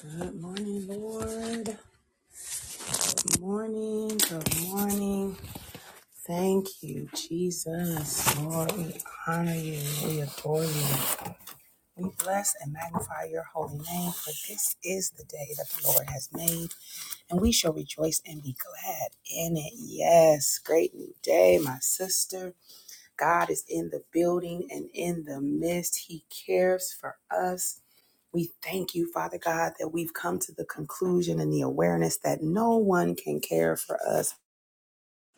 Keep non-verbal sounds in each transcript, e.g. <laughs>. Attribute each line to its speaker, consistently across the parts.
Speaker 1: Good morning, Lord. Good morning. Good morning. Thank you, Jesus. Lord, we honor you. We adore you. We bless and magnify your holy name, for this is the day that the Lord has made, and we shall rejoice and be glad in it. Yes, great new day, my sister. God is in the building and in the midst. He cares for us. We thank you, Father God, that we've come to the conclusion and the awareness that no one can care for us.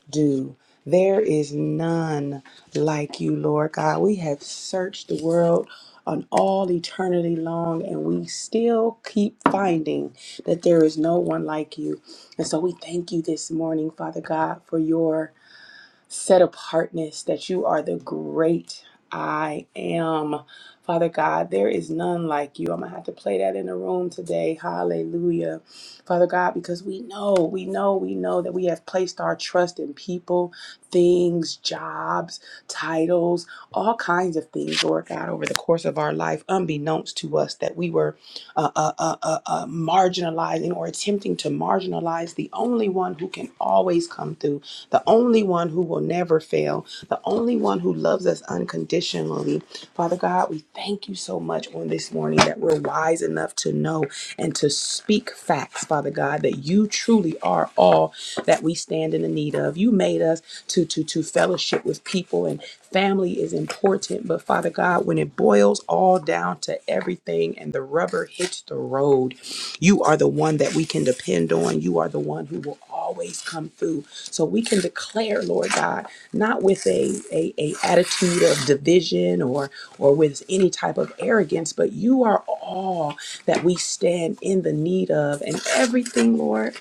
Speaker 1: Do there is none like you, Lord God. We have searched the world on all eternity long, and we still keep finding that there is no one like you. And so we thank you this morning, Father God, for your set apartness, that you are the great I am. Father God, there is none like you. I'm going to have to play that in the room today. Hallelujah. Father God, because we know, we know, we know that we have placed our trust in people, things, jobs, titles, all kinds of things, Lord God, over the course of our life, unbeknownst to us, that we were uh, uh, uh, uh, uh, marginalizing or attempting to marginalize the only one who can always come through the only one who will never fail, the only one who loves us unconditionally. Father God, we thank you so much on this morning that we're wise enough to know and to speak facts, Father God, that you truly are all that we stand in the need of. You made us to to to fellowship with people and family is important, but Father God, when it boils all down to everything and the rubber hits the road, you are the one that we can depend on. You are the one who will always come through. So we can declare, Lord God, not with a, a, a attitude of division or or with any type of arrogance, but you are all that we stand in the need of. And everything, Lord,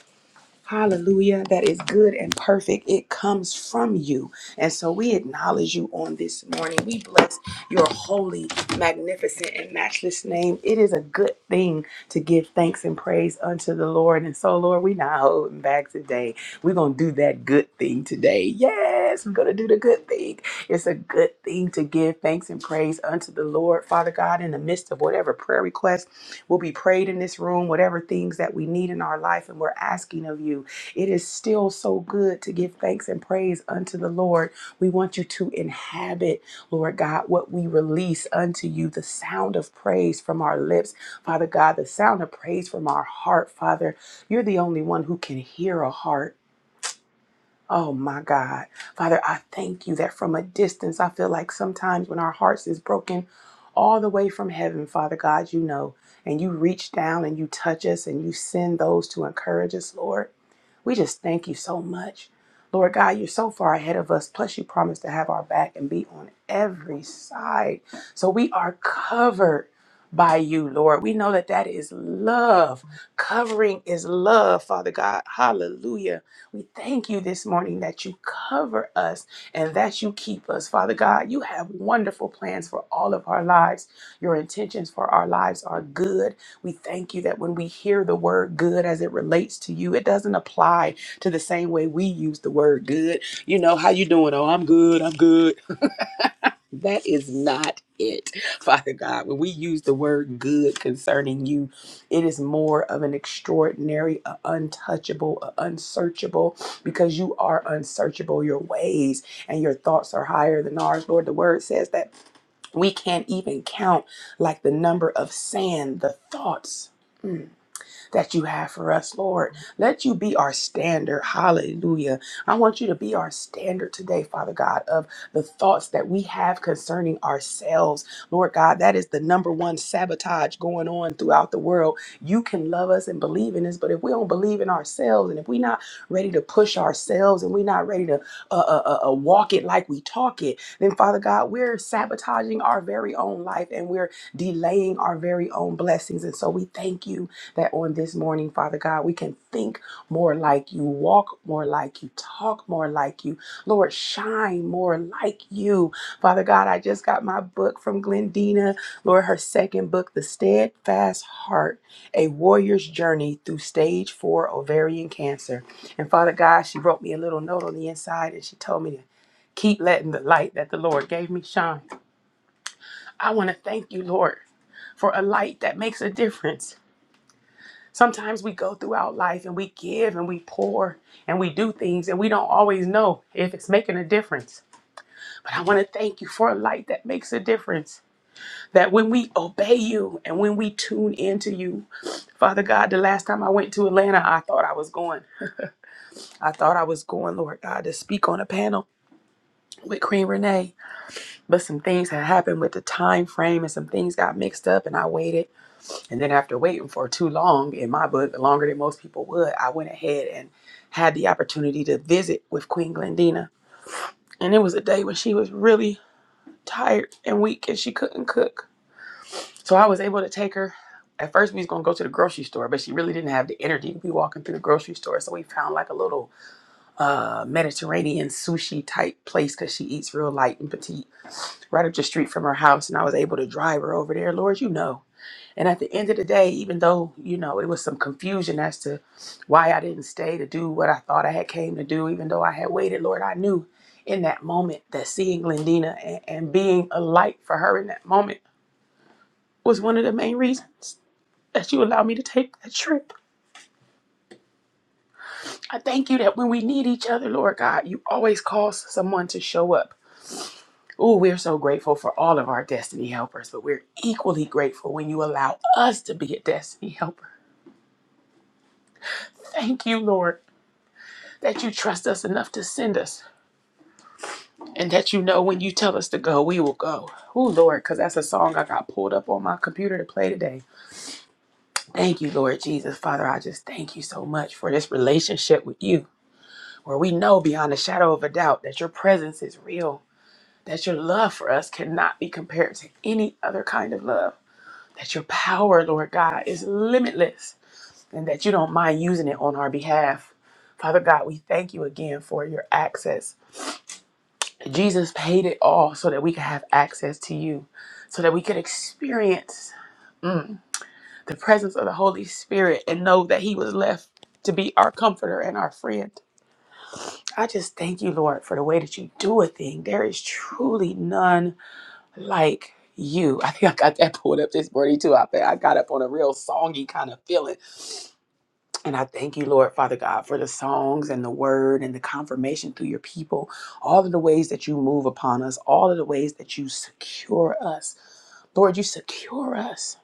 Speaker 1: Hallelujah. That is good and perfect. It comes from you. And so we acknowledge you on this morning. We bless your holy, magnificent, and matchless name. It is a good thing to give thanks and praise unto the Lord. And so, Lord, we're not holding back today. We're going to do that good thing today. Yes, we're going to do the good thing. It's a good thing to give thanks and praise unto the Lord, Father God, in the midst of whatever prayer request will be prayed in this room, whatever things that we need in our life and we're asking of you. It is still so good to give thanks and praise unto the Lord. We want you to inhabit, Lord God, what we release unto you, the sound of praise from our lips, Father God, the sound of praise from our heart, Father. You're the only one who can hear a heart. Oh my God. Father, I thank you that from a distance, I feel like sometimes when our hearts is broken all the way from heaven, Father God, you know, and you reach down and you touch us and you send those to encourage us, Lord. We just thank you so much. Lord God, you're so far ahead of us. Plus, you promised to have our back and be on every side. So we are covered by you, Lord. We know that that is love. Covering is love, Father God. Hallelujah. We thank you this morning that you cover us and that you keep us, Father God. You have wonderful plans for all of our lives. Your intentions for our lives are good we thank you that when we hear the word good as it relates to you, it doesn't apply to the same way we use the word good. You know, how you doing? Oh, I'm good. I'm good. That is not it, <laughs> Father God. When we use the word good concerning you, it is more of an extraordinary, a untouchable, a unsearchable, because you are unsearchable. Your ways and your thoughts are higher than ours. Lord, the word says that we can't even count like the number of sand, the thoughts. Mm that you have for us, Lord. Let you be our standard. Hallelujah. I want you to be our standard today, Father God, of the thoughts that we have concerning ourselves. Lord God, that is the number one sabotage going on throughout the world. You can love us and believe in us, but if we don't believe in ourselves and if we're not ready to push ourselves and we're not ready to uh, uh, uh, uh, walk it like we talk it, then Father God, we're sabotaging our very own life and we're delaying our very own blessings. And so we thank you that on this morning, Father God, we can think more like you, walk more like you, talk more like you. Lord, shine more like you. Father God, I just got my book from Glendina, Lord, her second book, The Steadfast Heart, A Warrior's Journey Through Stage 4 Ovarian Cancer. And Father God, she wrote me a little note on the inside and she told me to keep letting the light that the Lord gave me shine. I want to thank you, Lord, for a light that makes a difference. Sometimes we go throughout life and we give and we pour and we do things and we don't always know if it's making a difference. But I want to thank you for a light that makes a difference. That when we obey you and when we tune into you, Father God, the last time I went to Atlanta, I thought I was going. I thought I was going, Lord God, to speak on a panel with Queen Renee. But some things had happened with the time frame and some things got mixed up and I waited And then after waiting for too long, in my book, longer than most people would, I went ahead and had the opportunity to visit with Queen Glendina. And it was a day when she was really tired and weak and she couldn't cook. So I was able to take her. At first, we was gonna go to the grocery store, but she really didn't have the energy to be walking through the grocery store. So we found like a little uh, Mediterranean sushi type place because she eats real light and petite, right up the street from her house. And I was able to drive her over there. Lord, you know, And at the end of the day, even though, you know, it was some confusion as to why I didn't stay to do what I thought I had came to do, even though I had waited, Lord, I knew in that moment that seeing Glendina and, and being a light for her in that moment was one of the main reasons that you allowed me to take that trip. I thank you that when we need each other, Lord God, you always cause someone to show up. Ooh, we're so grateful for all of our destiny helpers, but we're equally grateful when you allow us to be a destiny helper. Thank you, Lord that you trust us enough to send us, and that you know when you tell us to go, we will go. Oh, Lord, because that's a song I got pulled up on my computer to play today. Thank you, Lord Jesus. Father, I just thank you so much for this relationship with you, where we know beyond a shadow of a doubt that your presence is real, that your love for us cannot be compared to any other kind of love, that your power, Lord God, is limitless, and that you don't mind using it on our behalf. Father God, we thank you again for your access Jesus paid it all so that we could have access to you, so that we could experience the presence of the Holy Spirit and know that He was left to be our comforter and our friend. I just thank you, Lord, for the way that you do a thing. There is truly none like you. <laughs> I think I got that pulled up this morning too. I think I got up on a real songy kind of feeling. And I thank you, Lord, Father God, for the songs and the word and the confirmation through your people, all of the ways that you move upon us, all of the ways that you secure us Lord, you secure us.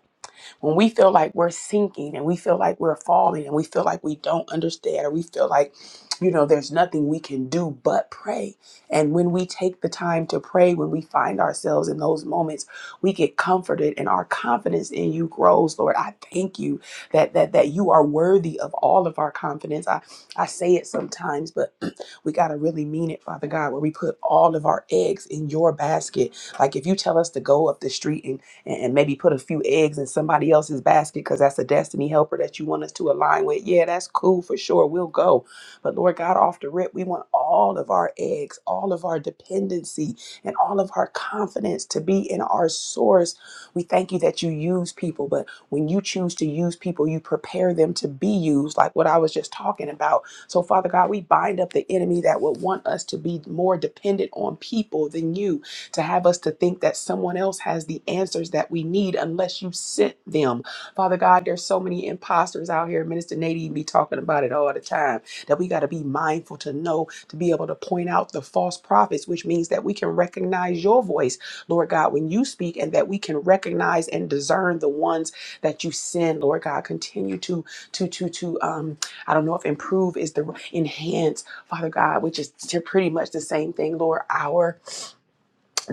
Speaker 1: When we feel like we're sinking and we feel like we're falling and we feel like we don't understand or we feel like, you know, there's nothing we can do but pray. And when we take the time to pray, when we find ourselves in those moments, we get comforted and our confidence in you grows. Lord, I thank you that that that you are worthy of all of our confidence. I, I say it sometimes, but <clears throat> we gotta really mean it, Father God, where we put all of our eggs in your basket. Like if you tell us to go up the street and and, and maybe put a few eggs in somebody else's basket because that's a destiny helper that you want us to align with. Yeah, that's cool for sure. We'll go. But Lord God, off the rip, we want all of our eggs, all of our dependency, and all of our confidence to be in our source. We thank you that you use people, but when you choose to use people, you prepare them to be used, like what I was just talking about. So, Father God, we bind up the enemy that would want us to be more dependent on people than you to have us to think that someone else has the answers that we need unless you sent them. Father God, there's so many imposters out here. Minister Nadine be talking about it all the time that we got to be mindful to know to be able to point out the false prophets, which means that we can recognize your voice, Lord God, when you speak, and that we can recognize and discern the ones that you send, Lord God. Continue to to to to um I don't know if improve is the enhance, Father God, which is t- pretty much the same thing, Lord. Our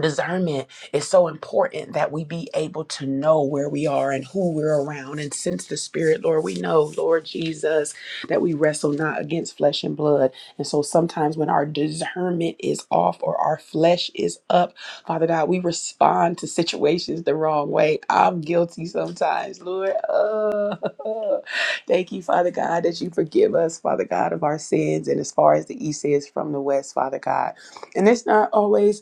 Speaker 1: discernment is so important that we be able to know where we are and who we're around and sense the spirit lord we know lord jesus that we wrestle not against flesh and blood and so sometimes when our discernment is off or our flesh is up father god we respond to situations the wrong way i'm guilty sometimes lord Uh, <laughs> thank you father god that you forgive us father god of our sins and as far as the east is from the west father god and it's not always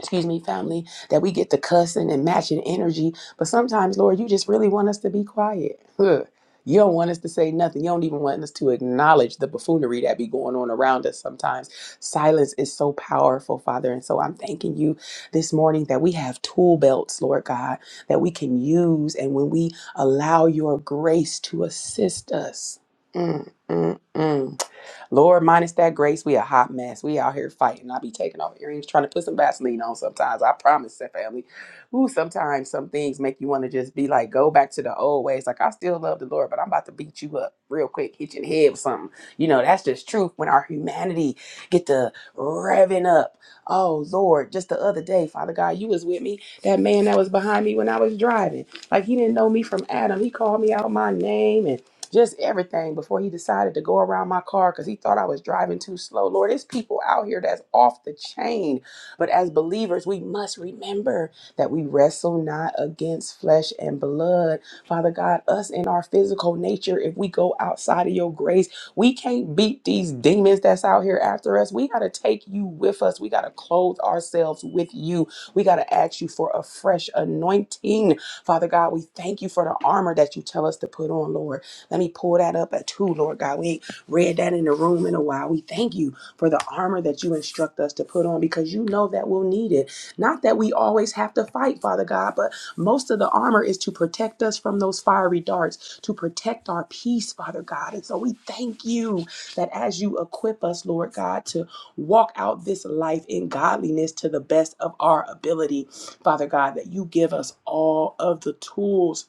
Speaker 1: excuse me, family, that we get to cussing and matching energy. But sometimes, Lord, you just really want us to be quiet. <laughs> Huh. You don't want us to say nothing. You don't even want us to acknowledge the buffoonery that be going on around us sometimes. Silence is so powerful, Father. And so I'm thanking you this morning that we have tool belts, Lord God, that we can use. And when we allow your grace to assist us, mm, mm, mm. Lord, minus that grace, we a hot mess. We out here fighting. I be taking off earrings, trying to put some Vaseline on sometimes. I promise, that family. Ooh, sometimes some things make you want to just be like, go back to the old ways. Like, I still love the Lord, but I'm about to beat you up real quick, hit your head with something. You know, that's just truth when our humanity get to revving up. Oh, Lord, just the other day, Father God, you was with me. That man that was behind me when I was driving. Like, he didn't know me from Adam. He called me out my name and just everything before he decided to go around my car because he thought I was driving too slow. Lord, there's people out here that's off the chain. But as believers, we must remember that we wrestle not against flesh and blood. Father God, us in our physical nature, if we go outside of your grace, we can't beat these demons that's out here after us. We got to take you with us. We got to clothe ourselves with you. We got to ask you for a fresh anointing. Father God, we thank you for the armor that you tell us to put on, Lord. Let me pull that up at two, Lord God. We ain't read that in the room in a while. We thank you for the armor that you instruct us to put on because you know that we'll need it. Not that we always have to fight, Father God, but most of the armor is to protect us from those fiery darts, to protect our peace, Father God. And so we thank you that as you equip us, Lord God, to walk out this life in godliness to the best of our ability, Father God, that you give us all of the tools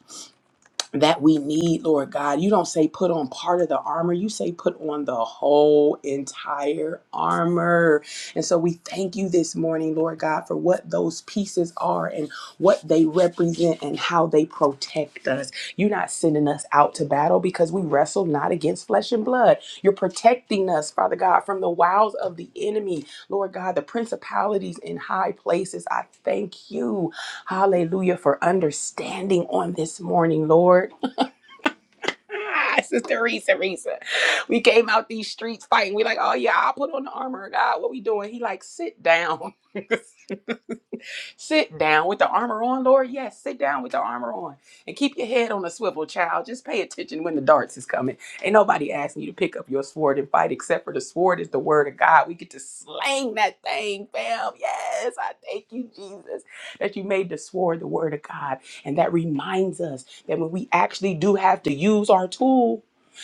Speaker 1: that we need, Lord God. You don't say put on part of the armor, you say put on the whole entire armor. And so we thank you this morning, Lord God, for what those pieces are and what they represent and how they protect us. You're not sending us out to battle because we wrestle not against flesh and blood. You're protecting us, Father God, from the wiles of the enemy, Lord God, the principalities in high places. I thank you, hallelujah, for understanding on this morning, Lord. <laughs> Sister Risa, Risa. We came out these streets fighting. We like, oh yeah, I'll put on the armor of God. What we doing? He like, sit down sit down with the armor on, Lord. Yes, sit down with the armor on and keep your head on a swivel, child. Just pay attention when the darts is coming. Ain't nobody asking you to pick up your sword and fight except for the sword is the word of God. We get to slang that thing, fam. Yes, I thank you, Jesus, that you made the sword the word of God. And that reminds us that when we actually do have to use our tool,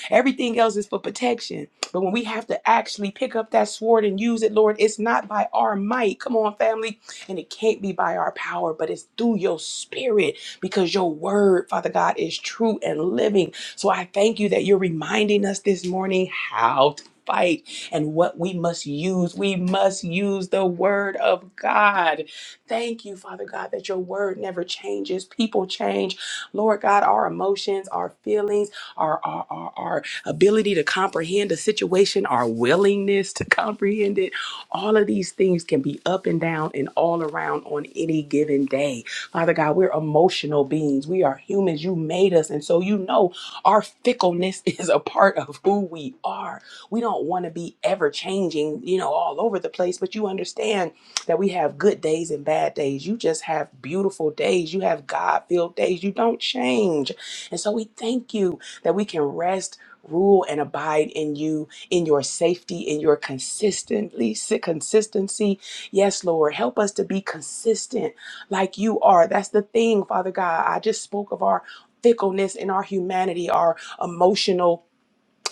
Speaker 1: everything else is for protection. But when we have to actually pick up that sword and use it, Lord, it's not by our might. Come on, family. And it can't be by our power, but it's through your spirit because your word, Father God, is true and living. So I thank you that you're reminding us this morning how to fight and what we must use. We must use the word of God. Thank you, Father God, that your word never changes. People change. Lord God, our emotions, our feelings, our, our, our, our ability to comprehend a situation, our willingness to comprehend it all of these things can be up and down and all around on any given day. Father God, we're emotional beings. We are humans. You made us. And so you know our fickleness <laughs> is a part of who we are. We don't want to be ever changing, you know, all over the place, but you understand that we have good days and bad days. You just have beautiful days. You have God filled days. You don't change. And so we thank you that we can rest, rule, and abide in you in your safety, in your consistently si-, consistency. Yes, Lord, help us to be consistent like you are. That's the thing, Father God. I just spoke of our fickleness and our humanity, our emotional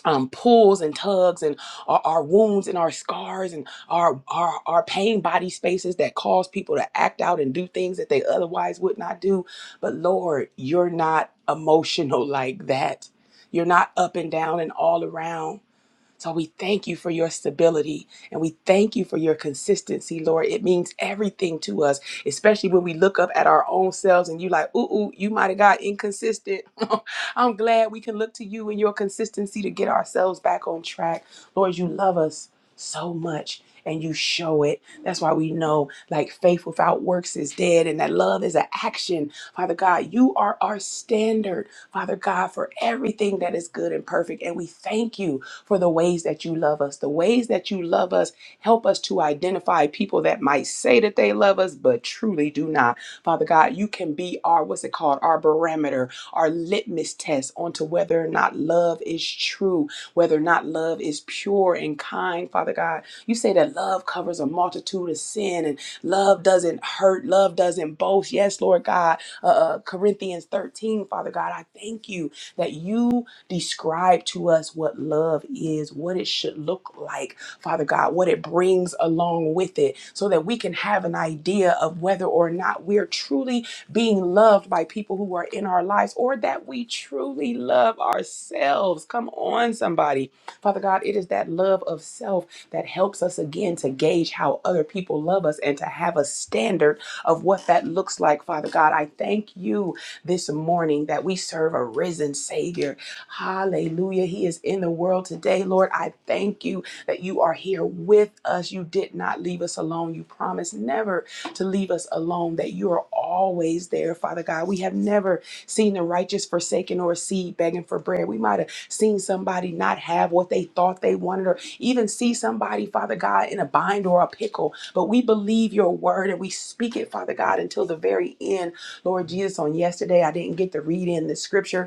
Speaker 1: um, pulls and tugs and our, our wounds and our scars and our, our our pain body spaces that cause people to act out and do things that they otherwise would not do. But Lord, you're not emotional <laughs> like that. You're not up and down and all around. So we thank you for your stability and we thank you for your consistency, Lord. It means everything to us, especially when we look up at our own selves and you like, ooh, ooh, you might have got inconsistent. <laughs> I'm glad we can look to you and your consistency to get ourselves back on track. Lord, you love us so much and you show it. That's why we know like faith without works is dead and that love is an action. Father God, you are our standard, Father God, for everything that is good and perfect. And we thank you for the ways that you love us. The ways that you love us help us to identify people that might say that they love us, but truly do not. Father God, you can be our, what's it called, our barometer, our litmus test onto whether or not love is true, whether or not love is pure and kind, Father God. You say that love covers a multitude of sin and love doesn't hurt, love doesn't boast. Yes, Lord God. Uh, uh, Corinthians 13, Father God, I thank you that you. Describe to us what love is, what it should look like, Father God, what it brings along with it, so that we can have an idea of whether or not we're truly being loved by people who are in our lives or that we truly love ourselves. Come on, somebody. Father God, it is that love of self that helps us again to gauge how other people love us and to have a standard of what that looks like, Father God. I thank you this morning that we serve a risen Savior Hallelujah. He is in the world today. Lord, I thank you that you are here with us. You did not leave us alone. You promised never to leave us alone, that you are always there, Father God. We have never seen the righteous forsaken or a seed begging for bread. We might have seen somebody not have what they thought they wanted, or even see somebody, Father God, in a bind or a pickle. But we believe your word and we speak it, Father God, until the very end. Lord Jesus, on yesterday, I didn't get to read in the scripture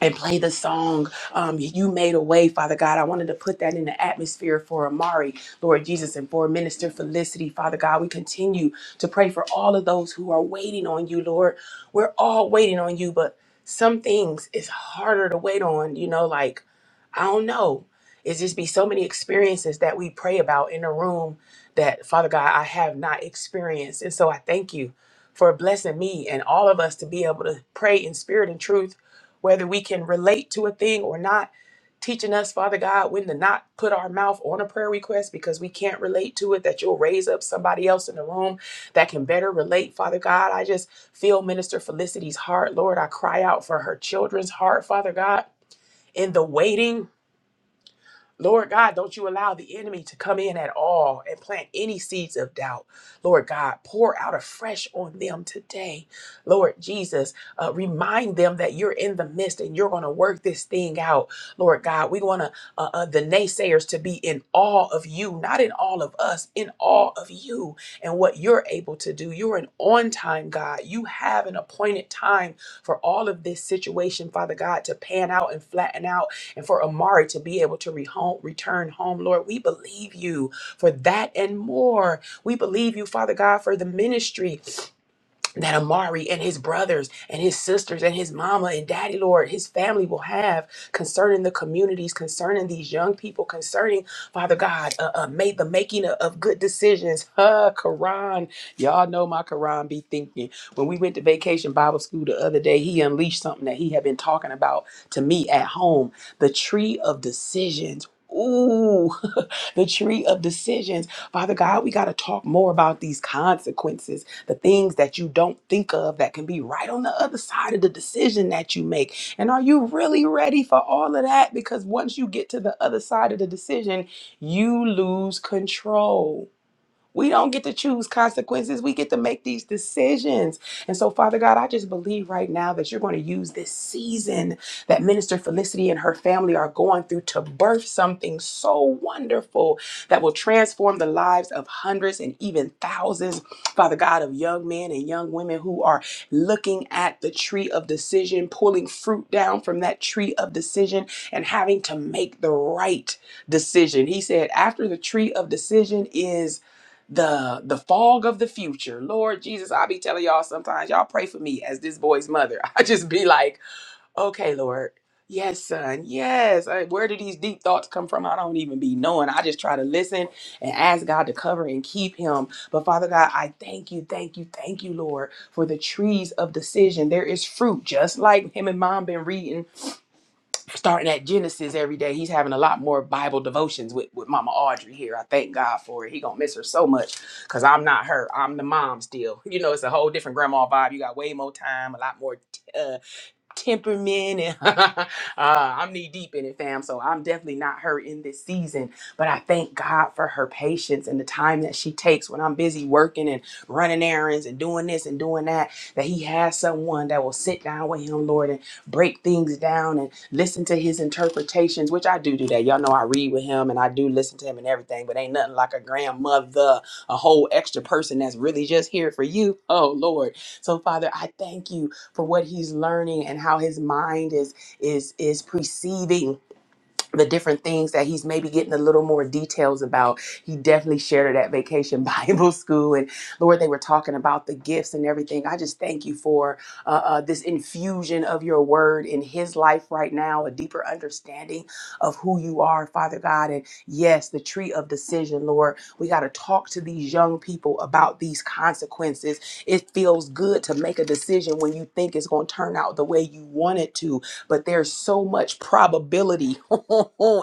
Speaker 1: and play the song um, you made a way father god i wanted to put that in the atmosphere for amari lord jesus and for minister felicity father god we continue to pray for all of those who are waiting on you lord we're all waiting on you but some things is harder to wait on you know like i don't know it's just be so many experiences that we pray about in a room that father god i have not experienced and so i thank you for blessing me and all of us to be able to pray in spirit and truth whether we can relate to a thing or not, teaching us, Father God, when to not put our mouth on a prayer request because we can't relate to it, that you'll raise up somebody else in the room that can better relate, Father God. I just feel Minister Felicity's heart, Lord. I cry out for her children's heart, Father God. In the waiting, Lord God, don't you allow the enemy to come in at all and plant any seeds of doubt. Lord God, pour out afresh on them today. Lord Jesus, uh, remind them that you're in the midst and you're going to work this thing out. Lord God, we want to uh, uh, the naysayers to be in awe of you, not in all of us, in awe of you and what you're able to do. You're an on time God. You have an appointed time for all of this situation, Father God, to pan out and flatten out and for Amari to be able to re- home, return home, Lord, we believe you for that and more. We believe you, Father God, for the ministry that Amari and his brothers and his sisters and his mama and daddy, Lord, his family will have concerning the communities, concerning these young people, concerning, Father God, uh, uh, made the making of, of good decisions. <laughs> Huh, Quran. Y'all know my Quran be thinking. When we went to vacation Bible school the other day, he unleashed something that he had been talking about to me at home the tree of decisions. Ooh, <laughs> the tree of decisions. Father God, we got to talk more about these consequences, the things that you don't think of that can be right on the other side of the decision that you make. And are you really ready for all of that? Because once you get to the other side of the decision, you lose control. We don't get to choose consequences. We get to make these decisions. And so, Father God, I just believe right now that you're going to use this season that Minister Felicity and her family are going through to birth something so wonderful that will transform the lives of hundreds and even thousands, Father God, of young men and young women who are looking at the tree of decision, pulling fruit down from that tree of decision, and having to make the right decision. He said, after the tree of decision is the the fog of the future. Lord Jesus, I be telling y'all sometimes, y'all pray for me as this boy's mother. <laughs> I just be like, okay, Lord, yes, son, yes. Uh, Where do these deep thoughts come from? I don't even be knowing. I just try to listen and ask God to cover and keep him. But Father God, I thank you, thank you, thank you, Lord, for the trees of decision. There is fruit, just like him and mom been reading starting at Genesis every day. He's having a lot more Bible devotions with, with Mama Audrey here. I thank God for it. He gonna miss her so much because I'm not her. I'm the mom still. <laughs> You know, it's a whole different grandma vibe. You got way more time, a lot more. uh, temperament and <laughs> uh, I'm knee deep in it, fam. So I'm definitely not her in this season. But I thank God for her patience and the time that she takes when I'm busy working and running errands and doing this and doing that. That He has someone that will sit down with Him, Lord, and break things down and listen to His interpretations, which I do do that. Y'all know I read with Him and I do listen to Him and everything, but ain't nothing like a grandmother, a whole extra person that's really just here for you. Oh, Lord. So, Father, I thank you for what he's learning and how his mind is is is perceiving the different things that he's maybe getting a little more details about. He definitely shared it at Vacation <laughs> Bible School. And Lord, they were talking about the gifts and everything. I just thank you for uh, uh, this infusion of your word in his life right now, a deeper understanding of who you are, Father God. And yes, the tree of decision, Lord. We got to talk to these young people about these consequences. It feels good to make a decision when you think it's going to turn out the way you want it to but there's so much probability <laughs>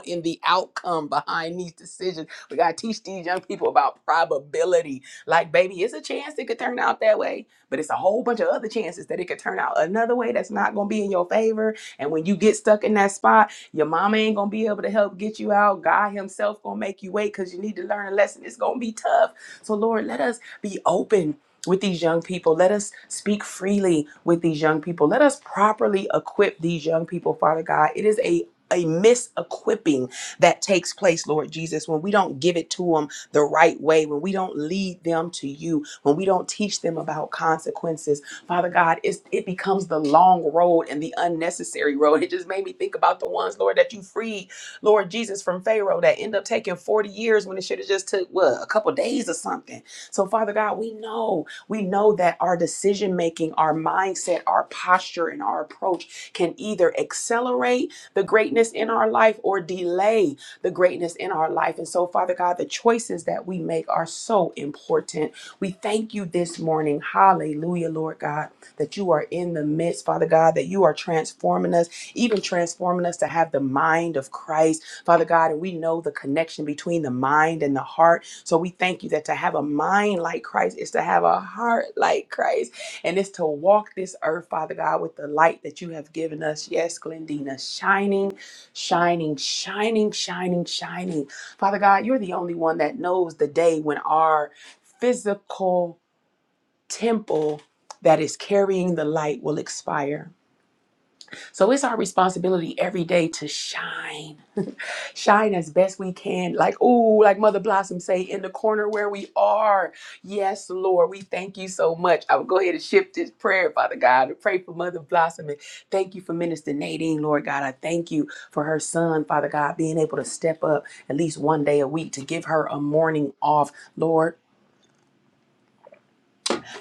Speaker 1: in the outcome behind these decisions. We got to teach these young people about probability. Like, baby, it's a chance it could turn out that way, but it's a whole bunch of other chances that it could turn out another way that's not going to be in your favor. And when you get stuck in that spot, your mama ain't going to be able to help get you out. God Himself going to make you wait because you need to learn a lesson. It's going to be tough. So, Lord, let us be open with these young people. Let us speak freely with these young people. Let us properly equip these young people, Father God. It is a a mis-equipping that takes place, Lord Jesus, when we don't give it to them the right way, when we don't lead them to you, when we don't teach them about consequences. Father God, it's, it becomes the long road and the unnecessary road. <laughs> It just made me think about the ones, Lord, that you freed, Lord Jesus, from Pharaoh that end up taking 40 years when it should have just took, what, a couple days or something. So, Father God, we know we know that our decision making, our mindset, our posture, and our approach can either accelerate the greatness in our life or delay the greatness in our life. And so, Father God, the choices that we make are so important. We thank you this morning. Hallelujah, Lord God, that you are in the midst, Father God, that you are transforming us, even transforming us to have the mind of Christ, Father God. And we know the connection between the mind and the heart. So we thank you that to have a mind like Christ is to have a heart like Christ, and it's to walk this earth, Father God, with the light that you have given us. Yes, Glendina, shining, shining, shining, shining, shining. Father God, you're the only one that knows the day when our physical temple that is carrying the light will expire. So it's our responsibility every day to shine shine as best we can. Like, oh, like Mother Blossom say, in the corner where we are. Yes, Lord, we thank you so much. I will go ahead and shift this prayer, Father God, to pray for Mother Blossom. And thank you for Minister Nadine, Lord God. I thank you for her son, Father God, being able to step up at least one day a week to give her a morning off, Lord.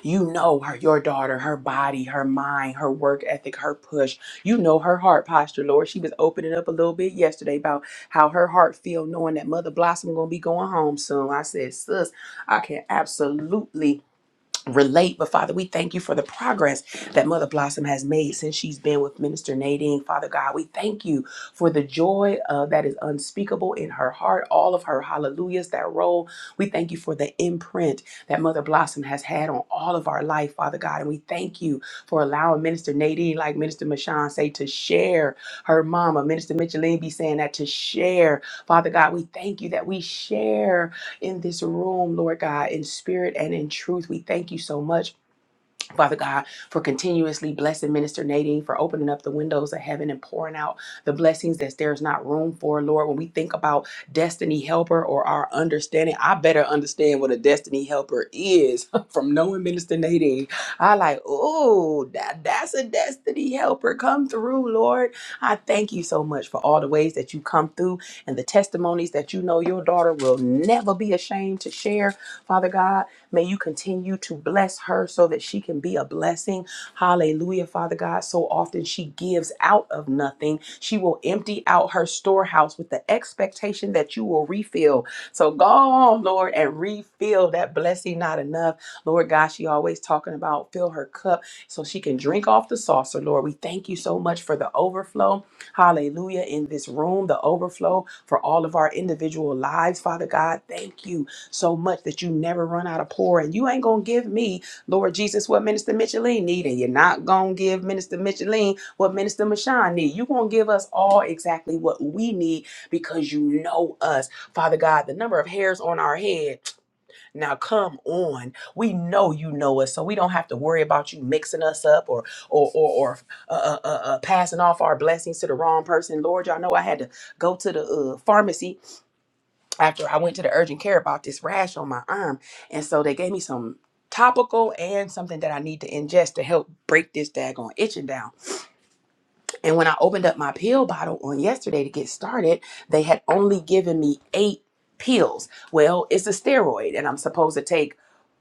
Speaker 1: You know her, your daughter, her body, her mind, her work ethic, her push. You know her heart posture, Lord. She was opening up a little bit yesterday about how her heart feel knowing that Mother Blossom gonna be going home soon. I said, sis, I can absolutely relate. But Father, we thank you for the progress that Mother Blossom has made since she's been with Minister Nadine. Father God, we thank you for the joy uh, that is unspeakable in her heart, all of her hallelujahs that roll. We thank you for the imprint that Mother Blossom has had on all of our life, Father God. And we thank you for allowing Minister Nadine, like Minister Mashawn say, to share her mama. Minister Micheline be saying that to share. Father God, we thank you that we share in this room, Lord God, in spirit and in truth. We thank you so much Father God, for continuously blessing Minister Nadine, for opening up the windows of heaven and pouring out the blessings that there's not room for, Lord. When we think about destiny helper or our understanding, I better understand what a destiny helper is <laughs> from knowing Minister Nadine. I like, oh, that, that's a destiny helper. Come through, Lord. I thank you so much for all the ways that you come through and the testimonies that you know your daughter will never be ashamed to share, Father God. May you continue to bless her so that she can be a blessing. Hallelujah, Father God. So often she gives out of nothing. She will empty out her storehouse with the expectation that you will refill. So go on, Lord, and refill that blessing not enough. Lord God, she always talking about fill her cup so she can drink off the saucer. Lord, we thank you so much for the overflow. Hallelujah. In this room, the overflow for all of our individual lives, Father God. Thank you so much that you never run out of pour. And you ain't gonna give me, Lord Jesus, what Minister Micheline need, and you're not gonna give Minister Micheline what Minister Mashawn need. you gonna give us all exactly what we need because you know us. Father God, the number of hairs on our head. Now come on. We know you know us, so we don't have to worry about you mixing us up or or or, or uh, uh, uh, uh, passing off our blessings to the wrong person. Lord, y'all know I had to go to the uh, pharmacy after I went to the urgent care about this rash on my arm. And so they gave me some topical and something that I need to ingest to help break this daggone itching down. And when I opened up my pill bottle on yesterday to get started, they had only given me eight pills. Well, it's a steroid and I'm supposed to take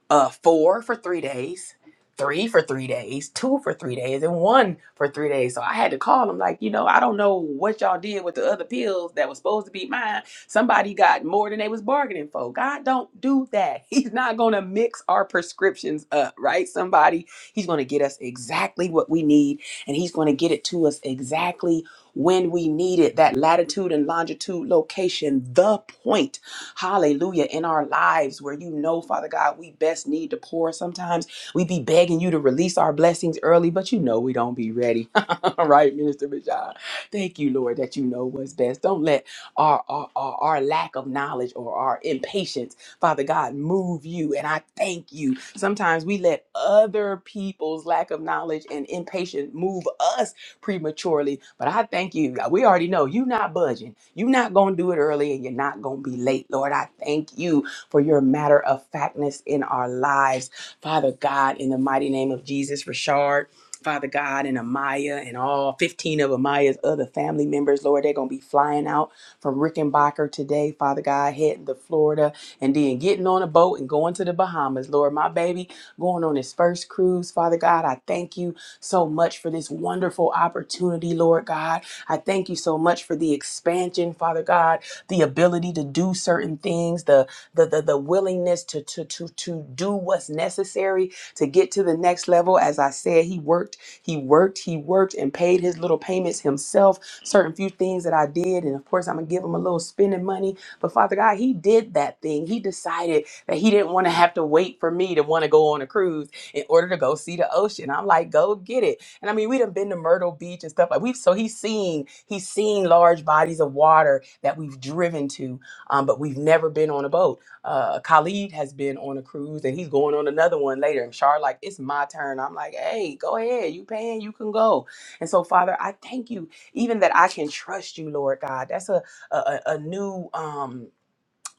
Speaker 1: uh four for three days three for three days two for three days and one for three days so i had to call them like you know i don't know what y'all did with the other pills that was supposed to be mine somebody got more than they was bargaining for god don't do that <laughs> he's not gonna mix our prescriptions up right somebody he's gonna get us exactly what we need and he's gonna get it to us exactly when we need it that latitude and longitude location the point hallelujah, in our lives where you know, Father God, we best need to pour. Sometimes we be begging you to release our blessings early, but you know we don't be ready. <laughs> All right, Minister Bashar. Thank you, Lord, that you know what's best. Don't let our, our, our, our lack of knowledge or our impatience, Father God, move you. And I thank you. Sometimes we let other people's lack of knowledge and impatience move us prematurely. But I thank you. Uh, We already know you're not budging. You're not going to do it early and you're not going to be late. Lord, I thank you for your matter of factness in our lives. Father God, in the mighty name of Jesus, Rashard. Father God and Amaya and all 15 of Amaya's other family members, Lord, they're going to be flying out from Rickenbacker today, Father God, heading to Florida and then getting on a boat and going to the Bahamas. Lord, my baby going on his first cruise, Father God, I thank you so much for this wonderful opportunity, Lord God. I thank you so much for the expansion, Father God, the ability to do certain things, the the the, the willingness to, to to to do what's necessary to get to the next level. As I said, he worked, he worked, he worked and paid his little payments himself. Certain few things that I did, and of course I'm gonna give him a little spending money. But Father God, he did that thing. He decided that he didn't want to have to wait for me to want to go on a cruise in order to go see the ocean. I'm like, go get it. And I mean, we done been to Myrtle Beach and stuff like we've so he's seen he's seen large bodies of water that we've driven to, um, but we've never been on a boat. Uh, Khalid has been on a cruise and he's going on another one later. And Char like, it's my turn. I'm like, hey, go ahead, you paying, you can go. And so, Father, I thank you even that I can trust you, Lord God. That's a a, a a new um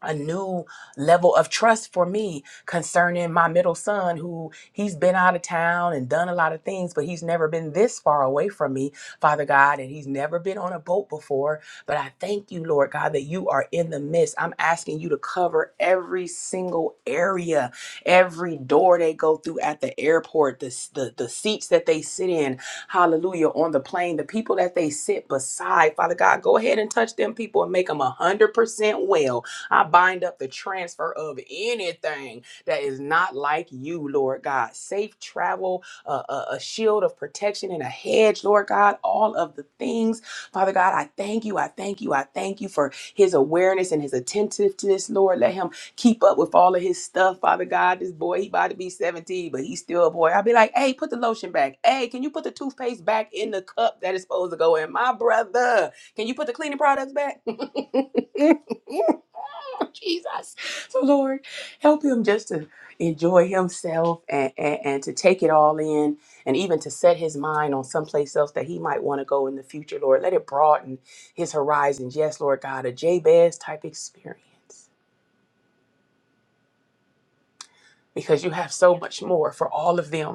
Speaker 1: a new level of trust for me concerning my middle son who he's been out of town and done a lot of things but he's never been this far away from me father god and he's never been on a boat before but i thank you lord god that you are in the midst i'm asking you to cover every single area every door they go through at the airport the, the, the seats that they sit in hallelujah on the plane the people that they sit beside father god go ahead and touch them people and make them a hundred percent well I bind up the transfer of anything that is not like you, Lord God. Safe travel, uh, a, a shield of protection and a hedge, Lord God. All of the things, Father God, I thank you. I thank you. I thank you for his awareness and his attentiveness, Lord. Let him keep up with all of his stuff, Father God. This boy, he about to be 17, but he's still a boy. I'll be like, hey, put the lotion back. Hey, can you put the toothpaste back in the cup that is supposed to go in? My brother, can you put the cleaning products back? <laughs> Jesus. So Lord, help him just to enjoy himself and, and, and to take it all in and even to set his mind on someplace else that he might want to go in the future, Lord. Let it broaden his horizons. Yes, Lord God, a Jabez type experience. Because you have so much more for all of them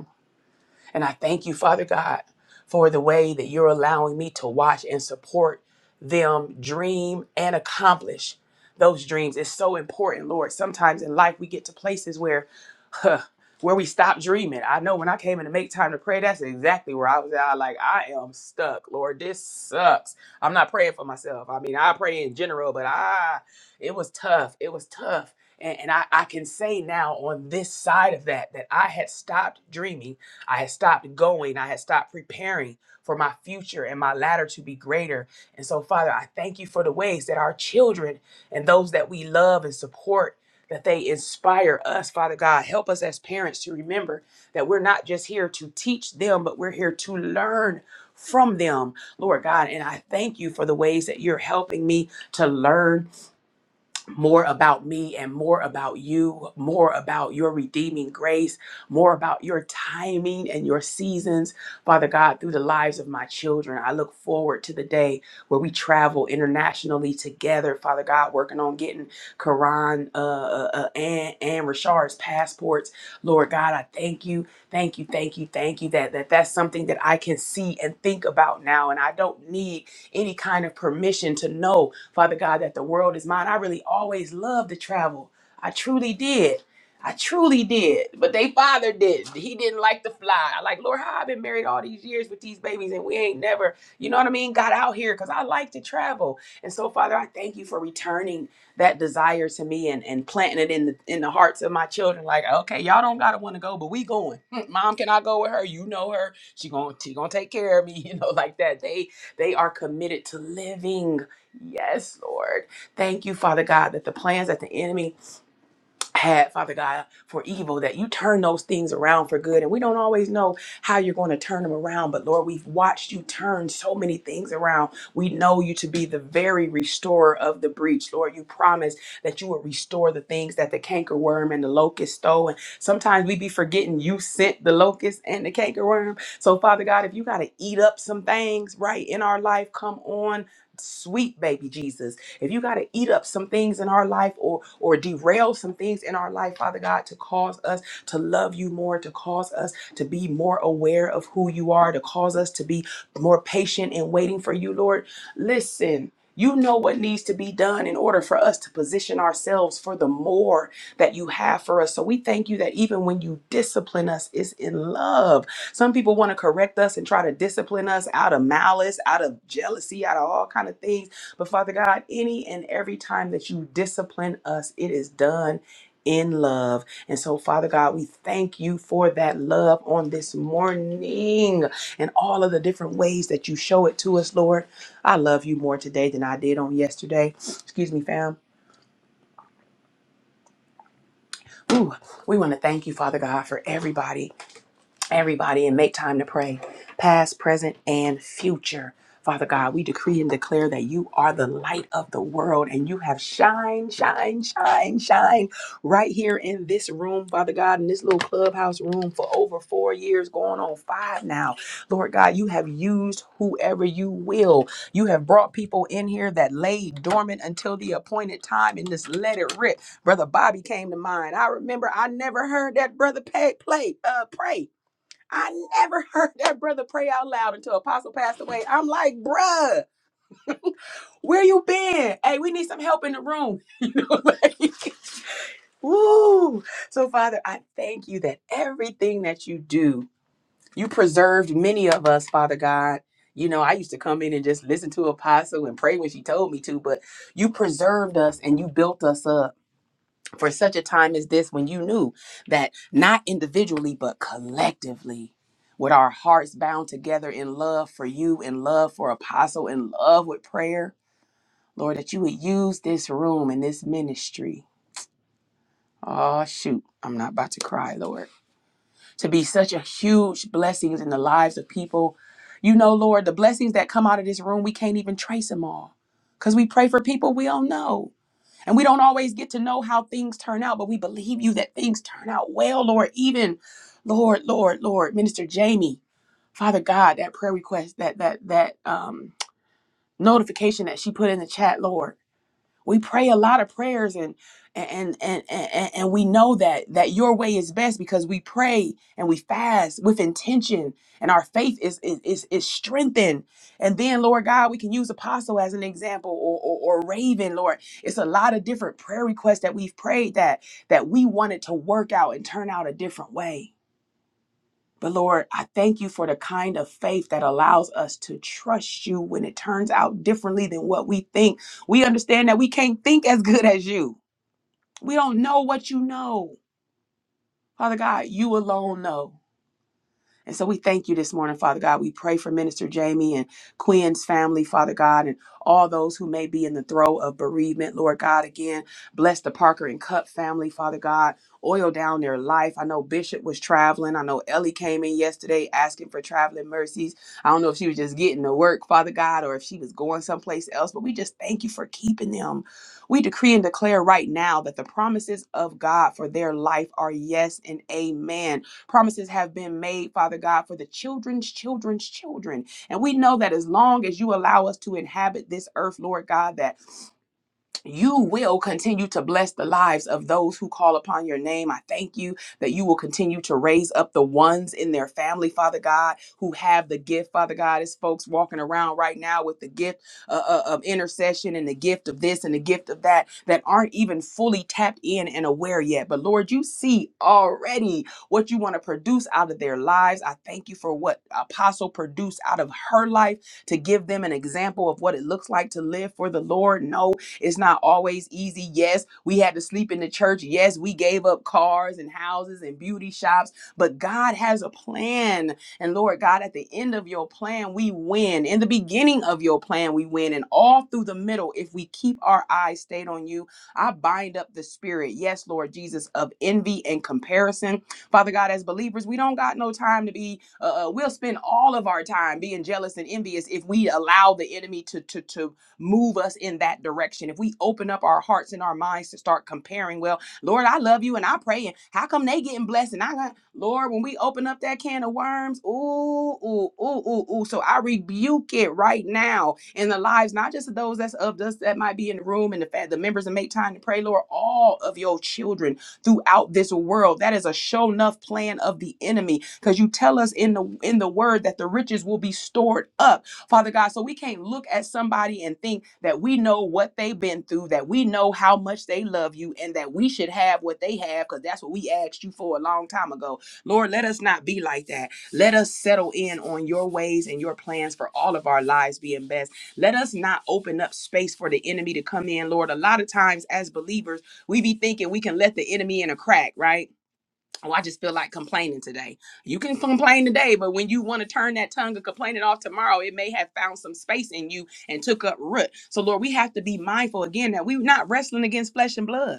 Speaker 1: And I thank you, Father God, for the way that you're allowing me to watch and support them dream and accomplish those dreams. It's so important, Lord. Sometimes in life we get to places where huh, where we stop dreaming. I know when I came in to make time to pray, that's exactly where I was at. I like, I am stuck, Lord. This sucks. I'm not praying for myself. I mean, I pray in general, but I it was tough. It was tough. And, and I, I can say now on this side of that that I had stopped dreaming I had stopped going. I had stopped preparing for my future and my latter to be greater. And so, Father, I thank you for the ways that our children and those that we love and support. That they inspire us, Father God. Help us as parents to remember that we're not just here to teach them, but we're here to learn from them, Lord God. And I thank you for the ways that you're helping me to learn more about me and more about you, more about your redeeming grace, more about your timing and your seasons, Father God, through the lives of my children. I look forward to the day where we travel internationally together, Father God, working on getting Karan uh, uh, uh, and, and Rashard's passports. Lord God, I thank you, thank you, thank you, thank you that, that that's something that I can see and think about now. And I don't need any kind of permission to know Father God, that the world is mine. I really always loved to travel. I truly did. I truly did. But they father didn't. He didn't like to fly. I like, Lord, how I've been married all these years with these babies and we ain't never, you know what I mean, got out here because I like to travel. And so, Father, I thank you for returning that desire to me and, and planting it in the in the hearts of my children. Like, okay, y'all don't gotta want to go, but we going. <laughs> Hmm, Mom, can I go with her? You know her. She gonna she gonna take care of me. <laughs> You know, like that. They they are committed to living. Yes, Lord. Thank you, Father God, that the plans that the enemy had, Father God, for evil, that you turn those things around for good. And we don't always know how you're going to turn them around, but Lord, we've watched you turn so many things around. We know you to be the very restorer of the breach. Lord, you promised that you will restore the things that the cankerworm and the locust stole. And sometimes we be forgetting you sent the locust and the cankerworm. So, Father God, if you got to eat up some things right in our life, come on sweet baby Jesus. If you got to eat up some things in our life or or derail some things in our life, Father God, to cause us to love you more, to cause us to be more aware of who you are, to cause us to be more patient and waiting for you, Lord. Listen, you know what needs to be done in order for us to position ourselves for the more that you have for us. So we thank you that even when you discipline us, it's in love. Some people want to correct us and try to discipline us out of malice, out of jealousy, out of all kind of things. But Father God, any and every time that you discipline us, it is done in love. And so, Father God, we thank you for that love on this morning and all of the different ways that you show it to us, Lord. I love you more today than I did on yesterday. Excuse me, fam. Ooh, we want to thank you, Father God, for everybody everybody and make time to pray, past, present, and future. Father God, we decree and declare that you are the light of the world and you have shine, shine, shine, shine right here in this room, Father God, in this little clubhouse room for over four years, going on five now. Lord God, you have used whoever you will. You have brought people in here that lay dormant until the appointed time and just let it rip. Brother Bobby came to mind. I remember I never heard that brother pay, play, uh, pray. I never <laughs> heard that brother pray out loud until Apostle passed away. I'm like, bruh, where you been? Hey, we need some help in the room. <laughs> you know, like, woo. So, Father, I thank you that everything that you do, you preserved many of us, Father God. You know, I used to come in and just listen to Apostle and pray when she told me to, but you preserved us and you built us up for such a time as this when you knew that not individually but collectively with our hearts bound together in love for you in love for apostle in love with prayer lord that you would use this room and this ministry oh shoot i'm not about to cry lord to be such a huge blessings in the lives of people you know lord the blessings that come out of this room we can't even trace them all because we pray for people we don't know and we don't always get to know how things turn out, but we believe you that things turn out well, Lord. Even, Lord, Lord, Lord, Minister Jamie, Father God, that prayer request, that that that um, notification that she put in the chat, Lord. We pray a lot of prayers and and and and, and we know that that your way is best because we pray and we fast with intention and our faith is is is, is strengthened. And then Lord God, we can use apostle as an example or, or or raven, Lord. It's a lot of different prayer requests that we've prayed that that we wanted to work out and turn out a different way. But Lord, I thank you for the kind of faith that allows us to trust you when it turns out differently than what we think. We understand that we can't think as good as you. We don't know what you know. Father God, you alone know. And so we thank you this morning, Father God. We pray for Minister Jamie and Quinn's family, Father God, and all those who may be in the throe of bereavement, Lord God. Again, bless the Parker and Cup family, Father God. Oil down their life. I know Bishop was traveling. I know Ellie came in yesterday asking for traveling mercies. I don't know if she was just getting to work, Father God, or if she was going someplace else, but we just thank you for keeping them. We decree and declare right now that the promises of God for their life are yes and amen Promises have been made, Father God, for the children's children's children. And we know that as long as you allow us to inhabit this earth, Lord God, that you will continue to bless the lives of those who call upon your name. I thank you that you will continue to raise up the ones in their family, Father God, who have the gift, Father God. It's folks walking around right now with the gift uh, uh, of intercession and the gift of this and the gift of that that aren't even fully tapped in and aware yet. But Lord, you see already what you want to produce out of their lives. I thank you for what Apostle produced out of her life to give them an example of what it looks like to live for the Lord. No it's not always easy. Yes, we had to sleep in the church. Yes, we gave up cars and houses and beauty shops, but God has a plan. And Lord God, at the end of your plan, we win. In the beginning of your plan, we win. And all through the middle, if we keep our eyes stayed on you, I bind up the spirit, yes, Lord Jesus, of envy and comparison. Father God, as believers, we don't got no time to be, uh, uh, we'll spend all of our time being jealous and envious if we allow the enemy to, to, to move us in that direction. If we open up our hearts and our minds to start comparing, well, Lord, I love you and I pray, and how come they getting blessed? And I got Lord, when we open up that can of worms, ooh, ooh, ooh, ooh, ooh. So I rebuke it right now in the lives, not just of those that's of us that might be in the room and the fa- the members that make time to pray, Lord, all of your children throughout this world. That is a show enough plan of the enemy. Because you tell us in the in the word that the riches will be stored up Father God. So we can't look at somebody and think that we know what they've been through, that we know how much they love you, and that we should have what they have because that's what we asked you for a long time ago. Lord, let us not be like that. Let us settle in on your ways and your plans for all of our lives being best. Let us not open up space for the enemy to come in, Lord. A lot of times as believers, we be thinking we can let the enemy in a crack, right? oh, I just feel like complaining today. You can complain today, but when you want to turn that tongue of complaining off tomorrow, it may have found some space in you and took up root. So, Lord, we have to be mindful again that we're not wrestling against flesh and blood.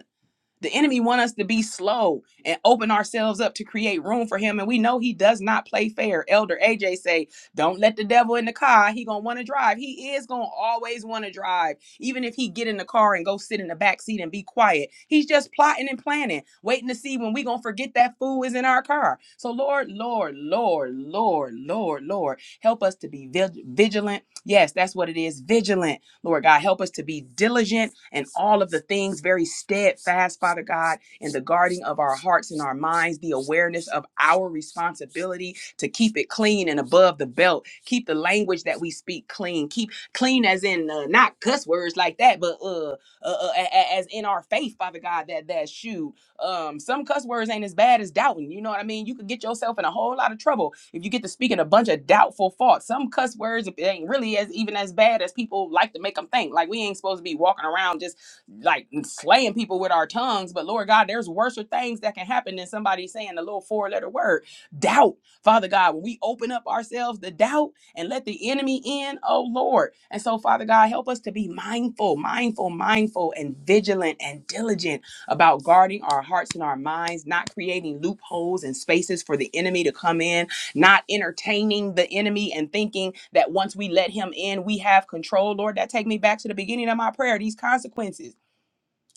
Speaker 1: The enemy want us to be slow and open ourselves up to create room for him, and we know he does not play fair. Elder AJ say, "Don't let the devil in the car. He gonna want to drive. He is gonna always want to drive, even if he get in the car and go sit in the back seat and be quiet. He's just plotting and planning, waiting to see when we gonna forget that fool is in our car. So Lord, Lord, Lord, Lord, Lord, Lord, help us to be vig- vigilant. Yes, that's what it is, vigilant Lord God, help us to be diligent in all of the things, very steadfast, Father God, in the guarding of our hearts and our minds, the awareness of our responsibility to keep it clean and above the belt. Keep the language that we speak clean. Keep clean as in uh, not cuss words like that, but uh, uh, uh a- a- as in our faith, Father God, that that shoe. Um, some cuss words ain't as bad as doubting. You know what I mean? You could get yourself in a whole lot of trouble if you get to speaking a bunch of doubtful thoughts. Some cuss words it ain't really as even as bad as people like to make them think. Like we ain't supposed to be walking around just like slaying people with our tongues. But Lord God, there's worser things that can happen than somebody saying a little four-letter word. Doubt, Father God, when we open up ourselves to doubt and let the enemy in, oh Lord. And so, Father God, help us to be mindful, mindful, mindful, and vigilant and diligent about guarding our hearts and our minds, not creating loopholes and spaces for the enemy to come in, not entertaining the enemy and thinking that once we let him in, we have control. Lord, that take me back to the beginning of my prayer, these consequences.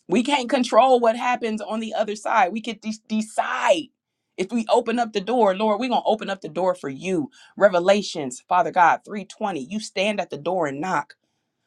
Speaker 1: We can't control what happens on the other side. We could de- decide if we open up the door, Lord, we're going to open up the door for you. Revelations, Father God, 320, you stand at the door and knock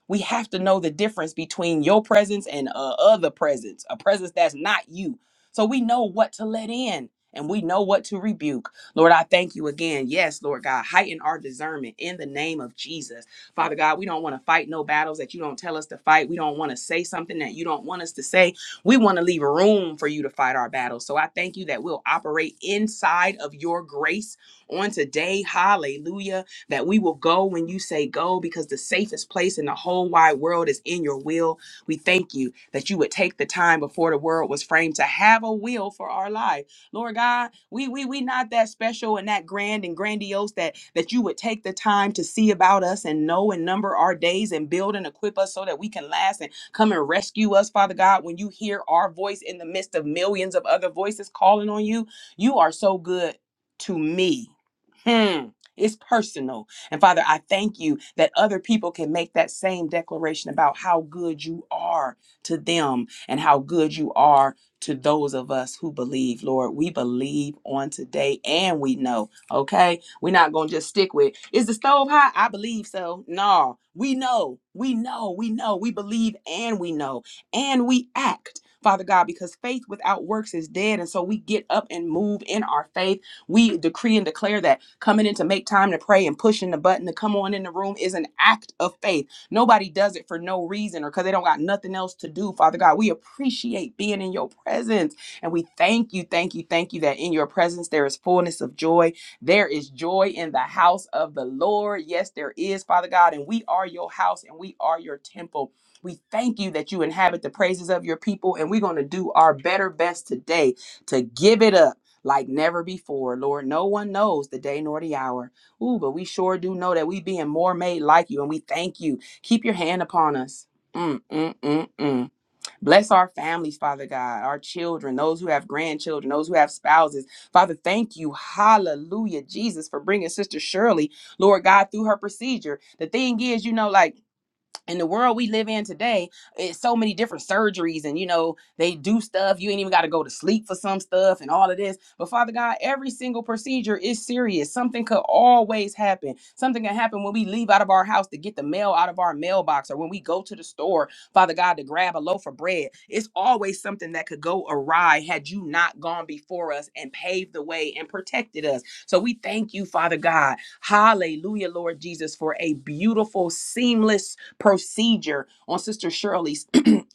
Speaker 1: we have to know the difference between your presence and a other presence, a presence that's not you. So we know what to let in and we know what to rebuke. Lord, I thank you again. Yes, Lord God, heighten our discernment in the name of Jesus. Father God, we don't want to fight no battles that you don't tell us to fight. We don't want to say something that you don't want us to say. We want to leave room for you to fight our battles. So I thank you that we'll operate inside of your grace on today. Hallelujah that we will go when you say go because the safest place in the whole wide world is in your will. We thank you that you would take the time before the world was framed to have a will for our life. Lord God, we we we not that special and that grand and grandiose that that you would take the time to see about us and know and number our days and build and equip us so that we can last and come and rescue us, Father God, when you hear our voice in the midst of millions of other voices calling on you. You are so good to me. Hmm. It's personal. And Father, I thank you that other people can make that same declaration about how good you are to them and how good you are to those of us who believe. Lord, we believe on today and we know, okay? We're not going to just stick with, is the stove hot? I believe so. No, we know, we know, we know, we believe and we know, and we act. Father God, because faith without works is dead. And so we get up and move in our faith we decree and declare that coming in to make time to pray and pushing the button to come on in the room is an act of faith. Nobody does it for no reason or because they don't got nothing else to do. Father God, we appreciate being in your presence. And we thank you, thank you, thank you that in your presence there is fullness of joy. There is joy in the house of the Lord. Yes, there is, Father God. And we are your house and we are your temple. We thank you that you inhabit the praises of your people. And we're going to do our better best today to give it up like never before. Lord, no one knows the day nor the hour. Ooh, but we sure do know that we being more made like you, and we thank you. Keep your hand upon us. Mm, mm, mm, mm. Bless our families, Father God, our children, those who have grandchildren, those who have spouses. Father, thank you. Hallelujah, Jesus, for bringing Sister Shirley, Lord God, through her procedure. The thing is, you know, like, in the world we live in today, it's so many different surgeries, and you know, they do stuff. You ain't even got to go to sleep for some stuff and all of this. But Father God, every single procedure is serious. Something could always happen. Something can happen when we leave out of our house to get the mail out of our mailbox or when we go to the store, Father God, to grab a loaf of bread. It's always something that could go awry had you not gone before us and paved the way and protected us. So we thank you, Father God. Hallelujah, Lord Jesus, for a beautiful, seamless procedure on Sister Shirley's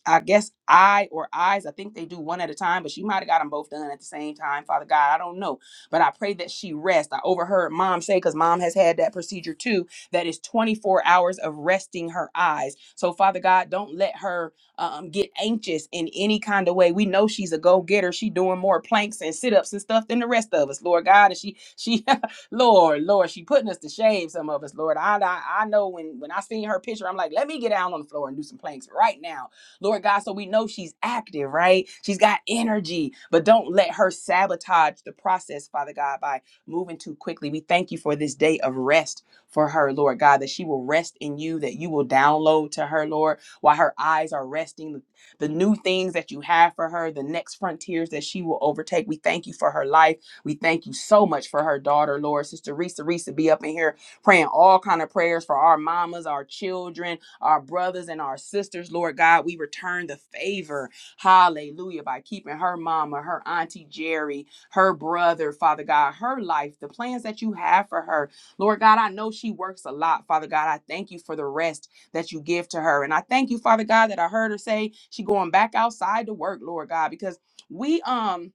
Speaker 1: I guess I or eyes, I think they do one at a time, but she might have got them both done at the same time. Father God, I don't know. But I pray that she rest. I overheard mom say, because mom has had that procedure too, that is 24 hours of resting her eyes. So, Father God, don't let her um, get anxious in any kind of way. We know she's a go-getter. She doing more planks and sit-ups and stuff than the rest of us, Lord God. And she, she, <laughs> Lord, Lord, she putting us to shame. Some of us, Lord, I, I, I know when when I seen her picture, I'm like, let me get down on the floor and do some planks right now Lord God. So we know she's active, right? She's got energy, but don't let her sabotage the process, Father God, by moving too quickly. We thank you for this day of rest for her, Lord God, that she will rest in you, that you will download to her, Lord, while her eyes are resting, the new things that you have for her, the next frontiers that she will overtake. We thank you for her life. We thank you so much for her daughter, Lord. Sister Risa Risa be up in here praying all kind of prayers for our mamas, our children, our brothers and our sisters, Lord God. We return the favor, hallelujah, by keeping her mama, her auntie Jerry, her brother, Father God, her life, the plans that you have for her. Lord God, I know she works a lot, Father God. I thank you for the rest that you give to her. And I thank you, Father God, that I heard her say she going back outside to work, Lord God, because we um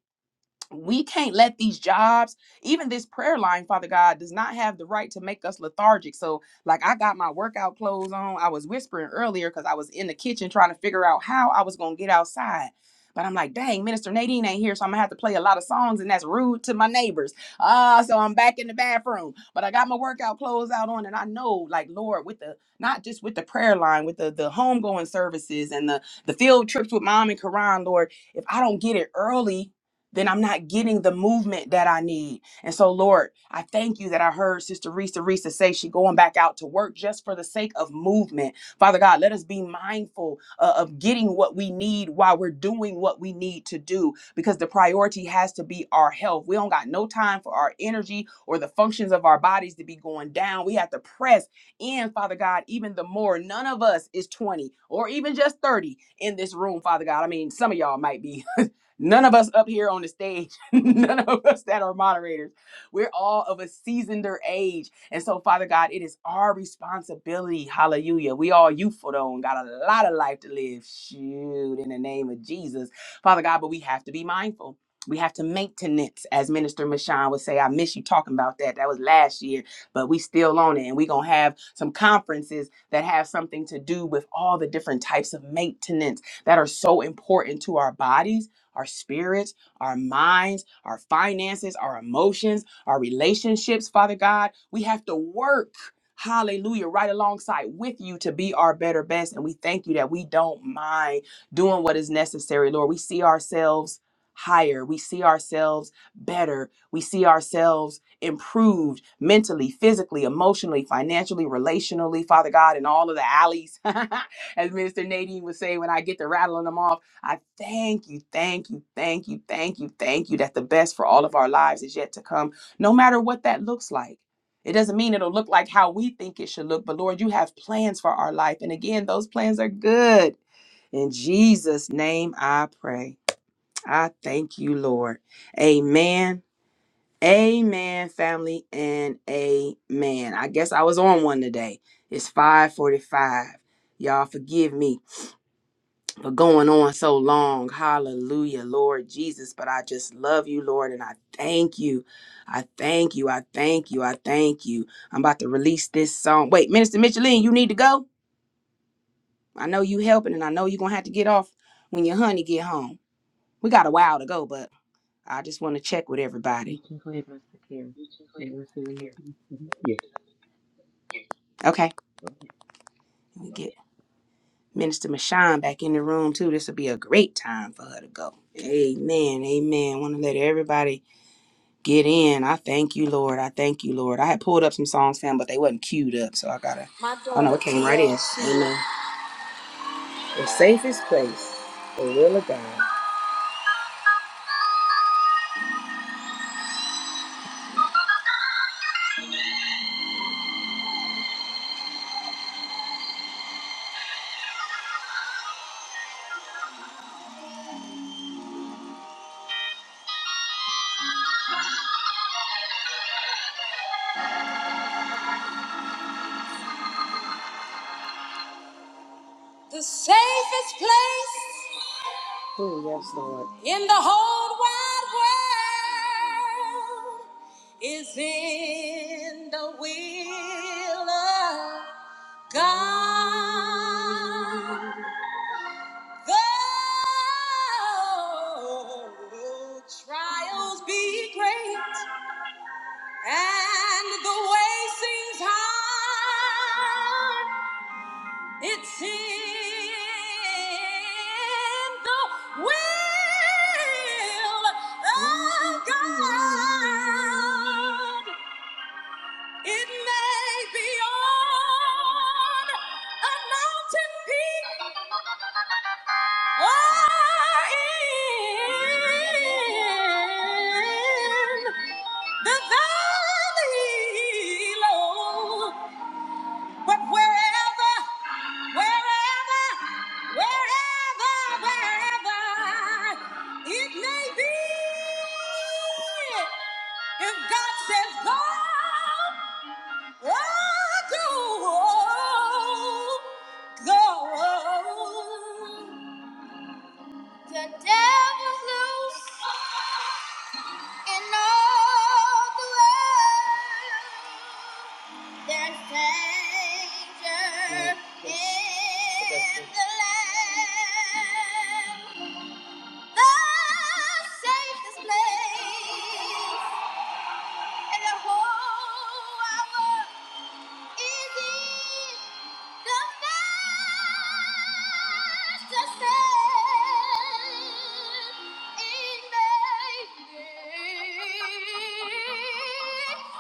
Speaker 1: we can't let these jobs, even this prayer line, Father God, does not have the right to make us lethargic. So, like, I got my workout clothes on. I was whispering earlier because I was in the kitchen trying to figure out how I was going to get outside. But I'm like, dang, Minister Nadine ain't here, so I'm gonna have to play a lot of songs, and that's rude to my neighbors. Ah, so I'm back in the bathroom. But I got my workout clothes out on, and I know, like, Lord, with the not just with the prayer line, with the the homegoing services and the the field trips with mom and Karan, Lord, if I don't get it early, then I'm not getting the movement that I need. And so, Lord, I thank you that I heard Sister Risa Risa say she going back out to work just for the sake of movement. Father God, let us be mindful uh, of getting what we need while we're doing what we need to do, because the priority has to be our health. We don't got no time for our energy or the functions of our bodies to be going down. We have to press in, Father God, even the more. None of us is 20 or even just 30 in this room, Father God. I mean, some of y'all might be <laughs> None of us up here on the stage, <laughs> none of us that are moderators, we're all of a seasoneder age. And so, Father God, it is our responsibility. Hallelujah. We all youthful though and got a lot of life to live. Shoot, in the name of Jesus. Father God, but we have to be mindful. We have to maintenance, as Minister Michon would say. I miss you talking about that. That was last year, but we still on it. And we're gonna have some conferences that have something to do with all the different types of maintenance that are so important to our bodies our spirits, our minds, our finances, our emotions, our relationships, Father God. We have to work, hallelujah, right alongside with you to be our better best. And we thank you that we don't mind doing what is necessary, Lord. We see ourselves higher, we see ourselves better, we see ourselves improved mentally, physically, emotionally, financially, relationally, Father God, in all of the alleys. <laughs> As Minister Nadine would say, when I get to rattling them off. I thank you, thank you, thank you, thank you, thank you that the best for all of our lives is yet to come, no matter what that looks like. It doesn't mean it'll look like how we think it should look, but Lord, you have plans for our life. And again, those plans are good. In Jesus' name I pray. I thank you, Lord. Amen. Amen, family, and amen. I guess I was on one today. It's 545. Y'all forgive me for going on so long. Hallelujah, Lord Jesus. But I just love you, Lord, and I thank you. I thank you. I thank you. I thank you. I'm about to release this song. Wait, Minister Micheline, you need to go. I know you helping, and I know you're gonna have to get off when your honey get home. We got a while to go, but I just want to check with
Speaker 2: You
Speaker 1: everybody.
Speaker 2: can go ahead, Mr. Karen. And then say them would be yes.
Speaker 1: Okay,
Speaker 2: Go ahead.
Speaker 1: let get Minister Michon back in the room too. This will be a great time for her to go. Amen. Amen. Want to let everybody Get in. I thank you, Lord. I thank you, Lord. I had pulled up some songs, fam, but they wasn't queued up, so I gotta. My oh no, it came right in. daughter Amen. The safest place, the will of God. The safest place. Oh yes, Lord. In the whole wide world is in the will of God. Though trials be great and the way seems hard, it's in the will of God. It may be on a mountain peak. in the valley low, but wherever, wherever, wherever, wherever it may be, if God says go, I go, go. The devil's loose in all the world. There's danger in the land. The safest place and the whole hour is in the master's hand in making.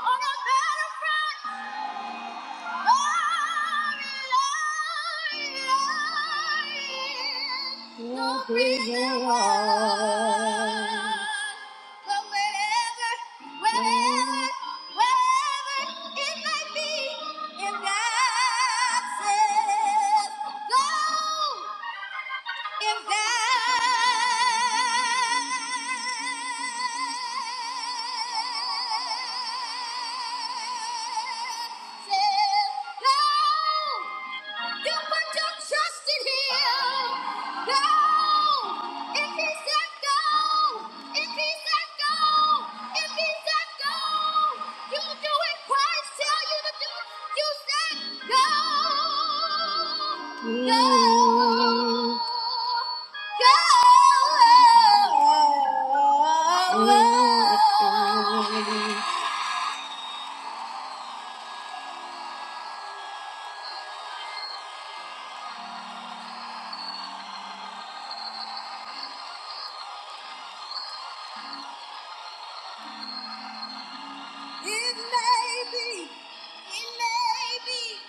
Speaker 1: On a battlefront, not reason why. But wherever, wherever, wherever it may be, if God says Go! If God says no, you put your trust in him. Go. If he said go, if he said go, if he said go, you do it. Christ tell you to do it. You said go. Go. Go. Go. It may be. It may be.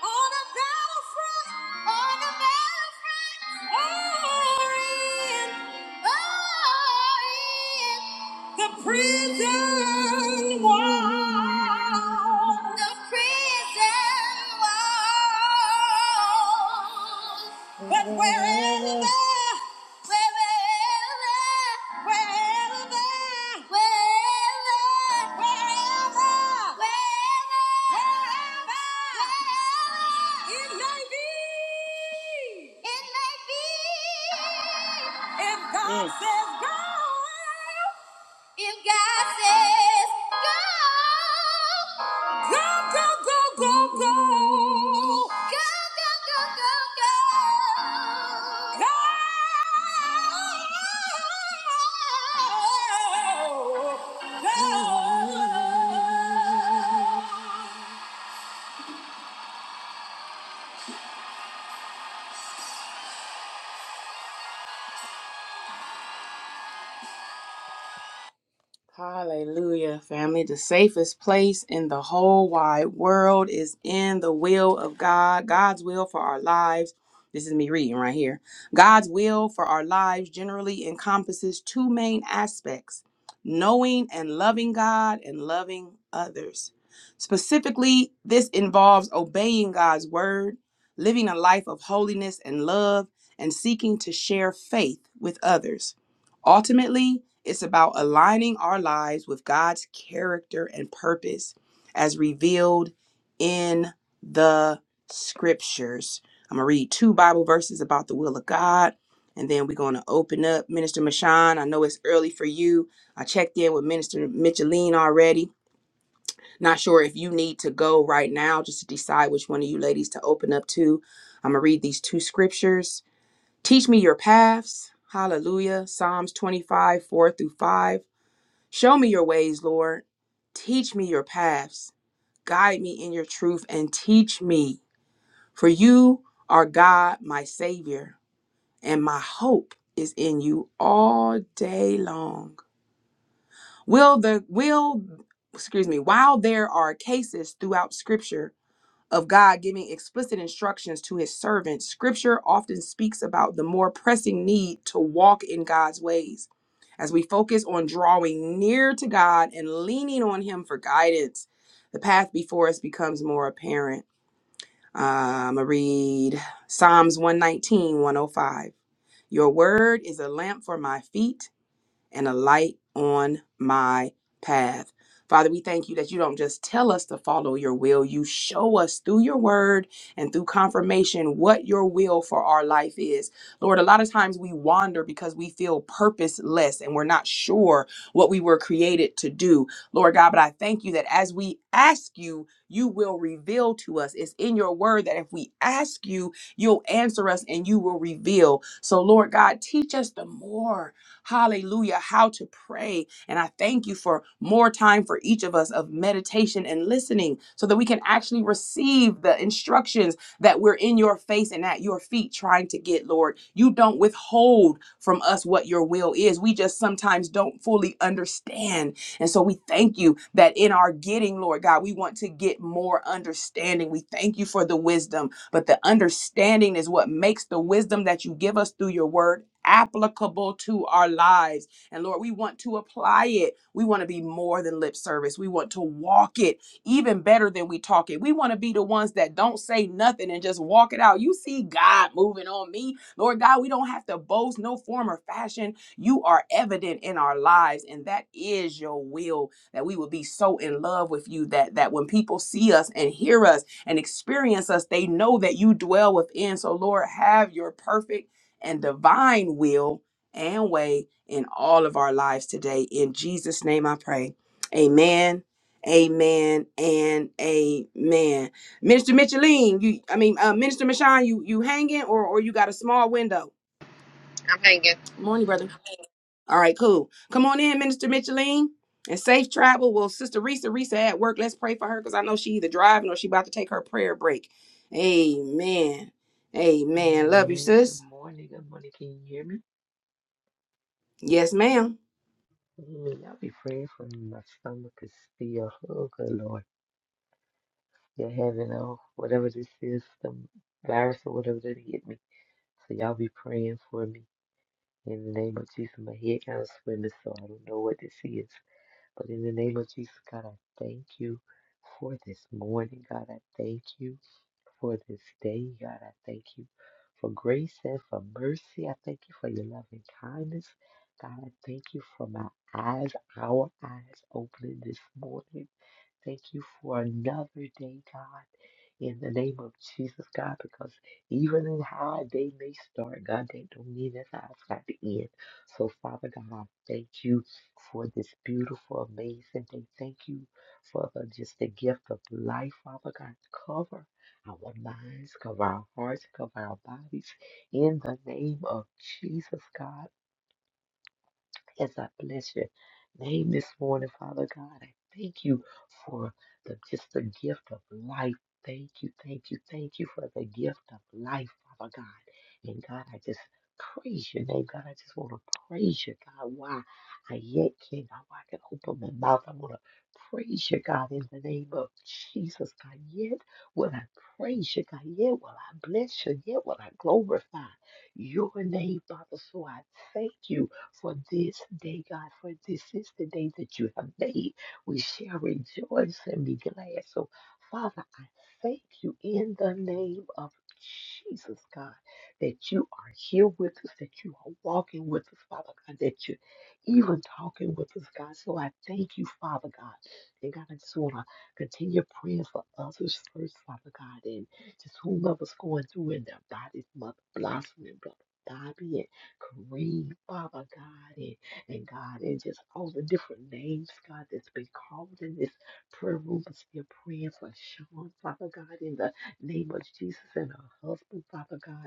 Speaker 1: On the battlefront, on the battlefront, or in, or in the prison wall, the prison wall. But wherever it may be, If God Mm. says go, if God says go, go, go, go, go, go, go, go, go, go, go, go, go. Hallelujah, family. The safest place in the whole wide world is in the will of God, God's will for our lives. This is me reading right here. God's will for our lives generally encompasses two main aspects knowing and loving God and loving others. Specifically, this involves obeying God's word, living a life of holiness and love, and seeking to share faith with others. Ultimately, it's about aligning our lives with God's character and purpose as revealed in the scriptures. I'm going to read two Bible verses about the will of God, and then we're going to open up. Minister Mashan, I know it's early for you. I checked in with Minister Micheline already. Not sure if you need to go right now just to decide which one of you ladies to open up to. I'm going to read these two scriptures Teach me your paths. Hallelujah. Psalms 25, 4 through 5. Show me your ways, Lord. Teach me your paths. Guide me in your truth and teach me. For you are God, my Savior, and my hope is in you all day long. Will the will excuse me, while there are cases throughout scripture of God giving explicit instructions to his servants, scripture often speaks about the more pressing need to walk in God's ways. As we focus on drawing near to God and leaning on him for guidance, the path before us becomes more apparent. I'm going to read Psalms 119, 105. Your word is a lamp for my feet and a light on my path. Father, we thank you that you don't just tell us to follow your will, you show us through your word and through confirmation what your will for our life is. Lord, a lot of times we wander because we feel purposeless and we're not sure what we were created to do. Lord God, but I thank you that as we ask you, you will reveal to us. It's in your word that if we ask you, you'll answer us and you will reveal. So, Lord God, teach us the more. Hallelujah. How to pray. And I thank you for more time for each of us of meditation and listening so that we can actually receive the instructions that we're in your face and at your feet trying to get, Lord. You don't withhold from us what your will is. We just sometimes don't fully understand. And so we thank you that in our getting, Lord God, we want to get more understanding. We thank you for the wisdom. But the understanding is what makes the wisdom that you give us through your word applicable to our lives. And Lord, we want to apply it. We want to be more than lip service. We want to walk it even better than we talk it. We want to be the ones that don't say nothing and just walk it out. You see God moving on me. Lord God, we don't have to boast no form or fashion. You are evident in our lives and that is your will that we will be so in love with you that that when people see us and hear us and experience us, they know that you dwell within. So, Lord, have your perfect and divine will and way in all of our lives today. In Jesus' name I pray. Amen. Amen and amen. Minister Micheline, you I mean uh, Minister Michon, you you hanging or or you got a small window? Morning, brother. All right, cool. Come on in, Minister Micheline. And safe travel. Well, Sister Risa, Risa at work. Let's pray for her because I know she either driving or she about to take her prayer break. Amen. Amen. Love you,
Speaker 2: Amen. Good
Speaker 1: sis.
Speaker 2: morning. Good morning. Can you hear me?
Speaker 1: Yes, ma'am.
Speaker 2: Amen. I'll be praying for you. My stomach is still. Oh, good Lord. You're having oh, whatever this is, some virus or whatever that hit me. So y'all be praying for me. In the name of Jesus, my head kind of swimming, so I don't know what this is. But in the name of Jesus, God, I thank you for this morning. God, I thank you. for this day. God, I thank you for grace and for mercy. I thank you for your loving kindness. God, I thank you for my eyes, our eyes opening this morning. Thank you for another day, God, in the name of Jesus, God, because even in how our day may start, God, they don't mean that how it's got to end. So, Father God, I thank you for this beautiful, amazing day. Thank you for the, just the gift of life, Father God. Cover our minds, cover our hearts, cover our bodies in the name of Jesus, God. As I bless your name this morning, Father God. I thank you for the just the gift of life. Thank you, thank you, thank you for the gift of life, Father God. And God, I just praise your name, God. I just want to praise you, God. Why I yet can't, why I can open my mouth. I want to praise you, God, in the name of Jesus, God. Yet will I praise you, God. Yet will I bless you. Yet will I glorify your name, Father. So I thank you for this day, God, for this is the day that you have made. We shall rejoice and be glad. So, Father, I thank you in the name of Jesus, God, that you are here with us, that you are walking with us, Father God, that you're even talking with us, God. So I thank you, Father God. And God, I just want to continue praying for others first, Father God, and just whomever's going through in their bodies, Mother Blossom and Brother Bobby, and Kareem, Father God, and, and God, and just all the different names, God, that's been called in this prayer room. We're still praying for Sean, Father God, in the name of Jesus and her husband, Father God.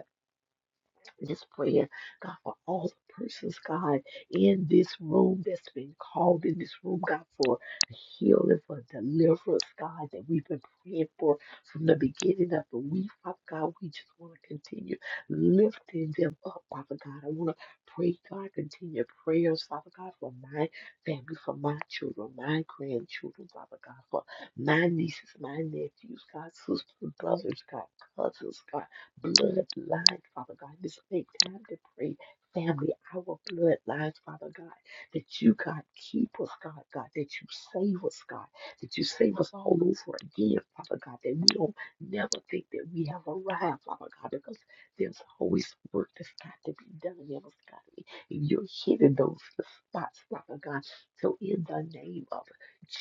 Speaker 2: I just praying, God, for all the persons, God, in this room that's been called in this room, God, for healing, for deliverance, God, that we've been praying for from the beginning of the week. Father God, we just want to continue lifting them up, Father God. I want to pray, God, continue prayers, Father God, for my family, for my children, my grandchildren, Father God, for my nieces, my nephews, God, sisters, brothers, God, cousins, God blood lines, Father God. Just make time to pray, family, our blood lines, Father God, that you, God, keep us, God, God, that you save us, God, that you save us all over again, Father God, that we don't never think that we have arrived, Father God, because there's always work that's got to be done in us, God. And you're hitting those spots, Father God. So in the name of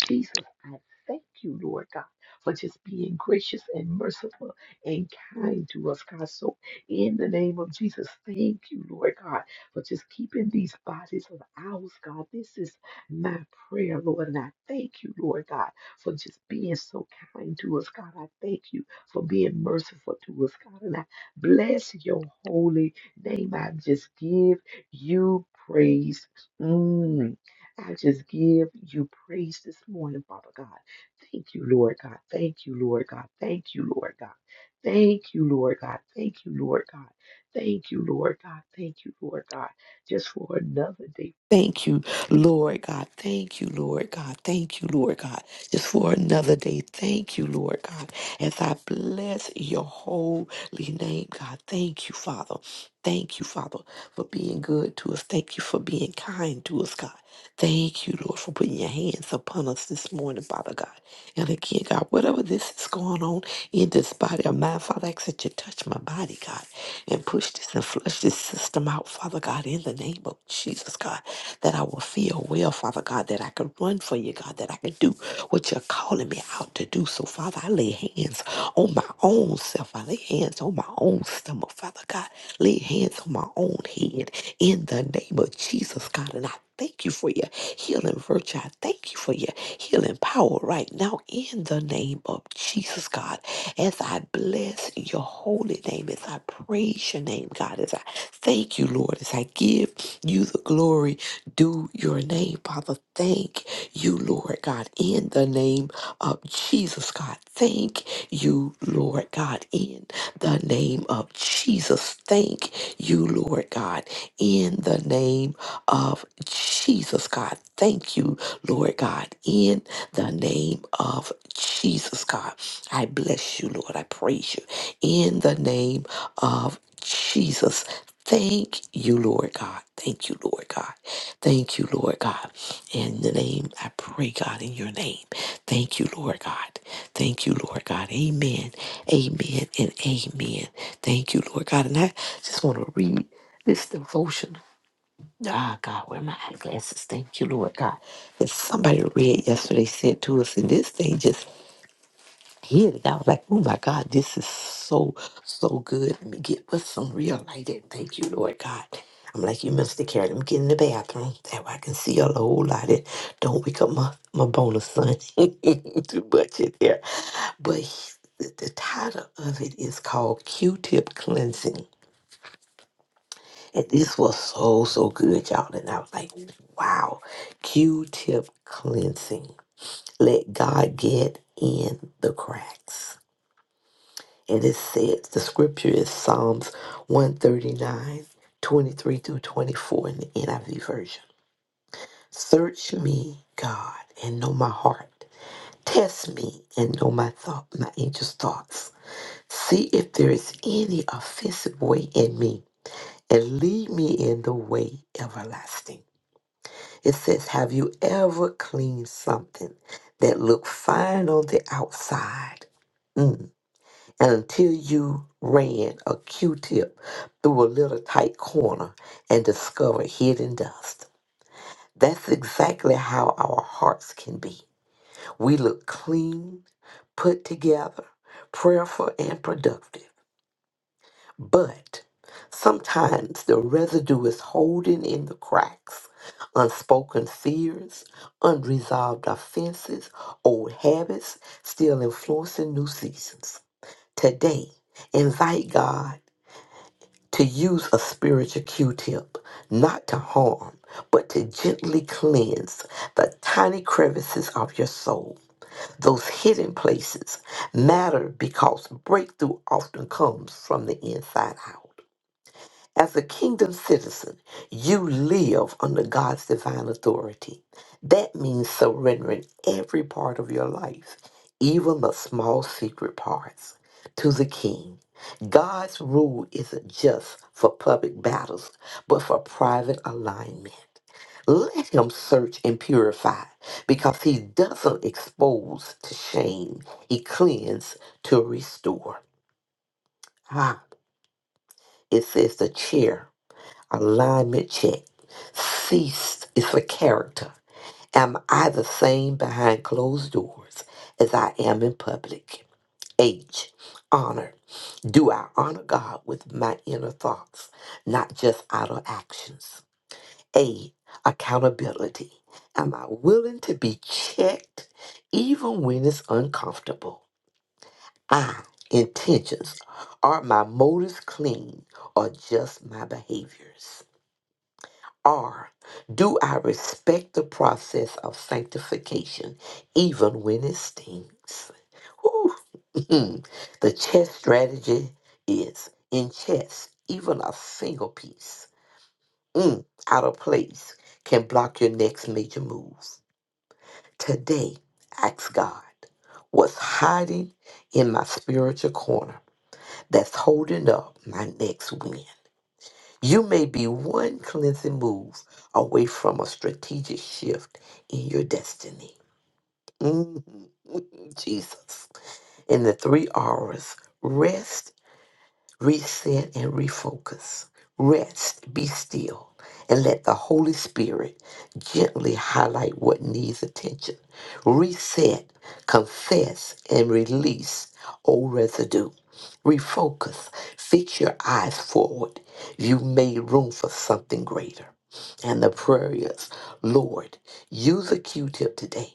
Speaker 2: Jesus, I thank you, Lord God, for just being gracious and merciful and kind to us, God. So, in the name of Jesus, thank you, Lord God, for just keeping these bodies of ours, God. This is my prayer, Lord, and I thank you, Lord God, for just being so kind to us, God. I thank you for being merciful to us, God, and I bless your holy name. I just give you praise. Mm. I just give you praise this morning, Father God. Thank you, Lord God. Thank you, Lord God. Thank you, Lord God. Thank you, Lord God. Thank you, Lord God. Thank you, Lord God. Thank you, Lord God. Just for another day. Thank you, Lord God. Thank you, Lord God. Thank you, Lord God. Just for another day. Thank you, Lord God. As I bless your holy name, God. Thank you, Father. Thank you, Father, for being good to us. Thank you for being kind to us, God. Thank you, Lord, for putting your hands upon us this morning, Father God. And again, God, whatever this is going on, in this body of mine. Father, I ask that you touch my body, God, and push this and flush this system out, Father God, in the name of Jesus, God, that I will feel well, Father God, that I can run for you, God, that I can do what you're calling me out to do. So, Father, I lay hands on my own self. I lay hands on my own stomach, Father God. Lay hands on my own head in the name of Jesus, God. And I thank you for your healing virtue. I thank you for your healing power right now in the name of Jesus, God as I bless your holy name, as I praise your name, God, as I thank you, Lord, as I give you the glory, do your name, Father. Thank you, Lord God, in the name of Jesus, God. Thank you, Lord God, in the name of Jesus. Thank you, Lord God, in the name of Jesus, God. Thank you, Lord God, in the name of Jesus, God. I bless you, Lord. I praise you in the name of Jesus. Thank you, Lord God. Thank you, Lord God. Thank you, Lord God. In the name, I pray, God, in your name. Thank you, Lord God. Thank you, Lord God. Amen. Amen and amen. Thank you, Lord God. And I just want to read this devotion. Ah, God, where are my eyeglasses? Thank you, Lord God. That somebody read yesterday said to us, and this thing just hit it. I was like, oh my God, this is so, so good. Let me get with some real light. in. Thank you, Lord God. I'm like, you must have carried him. Get in the bathroom. That way I can see a whole lot. And don't wake up my, my bonus son. <laughs> Too much in there. But he- the, the title of it is called Q-Tip Cleansing. And this was so, so good, y'all. And I was like, wow, Q-Tip Cleansing. Let God get in the cracks. And it says the scripture is Psalms one thirty nine twenty three through 24 in the NIV version. Search me, God, and know my heart. Test me and know my thought, my anxious thoughts. See if there is any offensive way in me, and lead me in the way everlasting. It says, Have you ever cleaned something that looked fine on the outside? Mm. until you ran a Q-tip through a little tight corner and discovered hidden dust. That's exactly how our hearts can be. We look clean, put together, prayerful, and productive. But sometimes the residue is holding in the cracks. Unspoken fears, unresolved offenses, old habits still influencing new seasons. Today, invite God to use a spiritual Q-tip, not to harm, but to gently cleanse the tiny crevices of your soul. Those hidden places matter because breakthrough often comes from the inside out. As a kingdom citizen, you live under God's divine authority. That means surrendering every part of your life, even the small secret parts, to the king. God's rule isn't just for public battles, but for private alignment. Let him search and purify because he doesn't expose to shame, he cleans to restore. Ah, it says the chair Alignment check. Ceased is for character. Am I the same behind closed doors as I am in public? H. Honor. Do I honor God with my inner thoughts, not just outer actions? A. Accountability. Am I willing to be checked even when it's uncomfortable? I. Intentions. Are my motives clean or just my behaviors? are. Do I respect the process of sanctification, even when it stings? Whew. <laughs> the chess strategy is in chess, even a single piece mm, out of place can block your next major move. Today, ask God what's hiding in my spiritual corner that's holding up my next win. You may be one cleansing move away from a strategic shift in your destiny. Mhm, Jesus. In the three R's rest, reset, and refocus. Rest, be still, and let the Holy Spirit gently highlight what needs attention. Reset, confess, and release old residue Refocus. Fix your eyes forward. You made room for something greater. And the prayer is, Lord, use a Q-tip today.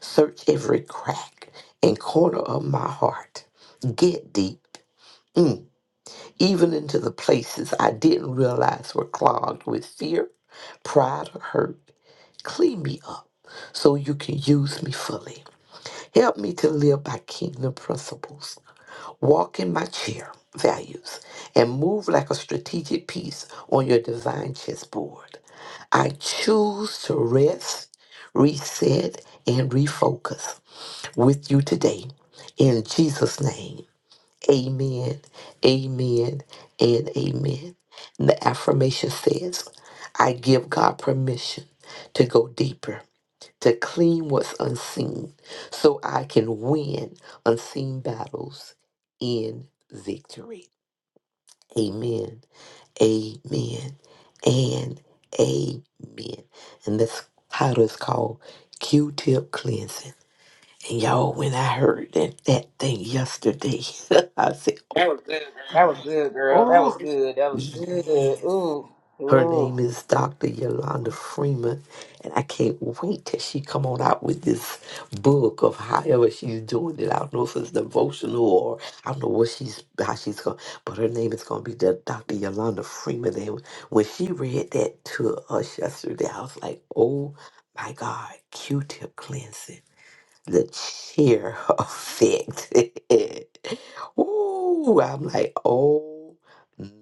Speaker 2: Search every crack and corner of my heart. Get deep. Mm. Even into the places I didn't realize were clogged with fear, pride, or hurt. Clean me up so you can use me fully. Help me to live by kingdom principles Walk in my chair values and move like a strategic piece on your design chessboard. I choose to rest, reset, and refocus with you today. In Jesus' name, amen, amen, and amen. And the affirmation says, I give God permission to go deeper to clean what's unseen so I can win unseen battles in victory. Amen. Amen. And amen. And this title is called Q tip cleansing. And y'all, when I heard that, that thing yesterday, <laughs> I said, Oh,
Speaker 1: That was good, girl.
Speaker 2: oh,
Speaker 1: Good. That
Speaker 2: yeah.
Speaker 1: was-
Speaker 2: Her name is Dr. Yolanda Freeman, and I can't wait till she come on out with this book of however she's doing it. I don't know if it's devotional or I don't know what she's how she's going, but her name is going to be the Dr. Yolanda Freeman. And when she read that to us yesterday, I was like, oh my God, Q-tip cleansing, the cheer <laughs> effect. <laughs> Ooh, I'm like, oh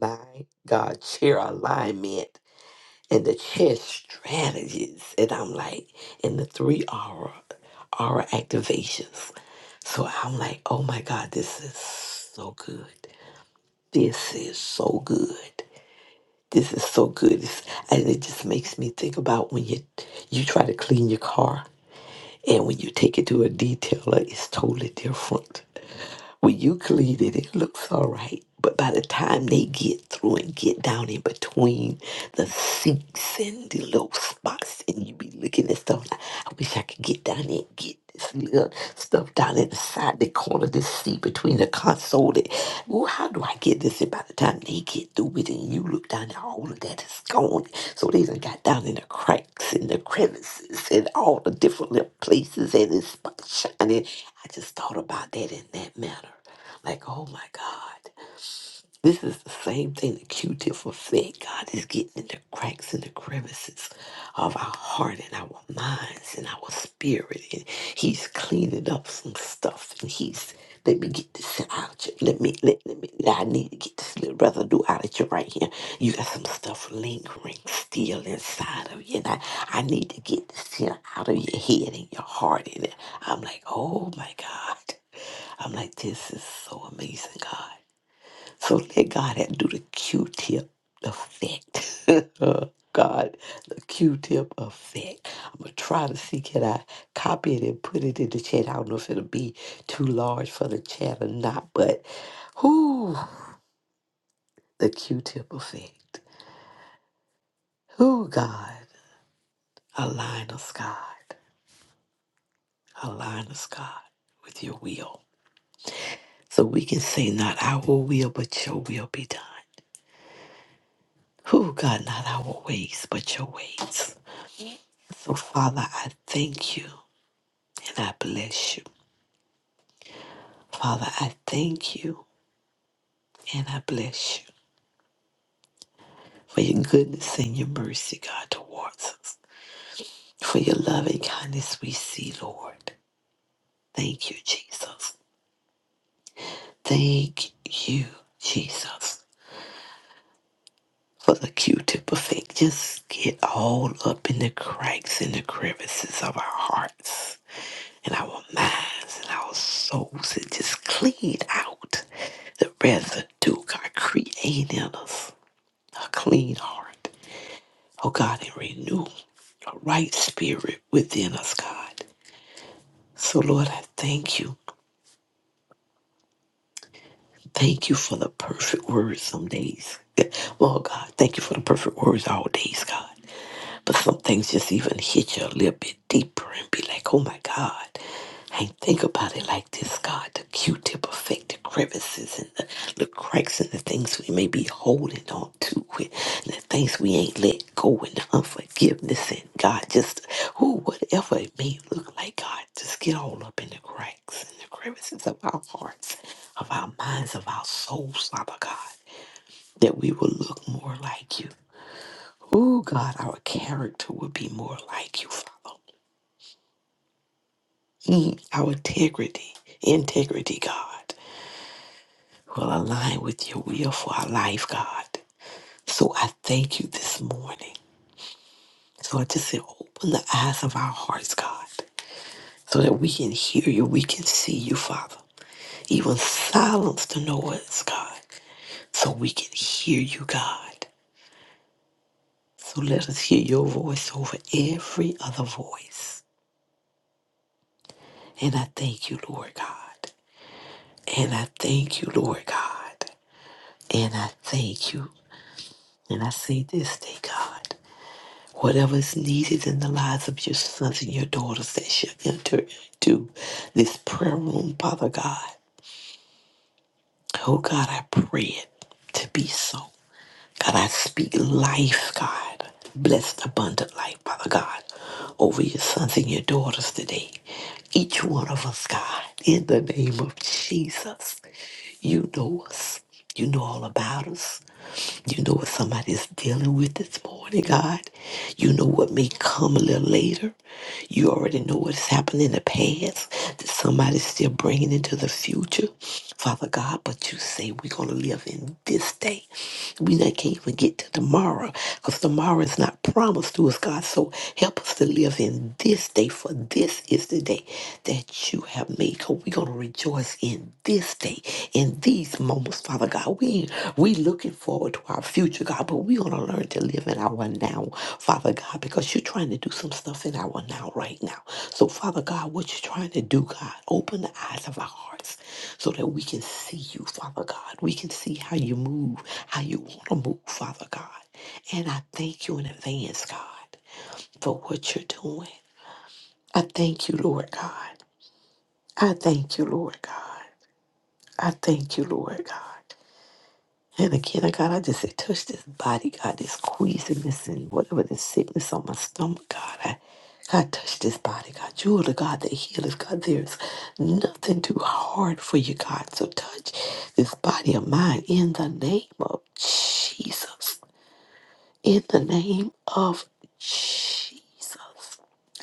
Speaker 2: my God, cheer alignment and the chess strategies. And I'm like, and the three aura, aura activations. So I'm like, oh my God, this is so good. This is so good. This is so good. It's, and it just makes me think about when you you try to clean your car and when you take it to a detailer, it's totally different. When you clean it, it looks all right. But by the time they get through and get down in between the seats and the little spots, and you be looking at stuff, like, I wish I could get down there and get this little stuff down in the side, the corner of the seat between the console sold it. Well, how do I get this? And by the time they get through with it and you look down there, all of that is gone. So they done got down in the cracks and the crevices and all the different little places and it's shining. I just thought about that in that manner. Like, oh my God. This is the same thing the Q-tip effect. God is getting in the cracks and the crevices of our heart and our minds and our spirit. And he's cleaning up some stuff. And he's, let me get this out. you- Let me, let, let me, I need to get this little residue out of you right here. You got some stuff lingering still inside of you. And I, I need to get this here out of your head and your heart. And I'm like, oh my God. I'm like, this is so amazing, God. So let God had do the Q-tip effect. <laughs> God, the Q-tip effect. I'm gonna try to see can I copy it and put it in the chat. I don't know if it'll be too large for the chat or not, but who the Q-tip effect. Who God align us, God, align us, God, with your will, so we can say not our will but your will be done. Who God, not our ways but your ways. So, Father, I thank you and I bless you. Father, I thank you and I bless you for your goodness and your mercy, God, towards us. For your loving kindness we see, Lord. Thank you, Jesus. Thank you, Jesus, for the Q-tip effect. Just get all up in the cracks and the crevices of our hearts and our minds and our souls and just clean out the residue God created in us. A clean heart, oh God, and renew a right spirit within us, God. So, Lord, I thank you. Thank you for the perfect words some days. <laughs> Lord God, thank you for the perfect words all days, God. But some things just even hit you a little bit deeper and be like, oh my God, I ain't think about it like this, God. The Q tip effect, the crevices and the little cracks and the things we may be holding on to and the things we ain't let go and the unforgiveness and God just who whatever it may look like, God, just get all up in the cracks and the crevices of our hearts, of our minds, of our souls, Father God. That we will look more like you Oh God, our character would be more like you, Father. Mm, Our integrity, integrity, God, will align with your will for our life, God. So I thank you this morning. So I just say, open the eyes of our hearts, God, so that we can hear you, we can see you, Father. Even silence the noise, God, so we can hear you, God. So let us hear your voice over every other voice. And I thank you, Lord God. And I thank you, Lord God. And I thank you. And I say this day, God. Whatever is needed in the lives of your sons and your daughters that shall enter into this prayer room, Father God. Oh God, I pray it to be so. God, I speak life, God. Blessed, abundant life, Father God, over your sons and your daughters today. Each one of us, God, in the name of Jesus. You know us. You know all about us. You know what somebody's dealing with this morning, God. You know what may come a little later. You already know already know what's happened in the past that somebody's still bringing into the future, Father God. But you say we're going to live in this day. We not, can't even get to tomorrow because tomorrow is not promised to us, God. So help us to live in this day, for this is the day that you have made. Because we're going to rejoice in this day, in these moments Father God, we we looking forward to our future, God, but we want to learn to live in our now, Father God, because you're trying to do some stuff in our now right now. So, Father God, what you're trying to do, God, open the eyes of our hearts so that we can see you, Father God. We can see how you move, how you want to move, Father God. And I thank you in advance, God, for what you're doing. I thank you, Lord God. I thank you, Lord God. I thank you, Lord God. And again, oh God, I just say, touch this body, God, this queasiness and whatever this sickness on my stomach, God. I, God, touch this body, God. You are the God that heals, God. There's nothing too hard for you, God. So touch this body of mine in the name of Jesus. In the name of Jesus.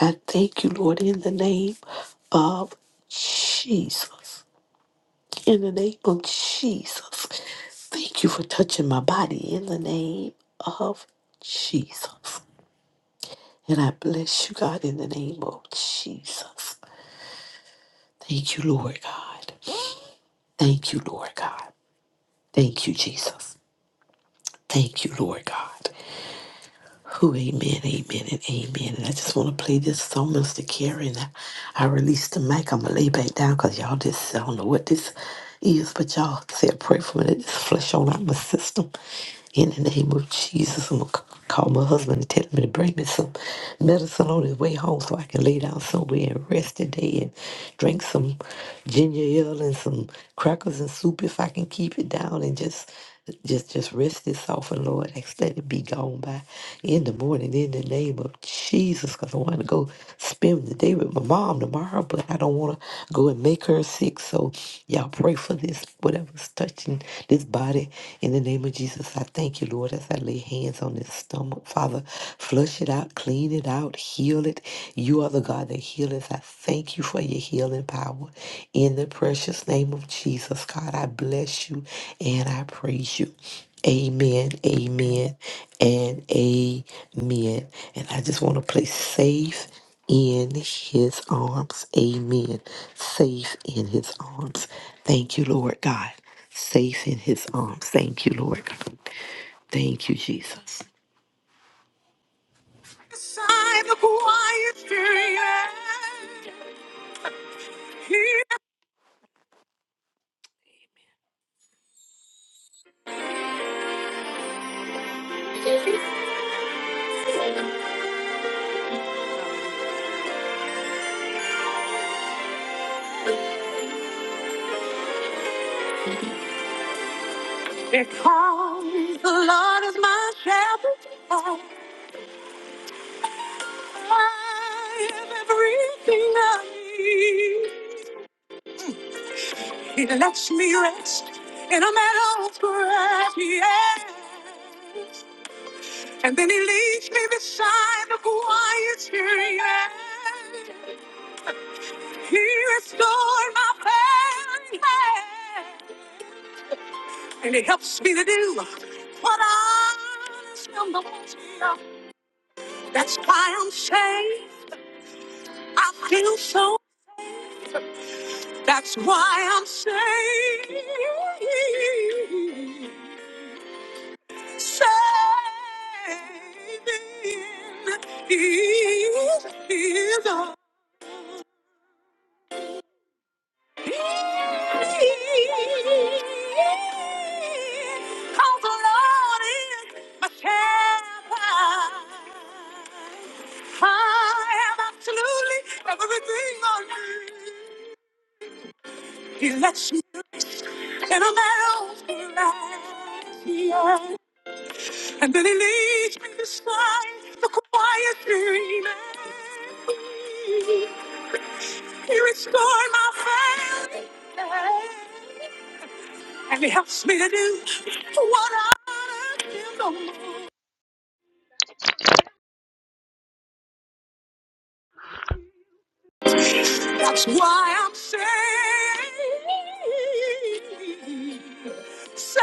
Speaker 2: I thank you, Lord, in the name of Jesus. In the name of Jesus. Thank you for touching my body in the name of Jesus. And I bless you, God, in the name of Jesus. Thank you, Lord God. Thank you, Lord God. Thank you, Jesus. Thank you, Lord God. Oh, amen, amen, and amen. And I just want to play this song, Mr. Carey. And I, I released the mic. I'm going to lay back down because y'all just, I don't know what this is, but y'all say a prayer for me. Let this flesh on out my system. In the name of Jesus, I'm going to call my husband and tell him to bring me some medicine on his way home so I can lay down somewhere and rest today and drink some ginger ale and some crackers and soup if I can keep it down and just just just rest this off and Lord. Ask that it be gone by in the morning in the name of Jesus. Because I want to go spend the day with my mom tomorrow, but I don't want to go and make her sick. So y'all pray for this, whatever's touching this body in the name of Jesus. I thank you, Lord, as I lay hands on this stomach. Father, flush it out, clean it out, heal it. You are the God that healeth as I thank you for your healing power. In the precious name of Jesus, God, I bless you and I praise you. Amen, amen, and amen. And I just want to place safe in his arms. Amen. Safe in his arms. Thank you, Lord God. Safe in his arms. Thank you, Lord God. Thank you, Jesus. Beside the quiet stream, Because the Lord is my shepherd, I have everything I need. He lets me rest in a meadow of grass, yes. And then he leads me beside the quiet stream. yes. He restored my failing hand, and he helps me to do what I am supposed do. That's why I'm saved. I feel so. That's why I'm saying, saving is is a Cause the Lord is my shepherd. I am absolutely everything I need. He lets me. And a mountain glass, yeah. And then he leads me beside the quiet stream. and queen. He restored my family. life, And he helps me to do what I do no more. That's why I'm saved. Below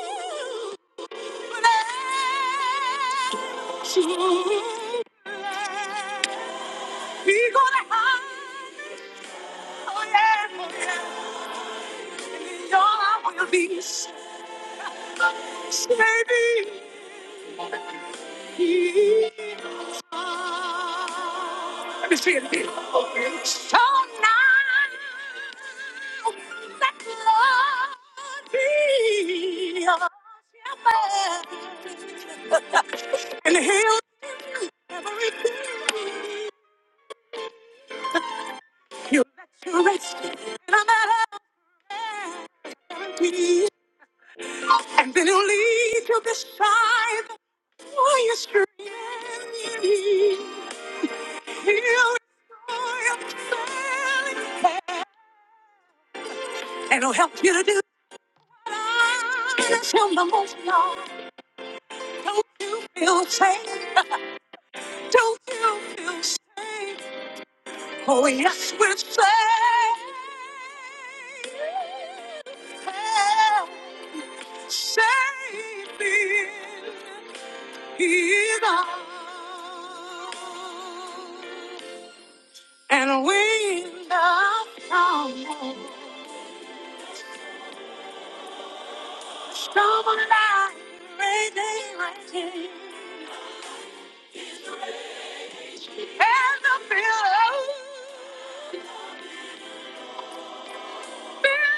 Speaker 2: the Let me see it again. So now, let love be your shepherd. and he'll never repeat. He'll let you rest in a matter of guarantee. And then he'll lead you beside the quiet stream. He'll restore your failing head, and he'll help you to do that's him the most love. Don't you feel safe? <laughs> Don't you feel safe? Oh, yes, we're saved. Saved in God. And we love someone, someone like radiating and the pillow. He's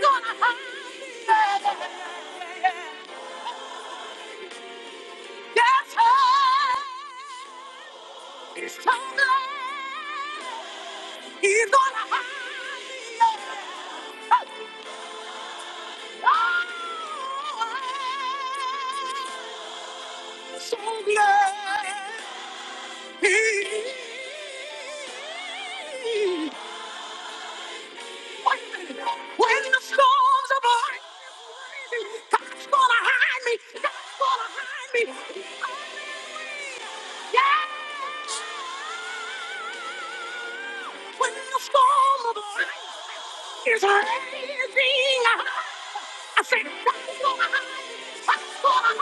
Speaker 2: gonna hide. me. Oh, So glad. When the storms are blowing, God's gonna hide me. God's gonna hide me. Yeah. When the storms are blowing is rising. I said, rise, rise, rise.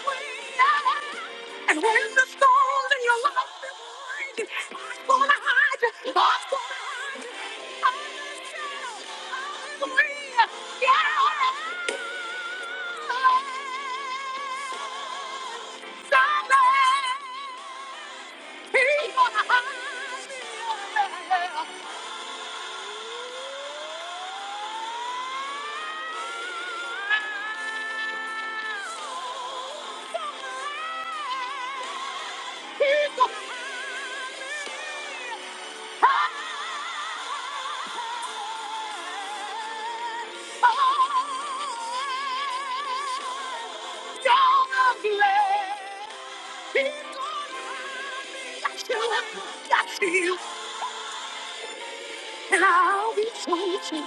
Speaker 2: rise. And when the storms in your life is raging, I'm gonna hide you. I'm gonna hide you. I'm gonna hide you. Yeah. Somebody, he's gonna hide me. Got you, and I'll be chosen.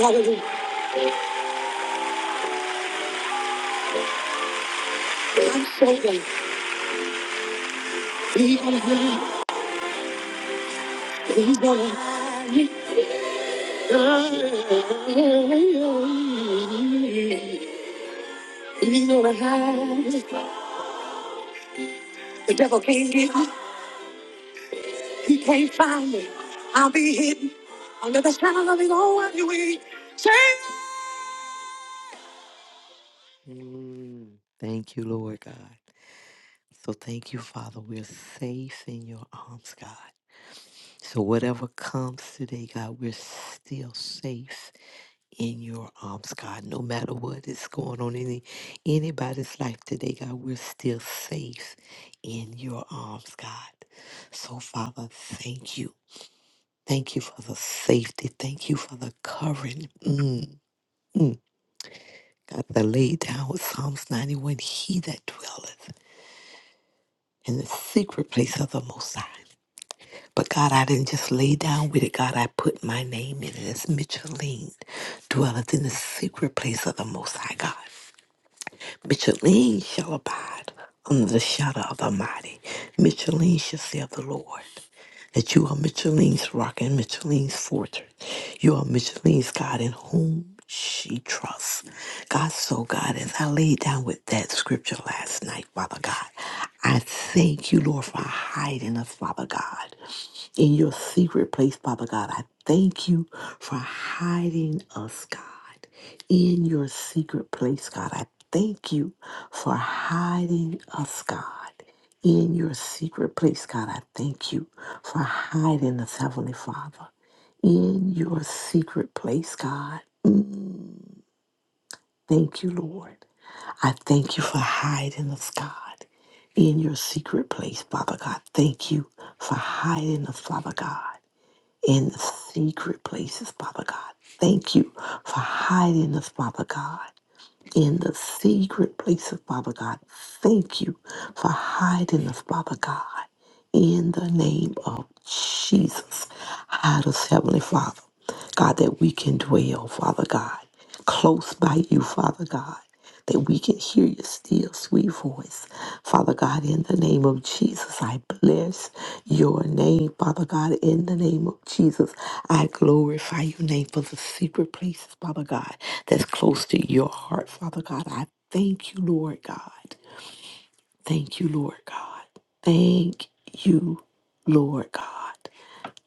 Speaker 2: Hallelujah. I'm so glad he's gonna hide, he's gonna hide me. He's gonna hide me. The devil can't get me, he can't find me. I'll be hidden under the shadow of his own wing. Say, Thank you, Lord God. So thank you, Father. We're safe in your arms, God. So whatever comes today, God, we're still safe in your arms, God. No matter what is going on in any- anybody's life today, God, we're still safe in your arms, God. So Father, thank you. Thank you for the safety. Thank you for the covering. Mm, mm. God, the laid down with Psalms 91, he that dwelleth in the secret place of the Most High. But God, I didn't just lay down with it. God, I put my name in it. It's Micheline, dwelleth in the secret place of the Most High God. Micheline shall abide under the shadow of the mighty. Micheline shall say of the Lord that you are Micheline's rock and Micheline's fortress. You are Micheline's God in whom she trusts. God, so God, as I laid down with that scripture last night, Father God, I thank you, Lord, for hiding us, Father God, in your secret place, Father God. I thank you for hiding us, God in your secret place, God. I thank you for hiding us, God. In your secret place, God, I thank you for hiding us, Heavenly Father. In your secret place, God. Mm, thank you, Lord. I thank you for hiding us, God. In your secret place, Father God. Thank you for hiding us, Father God. In the secret places, Father God. Thank you for hiding us, Father God in the secret places, Father God. Thank you for hiding us, Father God. In the name of Jesus, hide us, Heavenly Father. God, that we can dwell, Father God, close by you, Father God, that we can hear your still sweet voice. Father God, in the name of Jesus, I bless your name, Father God, in the name of Jesus, I glorify your name for the secret places, Father God, that's close to your heart, Father God. I thank you, Lord God. Thank you, Lord God. Thank you, Lord God.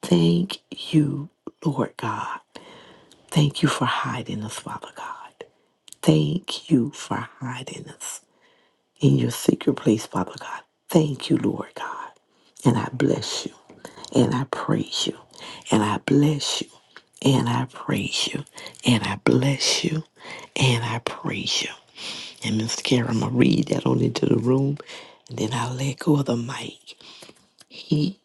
Speaker 2: Thank you, Lord God. Thank you for hiding us, Father God. Thank you for hiding us in your secret place, Father God. Thank you, Lord God. And I bless you. And I praise you. And I bless you. And I praise you. And I bless you. And I praise you. And Miss Karen, I'm going to read that on into the room. And then I'll let go of the mic. He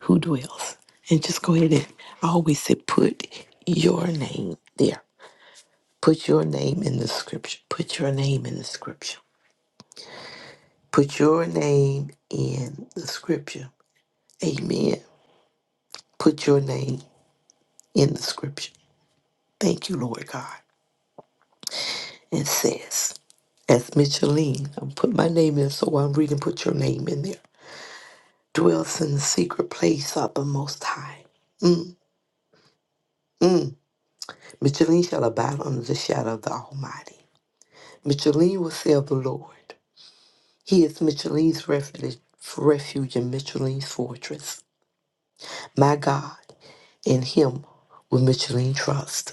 Speaker 2: who dwells. And just go ahead and I always say, put your name there. Put your name in the scripture. Put your name in the scripture. Put your name in the scripture. Amen. Put your name in the scripture. Thank you, Lord God. And says, as Micheline, I put my name in, so I'm reading, put your name in there. Dwells in the secret place of the Most High. Mm, mm. Micheline shall abide under the shadow of the Almighty. Micheline will say of the Lord, He is Micheline's refuge, refuge and Micheline's fortress. My God, in him will Micheline trust.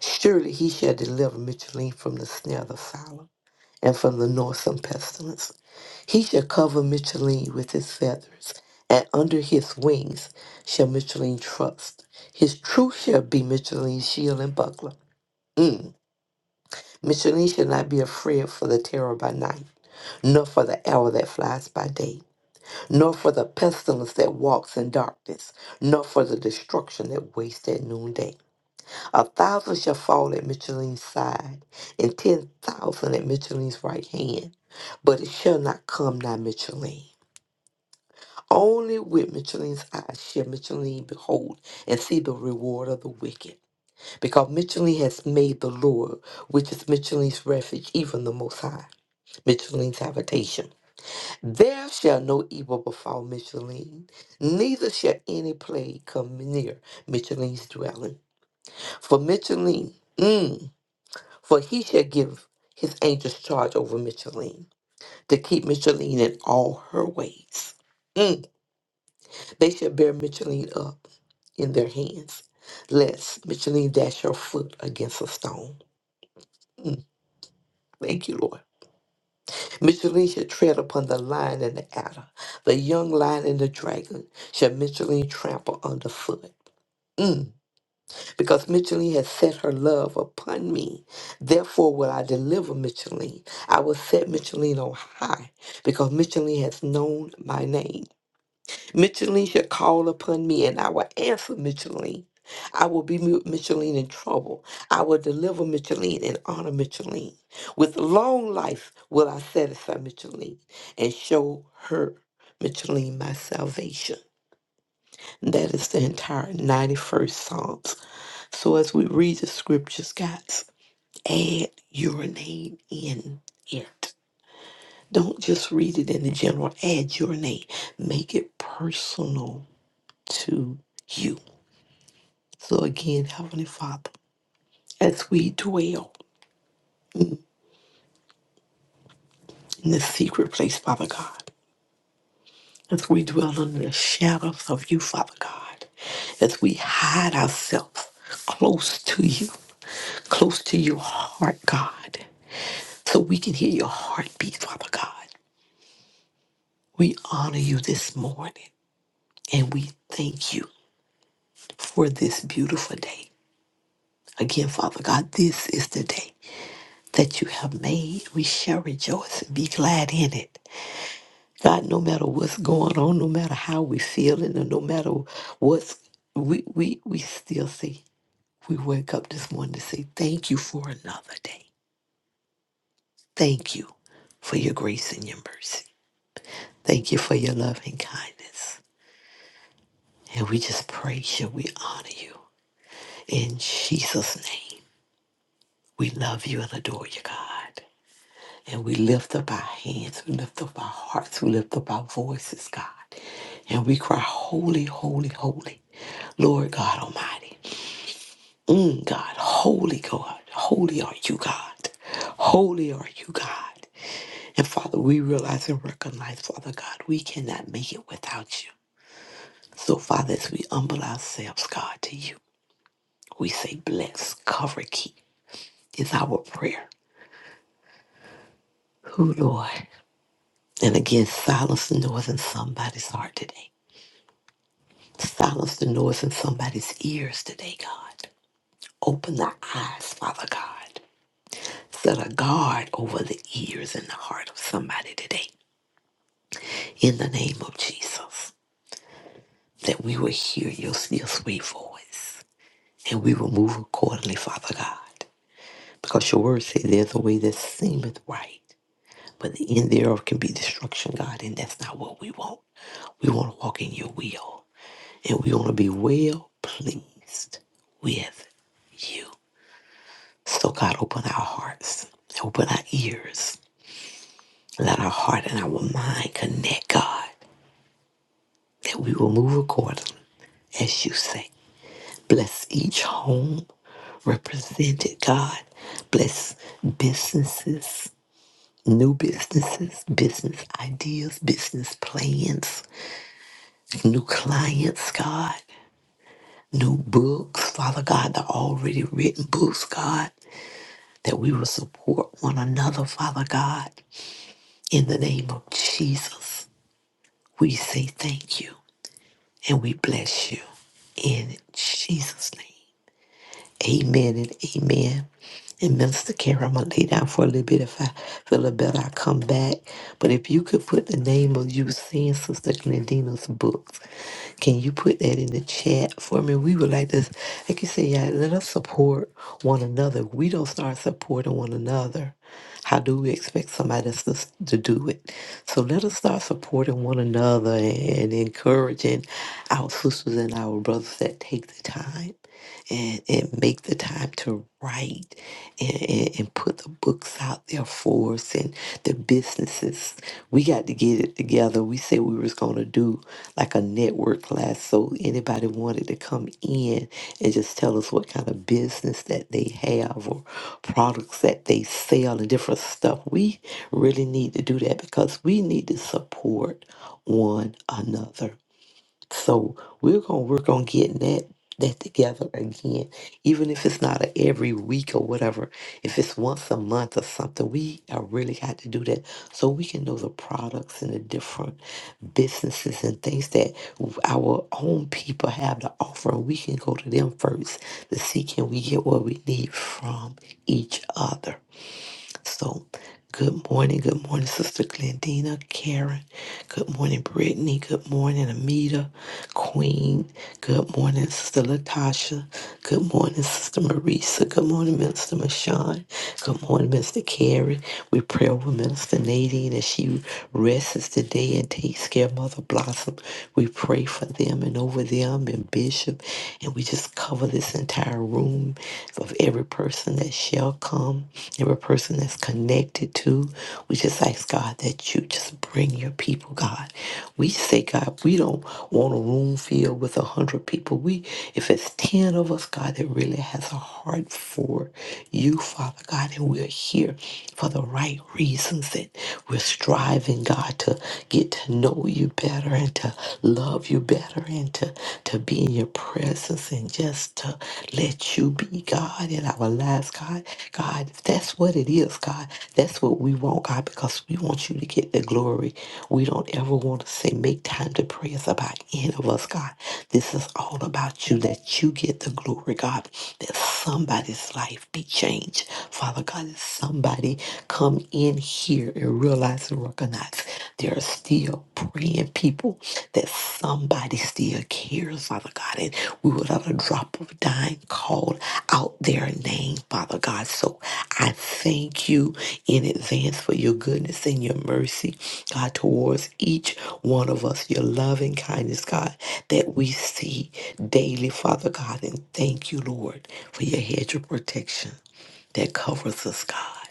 Speaker 2: Surely he shall deliver Micheline from the snare of the fowler and from the noisome pestilence. He shall cover Micheline with his feathers, and under his wings shall Micheline trust. His truth shall be Micheline's shield and buckler. Mm. Micheline shall not be afraid for the terror by night, nor for the arrow that flies by day, nor for the pestilence that walks in darkness, nor for the destruction that wastes at noonday. A thousand shall fall at Micheline's side, and ten thousand at Micheline's right hand, but it shall not come nigh Micheline. Only with Micheline's eyes shall Micheline behold and see the reward of the wicked, because Micheline has made the Lord, which is Micheline's refuge, even the Most High, Micheline's habitation. There shall no evil befall Micheline, neither shall any plague come near Micheline's dwelling. For Micheline, mm, For he shall give his angels charge over Micheline to keep Micheline in all her ways. Mm. They shall bear Micheline up in their hands, lest Micheline dash her foot against a stone. Mm. Thank you, Lord. Micheline shall tread upon the lion and the adder, the young lion and the dragon shall Micheline trample underfoot. Mm. because Micheline has set her love upon me. Therefore will I deliver Micheline. I will set Micheline on high because Micheline has known my name. Micheline shall call upon me and I will answer Micheline. I will be Mi- Micheline in trouble. I will deliver Micheline and honor Micheline. With long life will I satisfy Micheline and show her, Micheline, my salvation. That is the entire 91st Psalms. So as we read the scriptures, guys, add your name in it. Don't just read it in the general. Add your name. Make it personal to you. So again, Heavenly Father, as we dwell in the secret place, Father God, as we dwell under the shadows of you, Father God, as we hide ourselves close to you, close to your heart, God, so we can hear your heartbeat, Father God. We honor you this morning and we thank you for this beautiful day. Again, Father God, this is the day that you have made. We shall rejoice and be glad in it. God, no matter what's going on, no matter how we feeling, and no matter what's we we we still say we wake up this morning to say thank you for another day. Thank you for your grace and your mercy. Thank you for your love and kindness. And we just praise you. We honor you. In Jesus' name, we love you and adore you, God. And we lift up our hands, we lift up our hearts, we lift up our voices, God. And we cry, Holy, holy, holy, Lord God Almighty. Mm, God, holy God, holy are you, God. Holy are you, God. And Father, we realize and recognize, Father God, we cannot make it without you. So, Father, as we humble ourselves, God, to you, we say, bless, cover, keep is our prayer. Who, Lord? And again, silence the noise in somebody's heart today. Silence the noise in somebody's ears today, God. Open the eyes, Father God. Set a guard over the ears and the heart of somebody today. In the name of Jesus, that we will hear your, your sweet voice and we will move accordingly, Father God. Because your word says there's a way that seemeth right, but the end thereof can be destruction, God, and that's not what we want. We want to walk in your will. and we're going to be well pleased with you. So, God, open our hearts, open our ears, let our heart and our mind connect, God, that we will move accordingly, as you say. Bless each home represented, God. Bless businesses, new businesses, business ideas, business plans, new clients, God, new books, Father God, the already written books, God. that we will support one another, Father God. In the name of Jesus, we say thank you and we bless you in Jesus' name. Amen and amen. And Minister Karen, I'm gonna lay down for a little bit. If I feel a better, I'll come back. But if you could put the name of you seeing Sister Glendina's books, can you put that in the chat for me? We would like to, like you say, yeah, let us support one another. If We don't start supporting one another. How do we expect somebody else to, s- to do it? So let us start supporting one another and encouraging our sisters and our brothers that take the time and, and make the time to write and, and, and put the books out there for us and the businesses. We got to get it together. We said we was going to do like a network class so anybody wanted to come in and just tell us what kind of business that they have or products that they sell and different stuff. We really need to do that because we need to support one another. So we're gonna work on getting that that together again. Even if it's not a every week or whatever, if it's once a month or something, we are really got to do that so we can know the products and the different businesses and things that our own people have to offer. And we can go to them first to see can we get what we need from each other. So, good morning, good morning, Sister Glendina, Karen. Good morning, Brittany. Good morning, Amita, Queen. Good morning, Sister Latasha. Good morning, Sister Marisa. Good morning, Minister Mashawn. Good morning, Mister Carrie. We pray over Minister Nadine as she rests today and takes care of Mother Blossom. We pray for them and over them and Bishop. And we just cover this entire entire room of every person that shall come, every person that's connected to. We just ask God that you just bring your people, God. We say, God, we don't want a room filled with a hundred people. We, if it's ten of us, God, that really has a heart for you, Father God, and we're here for the right reasons, That we're striving, God, to get to know you better and to love love you better and to, to be in your presence and just to let you be God in our lives, God. God, that's what it is, God. That's what we want, God, because we want you to get the glory. We don't ever want to say, make time to pray. It's about any of us, God. This is all about you, that you get the glory, God. That somebody's life be changed. Father God, that somebody come in here and realize realize and recognize there are still praying people that somebody still cares, Father God. And we would let a drop of dime call out their name, Father God. So I thank you in advance for your goodness and your mercy, God, towards each one of us, your loving kindness, God, that we see daily, Father God. And thank you, Lord, for your hedge of protection that covers us, God.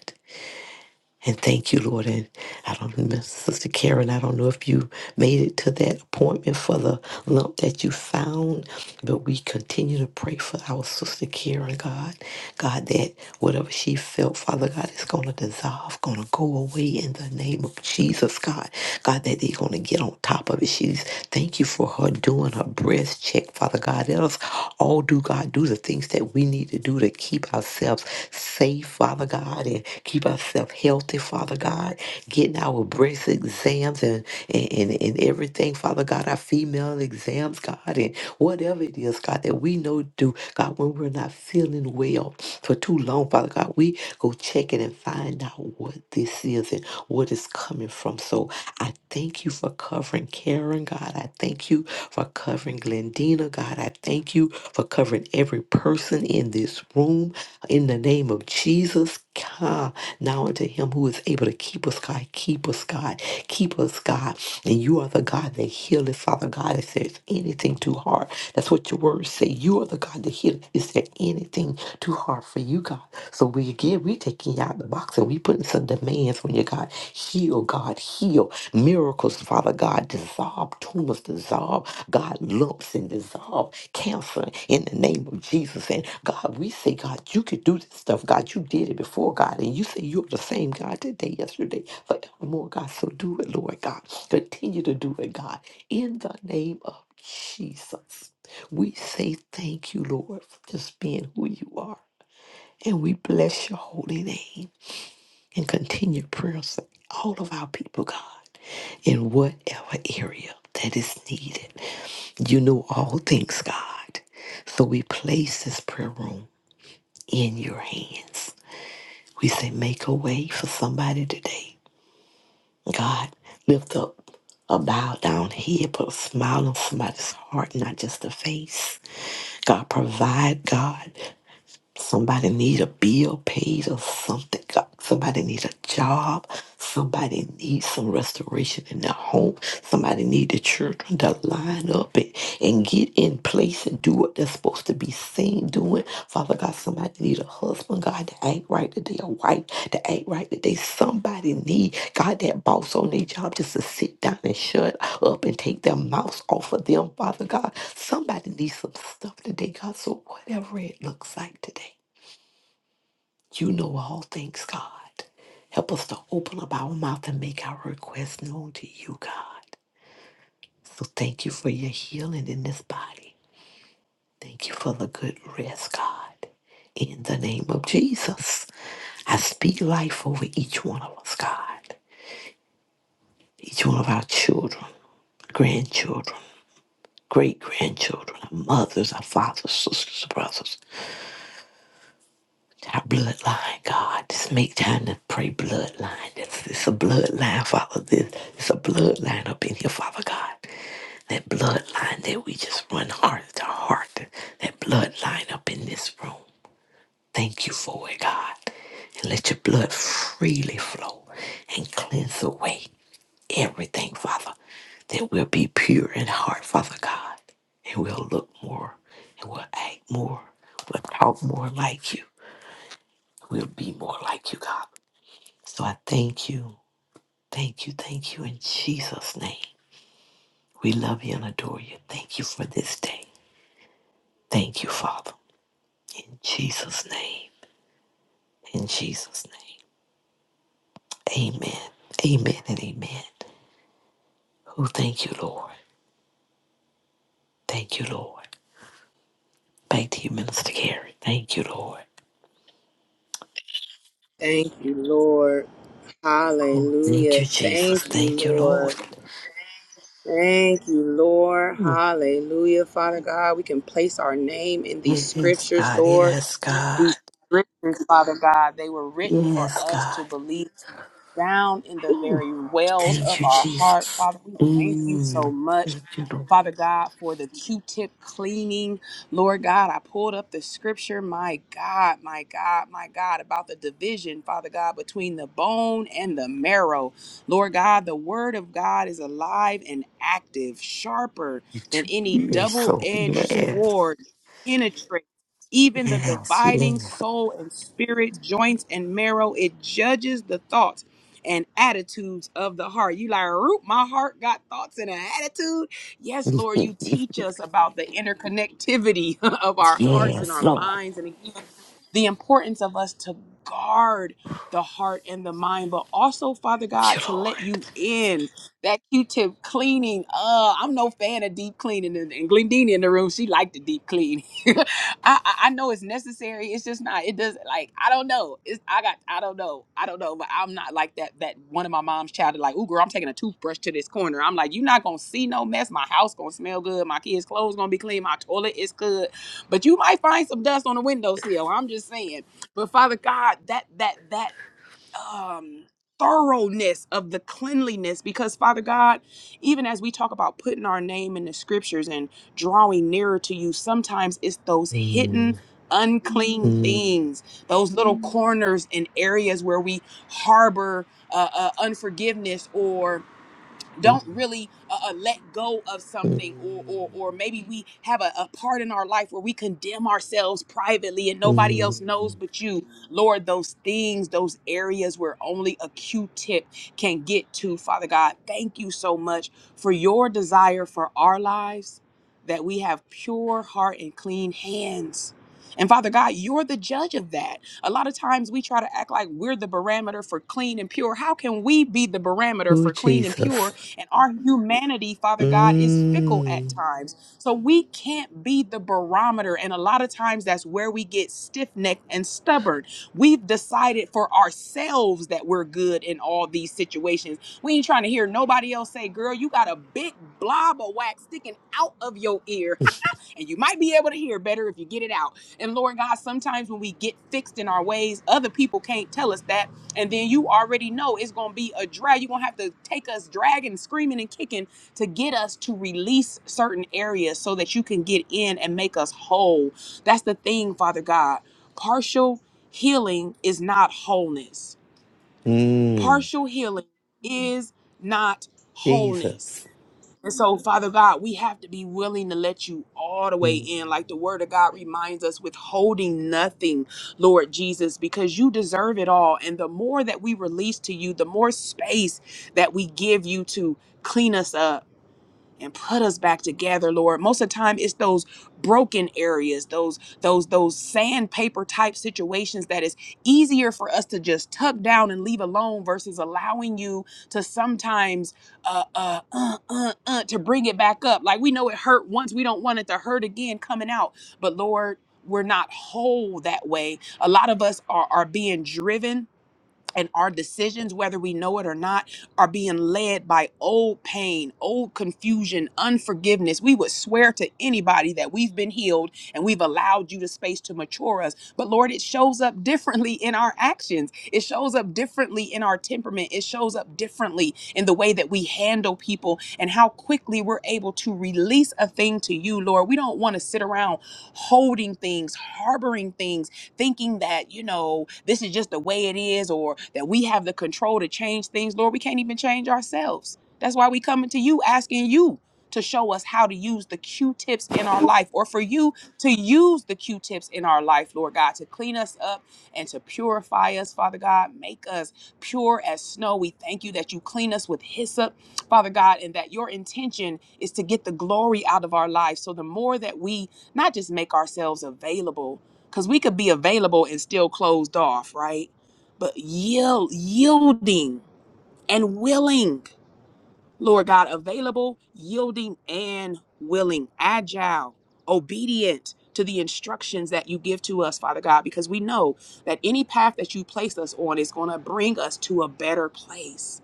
Speaker 2: And thank you, Lord. And I don't know, Miss Sister Karen, I don't know if you made it to that appointment for the lump that you found, but we continue to pray for our Sister Karen, God. God, that whatever she felt, Father God, is going to dissolve, going to go away in the name of Jesus, God. God, that they're going to get on top of it. She's, thank you for her doing her breast check, Father God. Let us all do, God. God, do the things that we need to do to keep ourselves safe, Father God, and keep ourselves healthy, Father God. Getting our breast exams and, and, and, and everything, Father God, our female exams, God, and whatever it is, God, that we know to do, God, when we're not feeling well for too long, Father God, we go check it and find out what this is and what is coming from. So I thank you for covering Karen, God. I thank you for covering Glendina, God. I thank you for covering every person in this room. In the name of Jesus, God, now unto him who is able to keep us, God. Keep us, God. Keep us, God. And you are the God that healeth, Father God. If there's anything too hard, that's what your words say. You are the God that healeth. Is there anything too hard for you, God? So we give we taking you out the box and we putting some demands on you, God. Heal, God, heal. Miracles, Father God. Dissolve tumors, dissolve, God, lumps and dissolve cancer in the name of Jesus. And God, we say, God, you could do this stuff. God, you did it before, God. And you say you're the same God today, yesterday, forevermore, God. So do it, Lord God. Continue to do it, God. In the name of Jesus. We say thank you, Lord, for just being who you are. And we bless your holy name and continue prayers for all of our people, God, in whatever area that is needed. You know all things, God. So we place this prayer room in your hands. We say, make a way for somebody today. God, lift up a bowed down head, put a smile on somebody's heart, not just a face. God, provide, God. Somebody need a bill paid or something. God, Somebody need a job. Somebody needs some restoration in their home. Somebody need the children to line up and, and get in place and do what they're supposed to be seen doing. Father God, somebody God, they need a husband, God, to act right, that they a wife, to act right, that they somebody need. God, that boss on their job just to sit down and shut up and take their mouths off of them, Father God. Somebody needs some stuff today, God. So whatever it looks like today, you know all things, God. Help us to open up our mouth and make our requests known to you, God. So thank you for your healing in this body. Thank you for the good rest, God. In the name of Jesus, I speak life over each one of us, God. Each one of our children, grandchildren, great grandchildren, our mothers, our fathers, sisters, brothers, our bloodline, God. Just make time to pray bloodline. It's, it's a bloodline, Father. This, it's a bloodline up in here, Father God. That bloodline that we just run heart to heart. That bloodline up in this room. Thank you for it, God. And let your blood freely flow and cleanse away everything, Father, that we'll be pure in heart, Father God. And we'll look more and we'll act more. We'll talk more like you. We'll be more like you, God. So I thank you, thank you, thank you in Jesus' name. We love you and adore you. Thank you for this day. Thank you, Father. In Jesus' name. In Jesus' name. Amen. Amen and amen. Oh, thank you, Lord. Thank you, Lord. Back to you, Minister Carey. Thank you, Lord.
Speaker 1: Thank you, Lord.
Speaker 2: Oh, thank
Speaker 1: Hallelujah.
Speaker 2: you, Jesus.
Speaker 1: Thank you,
Speaker 2: Thank you, Lord.
Speaker 1: Lord. Thank you, Lord.
Speaker 2: Ooh,
Speaker 1: Hallelujah. Father God, we can place our name in these
Speaker 2: yes,
Speaker 1: scriptures,
Speaker 2: God.
Speaker 1: Lord.
Speaker 2: Yes, God.
Speaker 1: These scriptures, Father God, they were written for
Speaker 2: Yes,
Speaker 1: us to
Speaker 2: God.
Speaker 1: believe. down in the
Speaker 2: Ooh,
Speaker 1: very wells
Speaker 2: thank
Speaker 1: of
Speaker 2: you,
Speaker 1: our heart.
Speaker 2: Jesus.
Speaker 1: Father, we thank you so
Speaker 2: Mm,
Speaker 1: much.
Speaker 2: thank you, Lord.
Speaker 1: Father God, for the Q tip cleaning. Lord God, I pulled up the scripture, my God, my God, my God, about the division, Father God, between the bone and the marrow. Lord God, the word of God is alive and active, sharper
Speaker 2: You're
Speaker 1: than
Speaker 2: too-
Speaker 1: any
Speaker 2: you
Speaker 1: double
Speaker 2: so
Speaker 1: edged
Speaker 2: yes.
Speaker 1: sword, penetrates even the
Speaker 2: Yes,
Speaker 1: dividing
Speaker 2: yes,
Speaker 1: soul and spirit, joints and marrow. It judges the thoughts and attitudes of the heart. You like, root, my heart got thoughts and an attitude. Yes, Lord, you teach us about the interconnectivity <laughs> of our hearts and
Speaker 2: yes,
Speaker 1: our
Speaker 2: Lord.
Speaker 1: minds. And again, the importance of us to guard the heart and the mind, but also, Father
Speaker 2: Thank
Speaker 1: God,
Speaker 2: you,
Speaker 1: to let
Speaker 2: Lord.
Speaker 1: you in. That Q-tip cleaning. Uh, I'm no fan of deep cleaning. And, and Glendini in the room, she liked the deep clean. <laughs> I, I I know it's necessary. It's just not. It does like I don't know. It's I got I don't know. I don't know. But I'm not like that. That one of my mom's child is like, ooh girl, I'm taking a toothbrush to this corner. I'm like, you're not gonna see no mess. My house gonna smell good. My kids' clothes gonna be clean. My toilet is good. But you might find some dust on the windowsill. I'm just saying. But Father God, that that that um thoroughness of the cleanliness because father god even as we talk about putting our name in the scriptures and drawing nearer to you sometimes it's those hidden
Speaker 2: Mm,
Speaker 1: unclean Mhm.
Speaker 2: mm,
Speaker 1: things those little Mhm. corners and areas where we harbor uh, uh, unforgiveness or don't
Speaker 2: mm,
Speaker 1: really uh, uh, let go of something or or,
Speaker 2: mm,
Speaker 1: or maybe we have a, a part in our life where we condemn ourselves privately and nobody else knows
Speaker 2: mm.
Speaker 1: but you lord those things those areas where only a q-tip can get to father god thank you so much for your desire for our lives that we have pure heart and clean hands and Father God, you're the judge of that. A lot of times we try to act like we're the barometer for clean and pure. How can we be the barometer
Speaker 2: Oh,
Speaker 1: for clean and pure
Speaker 2: Jesus.
Speaker 1: and our humanity, Father God, is fickle at
Speaker 2: Mm,
Speaker 1: times. So we can't be the barometer. And a lot of times that's where we get stiff necked and stubborn. We've decided for ourselves that we're good in all these situations. We ain't trying to hear nobody else say, girl, you got a big blob of wax sticking out of your ear and you might be able to hear better if you get it out. And Lord God, sometimes when we get fixed in our ways, other people can't tell us that. And then you already know it's going to be a drag. You're going to have to take us dragging, screaming, and kicking to get us to release certain areas so that you can get in and make us whole. That's the thing, Father God. Partial healing is not wholeness.
Speaker 2: mm,
Speaker 1: Partial healing is not wholeness
Speaker 2: Jesus.
Speaker 1: and so, Father God, we have to be willing to let you all the way in.
Speaker 2: Mm.
Speaker 1: Like the word of God reminds us, withholding nothing, Lord Jesus, because you deserve it all. And the more that we release to you, the more space that we give you to clean us up and put us back together lord most of the time it's those broken areas those those those sandpaper type situations that is easier for us to just tuck down and leave alone versus allowing you to sometimes uh uh, uh, uh, uh to bring it back up like we know it hurt once we don't want it to hurt again coming out but lord we're not whole that way a lot of us are are being driven and our decisions, whether we know it or not, are being led by old pain, old confusion, unforgiveness. We would swear to anybody that we've been healed and we've allowed you the space to mature us. But Lord, it shows up differently in our actions, it shows up differently in our temperament, it shows up differently in the way that we handle people and how quickly we're able to release a thing to you, Lord. We don't want to sit around holding things, harboring things thinking that, you know, this is just the way it is or that we have the control to change things. Lord, we can't even change ourselves. That's why we coming to you asking you to show us how to use the Q-tips in our life or for you to use the Q-tips in our life, Lord God, to clean us up and to purify us, Father God, make us pure as snow. We thank you that you clean us with hyssop, Father God, and that your intention is to get the glory out of our lives. So the more that we not just make ourselves available, because we could be available and still closed off, right? But yield, yielding and willing, Lord God, available, yielding and willing, agile, obedient to the instructions that you give to us, Father God, because we know that any path that you place us on is going to bring us to a better place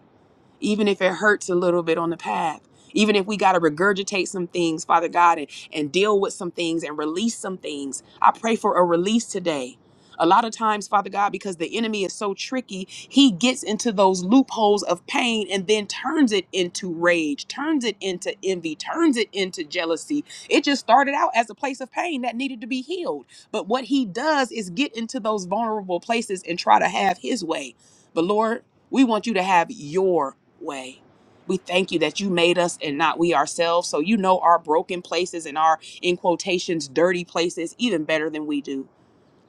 Speaker 1: even if it hurts a little bit on the path. Even if we got to regurgitate some things, Father God, and, and deal with some things and release some things. I pray for a release today. A lot of times, Father God, because the enemy is so tricky, he gets into those loopholes of pain and then turns it into rage, turns it into envy, turns it into jealousy. It just started out as a place of pain that needed to be healed. But what he does is get into those vulnerable places and try to have his way. But Lord, we want you to have your way. We thank you that you made us and not we ourselves. So you know our broken places and our, in quotations, dirty places even better than we do.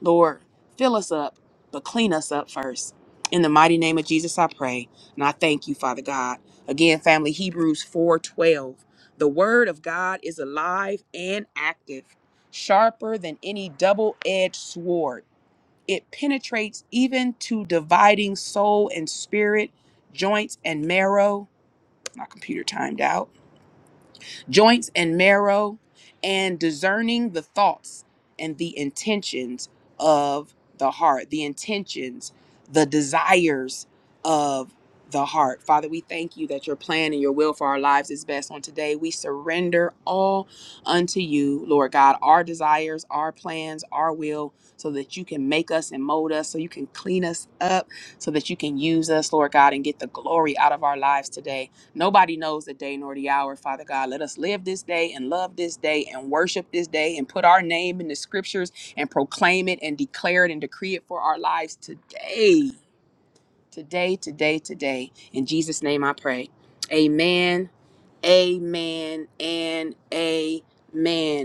Speaker 1: Lord, fill us up, but clean us up first. In the mighty name of Jesus, I pray. And I thank you, Father God. Again, family, Hebrews 4:12. The word of God is alive and active, sharper than any double-edged sword. It penetrates even to dividing soul and spirit, joints and marrow my computer timed out, joints and marrow, and discerning the thoughts and the intentions of the heart, the intentions, the desires of the heart. Father, we thank you that your plan and your will for our lives is best on today. We surrender all unto you, Lord God, our desires, our plans, our will, so that you can make us and mold us, so you can clean us up, so that you can use us, Lord God, and get the glory out of our lives today. Nobody knows the day nor the hour, Father God. Let us live this day and love this day and worship this day and put our name in the scriptures and proclaim it and declare it and decree it for our lives today. Today, today, today. In Jesus' name I pray. Amen. Amen and amen.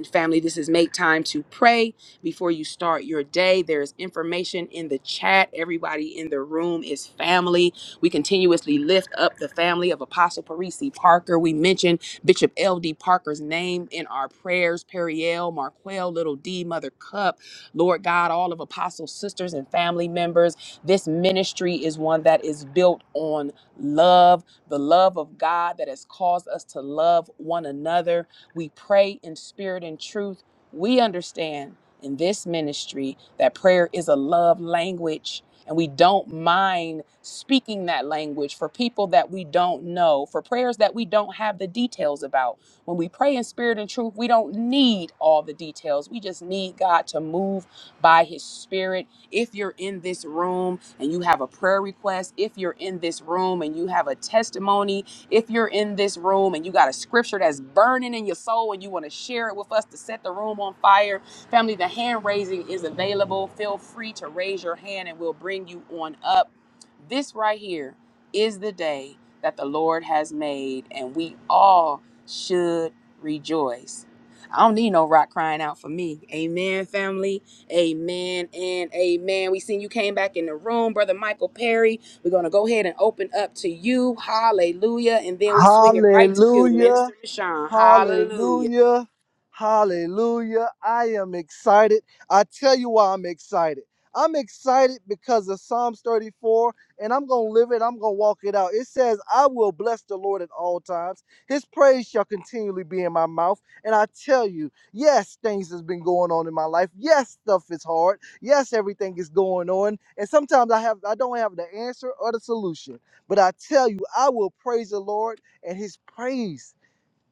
Speaker 1: Family, this is make time to pray before you start your day. There's information in the chat. Everybody in the room is family. We continuously lift up the family of Apostle Parisi Parker. We mentioned Bishop L.D. Parker's name in our prayers Periel, Marquel, Little D, Mother Cup, Lord God, all of Apostle's sisters and family members. This ministry is one that is built on love the love of God that has caused us to love one another. We pray in spirit and truth. We understand in this ministry that prayer is a love language. And we don't mind speaking that language for people that we don't know, for prayers that we don't have the details about. When we pray in spirit and truth, we don't need all the details. We just need God to move by his spirit if you're in this room and you have a prayer request, if you're in this room and you have a testimony, if you're in this room and you got a scripture that's burning in your soul and you want to share it with us to set the room on fire, family, the hand raising is available. Feel free to raise your hand and we'll bring you on up. This right here is the day that the Lord has made, and we all should rejoice. I don't need no rock crying out for me. Amen, family. Amen and amen. We seen you came back in the room, Brother Michael Perry. We're going to go ahead and open up to you. Hallelujah. And then we swing it right to you,
Speaker 3: Hallelujah.
Speaker 1: Minister Michon. Hallelujah.
Speaker 3: Hallelujah. Hallelujah. I am excited. I tell you why I'm excited. I'm excited because of Psalms 34, and I'm going to live it. I'm going to walk it out. It says, I will bless the Lord at all times. His praise shall continually be in my mouth. And I tell you, yes, things has been going on in my life. Yes, stuff is hard. Yes, everything is going on. And sometimes I have I don't have the answer or the solution. But I tell you, I will praise the Lord and his praise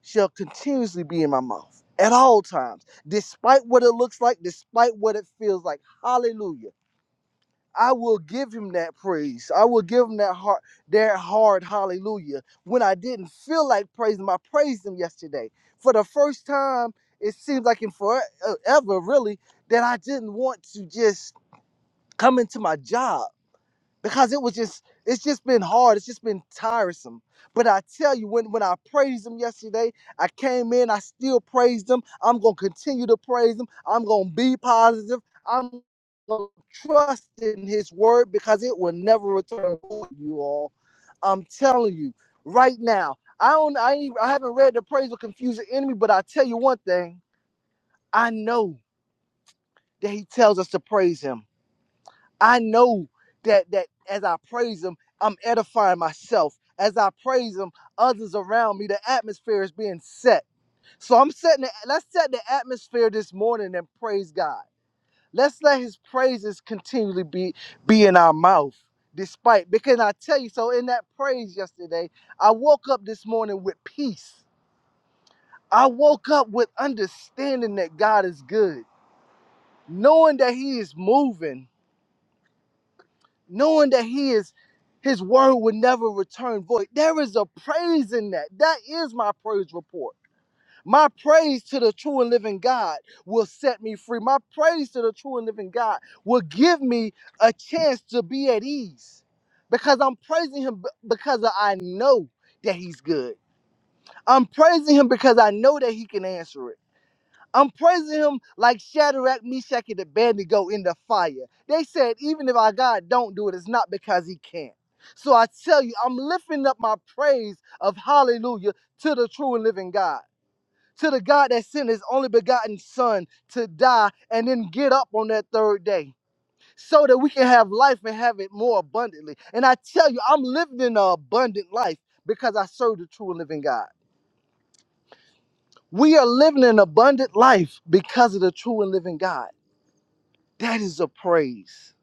Speaker 3: shall continuously be in my mouth at all times, despite what it looks like, despite what it feels like. Hallelujah. I will give him that praise. I will give him that heart, that hard hallelujah. When I didn't feel like praising him, I praised him yesterday. For the first time, it seems like in forever, really, that I didn't want to just come into my job because it was just it's just been hard it's just been tiresome but i tell you when when i praised him yesterday i came in i still praised him i'm gonna continue to praise him i'm gonna be positive i'm gonna trust in his word because it will never return void, you all i'm telling you right now i don't i, ain't, I haven't read the praise will confuse the enemy but i tell you one thing i know that he tells us to praise him I know that that as I praise him, I'm edifying myself. As I praise him, others around me, the atmosphere is being set. So I'm setting the, let's set the atmosphere this morning and praise God. Let's let his praises continually be be in our mouth. Despite because I tell you, so in that praise yesterday, I woke up this morning with peace. I woke up with understanding that God is good, knowing that He is moving, knowing that he is his word would never return void. There is a praise in that. That is my praise report. My praise to the true and living God will set me free. My praise to the true and living God will give me a chance to be at ease because I'm praising him b- because I know that he's good. I'm praising him because I know that he can answer it. I'm praising him like Shadrach, Meshach, and Abednego in the fire. They said, even if our God don't do it, it's not because he can't. So I tell you, I'm lifting up my praise of hallelujah to the true and living God, to the God that sent his only begotten son to die and then get up on that third day so that we can have life and have it more abundantly. And I tell you, I'm living an abundant life because I serve the true and living God. We are living an abundant life because of the true and living God. That is a praise.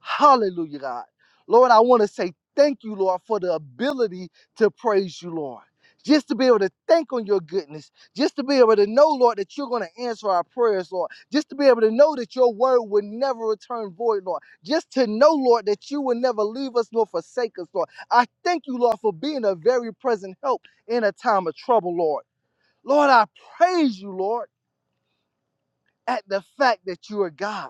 Speaker 3: Hallelujah, God. Lord, I want to say thank you, Lord, for the ability to praise you, Lord. Just to be able to think on your goodness, just to be able to know, Lord, that you're going to answer our prayers, Lord. Just to be able to know that your word will never return void, Lord. Just to know, Lord, that you will never leave us nor forsake us, Lord. I thank you, Lord, for being a very present help in a time of trouble, Lord. Lord, I praise you, Lord, at the fact that you are God.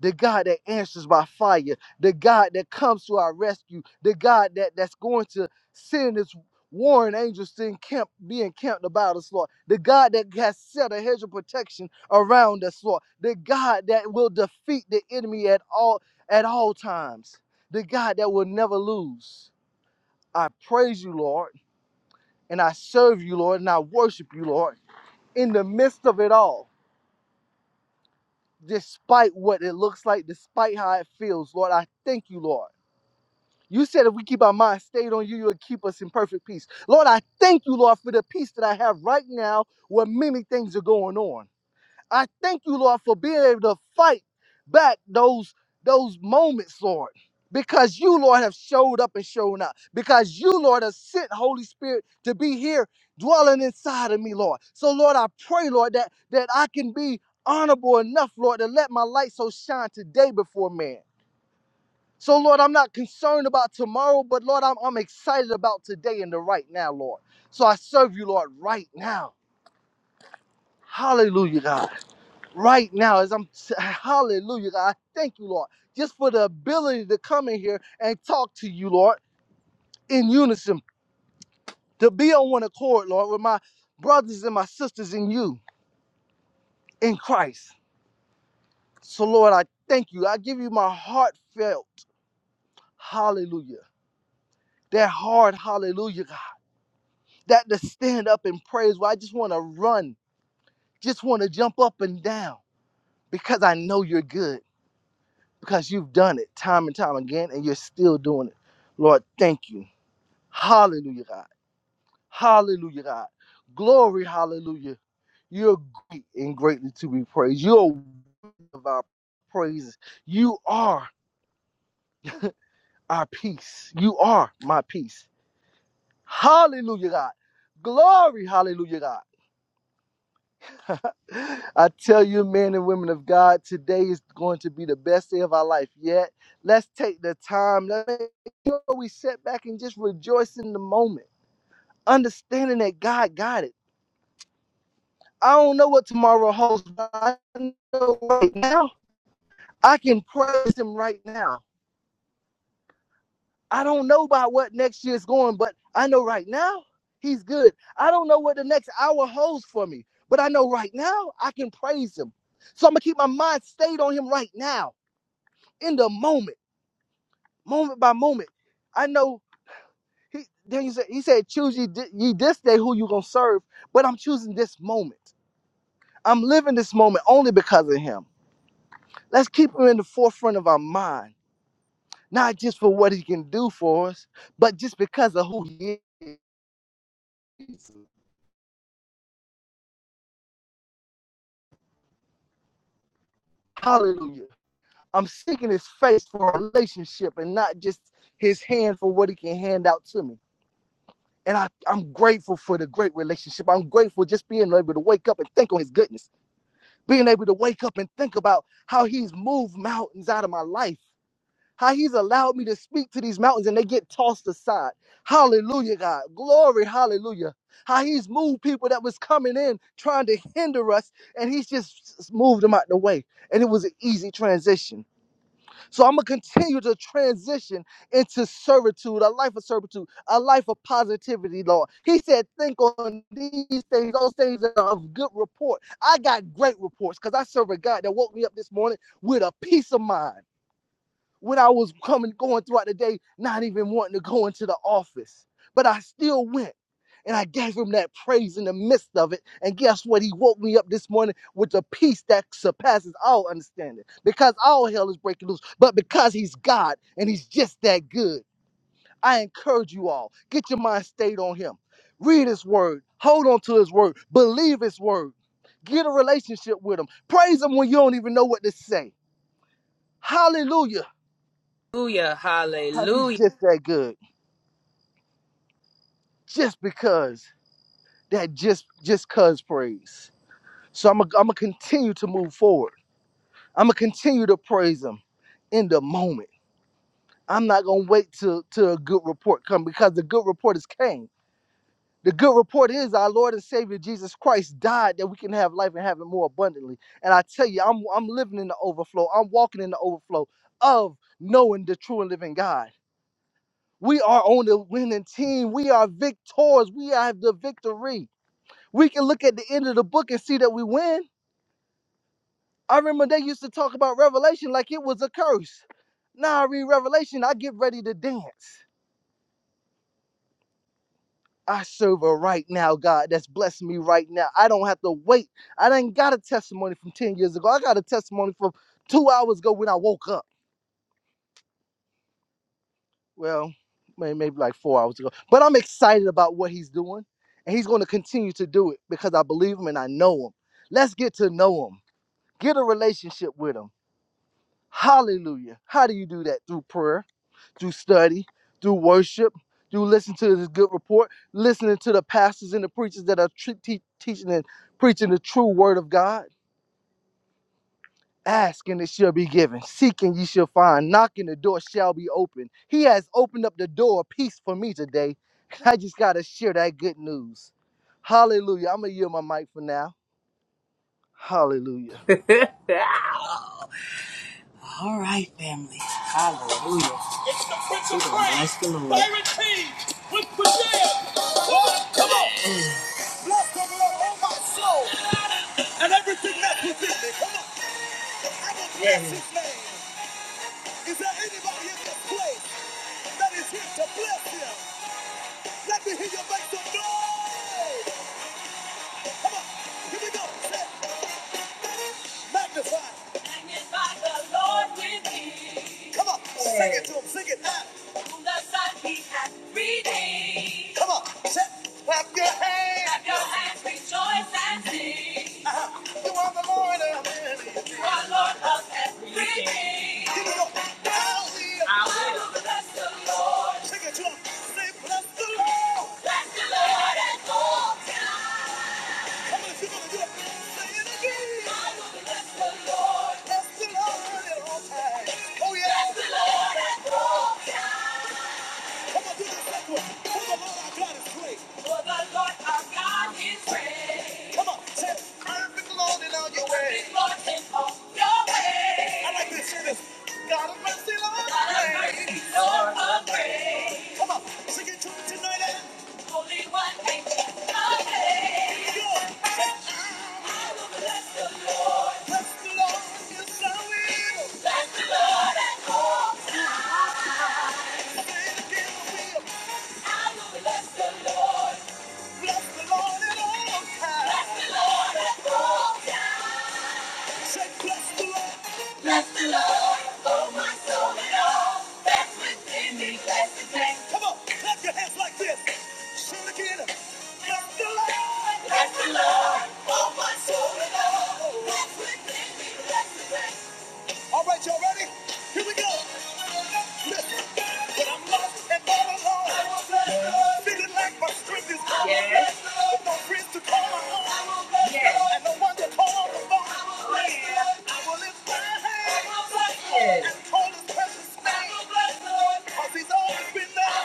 Speaker 3: the God that answers by fire, the God that comes to our rescue, the God that, that's going to send his warring angels to encamp, be encamped about us, Lord, the God that has set a hedge of protection around us, Lord, the God that will defeat the enemy at all at all times, the God that will never lose. I praise you, Lord, and I serve you, Lord, and I worship you, Lord, in the midst of it all, despite what it looks like, despite how it feels, Lord, I thank you, Lord. You said if we keep our mind stayed on you, you'll keep us in perfect peace. Lord, I thank you, Lord, for the peace that I have right now where many things are going on. I thank you, Lord, for being able to fight back those, those moments, Lord. Because you, Lord, have showed up and shown up. Because you, Lord, have sent Holy Spirit to be here dwelling inside of me, Lord. So, Lord, I pray, Lord, that, that I can be honorable enough, Lord, to let my light so shine today before man. So, Lord, I'm not concerned about tomorrow, but Lord, I'm, I'm excited about today and the right now, Lord. So I serve you, Lord, right now. Hallelujah, God. Right now, as I'm, <laughs> hallelujah, God. I Thank you, Lord, just for the ability to come in here and talk to you, Lord, in unison, to be on one accord, Lord, with my brothers and my sisters in you, in Christ. So, Lord, I thank you. I give you my heartfelt hallelujah. That hard hallelujah, God. that to stand up and praise where I just want to run, just want to jump up and down because I know you're good, because you've done it time and time again and you're still doing it. Lord, thank you. Hallelujah, God. Hallelujah, God. Glory, hallelujah. You're great and greatly to be praised. You're worthy of our praises. You are our peace. You are my peace. Hallelujah, God. Glory, hallelujah, God. I tell you, men and women of God, today is going to be the best day of our life yet. Let's take the time. Let's make sure we sit back and just rejoice in the moment, understanding that God got it. I don't know what tomorrow holds, but I know right now I can praise Him right now. I don't know about what next year's going, but I know right now He's good. I don't know what the next hour holds for me, but I know right now I can praise Him. So I'm gonna keep my mind stayed on Him right now. in the moment, moment by moment. I know he then he said he said choose ye, thi- ye this day who you gonna serve, but I'm choosing this moment. I'm living this moment only because of him. Let's keep him in the forefront of our mind, not just for what he can do for us, but just because of who he is. Hallelujah. I'm seeking his face for a relationship and not just his hand for what he can hand out to me. And I, I'm grateful for the great relationship. I'm grateful just being able to wake up and think on his goodness. being able to wake up and think about how he's moved mountains out of my life, how he's allowed me to speak to these mountains and they get tossed aside. Hallelujah, God. Glory, hallelujah. How he's moved people that was coming in trying to hinder us and he's just moved them out the way. And it was an easy transition. So I'm gonna continue to transition into servitude, a life of servitude, a life of positivity, Lord. He said, think on these things, those things that are of good report. I got great reports because I serve a God that woke me up this morning with a peace of mind when I was coming going throughout the day, not even wanting to go into the office. But I still went. And I gave him that praise in the midst of it. And guess what? He woke me up this morning with a peace that surpasses all understanding. Because all hell is breaking loose. But because he's God and he's just that good, I encourage you all. Get your mind stayed on him. Read his word. Hold on to his word. Believe his word. Get a relationship with him. Praise him when you don't even know what to say. Hallelujah.
Speaker 1: Hallelujah.
Speaker 3: Because he's
Speaker 1: Hallelujah.
Speaker 3: just that good. just because that just just cuz praise. So I'm gonna am going to continue to move forward. I'm gonna continue to praise him in the moment. I'm not gonna wait till till a good report come because the good report is came. The good report is our Lord and Savior Jesus Christ died that we can have life and have it more abundantly. And I tell you, I'm I'm living in the overflow. I'm walking in the overflow of knowing the true and living God. We are on the winning team. We are victors. We have the victory. We can look at the end of the book and see that we win. I remember they used to talk about Revelation like it was a curse. Now I read Revelation, I get ready to dance. I serve a right now, God, that's blessing me right now. I don't have to wait. I didn't got a testimony from 10 years ago. I got a testimony from two hours ago when I woke up. Well, may- maybe like four hours ago. But I'm excited about what he's doing. And he's going to continue to do it because I believe him and I know him. Let's get to know him. Get a relationship with him Hallelujah. How do you do that? Through prayer, through study, through worship, through listening to this good report, listening to the pastors and the preachers that are tre- te- teaching and preaching the true word of God. Ask and it shall be given. Seek and ye shall find. Knock and the door shall be opened. He has opened up the door of peace for me today. <laughs> I just got to share that good news. Hallelujah. I'm going to yield my mic for now. Hallelujah.
Speaker 1: <laughs> All right, family. Hallelujah. We're gonna Bless the Lord. Yeah. Is there anybody in this place that is here to bless you? Let me hear you make some noise. Come on. Here we go. Say, Magnify. Magnify the Lord with me. Come on, sing it to him, sing it loud. From the Son he hath redeemed. Come on, set, clap your hands. Clap your hands, rejoice and sing. Uh-huh. You are the Lord of everything. You are Lord of everything. Here we go. I will. I will bless the Lord. Sing it to him. Say, bless the Lord. Bless the Lord at all times. That's the Lord, at all times. Oh yeah. That's the Lord, at all times. For the Lord our God is great. His Lord is on your way. God of mercy, Lord of grace. Holy One, make us amazed. Bless the Lord at all. Bless the Bless the Lord, oh my soul and all that's within me. bless the All right, y'all ready? Here we go. Listen. When I'm lost and all alone, feeling like my strength is gone. Yes. With no friends to call my own. Yes. And no one to call the phone. Oh, yeah. I will lift my hands yes. and call his precious name. Cause he's always been there.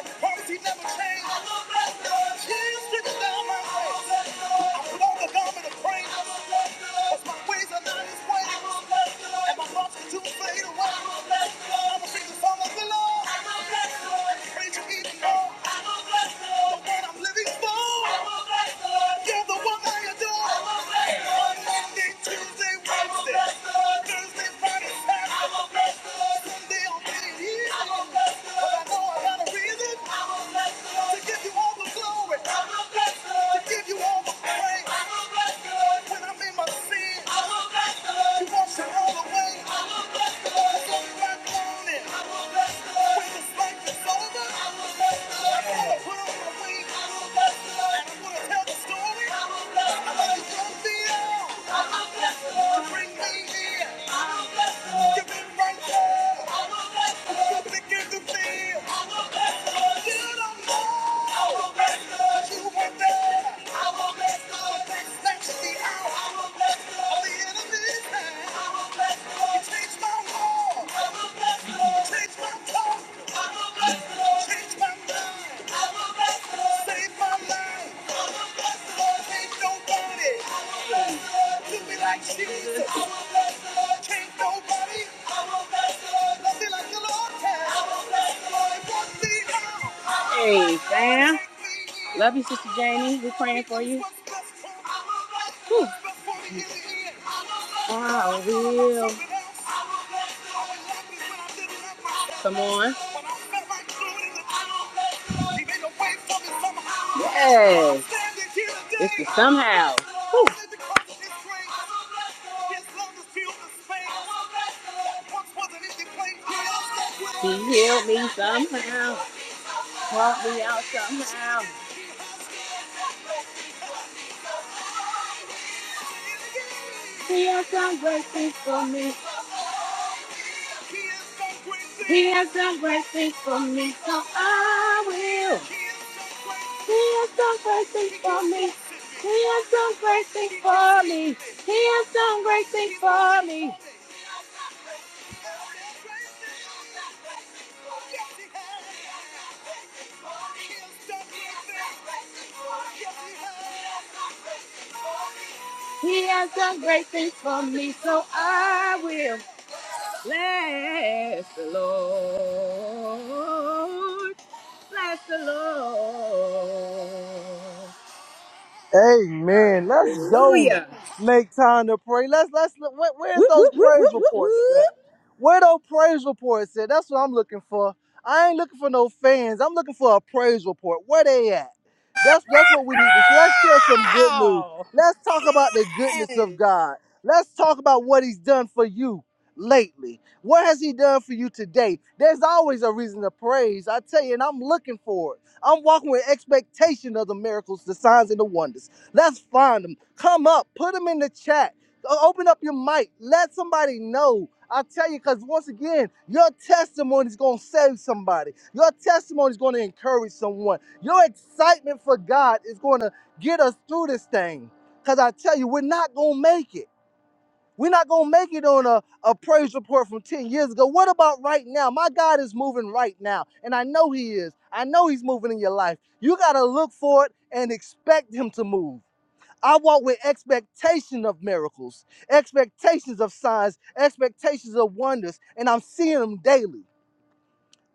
Speaker 1: And the promise he never changed. Fade away. I'm a sinner, son of the Lord. When I'm in my sin, you wash it all away. Bring me in. Give me right now. I'm gonna give the feel. Save my life. Ain't nobody. Look me like Jesus. I will bless the Lord. Can't nobody. I will bless the Lord. Love me like the Lord can. I will bless the Lord. Walk me out. Hey, fam. Love you, Sister Jamie. We're praying for you. Whew. I will. Come on. Yes. It's the somehow. Whew. He healed me somehow. He has done great things for me. He has done great things for me, so I will. He has done great things for me. He has done great things for me. He has done great things for me. He has done great things for me, so I will bless the Lord. Bless the Lord.
Speaker 3: Amen. Let's go
Speaker 1: Hallelujah.
Speaker 3: make time to pray. Let's let's look. Where, where's
Speaker 1: Whoop, whoop,
Speaker 3: those
Speaker 1: whoop,
Speaker 3: praise
Speaker 1: whoop, whoop,
Speaker 3: reports
Speaker 1: whoop.
Speaker 3: at? Where those praise reports at? That's what I'm looking for. I ain't looking for no fans. I'm looking for a praise report. Where they at? That's that's what we need to share. Let's share some good news. Let's talk about the goodness of God. Let's talk about what He's done for you lately. What has He done for you today? There's always a reason to praise. I tell you, and I'm looking for it. I'm walking with expectation of the miracles, the signs, and the wonders. Let's find them. Come up, put them in the chat. Open up your mic. Let somebody know. I tell you, because once again, your testimony is going to save somebody. Your testimony is going to encourage someone. Your excitement for God is going to get us through this thing. Because I tell you, we're not going to make it. We're not gonna make it on a, a praise report from 10 years ago. What about right now? My God is moving right now, and I know He is. I know He's moving in your life. You gotta look for it and expect Him to move. I walk with expectation of miracles, expectations of signs, expectations of wonders, and I'm seeing them daily.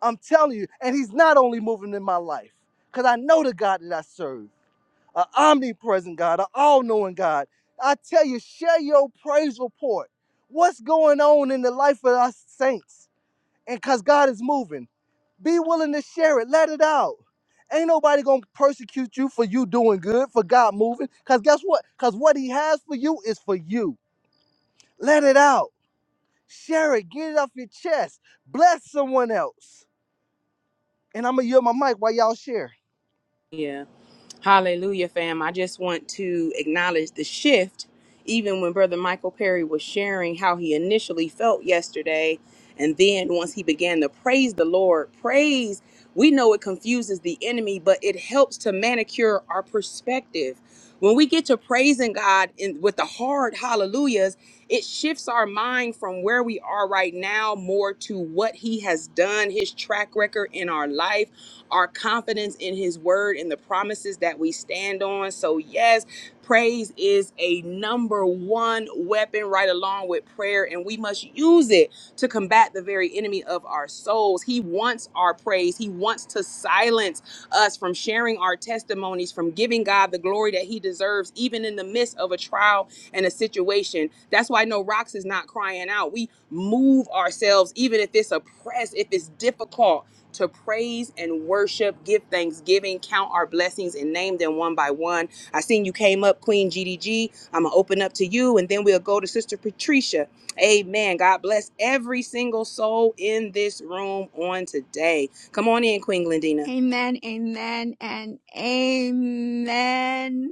Speaker 3: I'm telling you, and He's not only moving in my life, because I know the God that I serve an omnipresent God, an all knowing God. I tell you, share your praise report. What's going on in the life of us saints? And because God is moving, be willing to share it, let it out. Ain't nobody gonna persecute you for you doing good, for God moving. Because guess what? Because what He has for you is for you. Let it out. Share it. Get it off your chest. Bless someone else. And I'm gonna yield my mic while y'all share.
Speaker 1: Yeah. Hallelujah, fam. I just want to acknowledge the shift, even when Brother Michael Perry was sharing how he initially felt yesterday. And then once he began to praise the Lord, praise, we know it confuses the enemy, but it helps to manicure our perspective. When we get to praising God in, with the hard hallelujahs, it shifts our mind from where we are right now more to what He has done, His track record in our life, our confidence in His word, and the promises that we stand on. So, yes, praise is a number one weapon right along with prayer, and we must use it to combat the very enemy of our souls. He wants our praise. He wants to silence us from sharing our testimonies, from giving God the glory that He deserves, even in the midst of a trial and a situation. That's why no rocks is not crying out. We move ourselves, even if it's oppressed, if it's difficult, to praise and worship, give thanksgiving, count our blessings, and name them one by one. I seen you came up, Queen GDG. I'm gonna open up to you, and then we'll go to Sister Patricia. Amen. God bless every single soul in this room on today. Come on in, Queen Glendina.
Speaker 4: Amen, amen, and amen.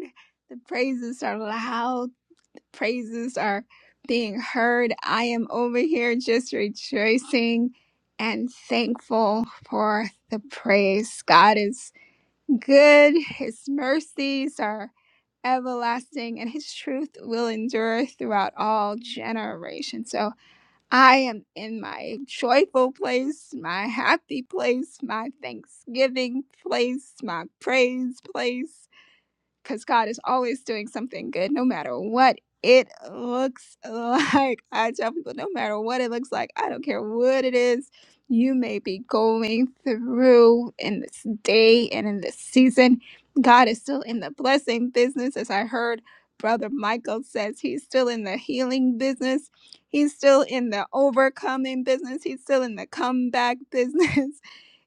Speaker 4: The praises are loud, the praises are being heard. I am over here just rejoicing and thankful for the praise. God is good, His mercies are everlasting, and His truth will endure throughout all generations. So, I am in my joyful place, my happy place, my thanksgiving place, my praise place because God is always doing something good, no matter what it looks <laughs> like. I tell people, no matter what it looks like, I don't care what it is you may be going through in this day and in this season, God is still in the blessing business. As I heard Brother Michael says, he's still in the healing business. He's still in the overcoming business. He's still in the comeback business. <laughs>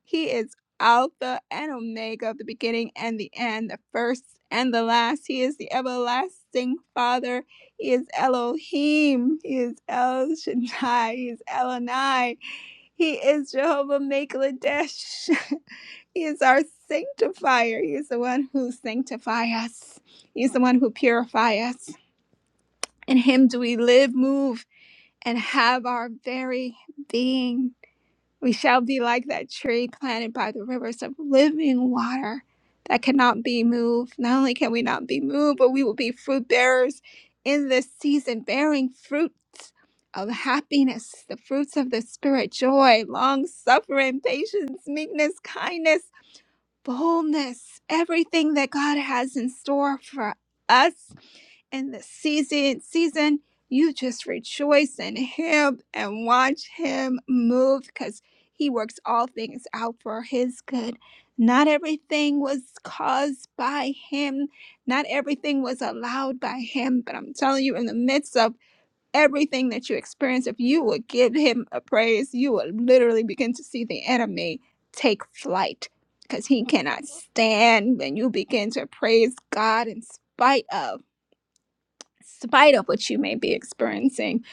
Speaker 4: He is Alpha and Omega, the beginning and the end, the first and the last. He is the everlasting Father. He is Elohim. He is El Shaddai. He is Elonai. He is Jehovah Makeladesh. <laughs> He is our sanctifier. He is the one who sanctifies us. He is the one who purifies us. In him do we live, move, and have our very being. We shall be like that tree planted by the rivers of living water that cannot be moved. Not only can we not be moved, but we will be fruit bearers in this season, bearing fruits of happiness, the fruits of the Spirit, joy, long suffering, patience, meekness, kindness, boldness, everything that God has in store for us in the season season you just rejoice in him and watch him move because he works all things out for his good not everything was caused by him not everything was allowed by him but i'm telling you in the midst of everything that you experience if you would give him a praise you will literally begin to see the enemy take flight because he cannot stand when you begin to praise god in spite of spite of what you may be experiencing.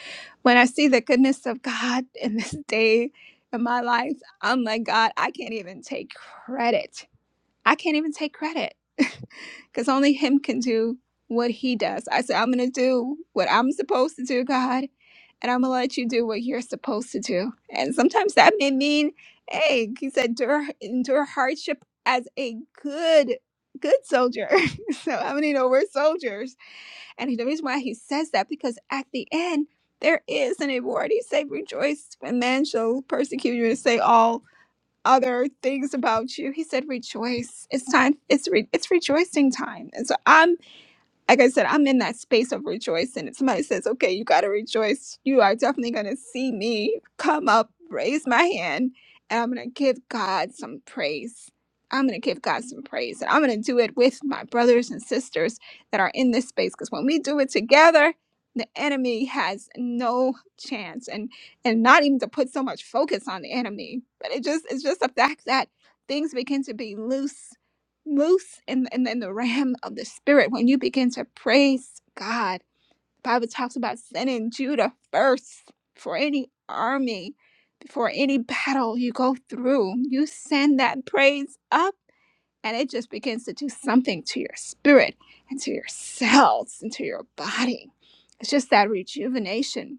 Speaker 4: When I see the goodness of God <laughs> in this day in my life, I'm like, God, I can't even take credit. I can't even take credit <laughs> because only Him can do what He does. I said, I'm going to do what I'm supposed to do, God, and I'm going to let you do what you're supposed to do. And sometimes that may mean, hey, He said, endure, endure hardship as a good, good soldier. <laughs> so how many know we're soldiers? And the reason why he says that, because at the end, there is an award. He said, Rejoice when men shall persecute you and say all other things about you. He said, Rejoice. It's time, it's, re- it's rejoicing time. And so I'm like I said, I'm in that space of rejoicing. If somebody says, okay, you got to rejoice. You are definitely going to see me come up, raise my hand, and I'm going to give God some praise. I'm going to give God some praise. And I'm going to do it with my brothers and sisters that are in this space. Because when we do it together, the enemy has no chance. And and not even to put so much focus on the enemy, but it just it's just the fact that things begin to be loose moose and and in the ram of the spirit when you begin to praise god the bible talks about sending judah first for any army before any battle you go through you send that praise up and it just begins to do something to your spirit and to your cells and to your body it's just that rejuvenation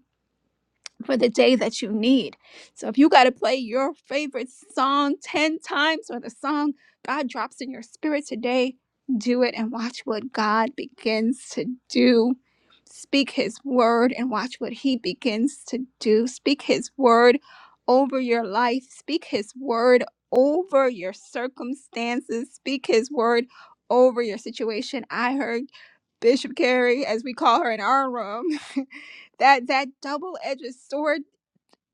Speaker 4: for the day that you need. So if you got to play your favorite song 10 times or the song God drops in your spirit today, do it and watch what God begins to do. Speak his word and watch what he begins to do. Speak his word over your life. Speak his word over your circumstances. Speak his word over your situation. I heard Bishop Carrie, as we call her in our room. <laughs> that that double-edged sword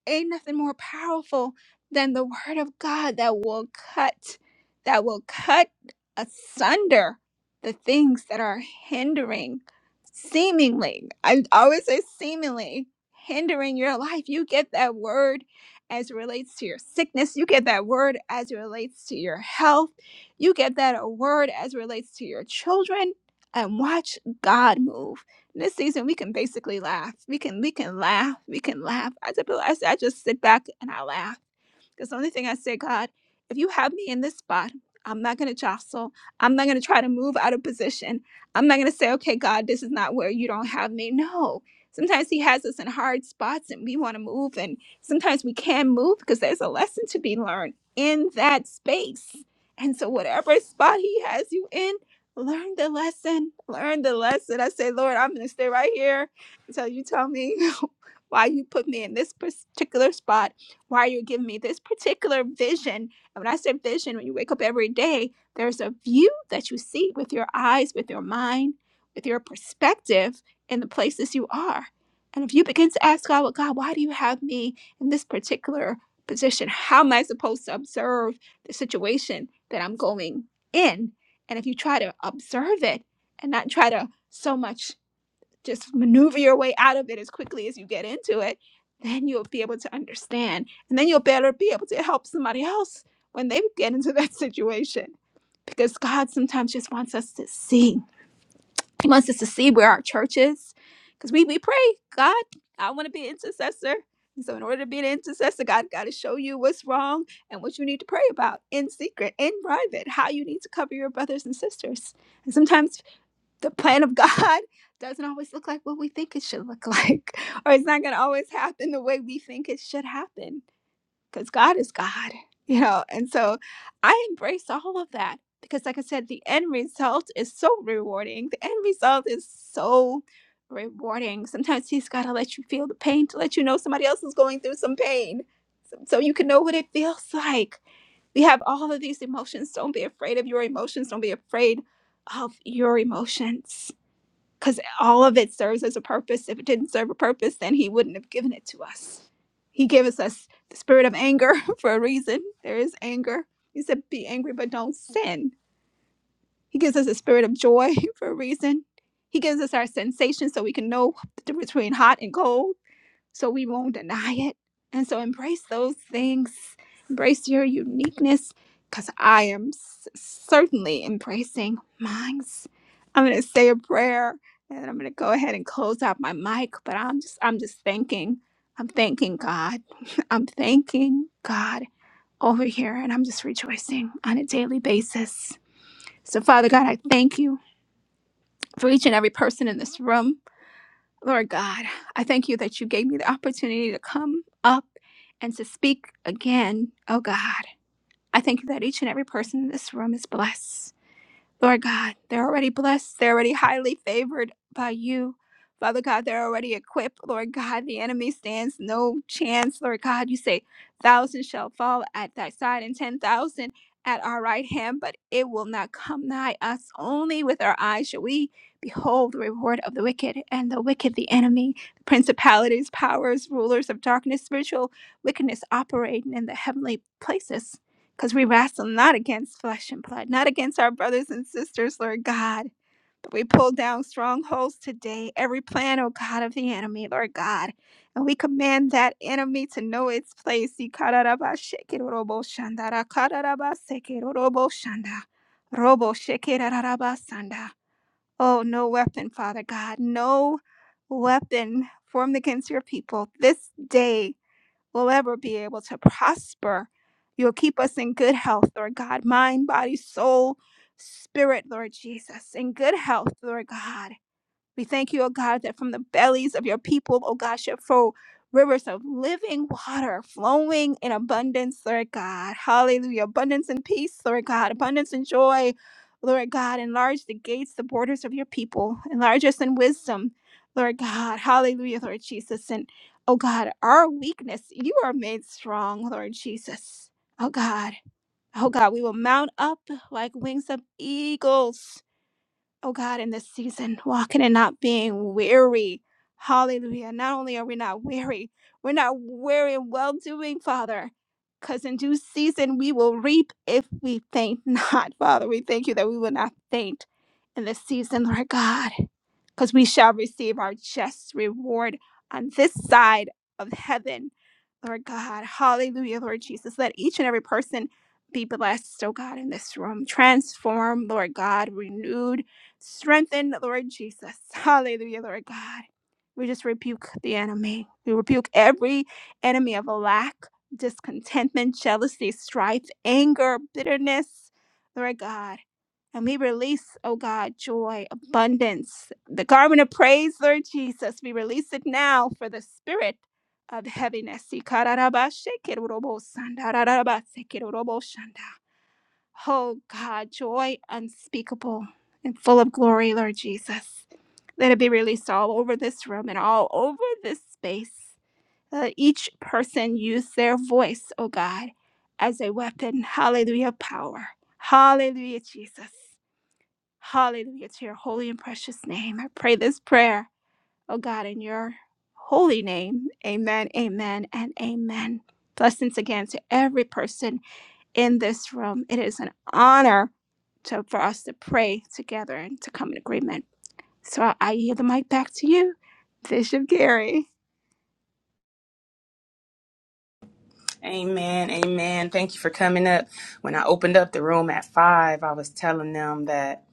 Speaker 4: ain't nothing more powerful than the word of god that will cut that will cut asunder the things that are hindering seemingly i always say seemingly hindering your life you get that word as it relates to your sickness you get that word as it relates to your health you get that word as it relates to your children and watch god move this season we can basically laugh. We can we can laugh. We can laugh. I just I, just sit back and I laugh because the only thing I say, God, if you have me in this spot, I'm not going to jostle. I'm not going to try to move out of position. I'm not going to say, okay, God, this is not where you don't have me. No. Sometimes He has us in hard spots and we want to move. And sometimes we can move because there's a lesson to be learned in that space. And so, whatever spot He has you in, learn the lesson. Learn the lesson. I say, Lord, I'm going to stay right here until you tell me <laughs> why you put me in this particular spot why you're giving me this particular vision. And when I say vision, when you wake up every day, there's a view that you see with your eyes, with your mind, with your perspective in the places you are. And if you begin to ask God, well, God, why do you have me in this particular position? How am I supposed to observe the situation that I'm going in? And if you try to observe it and not try to so much just maneuver your way out of it as quickly as you get into it, then you'll be able to understand. And then you'll better be able to help somebody else when they get into <laughs> that situation. Because God sometimes just wants us to see. He wants us to see where our church is. Because we, we pray, God, I want to be an intercessor. And so in order to be an intercessor, God got to show you what's wrong and what you need to pray about in secret, in private, how you need to cover your brothers and sisters. And sometimes the plan of <laughs> God doesn't always look like what we think it should look like, <laughs> or it's not going to always happen the way we think it should happen because God is God, you know. And so I embrace all of that because, like I said, the end result is so rewarding. The end result is so rewarding. Sometimes He's got to let you feel the pain to let you know somebody else is going through some pain so, so you can know what it feels like. We have all of these emotions. Don't be afraid of your emotions, don't be afraid of your emotions because all of it serves as a purpose. If it didn't serve a purpose, then He wouldn't have given it to us. He gave us us the spirit of anger <laughs> for a reason. There is anger. He said, "Be angry, but don't sin." He gives us a spirit of joy <laughs> for a reason. He gives us our sensations so we can know the difference between hot and cold so we won't deny it. And so embrace those things, embrace your uniqueness, because I am s- certainly embracing mine. I'm going to say a prayer and I'm going to go ahead and close out my mic, but I'm just, I'm just thanking, I'm thanking God. <laughs> I'm thanking God over here and I'm just rejoicing on a daily basis. So Father God, I thank you for each and every person in this room. Lord God, I thank you that you gave me the opportunity to come up and to speak again, oh God. I thank you that each and every person in this room is blessed. Lord God, they're already blessed. They're already highly favored by you. Father God, they're already equipped. Lord God, the enemy stands no chance. Lord God, you say, thousand shall fall at thy side and 10,000 at our right hand, but it will not come nigh us. Only with our eyes shall we behold the reward of the wicked and the wicked, the enemy, the principalities, powers, rulers of darkness, spiritual wickedness operating in the heavenly places because we wrestle not against flesh and blood, not against our brothers and sisters, Lord God. But we pull down strongholds today, every plan, oh God, of the enemy, Lord God. And we command that enemy to know its place. Oh, no weapon, Father God, no weapon formed against your people this day will ever be able to prosper. You'll keep us in good health, Lord God, mind, body, soul, spirit, Lord Jesus, in good health, Lord God. We thank you, O God, that from the bellies of your people, O God, shall flow rivers of living water flowing in abundance, Lord God. Hallelujah. Abundance and peace, Lord God. Abundance and joy, Lord God. Enlarge the gates, the borders of your people. Enlarge us in wisdom, Lord God. Hallelujah, Lord Jesus. And, oh God, our weakness, you are made strong, Lord Jesus. Oh God. Oh God, we will mount up like wings of eagles oh God, in this season, walking and not being weary. Hallelujah. Not only are we not weary, we're not weary in well doing, Father, because in due season we will reap if we faint <laughs> not. Father, we thank you that we will not faint in this season, Lord God because we shall receive our just reward on this side of heaven. Lord God, hallelujah, Lord Jesus. Let each and every person be blessed, oh God, in this room. Transform, Lord God, renewed, strengthened, Lord Jesus. Hallelujah, Lord God. We just rebuke the enemy. We rebuke every enemy of lack, discontentment, jealousy, strife, anger, bitterness, Lord God. And we release, oh God, joy, abundance, the garment of praise, Lord Jesus. We release it now for the spirit of heaviness. Oh God, joy unspeakable and full of glory, Lord Jesus. Let it be released all over this room and all over this space. Let each person use their voice, oh God, as a weapon. Hallelujah, power. Hallelujah, Jesus. Hallelujah to your holy and precious name. I pray this prayer, oh God, in your holy name. Amen, amen, and amen. Blessings again to every person in this room. It is an honor to, for us to pray together and to come in agreement. So I I yield the mic back to you, Bishop Gary.
Speaker 1: Amen. Amen. Thank you for coming up. When I opened up the room at five, I was telling them that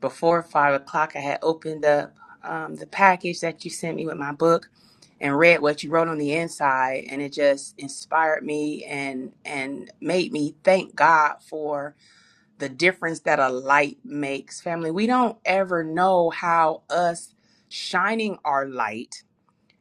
Speaker 1: before five o'clock, I had opened up um, the package that you sent me with my book and read what you wrote on the inside, and it just inspired me and and made me thank God for. the difference that a light makes. Family, we don't ever know how us shining our light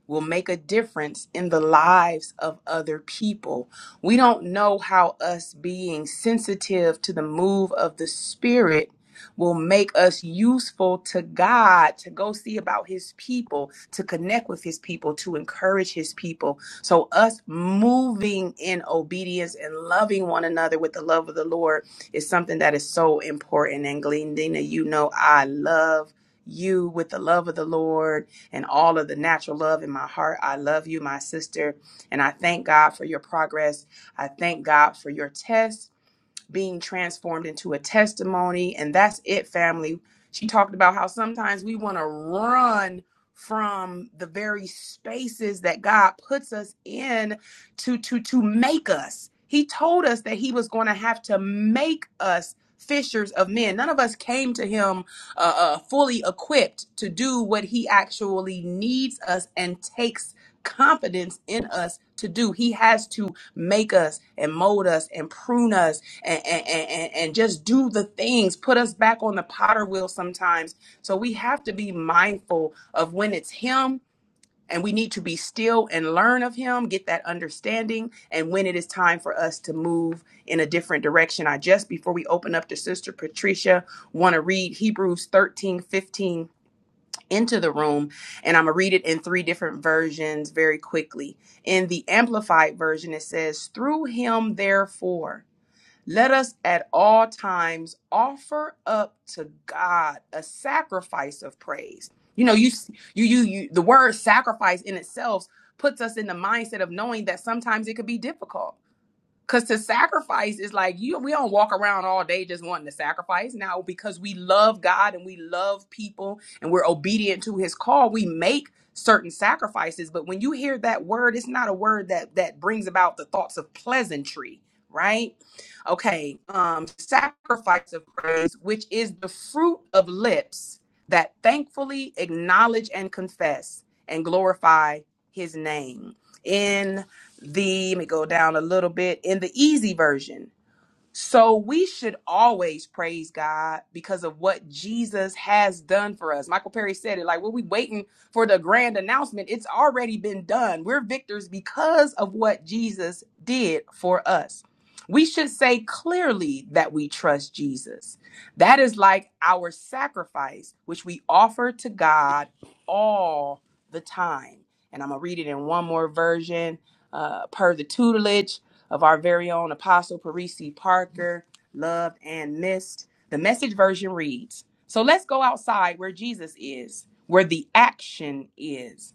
Speaker 1: will make a difference in the lives of other people. We don't know how us being sensitive to the move of the Spirit will make us useful to God to go see about His people, to connect with His people, to encourage His people. So, us moving in obedience and loving one another with the love of the Lord is something that is so important. And Glendina, you know, I love you with the love of the Lord and all of the natural love in my heart. I love you, my sister. And I thank God for your progress. I thank God for your tests being transformed into a testimony. And that's it, family. She talked about how sometimes we want to run from the very spaces that God puts us in to to to make us. He told us that he was going to have to make us fishers of men. None of us came to him uh, uh, fully equipped to do what he actually needs us and takes confidence in us to do. He has to make us and mold us and prune us and, and, and, and just do the things, put us back on the potter wheel sometimes. So we have to be mindful of when it's Him and we need to be still and learn of Him, get that understanding, and when it is time for us to move in a different direction. I just, before we open up to Sister Patricia, want to read Hebrews 13 15 into the room and I'm going to read it in three different versions very quickly. In the amplified version it says through him therefore let us at all times offer up to God a sacrifice of praise. You know, you you you, you the word sacrifice in itself puts us in the mindset of knowing that sometimes it could be difficult Cause to sacrifice is like you we don't walk around all day just wanting to sacrifice. Now because we love God and we love people and we're obedient to his call, we make certain sacrifices. But when you hear that word, it's not a word that that brings about the thoughts of pleasantry, right? Okay, um sacrifice of praise, which is the fruit of lips that thankfully acknowledge and confess and glorify his name in the let me go down a little bit in the easy version so we should always praise God because of what Jesus has done for us. Michael Perry said it like, "What we waiting for the grand announcement, it's already been done. We're victors because of what Jesus did for us. We should say clearly that we trust Jesus. That is like our sacrifice, which we offer to God all the time. And I'm going to read it in one more version uh, per the tutelage of our very own Apostle Parisi Parker, loved and missed. The message version reads So let's go outside where Jesus is, where the action is.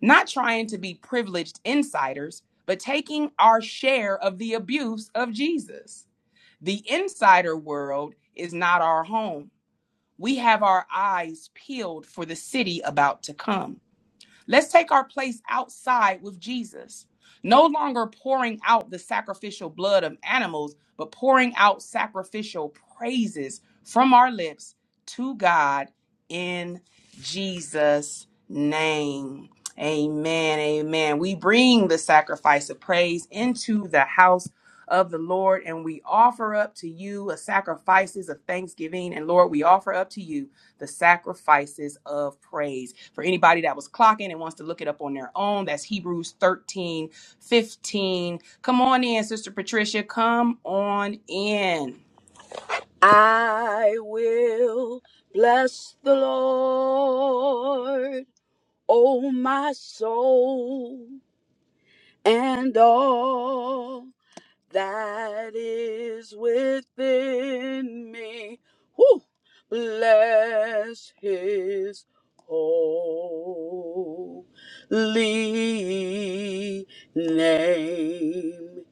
Speaker 1: Not trying to be privileged insiders, but taking our share of the abuse of Jesus. The insider world is not our home. We have our eyes peeled for the city about to come. Let's take our place outside with Jesus. No longer pouring out the sacrificial blood of animals, but pouring out sacrificial praises from our lips to God in Jesus' name. Amen. Amen. We bring the sacrifice of praise into the house of the Lord and we offer up to you a sacrifices of thanksgiving. And Lord, we offer up to you the sacrifices of praise. For anybody that was clocking and wants to look it up on their own, that's Hebrews 13 15. Come on in, Sister Patricia. Come on in.
Speaker 5: I will bless the Lord, O my soul, and all that is within me. Whew. Bless his holy name.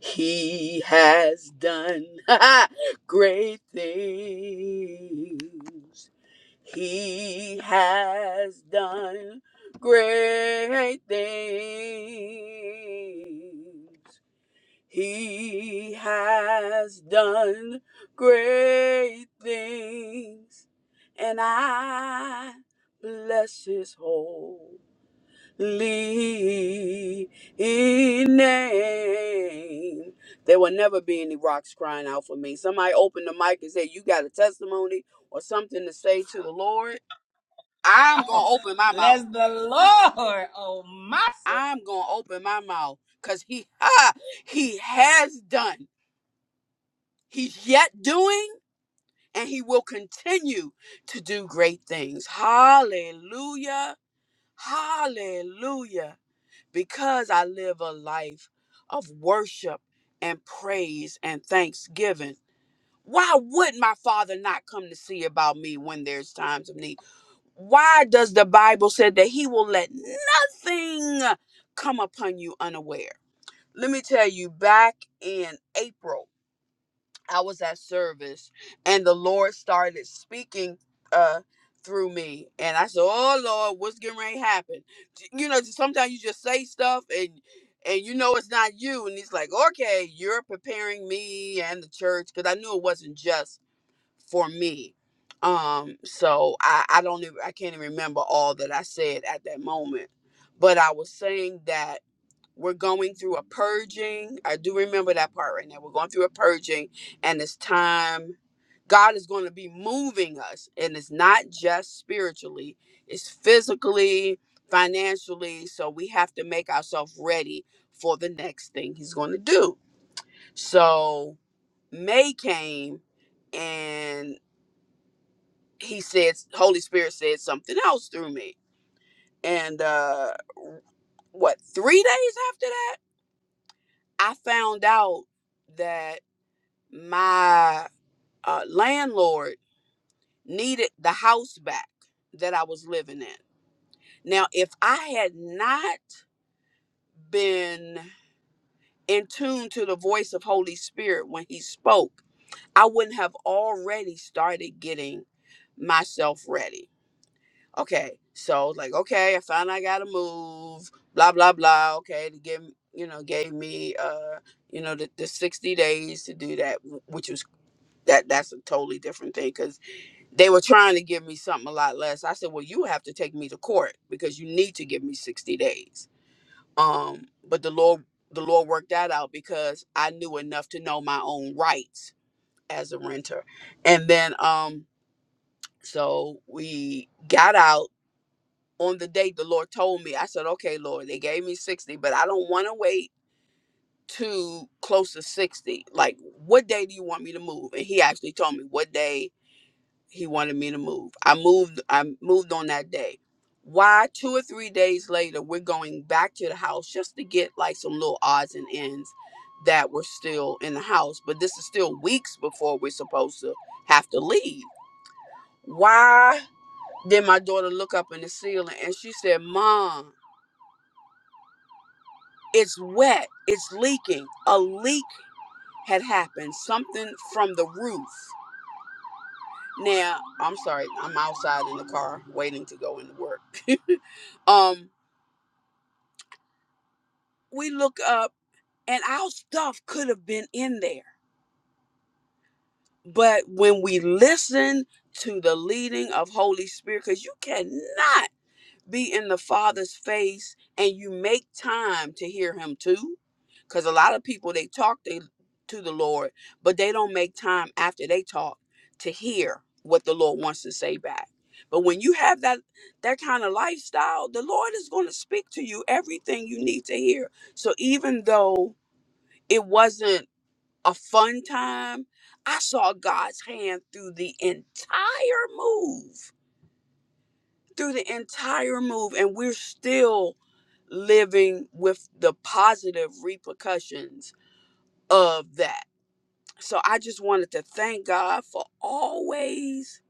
Speaker 5: He has done <laughs> great things. He has done great things. He has done great things, and I bless his holy name. There will never be any rocks crying out for me. Somebody open the mic and say, You got a testimony or something to say to the Lord? I'm going to open my mouth. I'm going to open my mouth because he, ah, he has done. He's yet doing and he will continue to do great things. Hallelujah. Hallelujah. Because I live a life of worship and praise and thanksgiving. Why would my father not come to see about me when there's times of need? Why does the Bible say that he will let nothing come upon you unaware? Let me tell you, back in April I was at service and the Lord started speaking uh through me and I said, Oh Lord, what's getting ready to happen? J- You know, just sometimes you just say stuff and and you know it's not you. And he's like, Okay, you're preparing me and the church because I knew it wasn't just for me. Um, so I, I don't even I can't even remember all that I said at that moment. But I was saying that we're going through a purging. I do remember that part right now. We're going through a purging, and it's time. God is going to be moving us, and it's not just spiritually, it's physically, financially. So we have to make ourselves ready for the next thing He's going to do. So May came, and He said, Holy Spirit said something else through me. And uh, what, three days after that? I found out that my uh, landlord needed the house back that I was living in. Now, if I had not been in tune to the voice of Holy Spirit when he spoke, I wouldn't have already started getting myself ready. Okay, so like, okay, I found I gotta move, blah blah blah. Okay, to give you know, gave me uh, you know, the, the sixty days to do that, w- which was that that's a totally different thing because they were trying to give me something a lot less i said well you have to take me to court because you need to give me 60 days um but the lord the lord worked that out because i knew enough to know my own rights as a renter and then um so we got out on the date the lord told me i said okay lord they gave me 60 but i don't want to wait too close to 60 like what day do you want me to move and he actually told me what day he wanted me to move. I moved I moved on that day. Why two or three days later we're going back to the house just to get like some little odds and ends that were still in the house, but this is still weeks before we're supposed to have to leave. Why did my daughter look up in the ceiling and she said, "Mom, it's wet. It's leaking. A leak had happened. Something from the roof." Now, I'm sorry, I'm outside in the car waiting to go into work. <laughs> um, we look up and our stuff could have been in there. But when we listen to the leading of Holy Spirit, because you cannot be in the Father's face and you make time to hear Him too. Because a lot of people, they talk they, to the Lord, but they don't make time after they talk to hear what the Lord wants to say back. But when you have that that kind of lifestyle, the Lord is going to speak to you everything you need to hear. So even though it wasn't a fun time, I saw God's hand through the entire move through the entire move and we're still living with the positive repercussions of that. So I just wanted to thank God for always,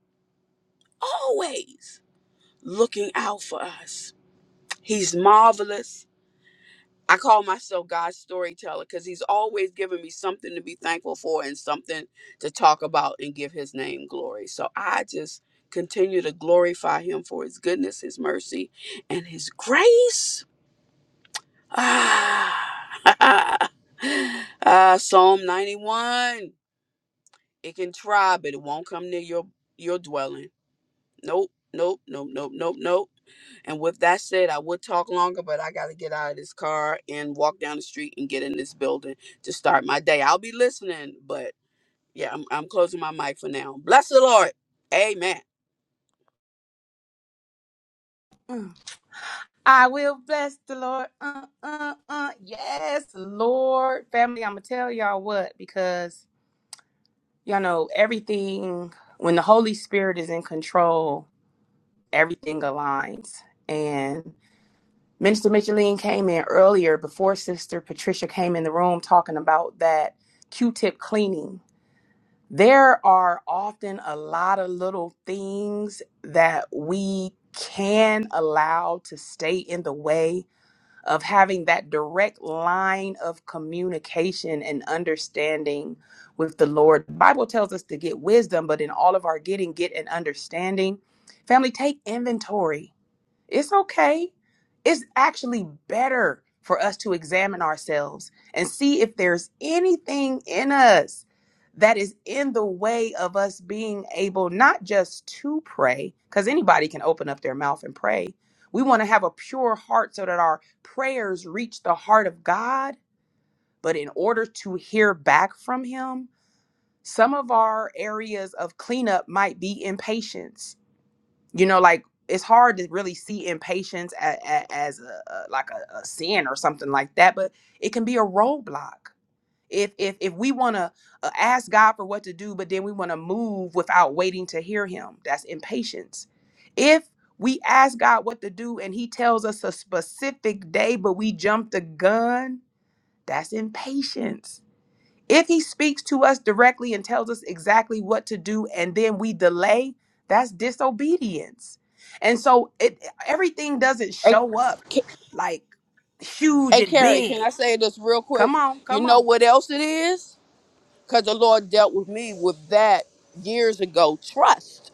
Speaker 5: always looking out for us. He's marvelous. I call myself God's storyteller because he's always giving me something to be thankful for and something to talk about and give his name glory. So I just continue to glorify him for his goodness, his mercy, and his grace Ah, <laughs> uh, Psalm 91. It can try, but it won't come near your your dwelling. Nope, nope, nope, nope, nope, nope. And with that said, I would talk longer, but I gotta get out of this car and walk down the street and get in this building to start my day. I'll be listening, but yeah, I'm, I'm closing my mic for now. Bless the Lord. Amen.
Speaker 1: I will bless the Lord. Uh, uh, uh. Yes, Lord. Family, I'm going to tell y'all what, because y'all know everything, when the Holy Spirit is in control, everything aligns. and. Minister Micheline came in earlier before Sister Patricia came in the room talking about that Q tip cleaning. There are often a lot of little things that we can allow to stay in the way of having that direct line of communication and understanding with the Lord. The Bible tells us to get wisdom, but in all of our getting, get an understanding. Family, take inventory it's okay. It's actually better for us to examine ourselves and see if there's anything in us that is in the way of us being able not just to pray, because anybody can open up their mouth and pray. We want to have a pure heart so that our prayers reach the heart of God. But in order to hear back from Him, some of our areas of cleanup might be impatience you know like it's hard to really see impatience as, as a, a like a, a sin or something like that but it can be a roadblock if if if we want to uh, ask god for what to do but then we want to move without waiting to hear him that's impatience if we ask god what to do and he tells us a specific day but we jump the gun that's impatience if he speaks to us directly and tells us exactly what to do and then we delay, that's disobedience. And so it everything doesn't
Speaker 5: Hey,
Speaker 1: show up
Speaker 5: Ca-
Speaker 1: like huge
Speaker 5: hey,
Speaker 1: and
Speaker 5: Carrie, can
Speaker 1: big.
Speaker 5: I say this real quick?
Speaker 1: Come on,
Speaker 5: You
Speaker 1: come
Speaker 5: know
Speaker 1: on.
Speaker 5: what else it is? because the Lord dealt with me with that years ago. Trust.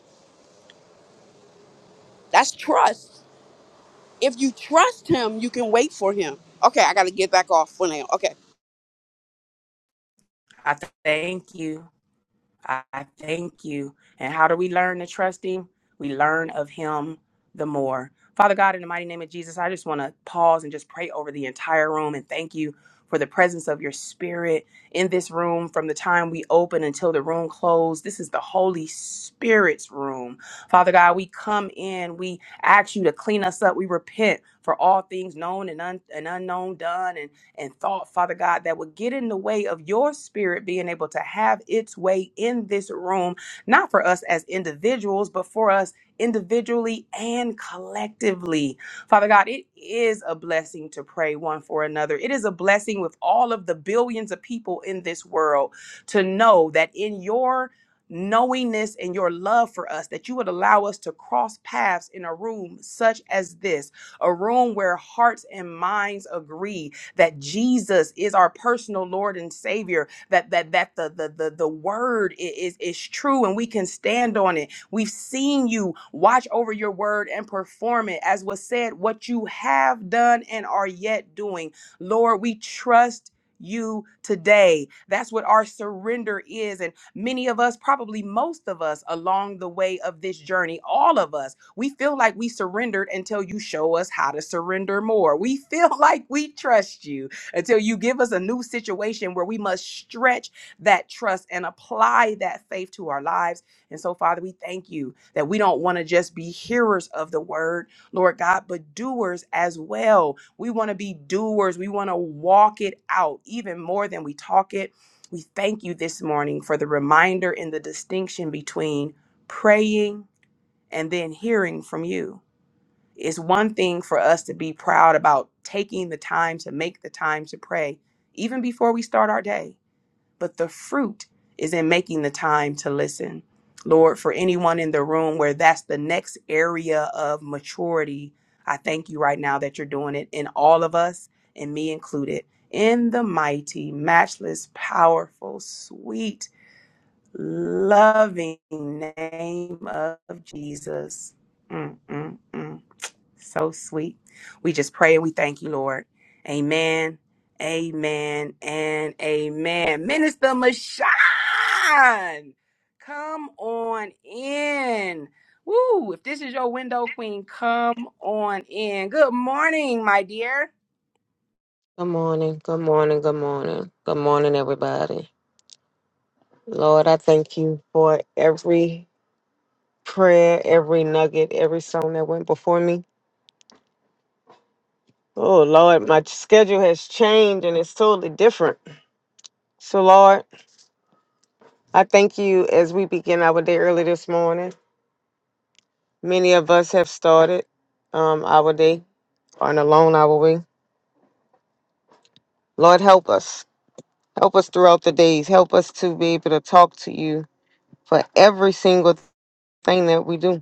Speaker 5: That's trust. If you trust Him, you can wait for Him. Okay, I got to get back off for now. Okay.
Speaker 1: I thank you. I thank you. And how do we learn to trust him? We learn of him the more. Father God, in the mighty name of Jesus, I just want to pause and just pray over the entire room and thank you for the presence of your spirit in this room from the time we open until the room closed. This is the Holy Spirit's room. Father God, we come in, we ask you to clean us up. We repent for all things known and, un- and unknown done. and and thought, Father God, that would get in the way of your spirit being able to have its way in this room, not for us as individuals, but for us individually and collectively. Father God, it is a blessing to pray one for another. It is a blessing with all of the billions of people in this world to know that in your knowingness and your love for us that you would allow us to cross paths in a room such as this a room where hearts and minds agree that Jesus is our personal Lord and Savior, that that that the the the, the word i- is is true and we can stand on it. We've seen you watch over your word and perform it as was said what you have done and are yet doing. Lord, we trust you today. That's what our surrender is and many of us probably most of us along the way of this journey, all of us we feel like we surrendered until you show us how to surrender more. We feel <laughs> like we trust you until you give us a new situation where we must stretch that trust and apply that faith to our lives. And so, Father, we thank you that we don't want to just be hearers of the word, Lord God, but doers as well. We want to be doers. We want to walk it out even more than we talk it. We thank you this morning for the reminder and the distinction between praying and then hearing from you. It's one thing for us to be proud about taking the time to make the time to pray, even before we start our day. But the fruit is in making the time to listen. Lord, for anyone in the room where that's the next area of maturity, I thank you right now that you're doing it in all of us and me included. In the mighty, matchless, powerful, sweet, loving name of Jesus. Mm, mm, mm. So sweet. We just pray and we thank you, Lord. Amen. Amen and amen. Minister Mashan, come on in. Woo, if this is your window queen, come on in. Good morning, my dear.
Speaker 6: Good morning, good morning, good morning, good morning, everybody. Lord, I thank you for every prayer, every nugget, every song that went before me. Oh, Lord, my schedule has changed and it's totally different. So, Lord, I thank you as we begin our day early this morning. Many of us have started um, our day on a long hour way. Lord, help us. Help us throughout the days. Help us to be able to talk to you for every single thing that we do.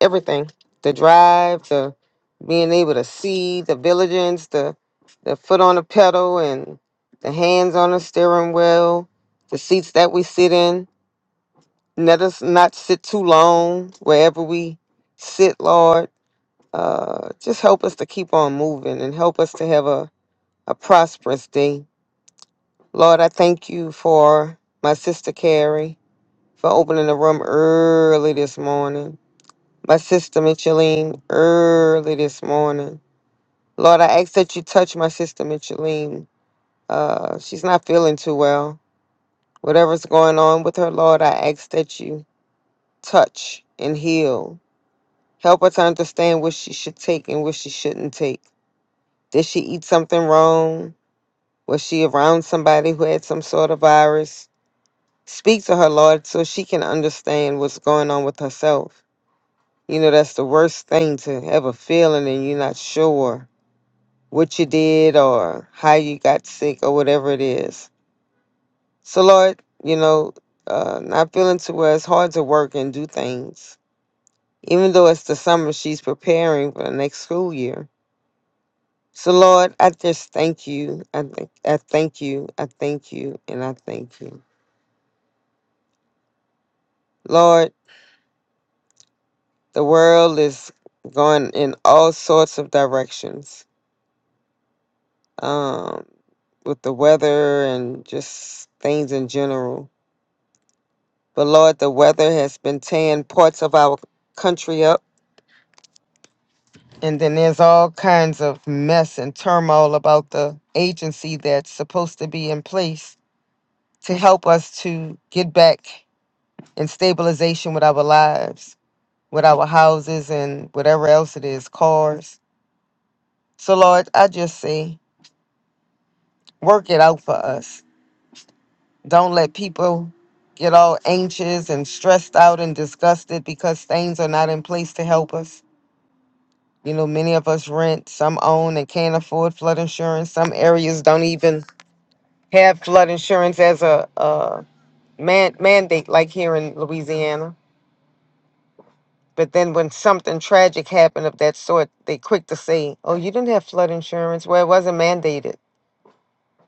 Speaker 6: everything the drive the being able to see the diligence the the foot on the pedal and the hands on the steering wheel the seats that we sit in let us not sit too long wherever we sit lord uh, just help us to keep on moving and help us to have a, a prosperous day lord i thank you for my sister carrie for opening the room early this morning my sister Micheline early this morning. Lord, I ask that you touch my sister Micheline. Uh, she's not feeling too well. Whatever's going on with her, Lord, I ask that you touch and heal. Help her to understand what she should take and what she shouldn't take. Did she eat something wrong? Was she around somebody who had some sort of virus? Speak to her, Lord, so she can understand what's going on with herself. You know, that's the worst thing to ever feel, and then you're not sure what you did or how you got sick or whatever it is. So, Lord, you know, uh, not feeling to where it's hard to work and do things, even though it's the summer she's preparing for the next school year. So, Lord, I just thank you. I, th- I thank you. I thank you. And I thank you. Lord, the world is going in all sorts of directions um, with the weather and just things in general. But Lord, the weather has been tearing parts of our country up. And then there's all kinds of mess and turmoil about the agency that's supposed to be in place to help us to get back in stabilization with our lives, with our houses, and whatever else it is cars. So, Lord, I just say, work it out for us. Don't let people get all anxious and stressed out and disgusted because things are not in place to help us. You know, many of us rent, some own and can't afford flood insurance. Some areas don't even have flood insurance as a, a man, mandate, like here in Louisiana. But then when something tragic happened of that sort, they quick to say, oh, you didn't have flood insurance. Well, it wasn't mandated.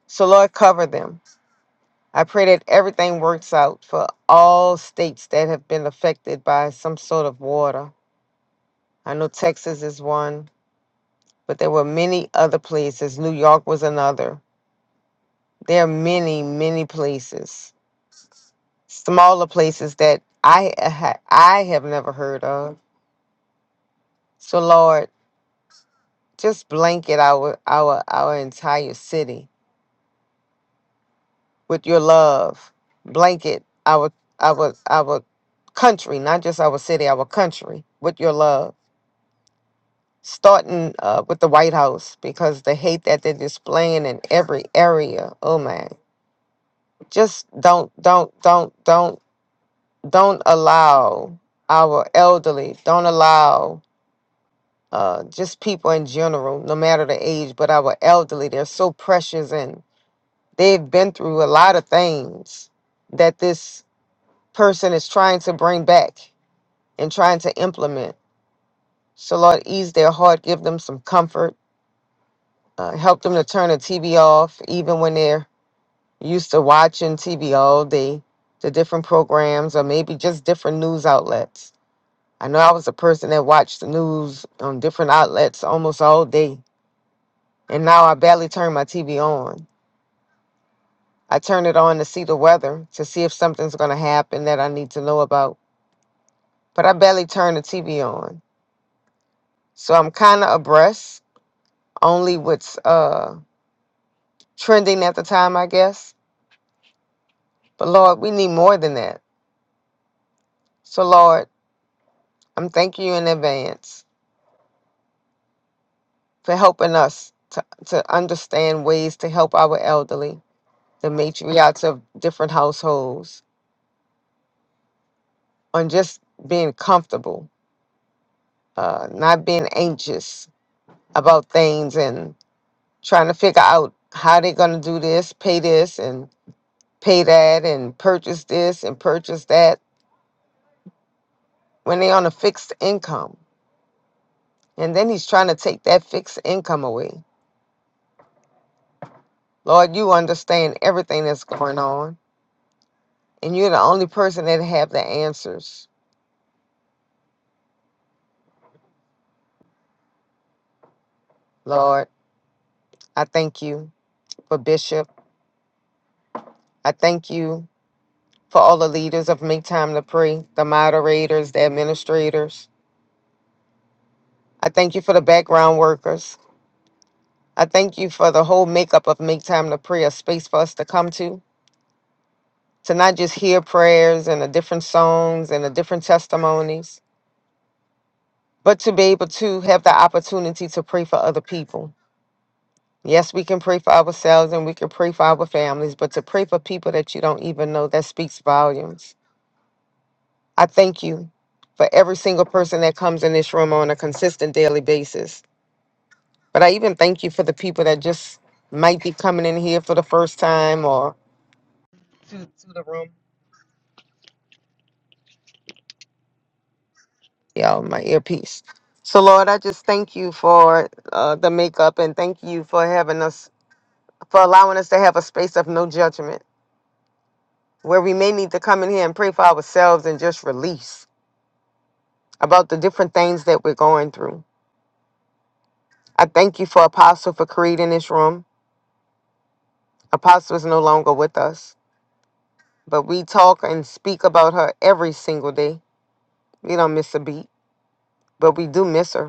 Speaker 6: So, Lord, cover them. I pray that everything works out for all states that have been affected by some sort of water. I know Texas is one, but there were many other places. New York was another There are many, many places, smaller places that I ha- I have never heard of. So Lord, just blanket our our our entire city with your love. Blanket our our our country, not just our city, our country with your love. Starting uh, with the White House because the hate that they're displaying in every area. Oh man, just don't don't don't don't don't don't allow our elderly, don't allow uh, just people in general, no matter the age, but our elderly, they're so precious and they've been through a lot of things that this person is trying to bring back and trying to implement. So, Lord, ease their heart, give them some comfort, uh, help them to turn the TV off, even when they're used to watching TV all day, the different programs, or maybe just different news outlets I know I was a person that watched the news on different outlets almost all day, and now I barely turn my TV on. I turn it on to see the weather, to see if something's going to happen that I need to know about, but I barely turn the TV on. So I'm kind of abreast, only what's uh, trending at the time, I guess. But Lord, we need more than that. So Lord, I'm thanking you in advance for helping us to, to understand ways to help our elderly, the matriarchs of different households on just being comfortable, uh, not being anxious about things and trying to figure out how they're going to do this, pay this and pay that and purchase this and purchase that when they're on a fixed income. And then he's trying to take that fixed income away. Lord, you understand everything that's going on, and you're the only person that have the answers. Lord, I thank you for Bishop. I thank you for all the leaders of Make Time to Pray, the moderators, the administrators. I thank you for the background workers. I thank you for the whole makeup of Make Time to Pray, a space for us to come to, to not just hear prayers and the different songs and the different testimonies, but to be able to have the opportunity to pray for other people. Yes, we can pray for ourselves and we can pray for our families, but to pray for people that you don't even know, that speaks volumes. I thank you for every single person that comes in this room on a consistent daily basis. But I even thank you for the people that just might be coming in here for the first time or, yeah, my earpiece. So, Lord, I just thank you for uh, the makeup and thank you for having us, for allowing us to have a space of no judgment where we may need to come in here and pray for ourselves and just release about the different things that we're going through. I thank you for Apostle for creating this room. Apostle is no longer with us, but we talk and speak about her every single day. We don't miss a beat, but we do miss her.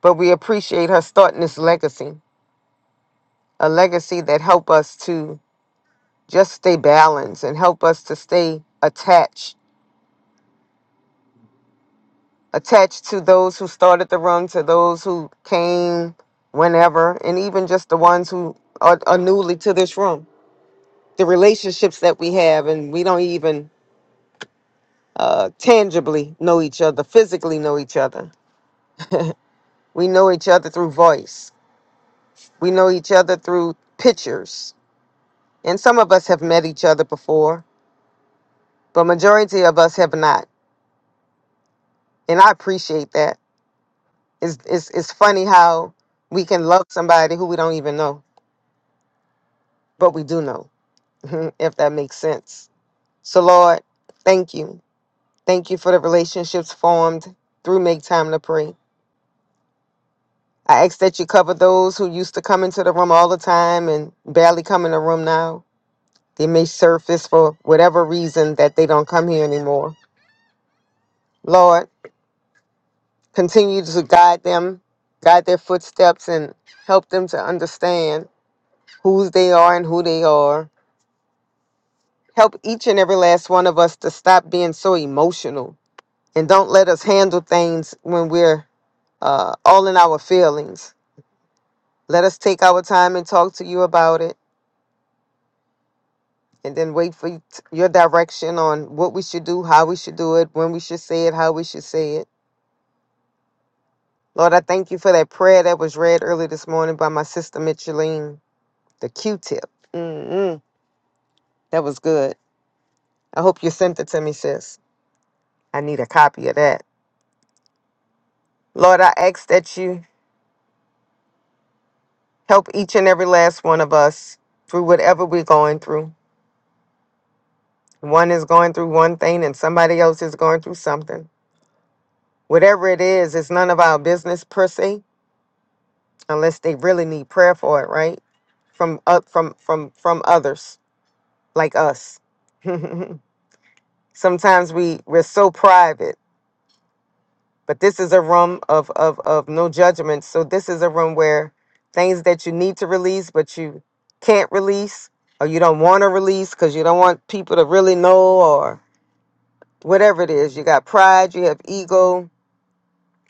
Speaker 6: but we appreciate her starting this legacy, a legacy that help us to just stay balanced and help us to stay attached, attached to those who started the run, to those who came whenever, and even just the ones who are, are newly to this room. The relationships that we have, and we don't even uh, tangibly know each other, physically know each other. We know each other through voice. We know each other through pictures. And some of us have met each other before, but majority of us have not and i appreciate that it's, it's, it's funny how we can love somebody who we don't even know but we do know <laughs> if that makes sense so lord thank you thank you for the relationships formed through make time to pray i ask that you cover those who used to come into the room all the time and barely come in the room now they may surface for whatever reason that they don't come here anymore lord continue to guide them, guide their footsteps, and help them to understand whose they are and who they are. Help each and every last one of us to stop being so emotional and don't let us handle things when we're uh, all in our feelings. Let us take our time and talk to you about it and then wait for your direction on what we should do, how we should do it, when we should say it, how we should say it. Lord, I thank you for that prayer that was read early this morning by my sister Micheline, the Q tip. That was good. I hope you sent it to me, sis. I need a copy of that. Lord, I ask that you help each and every last one of us through whatever we're going through. One is going through one thing and somebody else is going through something. Whatever it is, it's none of our business per se, unless they really need prayer for it, right? From up from from from others like us. <laughs> Sometimes we we're so private but this is a room of of of no judgment so this is a room where things that you need to release but you can't release or you don't want to release because you don't want people to really know or whatever it is you got pride you have ego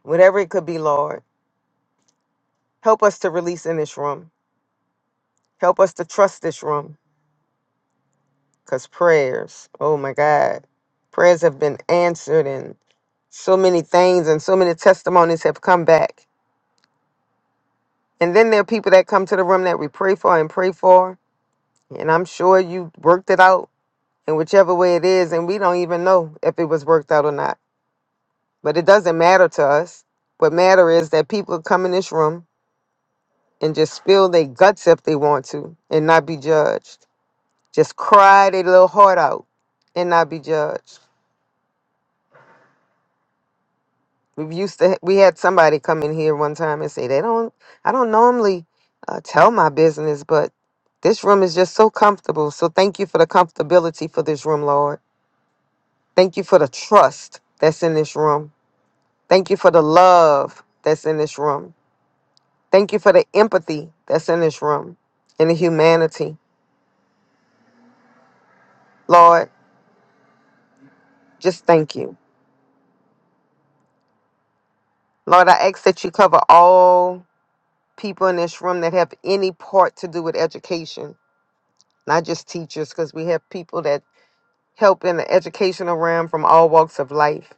Speaker 6: whatever it could be lord help us to release in this room help us to trust this room because prayers oh my god prayers have been answered and so many things and so many testimonies have come back And then there are people that come to the room that we pray for and pray for. And I'm sure you worked it out in whichever way it is. And we don't even know if it was worked out or not. But it doesn't matter to us. What matter is that people come in this room and just spill their guts if they want to and not be judged. Just cry their little heart out and not be judged. We used to we had somebody come in here one time and say they don't I don't normally uh, tell my business, but this room is just so comfortable. So thank you for the comfortability for this room, Lord. Thank you for the trust that's in this room. Thank you for the love that's in this room. Thank you for the empathy that's in this room and the humanity. Lord, just thank you. Lord, I ask that you cover all people in this room that have any part to do with education, not just teachers, because we have people that help in the educational realm from all walks of life.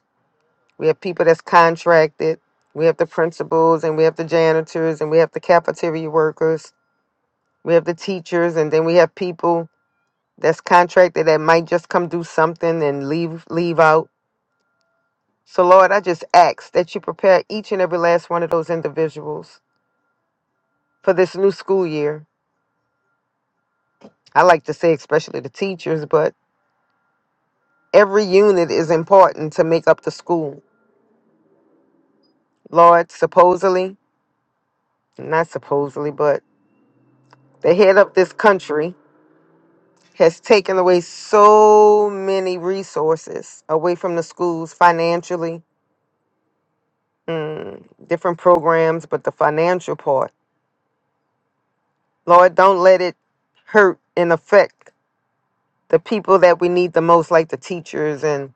Speaker 6: We have people that's contracted. We have the principals and we have the janitors and we have the cafeteria workers. We have the teachers and then we have people that's contracted that might just come do something and leave leave out. So Lord, I just ask that you prepare each and every last one of those individuals for this new school year. I like to say especially the teachers, but every unit is important to make up the school. Lord, supposedly, not supposedly, but the head of this country has taken away so many resources away from the schools financially, mm, different programs, but the financial part. Lord, don't let it hurt and affect the people that we need the most, like the teachers and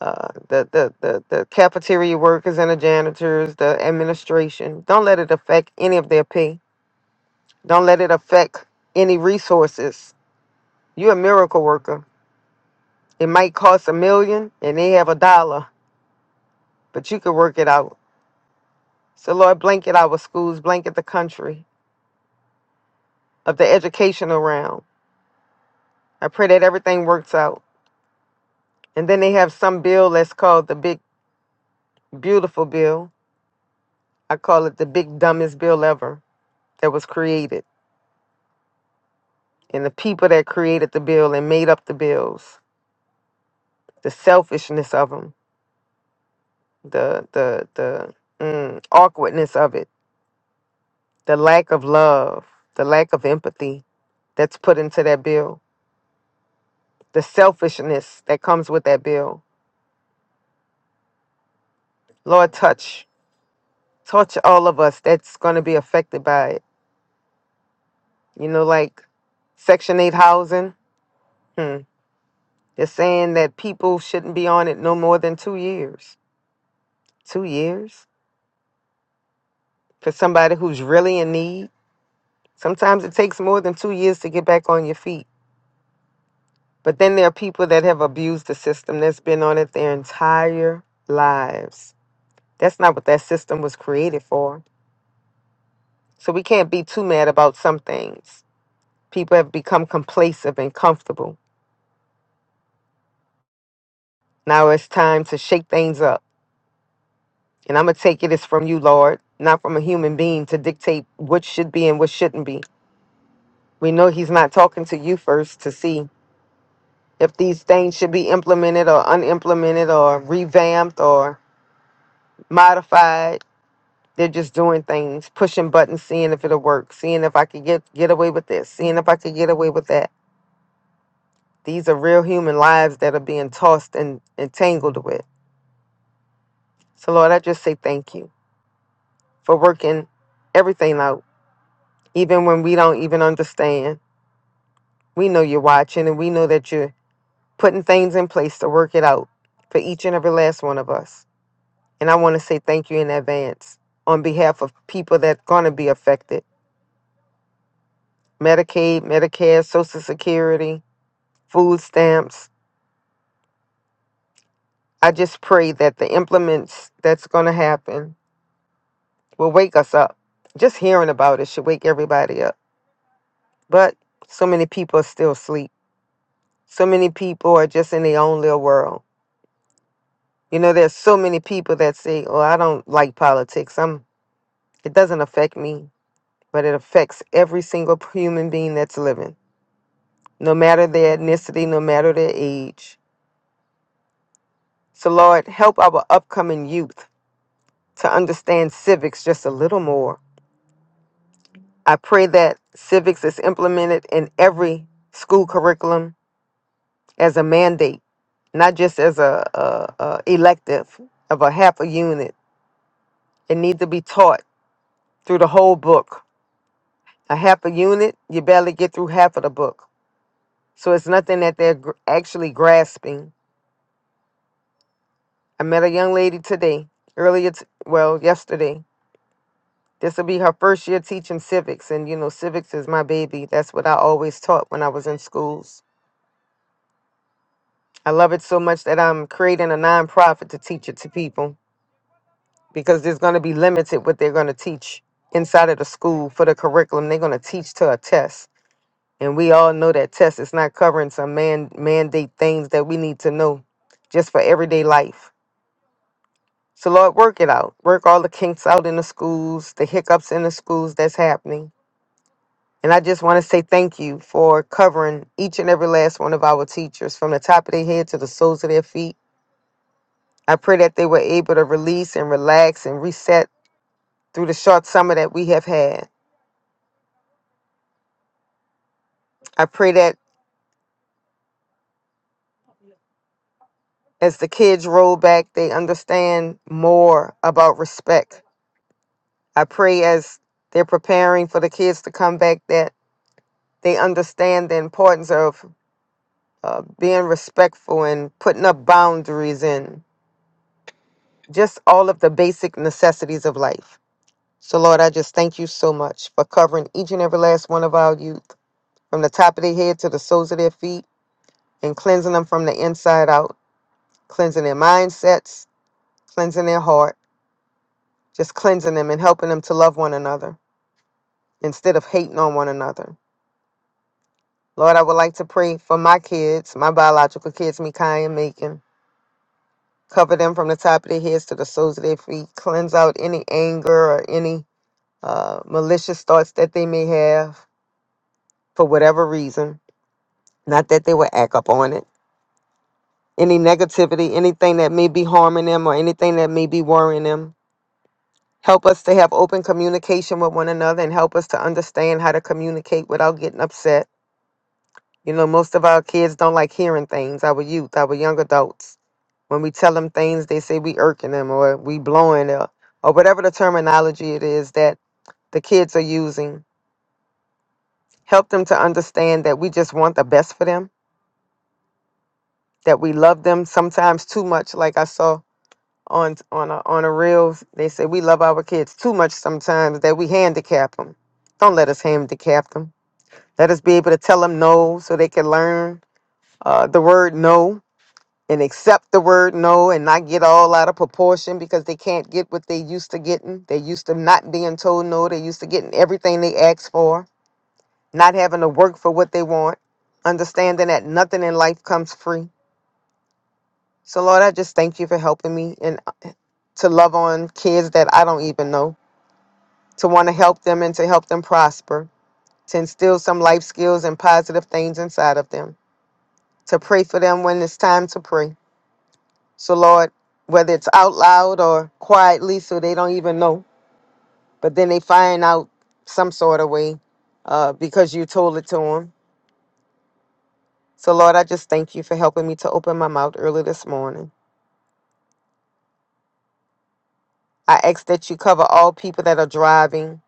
Speaker 6: uh, the, the, the, the cafeteria workers and the janitors, the administration. Don't let it affect any of their pay. Don't let it affect any resources. You're a miracle worker. It might cost a million and they have a dollar, but you could work it out. So, Lord, blanket our schools, blanket the country of the educational realm. I pray that everything works out. And then they have some bill that's called the Big Beautiful Bill. I call it the Big Dumbest Bill Ever that was created. And the people that created the bill and made up the bills, the selfishness of them, the, the, the mm, awkwardness of it, the lack of love, the lack of empathy that's put into that bill. the selfishness that comes with that bill. Lord, touch, touch all of us that's going to be affected by it. You know, like Section 8 housing, hmm. they're saying that people shouldn't be on it no more than two years. Two years? For somebody who's really in need? Sometimes it takes more than two years to get back on your feet. But then there are people that have abused the system that's been on it their entire lives. That's not what that system was created for. So we can't be too mad about some things People have become complacent and comfortable. Now it's time to shake things up. And I'm going to take it as from you, Lord, not from a human being to dictate what should be and what shouldn't be. We know He's not talking to you first to see if these things should be implemented or unimplemented or revamped or modified. They're just doing things, pushing buttons, seeing if it'll work, seeing if I could get, get away with this, seeing if I could get away with that. These are real human lives that are being tossed and entangled with. So, Lord, I just say thank you. for working everything out, even when we don't even understand. We know you're watching and we know that you're putting things in place to work it out for each and every last one of us. And I want to say thank you in advance on behalf of people that going to be affected Medicaid, Medicare, Social Security, food stamps. I just pray that the implements that's going to happen will wake us up. Just hearing about it should wake everybody up. But so many people are still asleep. So many people are just in their own little world. You know, there's so many people that say, "Oh, I don't like politics. I'm it doesn't affect me." But it affects every single human being that's living, no matter their ethnicity, no matter their age. So Lord, help our upcoming youth to understand civics just a little more. I pray that civics is implemented in every school curriculum as a mandate not just as a, a, a elective of a half a unit. It needs to be taught through the whole book. A half a unit, you barely get through half of the book. So it's nothing that they're gr- actually grasping. I met a young lady today, earlier, t- well, yesterday. This will be her first year teaching civics. And, you know, civics is my baby. That's what I always taught when I was in schools. I love it so much that I'm creating a nonprofit to teach it to people because there's going to be limited what they're going to teach inside of the school for the curriculum. They're going to teach to a test. And we all know that test is not covering some man mandate things that we need to know just for everyday life. So Lord, work it out. Work all the kinks out in the schools, the hiccups in the schools that's happening. And I just want to say thank you for covering each and every last one of our teachers from the top of their head to the soles of their feet. I pray that they were able to release and relax and reset through the short summer that we have had. I pray that as the kids roll back, they understand more about respect I pray as they're preparing for the kids to come back that they understand the importance of uh, being respectful and putting up boundaries and just all of the basic necessities of life. So, Lord, I just thank you so much for covering each and every last one of our youth from the top of their head to the soles of their feet and cleansing them from the inside out, cleansing their mindsets, cleansing their heart, just cleansing them and helping them to love one another instead of hating on one another Lord, I would like to pray for my kids, my biological kids, Mikai and Macon. Cover them from the top of their heads to the soles of their feet. Cleanse out any anger or any uh, malicious thoughts that they may have for whatever reason. Not that they would act up on it. Any negativity, anything that may be harming them or anything that may be worrying them. Help us to have open communication with one another and help us to understand how to communicate without getting upset. You know, most of our kids don't like hearing things, our youth, our young adults. When we tell them things, they say we irking them or we blowing them or whatever the terminology it is that the kids are using. Help them to understand that we just want the best for them, that we love them sometimes too much, like I saw on on a, on a reel. They say we love our kids too much sometimes that we handicap them. Don't let us handicap them. Let us be able to tell them no so they can learn uh, the word no and accept the word no and not get all out of proportion because they can't get what they used to getting. They used to not being told no. They used to getting everything they asked for, not having to work for what they want, understanding that nothing in life comes free. So, Lord, I just thank you for helping me and uh, to love on kids that I don't even know, to want to help them and to help them prosper, to instill some life skills and positive things inside of them, to pray for them when it's time to pray So, Lord, whether it's out loud or quietly, so they don't even know, but then they find out some sort of way uh, because you told it to them. So, Lord, I just thank you for helping me to open my mouth early this morning. I ask that you cover all people that are driving,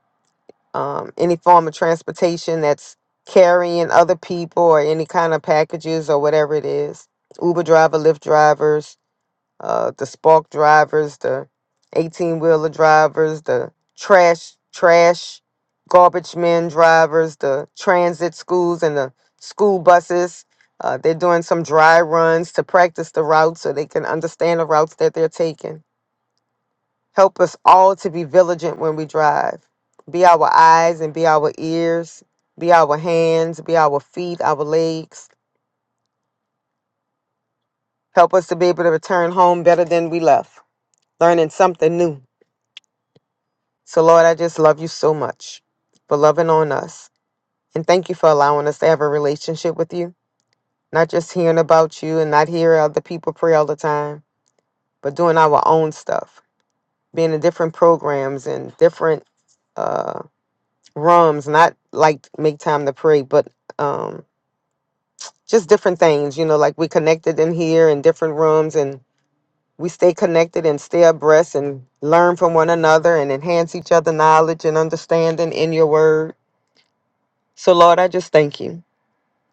Speaker 6: um, any form of transportation that's carrying other people or any kind of packages or whatever it is. Uber driver, Lyft drivers, uh, the spark drivers, the 18 wheeler drivers, the trash, trash, garbage men drivers, the transit schools, and the school buses. Uh, they're doing some dry runs to practice the routes so they can understand the routes that they're taking. Help us all to be vigilant when we drive. Be our eyes and be our ears, be our hands, be our feet, our legs. Help us to be able to return home better than we left, learning something new So, Lord, I just love you so much for loving on us. And thank you for allowing us to have a relationship with you, not just hearing about you and not hearing other people pray all the time, but doing our own stuff, being in different programs and different uh, rooms, not like make time to pray, but um, just different things. You know, like we connected in here in different rooms and we stay connected and stay abreast and learn from one another and enhance each other knowledge and understanding in your word. So, Lord, I just thank you.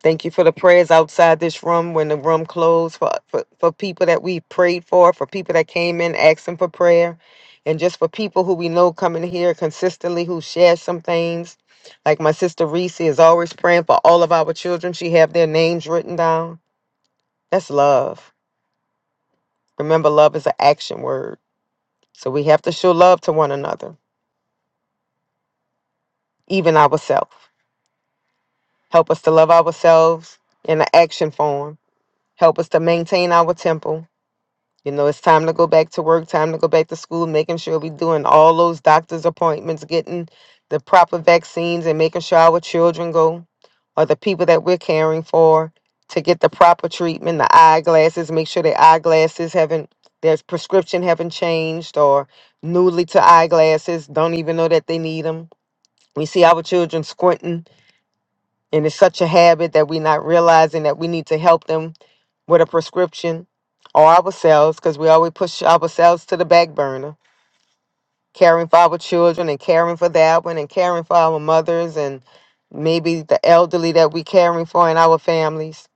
Speaker 6: Thank you for the prayers outside this room when the room closed, for, for, for people that we prayed for, for people that came in asking for prayer, and just for people who we know coming here consistently who share some things. Like my sister Reese is always praying for all of our children. She have their names written down. That's love. Remember, love is an action word. So we have to show love to one another, even ourselves. Help us to love ourselves in an action form. Help us to maintain our temple. You know, it's time to go back to work, time to go back to school, making sure we're doing all those doctor's appointments, getting the proper vaccines, and making sure our children go or the people that we're caring for to get the proper treatment, the eyeglasses, make sure their eyeglasses haven't, their prescription haven't changed or newly to eyeglasses, don't even know that they need them. We see our children squinting, and it's such a habit that we're not realizing that we need to help them with a prescription or ourselves because we always push ourselves to the back burner caring for our children and caring for that one and caring for our mothers and maybe the elderly that we caring for in our families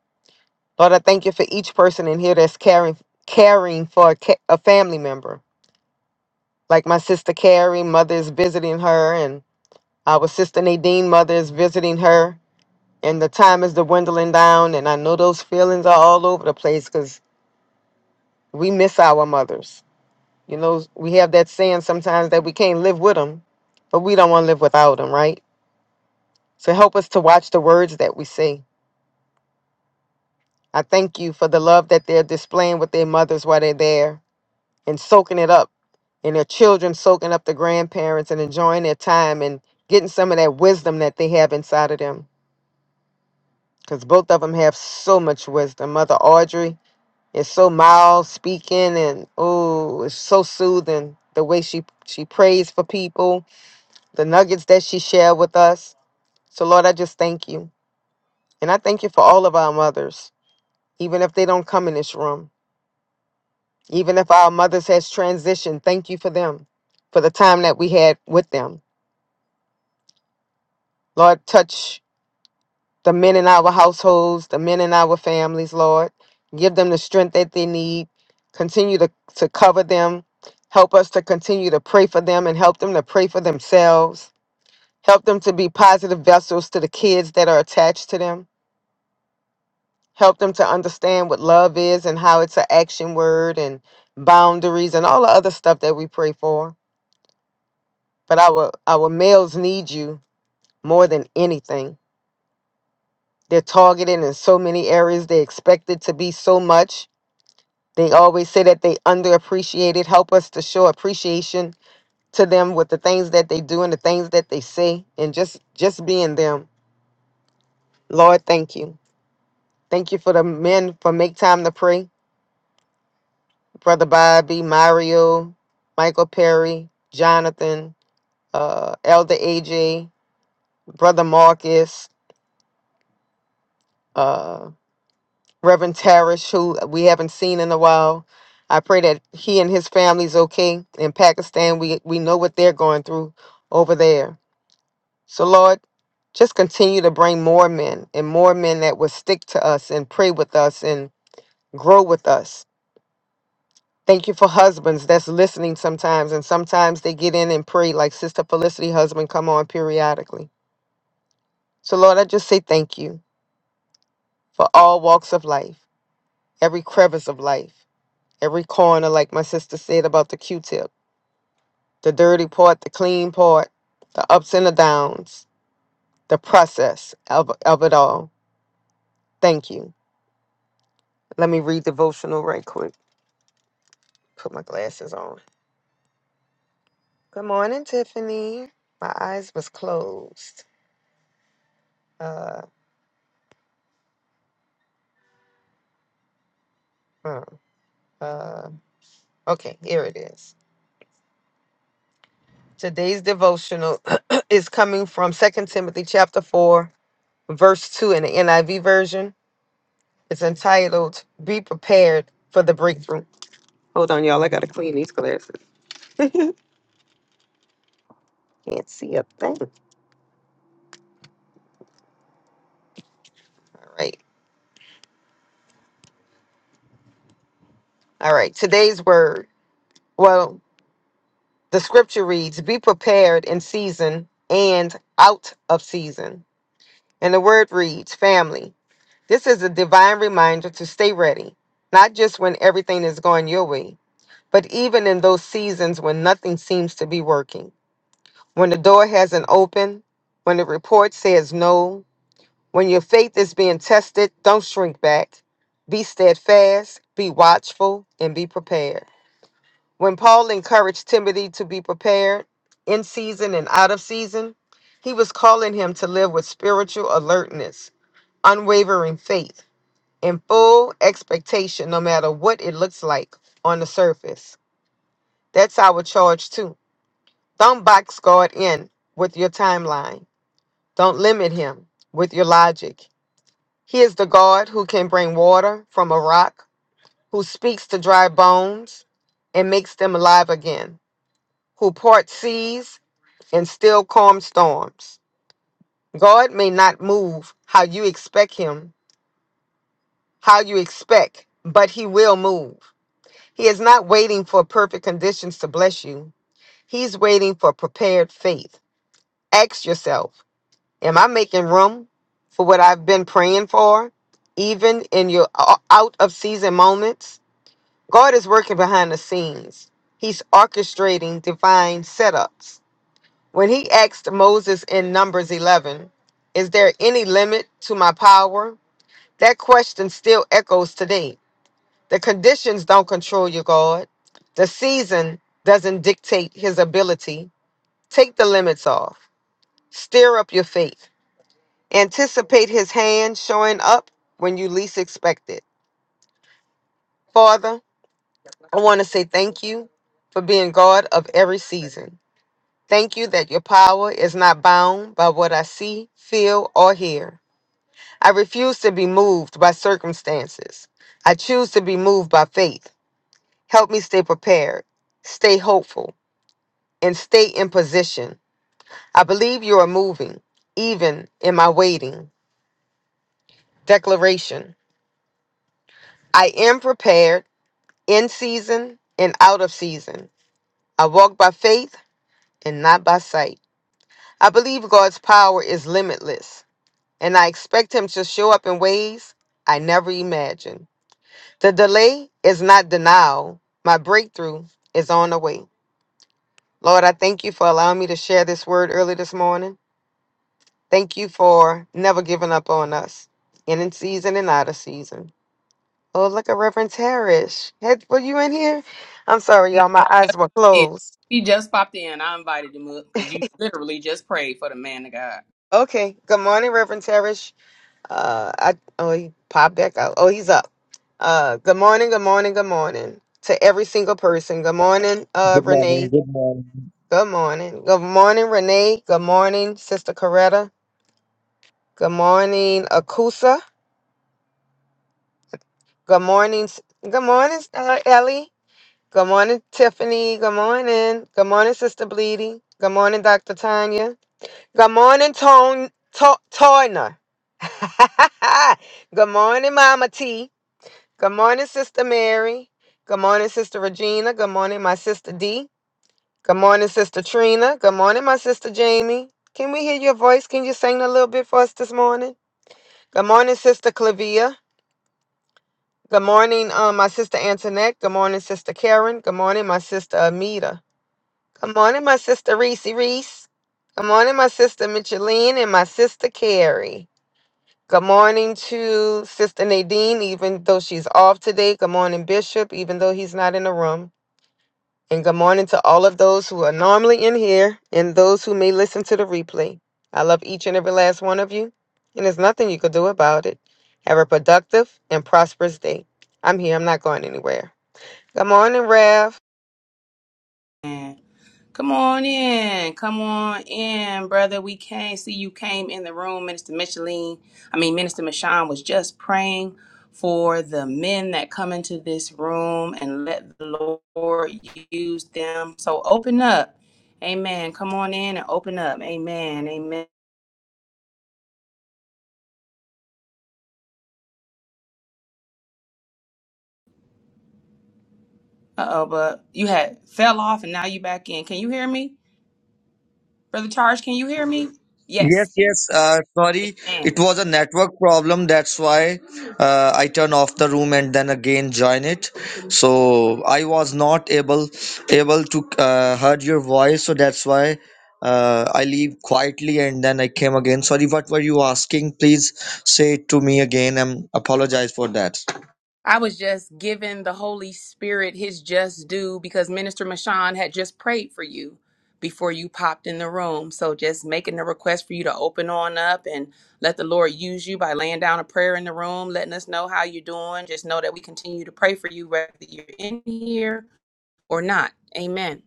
Speaker 6: lord i thank you for each person in here that's caring caring for a, ca- a family member like my sister carrie mother is visiting her and our sister nadine mother is visiting her and the time is dwindling down and i know those feelings are all over the place because we miss our mothers You know, we have that saying sometimes that we can't live with them, but we don't want to live without them, right? So help us to watch the words that we say. I thank you for the love that they're displaying with their mothers while they're there and soaking it up, and their children soaking up the grandparents and enjoying their time and getting some of that wisdom that they have inside of them. Because both of them have so much wisdom. Mother Audrey is so mild speaking and oh, it's so soothing the way she she prays for people the nuggets that she shared with us. So, Lord, I just thank you. And I thank you for all of our mothers, even if they don't come in this room, even if our mothers has transitioned, thank you for them, for the time that we had with them. Lord, touch the men in our households, the men in our families, Lord. Give them the strength that they need. Continue to, to cover them. Help us to continue to pray for them and help them to pray for themselves. Help them to be positive vessels to the kids that are attached to them. help them to understand what love is and how it's an action word and boundaries and all the other stuff that we pray for. But our our males need you more than anything. They're targeted in so many areas. They're expected to be so much. They always say that they underappreciated. Help us to show appreciation to them with the things that they do and the things that they say and just just being them. Lord, thank you. Thank you for the men for make time to pray. Brother Bobby, Mario, Michael Perry, Jonathan, uh, Elder AJ, Brother Marcus, uh, Reverend Tarish, who we haven't seen in a while. I pray that he and his family's okay. In Pakistan, we, we know what they're going through over there. So, Lord, just continue to bring more men and more men that will stick to us and pray with us and grow with us Thank you for husbands that's listening sometimes, and sometimes they get in and pray like Sister Felicity husband come on periodically. So Lord, I just say thank you for all walks of life, every crevice of life, every corner, like my sister said about the Q-tip, the dirty part, the clean part, the ups and the downs, the process of, of it all. Thank you. Let me read devotional right quick. Put my glasses on. Good morning, Tiffany. My eyes was closed. Uh, uh, uh. Okay, here it is. Today's devotional <clears throat> is coming from Second Timothy chapter 4, verse 2 in the NIV version. It's entitled Be Prepared for the Breakthrough. Hold on, y'all. I gotta clean these glasses. <laughs> Can't see a thing. All right. All right. Today's word. Well, the scripture reads, Be prepared in season and out of season. And the word reads, family. This is a divine reminder to stay ready, not just when everything is going your way But even in those seasons when nothing seems to be working, when the door hasn't opened, when the report says no, when your faith is being tested, don't shrink back. Be steadfast, be watchful, and be prepared. When Paul encouraged Timothy to be prepared in season and out of season, he was calling him to live with spiritual alertness, unwavering faith, and full expectation no matter what it looks like on the surface. That's our charge too Don't box God in with your timeline. Don't limit him with your logic. He is the God who can bring water from a rock, who speaks to dry bones and makes them alive again, who parts seas and still calm storms. God may not move how you expect him, how you expect, but he will move. He is not waiting for perfect conditions to bless you. He's waiting for prepared faith. Ask yourself, Am I making room for what I've been praying for, even in your o- out of season moments? God is working behind the scenes. He's orchestrating divine setups. When he asked Moses in Numbers 11, Is there any limit to my power? That question still echoes today. The conditions don't control your God. The season doesn't dictate his ability. Take the limits off. Stir up your faith Anticipate his hand showing up when you least expect it. Father, I want to say thank you for being God of every season. Thank you that your power is not bound by what I see, feel, or hear. I refuse to be moved by circumstances. I choose to be moved by faith. Help me stay prepared, stay hopeful, and stay in position. I believe you are moving, even in my waiting. Declaration I am prepared. in season and out of season. I walk by faith and not by sight. I believe God's power is limitless, and I expect Him to show up in ways I never imagined. The delay is not denial, my breakthrough is on the way. Lord, I thank you for allowing me to share this word early this morning. Thank you for never giving up on us, and in season and out of season. Oh, look at Reverend Parrish. Had- Were you in here? I'm sorry,
Speaker 1: No,
Speaker 6: y'all. My
Speaker 1: he
Speaker 6: eyes
Speaker 1: just
Speaker 6: were
Speaker 1: popped in.
Speaker 6: closed.
Speaker 1: He just popped in. I invited him up because you literally just prayed for the man of God.
Speaker 6: Okay. Good morning, Reverend Teresh. Uh, I oh he popped back out. Oh, he's up. Uh, good morning. Good morning. Good morning to every single person. Good morning, uh,
Speaker 7: Good morning.
Speaker 6: Renee.
Speaker 7: Good morning.
Speaker 6: Good morning. Good morning, Renee. Good morning, Sister Coretta. Good morning, Akusa. Good morning. S- Good morning, uh, Ellie. Good morning, Tiffany. Good morning. Good morning, Sister Bleedy. Good morning, Dr. Tanya. Good morning, Tone to, Toyna. <laughs> Good morning, Mama T. Good morning, Sister Mary. Good morning, Sister Regina. Good morning, my sister D. Good morning, Sister Trina. Good morning, my sister Jamie. Can we hear your voice? Can you sing a little bit for us this morning? Good morning, Sister Clavia. Good morning, um, my sister Antoinette. Good morning, Sister Karen. Good morning, my sister Amita. Good morning, my sister Reese Reese. Good morning, my sister Micheline and my sister Carrie. Good morning to Sister Nadine, even though she's off today. Good morning, Bishop, even though he's not in the room. And good morning to all of those who are normally in here and those who may listen to the replay. I love each and every last one of you, and there's nothing you could do about it. Have a productive and prosperous day. I'm here, I'm not going anywhere. Good morning, Rev.
Speaker 1: Come on in. Come on in, brother. We can't see you came in the room. Minister Micheline, I mean, Minister Michon was just praying for the men that come into this room and let the Lord use them. So open up. Amen. Come on in and open up. Amen. Amen. Uh oh, but you had fell off and now you back in. Can you hear me? Brother Charge, can you hear me? Yes.
Speaker 7: Yes, yes. Uh, sorry, it
Speaker 1: Amen.
Speaker 7: was a network problem. That's why uh, I turn off the room and then again join it. So I was not able able to uh, heard your voice. So that's why uh, I leave quietly and then I came again. Sorry, what were you asking? Please say it to me again. I'm apologize for that.
Speaker 1: I was just giving the Holy Spirit his just due because Minister Mashawn had just prayed for you before you popped in the room. So just making the request for you to open on up and let the Lord use you by laying down a prayer in the room, letting us know how you're doing. Just know that we continue to pray for you whether you're in here or not. Amen.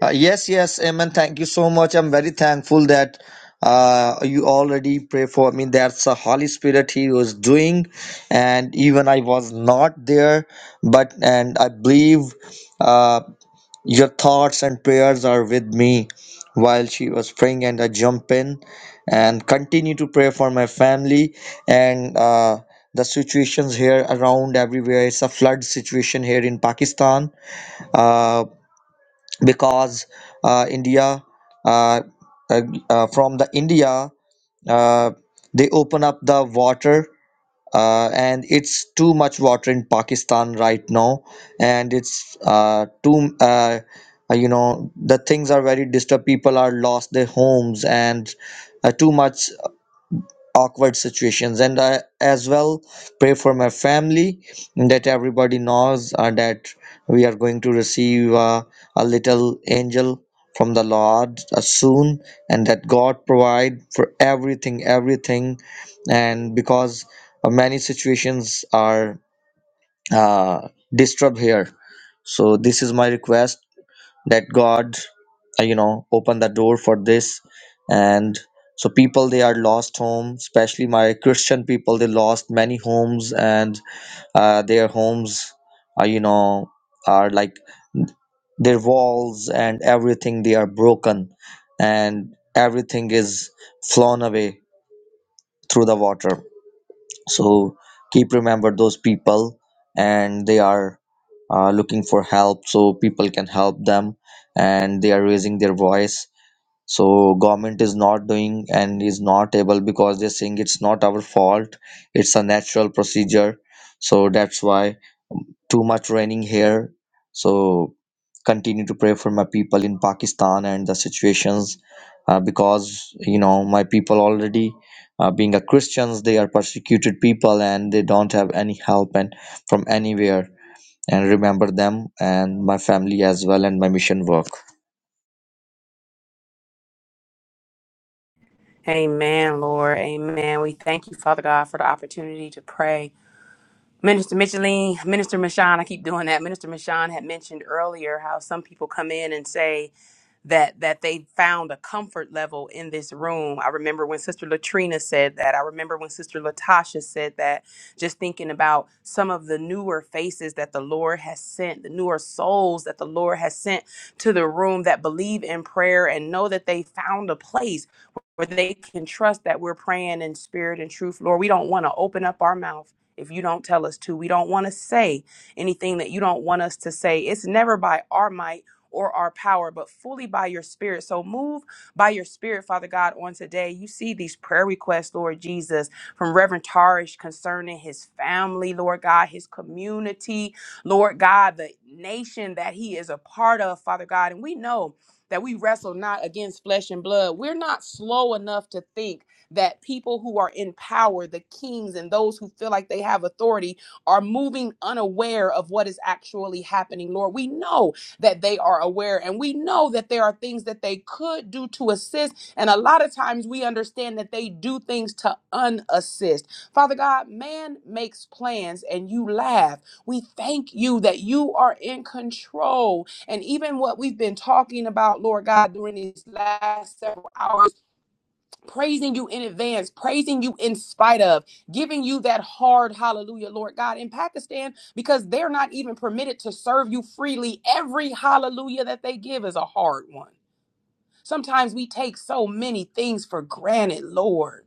Speaker 7: Uh, yes, yes, Amen. Thank you so much. I'm very thankful that uh, you already pray for me. That's the Holy Spirit He was doing, and even I was not there, but and I believe uh, your thoughts and prayers are with me while she was praying, and I jump in and continue to pray for my family and. Uh, the situations here around everywhere it's a flood situation here in pakistan Uh, because uh, India uh, uh, uh, from the India uh, they open up the water uh, and it's too much water in Pakistan right now and it's uh, too uh, uh, you know the things are very disturbed people are lost their homes and uh, too much awkward situations and i as well pray for my family that everybody knows uh, that we are going to receive uh, a little angel from the lord uh, soon and that god provide for everything everything and because uh, many situations are uh, disturbed here so this is my request that god uh, you know opened the door for this and so people they are lost home especially my christian people they lost many homes and uh, their homes are you know are like their walls and everything they are broken and everything is flown away through the water so keep remember those people and they are uh, looking for help so people can help them and they are raising their voice so government is not doing and is not able because they're saying it's not our fault it's a natural procedure so that's why too much raining here so continue to pray for my people in pakistan and the situations uh, because you know my people already uh, being a christians they are persecuted people and they don't have any help and from anywhere and remember them and my family as well and my mission work
Speaker 1: Amen, Lord. Amen. We thank you, Father God, for the opportunity to pray. Minister Micheline, Minister Mashawn, I keep doing that. Minister Mashawn had mentioned earlier how some people come in and say, that that they found a comfort level in this room. I remember when Sister Latrina said that. I remember when Sister Latasha said that. Just thinking about some of the newer faces that the Lord has sent, the newer souls that the Lord has sent to the room that believe in prayer and know that they found a place where they can trust that we're praying in spirit and truth. Lord, we don't want to open up our mouth if you don't tell us to. We don't want to say anything that you don't want us to say. It's never by our might or our power, but fully by your spirit. So move by your spirit, Father God, on today. You see these prayer requests, Lord Jesus, from Reverend Tarish concerning his family, Lord God, his community, Lord God, the nation that he is a part of, Father God. And we know that we wrestle not against flesh and blood. We're not slow enough to think that people who are in power, the kings and those who feel like they have authority, are moving unaware of what is actually happening, Lord. We know that they are aware. And we know that there are things that they could do to assist. And a lot of times we understand that they do things to unassist. Father God, man makes plans and you laugh. We thank you that you are in control. And even what we've been talking about, Lord God, during these last several hours praising you in advance, praising you in spite of, giving you that hard hallelujah, Lord God, in Pakistan, because they're not even permitted to serve you freely. Every hallelujah that they give is a hard one. Sometimes we take so many things for granted, Lord.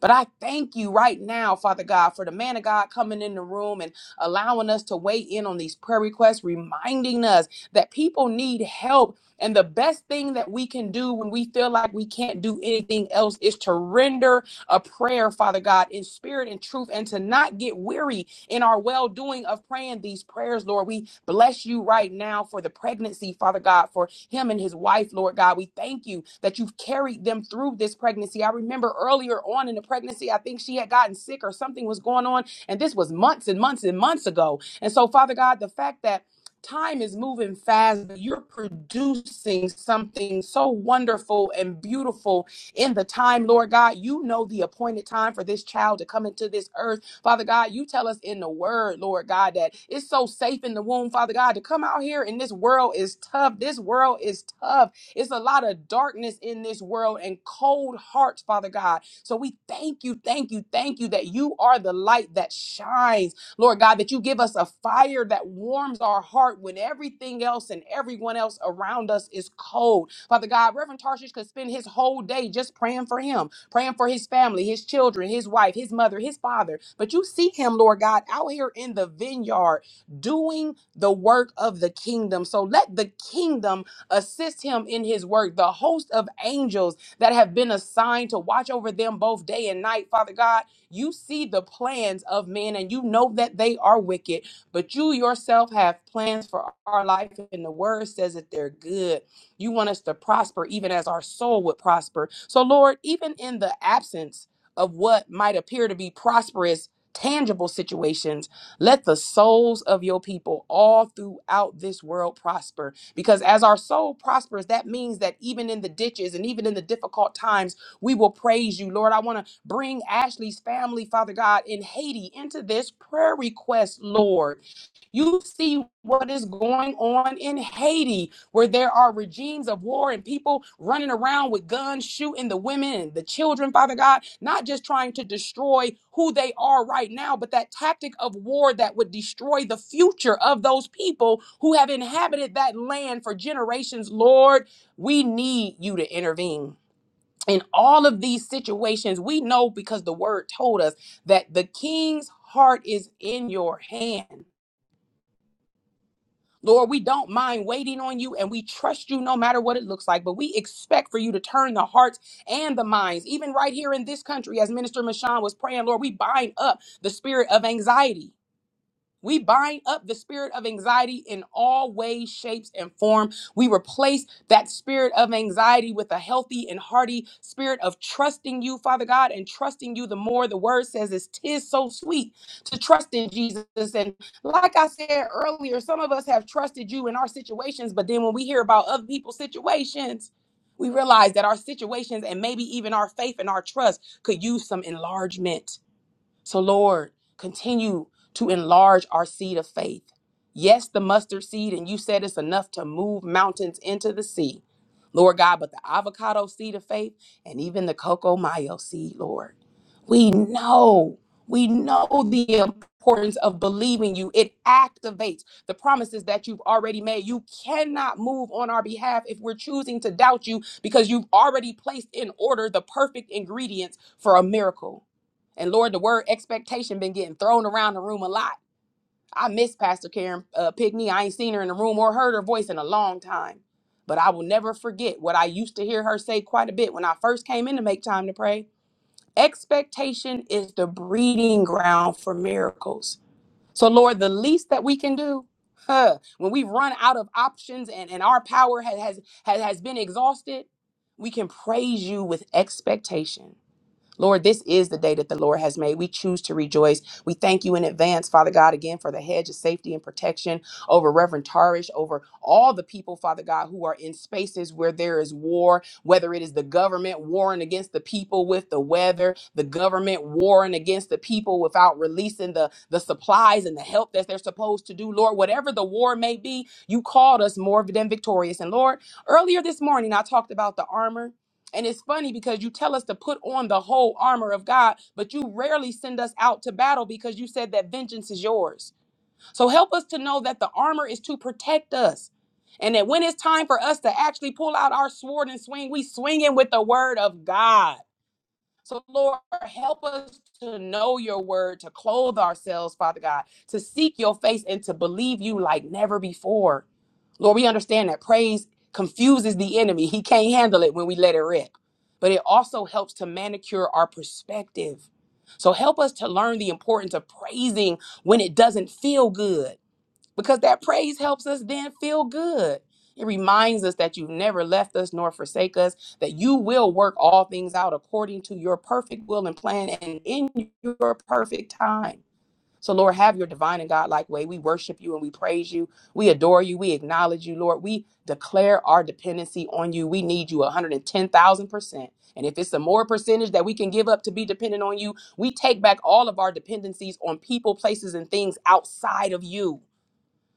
Speaker 1: But I thank you right now, Father God, for the man of God coming in the room and allowing us to weigh in on these prayer requests, reminding us that people need help. And the best thing that we can do when we feel like we can't do anything else is to render a prayer, Father God, in spirit and truth, and to not get weary in our well doing of praying these prayers, Lord. We bless you right now for the pregnancy, Father God, for him and his wife, Lord God. We thank you that you've carried them through this pregnancy. I remember earlier on in the pregnancy, I think she had gotten sick or something was going on, and this was months and months and months ago. And so, Father God, the fact that Time is moving fast. but You're producing something so wonderful and beautiful in the time, Lord God. You know the appointed time for this child to come into this earth. Father God, you tell us in the word, Lord God, that it's so safe in the womb, Father God, to come out here and this world is tough. This world is tough. It's a lot of darkness in this world and cold hearts, Father God. So we thank you, thank you, thank you that you are the light that shines Lord God, that you give us a fire that warms our heart when everything else and everyone else around us is cold. Father God, Reverend Tarshish could spend his whole day just praying for him, praying for his family, his children, his wife, his mother, his father. But you see him, Lord God, out here in the vineyard doing the work of the kingdom. So let the kingdom assist him in his work. The host of angels that have been assigned to watch over them both day and night, Father God. You see the plans of men and you know that they are wicked, but you yourself have plans for our life, and the word says that they're good. You want us to prosper even as our soul would prosper. So, Lord, even in the absence of what might appear to be prosperous, tangible situations, let the souls of your people all throughout this world prosper. Because as our soul prospers, that means that even in the ditches and even in the difficult times, we will praise you. Lord, I want to Bring Ashley's family, Father God, in Haiti into this prayer request, Lord. You see what is going on in Haiti, where there are regimes of war and people running around with guns, shooting the women and the children, Father God, not just trying to destroy who they are right now, but that tactic of war that would destroy the future of those people who have inhabited that land for generations. Lord, we need you to intervene in all of these situations, we know because the word told us that the king's heart is in your hand. Lord, we don't mind waiting on you and we trust you no matter what it looks like, but we expect for you to turn the hearts and the minds, even right here in this country, as Minister Mashan was praying, Lord, we bind up the spirit of anxiety we bind up the spirit of anxiety in all ways, shapes, and form. We replace that spirit of anxiety with a healthy and hearty spirit of trusting you, Father God, and trusting you the more. The word says it's tis so sweet to trust in Jesus. And like I said earlier, some of us have trusted you in our situations, but then when we hear about other people's situations, we realize that our situations and maybe even our faith and our trust could use some enlargement. So, Lord, continue to enlarge our seed of faith. Yes, the mustard seed, and you said it's enough to move mountains into the sea. Lord God, but the avocado seed of faith and even the cocoa mayo seed, Lord. We know, we know the importance of believing you. It activates the promises that you've already made. You cannot move on our behalf if we're choosing to doubt you because you've already placed in order the perfect ingredients for a miracle. And Lord, the word expectation been getting thrown around the room a lot. I miss Pastor Karen uh, Pigney. I ain't seen her in the room or heard her voice in a long time. But I will never forget what I used to hear her say quite a bit when I first came in to make time to pray. Expectation is the breeding ground for miracles. So, Lord, the least that we can do, huh, when we've run out of options and, and our power has, has, has has been exhausted, we can praise you with expectation. Lord, this is the day that the Lord has made. We choose to rejoice. We thank you in advance, Father God, again for the hedge of safety and protection over Reverend Tarish, over all the people, Father God, who are in spaces where there is war, whether it is the government warring against the people with the weather, the government warring against the people without releasing the, the supplies and the help that they're supposed to do. Lord, whatever the war may be, you called us more than victorious. And Lord, earlier this morning, I talked about the armor and it's funny because you tell us to put on the whole armor of God, but you rarely send us out to battle because you said that vengeance is yours. So help us to know that the armor is to protect us. And that when it's time for us to actually pull out our sword and swing, we swing it with the word of God. So, Lord, help us to know your word, to clothe ourselves, Father God, to seek your face and to believe you like never before. Lord, we understand that praise confuses the enemy. He can't handle it when we let it rip, but it also helps to manicure our perspective. So, help us to learn the importance of praising when it doesn't feel good because that praise helps us then feel good. It reminds us that you've never left us nor forsake us, that you will work all things out according to your perfect will and plan and in your perfect time. So, Lord, have your divine and godlike way. We worship you and we praise you. We adore you. We acknowledge you, Lord. We declare our dependency on you. We need you 110,000%. And if it's a more percentage that we can give up to be dependent on you, we take back all of our dependencies on people, places, and things outside of you.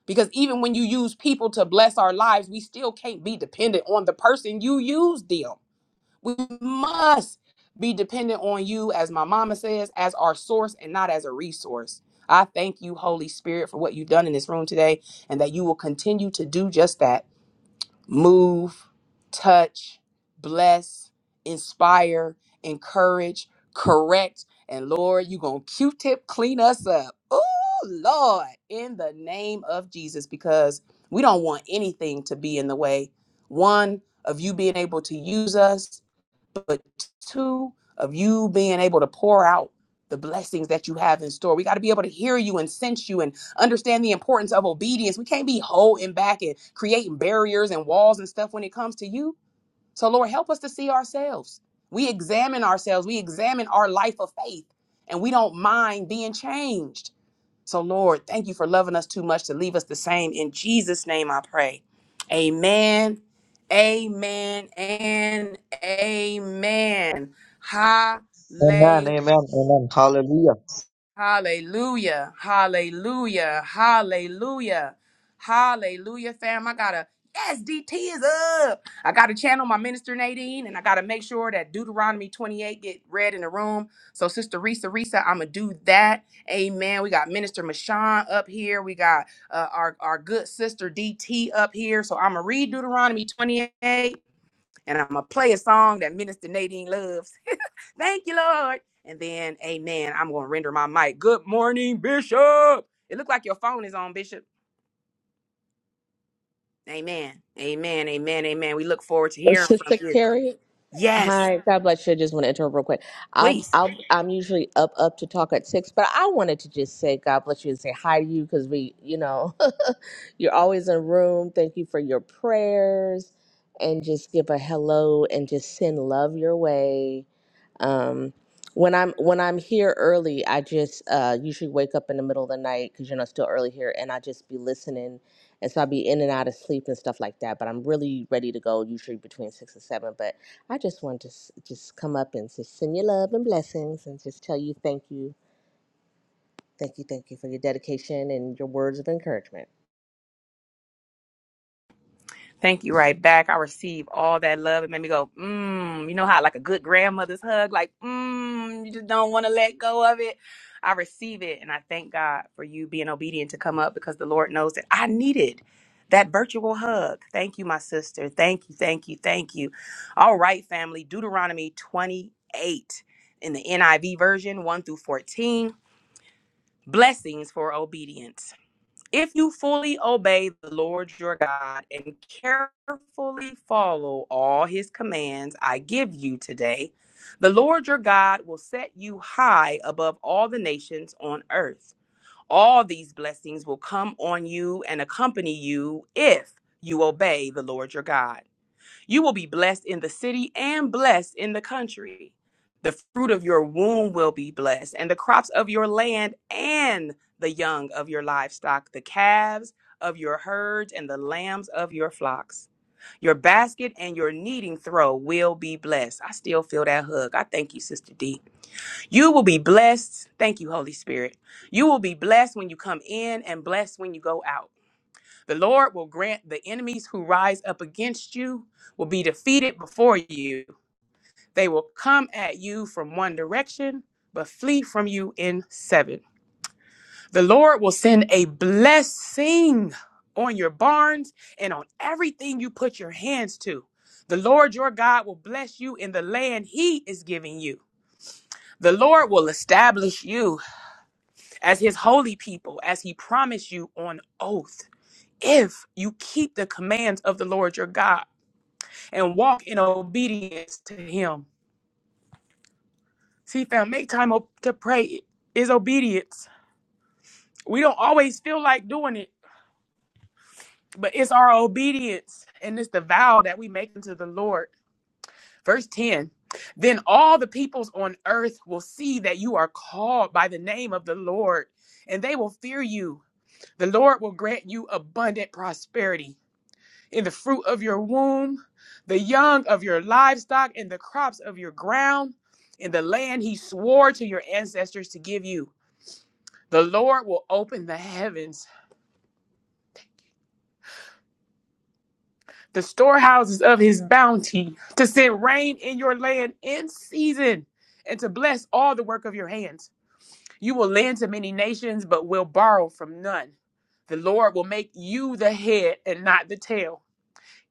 Speaker 1: Because even when you use people to bless our lives, we still can't be dependent on the person you used them. We must be dependent on you, as my mama says, as our source and not as a resource. I thank you, Holy Spirit, for what you've done in this room today and that you will continue to do just that move, touch, bless, inspire, encourage, correct. And Lord, you going to Q tip clean us up. Oh, Lord, in the name of Jesus, because we don't want anything to be in the way. One, of you being able to use us, but two of you being able to pour out the blessings that you have in store. We got to be able to hear you and sense you and understand the importance of obedience. We can't be holding back and creating barriers and walls and stuff when it comes to you. So, Lord, help us to see ourselves. We examine ourselves, we examine our life of faith, and we don't mind being changed. So, Lord, thank you for loving us too much to leave us the same. In Jesus' name I pray. Amen. Amen and amen.
Speaker 7: Amen,
Speaker 1: Hallelujah.
Speaker 7: amen, amen. Hallelujah.
Speaker 1: Hallelujah. Hallelujah. Hallelujah. Hallelujah, fam. I gotta SDT is up. I gotta channel my minister Nadine and I gotta make sure that Deuteronomy 28 get read in the room. So Sister Risa Risa, I'ma do that. Amen. We got Minister Mashawn up here. We got uh, our, our good sister DT up here. So I'ma read Deuteronomy 28. And I'm gonna play a song that Minister Nadine loves. <laughs> Thank you, Lord. And then, Amen. I'm gonna render my mic. Good morning, Bishop. It looked like your phone is on, Bishop. Amen. Amen. Amen. Amen. We look forward to hearing from
Speaker 8: Sister
Speaker 1: you.
Speaker 8: Carrie.
Speaker 1: Yes,
Speaker 8: Hi, God bless you. I just want to interrupt real quick. I'll,
Speaker 1: please.
Speaker 8: I'll, I'm usually up, up to talk at six, but I wanted to just say God bless you and say hi to you because we, you know, <laughs> you're always in room. Thank you for your prayers and just give a hello and just send love your way. Um, when I'm when I'm here early, I just uh, usually wake up in the middle of the night because you know it's still early here, and I just be listening, and so i be in and out of sleep and stuff like that. But I'm really ready to go usually between six and seven. But I just wanted to s- just come up and just send you love and blessings, and just tell you thank you, thank you, thank you for your dedication and your words of encouragement.
Speaker 1: Thank you right back. I received all that love. It made me go, mmm. You know how like a good grandmother's hug, like, mmm, you just don't want to let go of it. I receive it. And I thank God for you being obedient to come up because the Lord knows that I needed that virtual hug. Thank you, my sister. Thank you, thank you, thank you. All right, family. Deuteronomy 28 in the NIV version, 1 through 14. Blessings for obedience. If you fully obey the Lord your God and carefully follow all his commands I give you today, the Lord your God will set you high above all the nations on earth. All these blessings will come on you and accompany you if you obey the Lord your God. You will be blessed in the city and blessed in the country. The fruit of your womb will be blessed, and the crops of your land and the young of your livestock, the calves of your herds and the lambs of your flocks. Your basket and your kneading throw will be blessed. I still feel that hug. I thank you, Sister D. You will be blessed. Thank you, Holy Spirit. You will be blessed when you come in and blessed when you go out. The Lord will grant the enemies who rise up against you will be defeated before you. They will come at you from one direction, but flee from you in seven. The Lord will send a blessing on your barns and on everything you put your hands to. The Lord your God will bless you in the land he is giving you. The Lord will establish you as his holy people, as he promised you on oath, if you keep the commands of the Lord your God. and walk in obedience to Him. See, fam, make time op- to pray is obedience. We don't always feel like doing it, but it's our obedience and it's the vow that we make unto the Lord. Verse 10 Then all the peoples on earth will see that you are called by the name of the Lord, and they will fear you. The Lord will grant you abundant prosperity in the fruit of your womb, the young of your livestock, and the crops of your ground, in the land he swore to your ancestors to give you. The Lord will open the heavens, the storehouses of his bounty, to send rain in your land in season, and to bless all the work of your hands. You will lend to many nations, but will borrow from none. The Lord will make you the head and not the tail.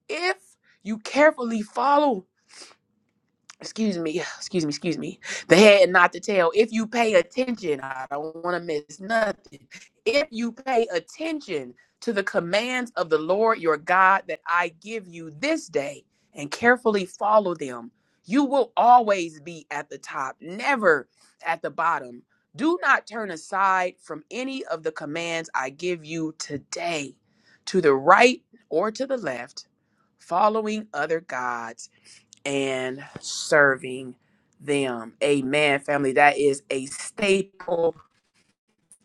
Speaker 1: If you carefully follow excuse me, <sighs> excuse me, excuse me, the head and not the tail. If you pay attention, I don't want to miss nothing. If you pay attention to the commands of the Lord your God that I give you this day and carefully follow them, you will always be at the top, never at the bottom. Do not turn aside from any of the commands I give you today to the right or to the left, following other gods and serving them. Amen, family. That is a staple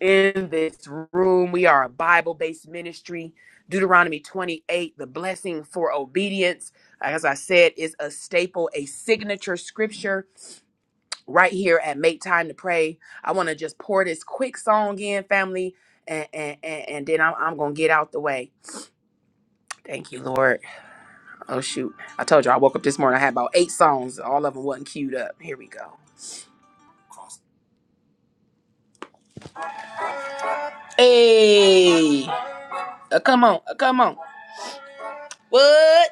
Speaker 1: in this room. We are a Bible based ministry. Deuteronomy 28, the blessing for obedience, Like as I said, is a staple, a signature scripture right here at Make Time to Pray. I want to just pour this quick song in, family, and, and, and, and then I'm, I'm going to get out the way. Thank you, Lord. Oh, shoot. I told you I woke up this morning, I had about eight songs. All of them wasn't queued up. Here we go. Hey, uh, come on, uh, come on. What?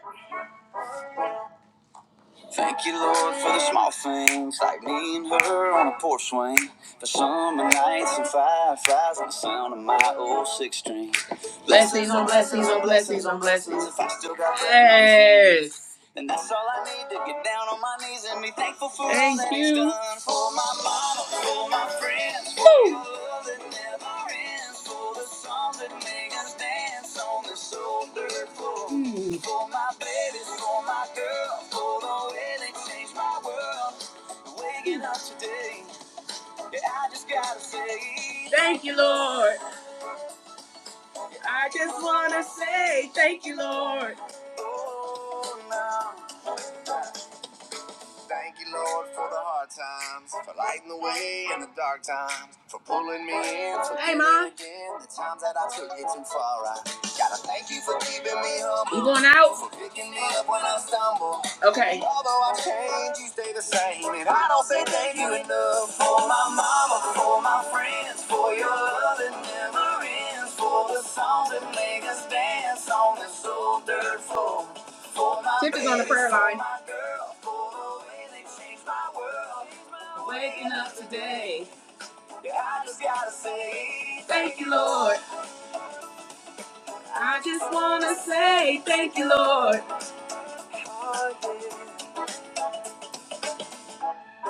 Speaker 1: Porch swing for summer nights and fireflies and the sound of my old six string. Blessings on blessings on blessings on blessings. If I still got Yes. then that's all I need to get down on my knees and be thankful for all Thank that He's you. He's done for my mama, for my friends, for Woo. the love that never ends, for the songs that make us dance on this old dirt floor, Hmm. for my babies, for my girl, for the way they changed my world. Waking up today. Yeah, I just gotta say, thank oh, no. Thank you, Lord, for the hard times, for lighting the way in the dark times, for pulling me in. Hey, Ma. the times that I took it too far, I gotta thank you for keeping me humble. You going out? For picking me up when I stumble. Although I change, you stay the same. And I don't say thank you enough for my mama, for my friends, for your love that never ends, for the songs that make us dance on this old dirt floor. For my Tip is on the prayer line. Waking up. Yeah, I just gotta say thank you, Lord.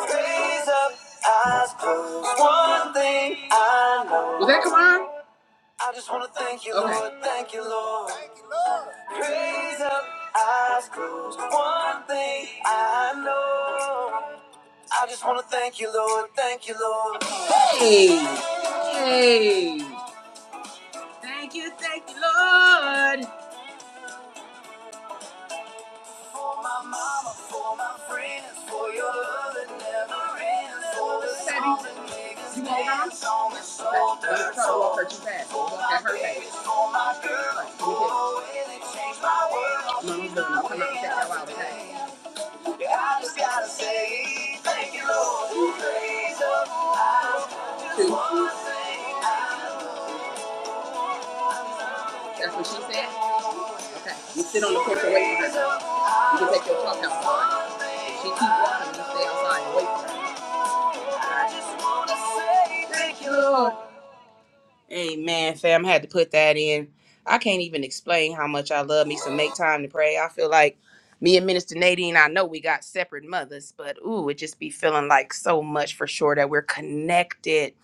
Speaker 1: Raise up, eyes closed. One thing I know. Was that come on? I just wanna thank you, okay. Lord. Thank you, Lord. Raise up, eyes closed. One thing I know. I just wanna thank you, Lord. Thank you, Lord. Steady, you I just gotta say. Amen, fam. Had to put that in. I can't even explain how much I love me some make time to pray. I feel like me and Minister Nadine, I know we got separate mothers, but ooh, it just be feeling like so much for sure that we're connected.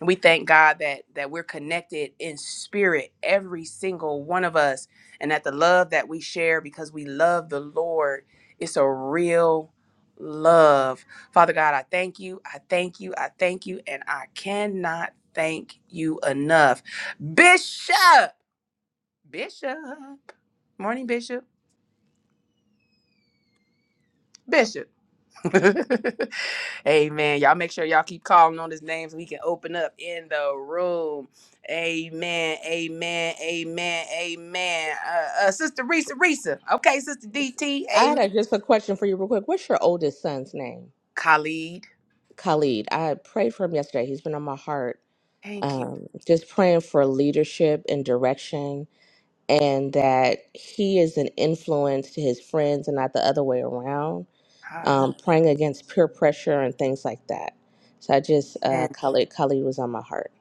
Speaker 1: And We thank God that that we're connected in spirit, every single one of us, and that the love that we share because we love the Lord, it's a real love. Father God, I thank you, I thank you, I thank you, and I cannot thank you enough. Bishop, Bishop, morning, Bishop, Bishop. <laughs> Amen. Y'all make sure y'all keep calling on his name so he can open up in the room. Amen. Amen. Amen. Amen. Uh, uh, Sister Risa, Risa. Okay, Sister DT.
Speaker 8: I had
Speaker 1: Amen.
Speaker 8: a, just a question for you real quick. What's your oldest son's name?
Speaker 1: Khalid.
Speaker 8: Khalid. I prayed for him yesterday. He's been on my heart
Speaker 1: Thank you.
Speaker 8: um, just praying for leadership and direction and that he is an influence to his friends and not the other way around
Speaker 1: Hallelujah.
Speaker 8: um, praying against peer pressure and things like that so i just uh, khalid khalid was on my heart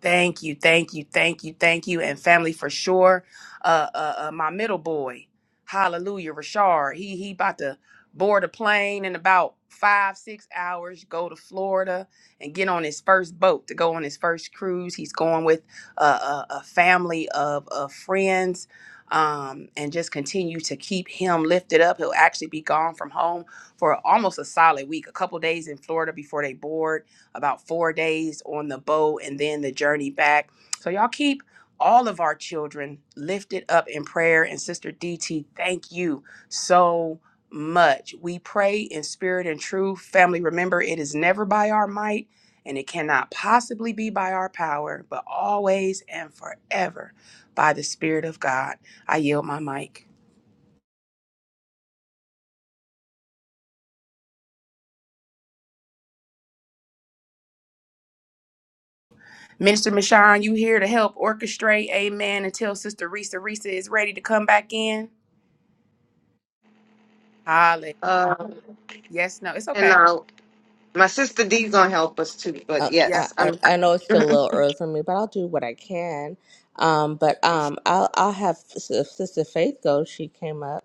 Speaker 1: Thank you, thank you, thank you, thank you, and family for sure. Uh, uh, uh my middle boy, Hallelujah, Rashard. He he about to board a plane in about five six hours, go to Florida and get on his first boat to go on his first cruise. He's going with a, a, a family of of friends. Um, and just continue to keep him lifted up. He'll actually be gone from home for almost a solid week, a couple days in Florida before they board about four days on the boat and then the journey back. So y'all keep all of our children lifted up in prayer. And Sister DT, thank you so much. We pray in spirit and truth. Family, remember it is never by our might and it cannot possibly be by our power, but always and forever by the Spirit of God. I yield my mic. Minister Michon, you here to help orchestrate, amen, until Sister Risa Risa is ready to come back in?
Speaker 6: Uh,
Speaker 1: Yes, no, it's
Speaker 6: and
Speaker 1: okay.
Speaker 6: uh, my sister D's gonna help us too, but
Speaker 8: uh, I,
Speaker 6: yes,
Speaker 8: I
Speaker 6: I'm
Speaker 8: I know it's still a little early for me but i'll do what i can um, but um, I'll, I'll have S- if sister faith go she came up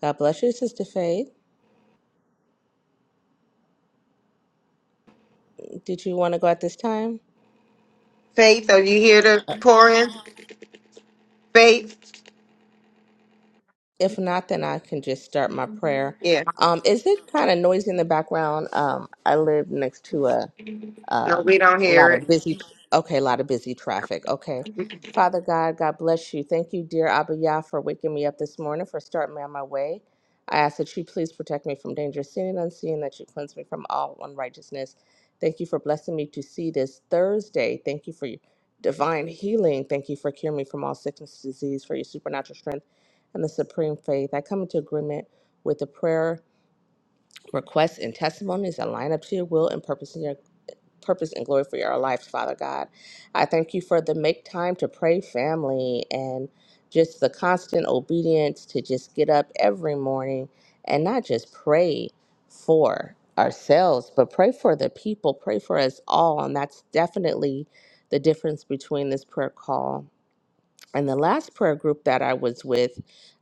Speaker 8: god bless you sister faith did you want to go at this time
Speaker 6: Faith. Are you here to pour in? Faith,
Speaker 8: If not, then I can just start my prayer.
Speaker 6: yeah,
Speaker 8: Um, is it kind of noisy in the background? Um, I live next to a uh,
Speaker 6: no, we don't
Speaker 8: a lot
Speaker 6: hear it.
Speaker 8: of busy okay a lot of busy traffic okay father god god bless you thank you dear abba Yah, for waking me up this morning for starting me on my way i ask that you please protect me from danger seen and unseen that you cleanse me from all unrighteousness thank you for blessing me to see this thursday thank you for your divine healing thank you for curing me from all sickness disease for your supernatural strength and the supreme faith i come into agreement with the prayer requests and testimonies that line up to your will and purpose in your purpose and glory for our lives, Father God. I thank you for the make time to pray family and just the constant obedience to just get up every morning and not just pray for ourselves, but pray for the people, pray for us all. And that's definitely the difference between this prayer call and the last prayer group that I was with.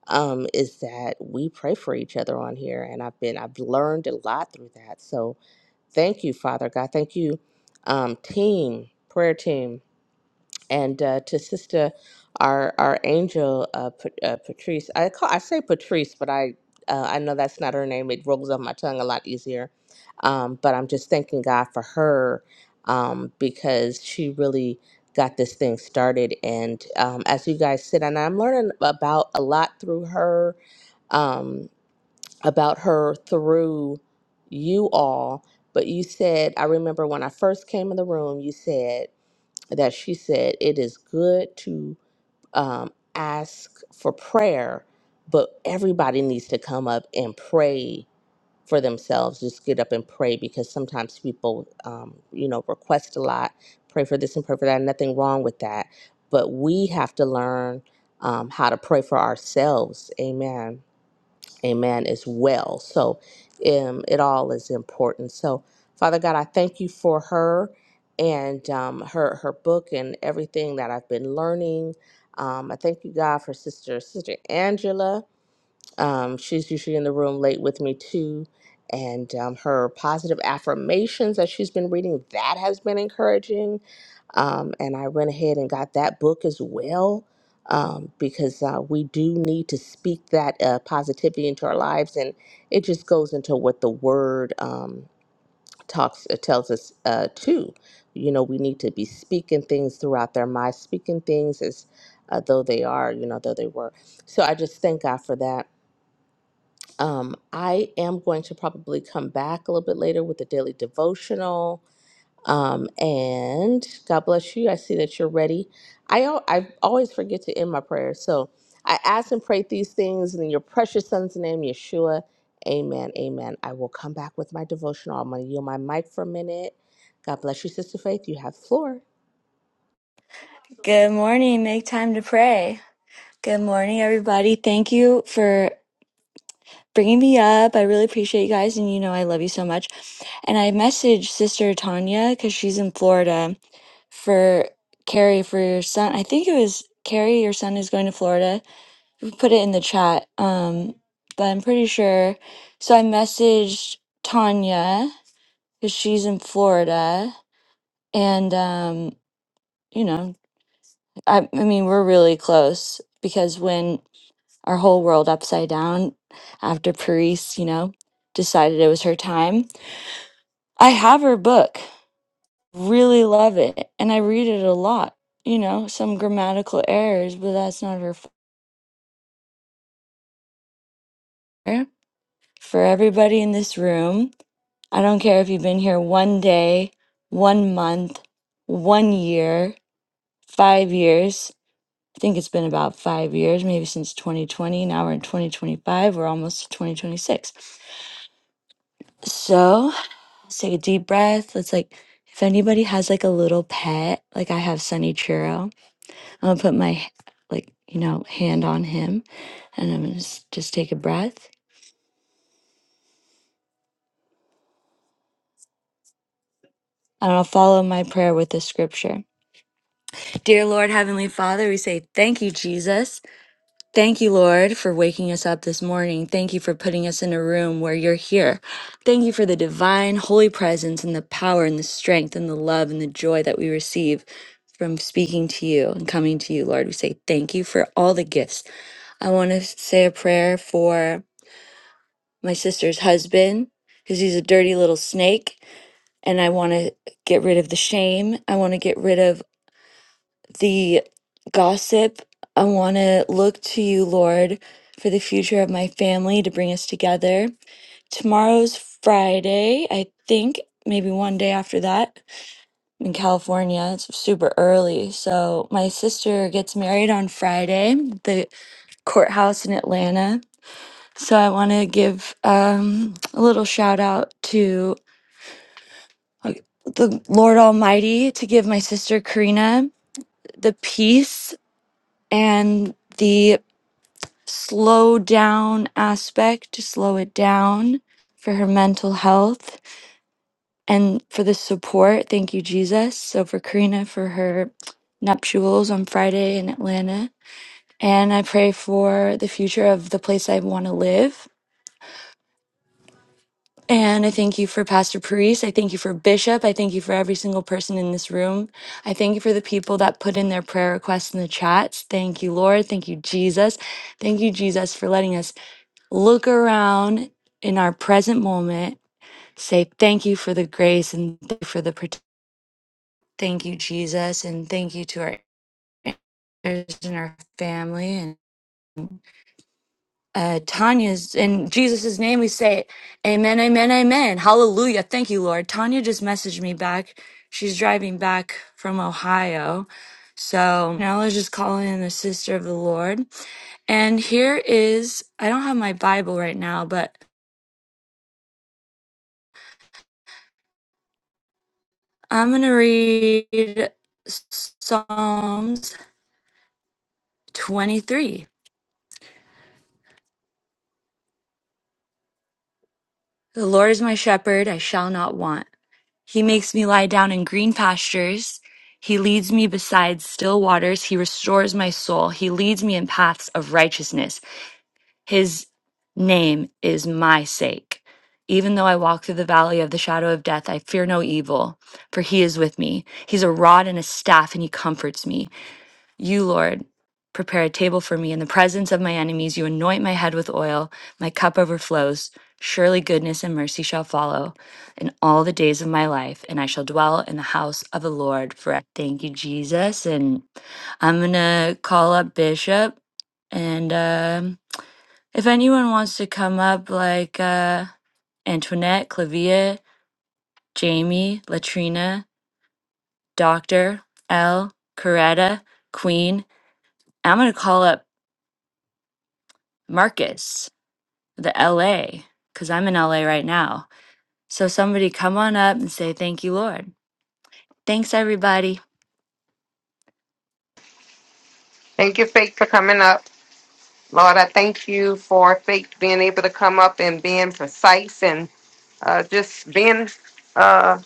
Speaker 8: Um, is that we pray for each other on here, and I've been I've learned a lot through that. So, Thank you, Father God. Thank you, um, team, prayer team, and uh, to Sister, our our angel, uh, Pa- uh, Patrice. I call I say Patrice, but I uh, I know that's not her name. It rolls off my tongue a lot easier. Um, but I'm just thanking God for her um, because she really got this thing started. And um, as you guys sit, and I'm learning about a lot through her. um, about her through you all. But you said, I remember when I first came in the room, you said that she said, It is good to um, ask for prayer, but everybody needs to come up and pray for themselves. Just get up and pray because sometimes people, um, you know, request a lot, pray for this and pray for that. Nothing wrong with that. But we have to learn um, how to pray for ourselves. Amen. Amen, as well. So um, it all is important. So, Father God, I thank you for her and um, her her book and everything that I've been learning. Um, I thank you, God, for Sister Sister Angela um, she's usually in the room late with me too. And um, her positive affirmations that she's been reading, that has been encouraging. Um, and I went ahead and got that book as well um, because uh, we do need to speak that uh, positivity into our lives. And it just goes into what the word um, talks uh, tells us uh, too. You know, we need to be speaking things throughout their minds, speaking things as uh, though they are, you know, though they were. So I just thank God for that. Um, I am going to probably come back a little bit later with the daily devotional. Um, and God bless you. I see that you're ready. I al- I always forget to end my prayers, so I ask and pray these things in your precious Son's name, Yeshua. Amen. Amen. I will come back with my devotional. I'm going to yield my mic for a minute. God bless you, Sister Faith. You have the floor.
Speaker 9: Good morning. Make time to pray. Good morning, everybody. Thank you for bringing me up. I really appreciate you guys, and you know I love you so much. And I messaged Sister Tanya because she's in Florida for Carrie for your son. I think it was Carrie, your son is going to Florida. We Put it in the chat, um, but I'm pretty sure. So I messaged Tanya because she's in Florida, and um, you know, I, I mean, we're really close because when our whole world upside down after Paris, you know, decided it was her time. I have her book, really love it, and I read it a lot. You know, some grammatical errors, but that's not her fault. For everybody in this room, I don't care if you've been here one day, one month, one year, five years. I think it's been about five years, maybe since 2020. Now we're in 2025. We're almost to 2026. So, Let's take a deep breath. Let's like, if anybody has like a little pet, like I have Sunny Churro, I'm gonna put my like, you know, hand on him and I'm gonna just, just take a breath. And I'll follow my prayer with the scripture. Dear Lord, Heavenly Father, we say thank you, Jesus. Thank you, Lord, for waking us up this morning. Thank you for putting us in a room where you're here. Thank you for the divine, holy presence and the power and the strength and the love and the joy that we receive from speaking to you and coming to you, Lord. We say thank you for all the gifts. I want to say a prayer for my sister's husband because he's a dirty little snake and I want to get rid of the shame. I want to get rid of the gossip. I want to look to you, Lord, for the future of my family to bring us together. Tomorrow's Friday, I think, maybe one day after that I'm in California. It's super early. So, my sister gets married on Friday, the courthouse in Atlanta. So, I want to give um, a little shout out to uh, the Lord Almighty to give my sister Karina the peace and the slow down aspect to slow it down for her mental health and for the support. Thank you, Jesus. So for Karina for her nuptials on Friday in Atlanta. And I pray for the future of the place I want to live. And I thank you for Pastor Paris. I thank you for Bishop. I thank you for every single person in this room. I thank you for the people that put in their prayer requests in the chats. Thank you, Lord. Thank you, Jesus. Thank you, Jesus, for letting us look around in our present moment, say thank you for the grace and thank you for the prote- thank you Jesus and thank you to our ancestors and our family and uh, Tanya's in Jesus' name we say amen amen amen hallelujah thank you Lord Tanya just messaged me back she's driving back from Ohio so now let's just call in the sister of the Lord and here is I don't have my Bible right now but I'm going to read Psalms 23. The Lord is my shepherd, I shall not want. He makes me lie down in green pastures. He leads me beside still waters. He restores my soul. He leads me in paths of righteousness. His name is my sake. Even though I walk through the valley of the shadow of death, I fear no evil, for he is with me. He's a rod and a staff, and he comforts me. You, Lord, prepare a table for me in the presence of my enemies. You anoint my head with oil, my cup overflows. Surely goodness and mercy shall follow in all the days of my life, and I shall dwell in the house of the Lord forever. Thank you, Jesus. And I'm going to call up Bishop. And um, if anyone wants to come up, like uh, Antoinette, Clavia, Jamie, Latrina, Doctor, L, Coretta, Queen, I'm going to call up Marcus. the LA because I'm in LA right now. So somebody come on up and say, Thank you, Lord. Thanks, everybody.
Speaker 6: Thank you, Faith, for coming up. Lord, I thank you for Faith being able to come up and being precise and uh, just being uh,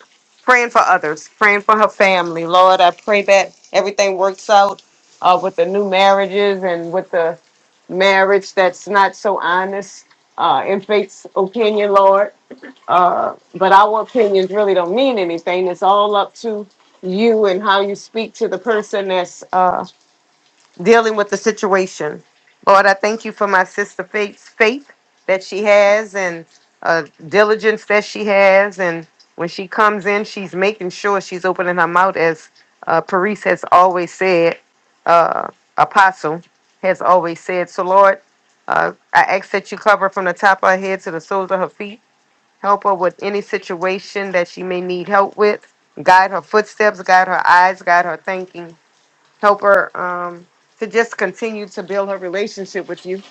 Speaker 6: praying for others, praying for her family. Lord, I pray that everything works out uh, with the new marriages and with the marriage that's not so honest, uh, in Faith's opinion, Lord. Uh, but our opinions really don't mean anything. It's all up to you and how you speak to the person that's. Uh, dealing with the situation. Lord, I thank you for my sister Faith's faith that she has and uh, diligence that she has. And when she comes in, she's making sure she's opening her mouth, as uh, Paris has always said, uh, Apostle has always said. So, Lord, uh, I ask that you cover her from the top of her head to the soles of her feet. Help her with any situation that she may need help with. Guide her footsteps, guide her eyes, guide her thinking help her um, to just continue to build her relationship with you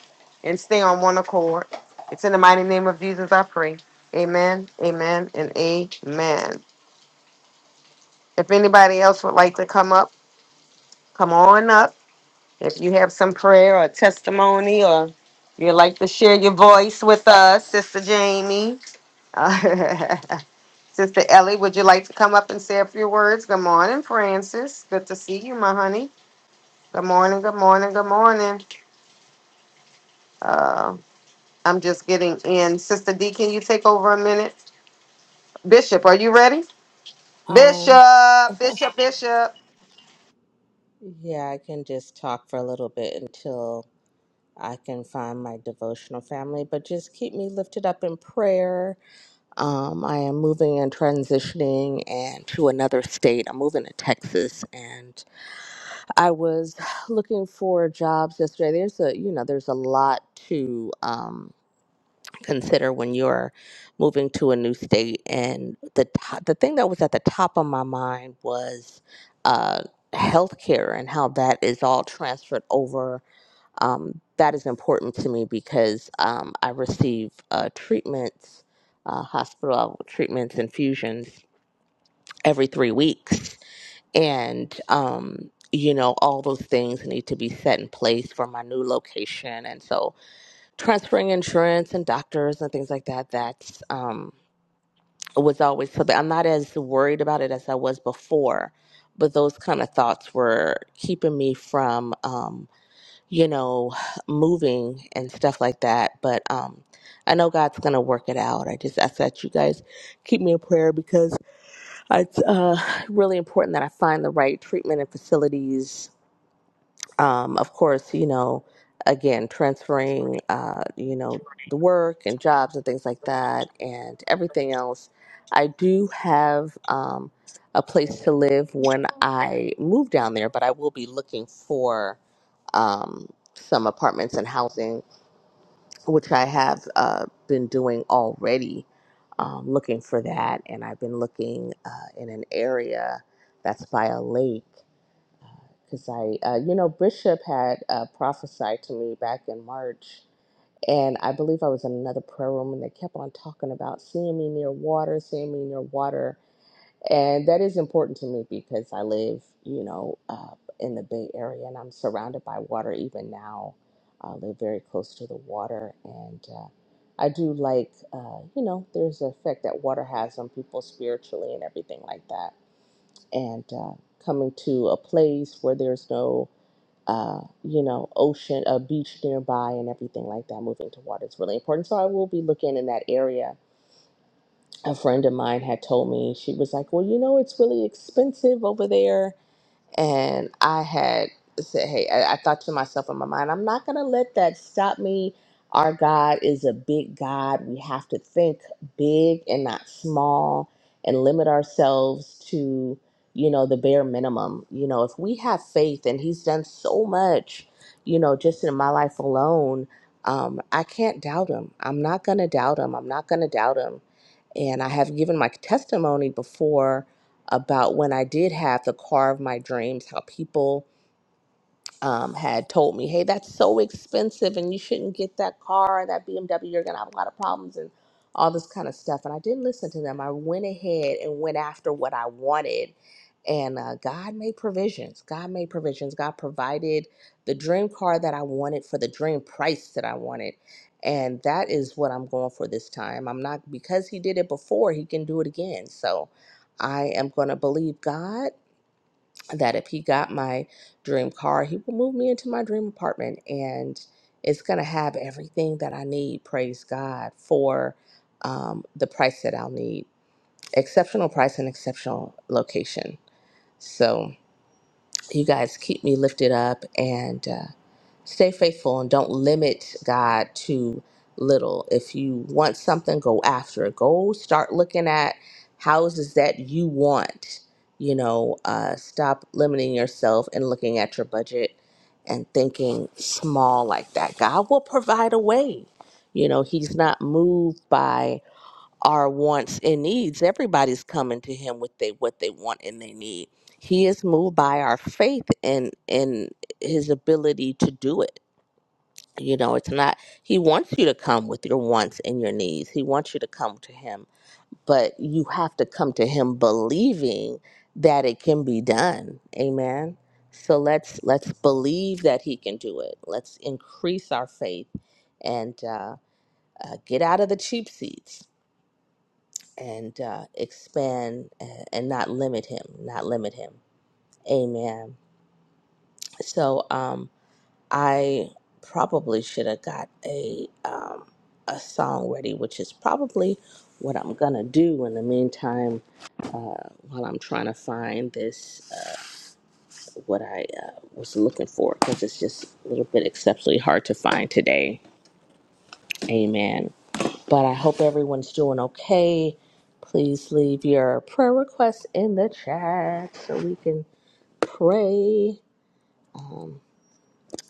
Speaker 6: and stay on one accord. It's in the mighty name of Jesus I pray. Amen, amen, and amen. If anybody else would like to come up, come on up. If you have some prayer or testimony or you'd like to share your voice with us, Sister Jamie, uh, <laughs> Sister Ellie, would you like to come up and say a few words? Good morning, Francis. Good to see you, my honey. Good morning, good morning, good morning. Uh, I'm just getting in. Sister D, can you take over a minute? Bishop, are you ready?
Speaker 8: Um,
Speaker 6: Bishop,
Speaker 8: <laughs>
Speaker 6: Bishop, Bishop.
Speaker 8: yeah, I can just talk for a little bit until I can find my devotional family, but just keep me lifted up in prayer. Um, I am moving and transitioning and to another state. I'm moving to Texas, and I was looking for jobs yesterday. There's a you know there's a lot to um, consider when you're moving to a new state, and the to- the thing that was at the top of my mind was uh, healthcare and how that is all transferred over um, that is important to me because um, I receive uh, treatments, uh, hospital treatments, infusions every three weeks. And, um, you know, all those things need to be set in place for my new location. And so transferring insurance and doctors and things like that, that's. Um, was always something I'm not as worried about it as I was before, but those kind of thoughts were keeping me from um, you know, moving and stuff like that. But um, I know God's gonna work it out. I just ask that you guys keep me in prayer because it's uh, really important that I find the right treatment and facilities. Um, of course, you know, again, transferring, uh, you know, the work and jobs and things like that, and everything else. I do have um, a place to live when I move down there, but I will be looking for um, some apartments and housing, which I have uh, been doing already. Um, looking for that, and I've been looking uh, in an area that's by a lake because I, uh, you know, Bishop had uh, prophesied to me back in March, and I believe I was in another prayer room, and they kept on talking about seeing me near water, seeing me near water, and that is important to me because I live, you know, uh, in the Bay Area and I'm surrounded by water even now. I live very close to the water. And uh, I do like, uh, you know, there's the effect that water has on people spiritually and everything like that. And uh, coming to a place where there's no, uh, you know, ocean, a beach nearby and everything like that, moving to water is really important. So I will be looking in that area a friend of mine had told me she was like well you know it's really expensive over there and i had said hey i, I thought to myself in my mind i'm not going to let that stop me our god is a big god we have to think big and not small and limit ourselves to you know the bare minimum you know if we have faith and he's done so much you know just in my life alone um, i can't doubt him i'm not going to doubt him i'm not going to doubt him and I have given my testimony before about when I did have the car of my dreams, how people um, had told me, hey, that's so expensive and you shouldn't get that car, that BMW, you're going to have a lot of problems and all this kind of stuff. And I didn't listen to them. I went ahead and went after what I wanted. And uh, God made provisions. God made provisions. God provided the dream car that I wanted for the dream price that I wanted. And that is what I'm going for this time. I'm not, because He did it before, He can do it again. So I am going to believe God that if he got my dream car, he will move me into my dream apartment and it's going to have everything that I need, praise God, for um, the price that I'll need. Exceptional price and exceptional location. So, you guys keep me lifted up. And uh, Stay faithful and don't limit God to little. If you want something, go after it. Go start looking at houses that you want. You know, uh, stop limiting yourself and looking at your budget and thinking small like that. God will provide a way. You know, He's not moved by our wants and needs. Everybody's coming to Him with they what they want and they need. He is moved by our faith and and His ability to do it you know, it's not, he wants you to come with your wants and your needs. He wants you to come to him, but you have to come to him believing that it can be done. Amen. So let's let's believe that he can do it. Let's increase our faith and uh, uh, get out of the cheap seats and uh, expand uh, and not limit him, not limit him. Amen. So, um, I probably should have got a um, a song ready, which is probably what I'm gonna do in the meantime uh, while I'm trying to find this uh, what I uh, was looking for because it's just a little bit exceptionally hard to find today. Amen. But I hope everyone's doing okay. Please leave your prayer requests in the chat so we can pray. Um,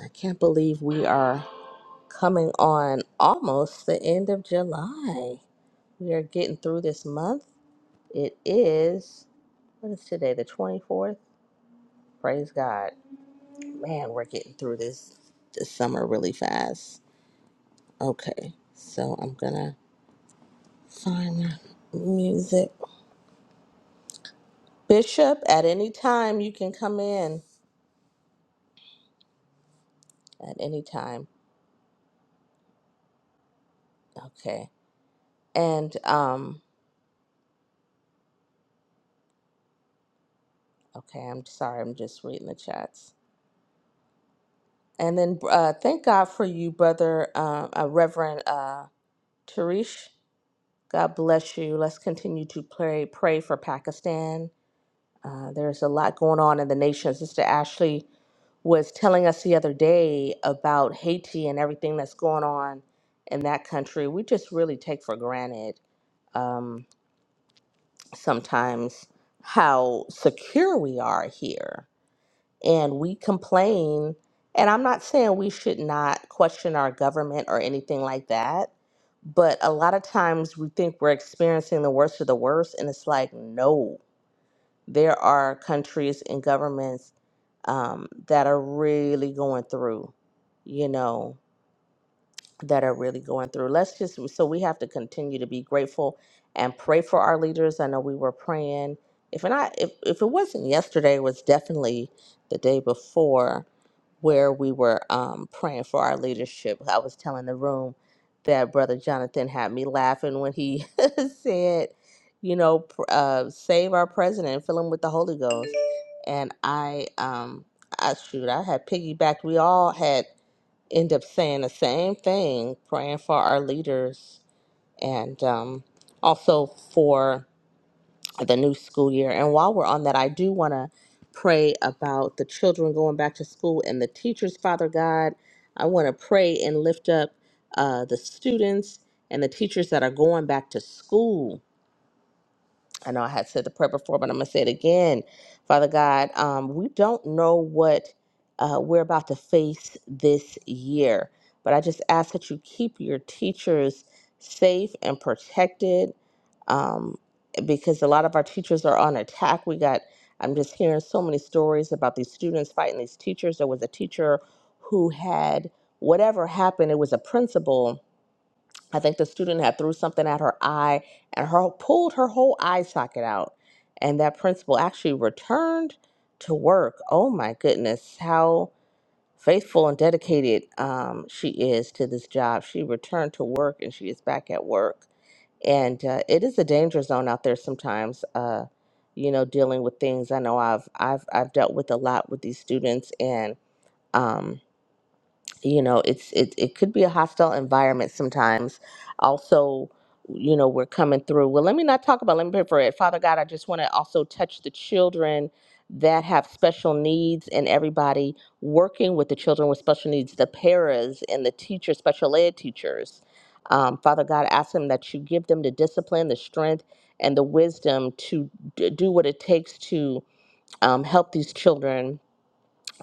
Speaker 8: I can't believe we are. coming on almost the end of July. We are getting through this month. It is what is today, the 24th? Praise God. Man, we're getting through this this summer really fast. Okay. So I'm going to find my music. Bishop, at any time you can come in at any time. Okay. And um okay, I'm sorry. I'm just reading the chats. And then uh thank God for you brother um uh, Reverend uh Tarish, God bless you. Let's continue to pray pray for Pakistan. Uh, there's a lot going on in the nation. Sister Ashley was telling us the other day about Haiti and everything that's going on in that country. We just really take for granted um, sometimes how secure we are here and we complain. And I'm not saying we should not question our government or anything like that, but a lot of times we think we're experiencing the worst of the worst, and it's like, no, there are countries and governments um, that are really going through, you know that are really going through. Let's just so we have to continue to be grateful and pray for our leaders. I know we were praying. If not, if if it wasn't yesterday, it was definitely the day before where we were um, praying for our leadership. I was telling the room that Brother Jonathan had me laughing when he <laughs> said, you know, pr- uh, save our president, fill him with the Holy Ghost. And I, um, I shoot, I had piggybacked. We all had end up saying the same thing, praying for our leaders and um, also for the new school year. And while we're on that, I do want to pray about the children going back to school and the teachers, Father God. I want to pray and lift up uh, the students and the teachers that are going back to school. I know I had said the prayer before, but I'm going to say it again. Father God, um, we don't know what uh, we're about to face this year, but I just ask that you keep your teachers safe and protected um, because a lot of our teachers are on attack. We got, I'm just hearing so many stories about these students fighting these teachers. There was a teacher who had whatever happened, it was a principal I think the student had threw something at her eye and her pulled her whole eye socket out. And that principal actually returned to work. Oh my goodness, how faithful and dedicated um, she is to this job. She returned to work and she is back at work. And uh, it is a danger zone out there sometimes. Uh, you know, dealing with things. I know I've I've I've dealt with a lot with these students and. Um, you know it's it, it could be a hostile environment sometimes also you know we're coming through well let me not talk about let me pray for it father god i just want to also touch the children that have special needs and everybody working with the children with special needs the paras and the teachers special ed teachers um, father god ask them that you give them the discipline the strength and the wisdom to d- do what it takes to um, help these children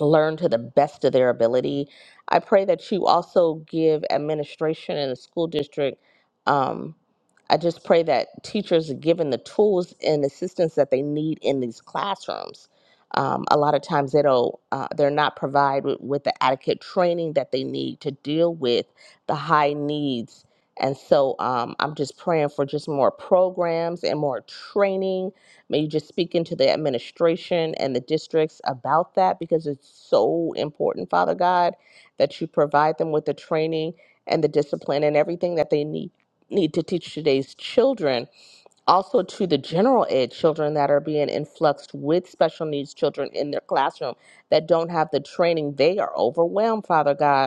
Speaker 8: learn to the best of their ability. I pray that you also give administration in the school district. Um, I just pray that teachers are given the tools and assistance that they need in these classrooms. Um, a lot of times they don't, uh, they're not provided with the adequate training that they need to deal with the high needs. And so um, I'm just praying for just more programs and more training May you just speak into the administration and the districts about that because it's so important, Father God, that you provide them with the training and the discipline and everything that they need need to teach today's children also to the general ed children that are being influxed with special needs children in their classroom that don't have the training they are overwhelmed father god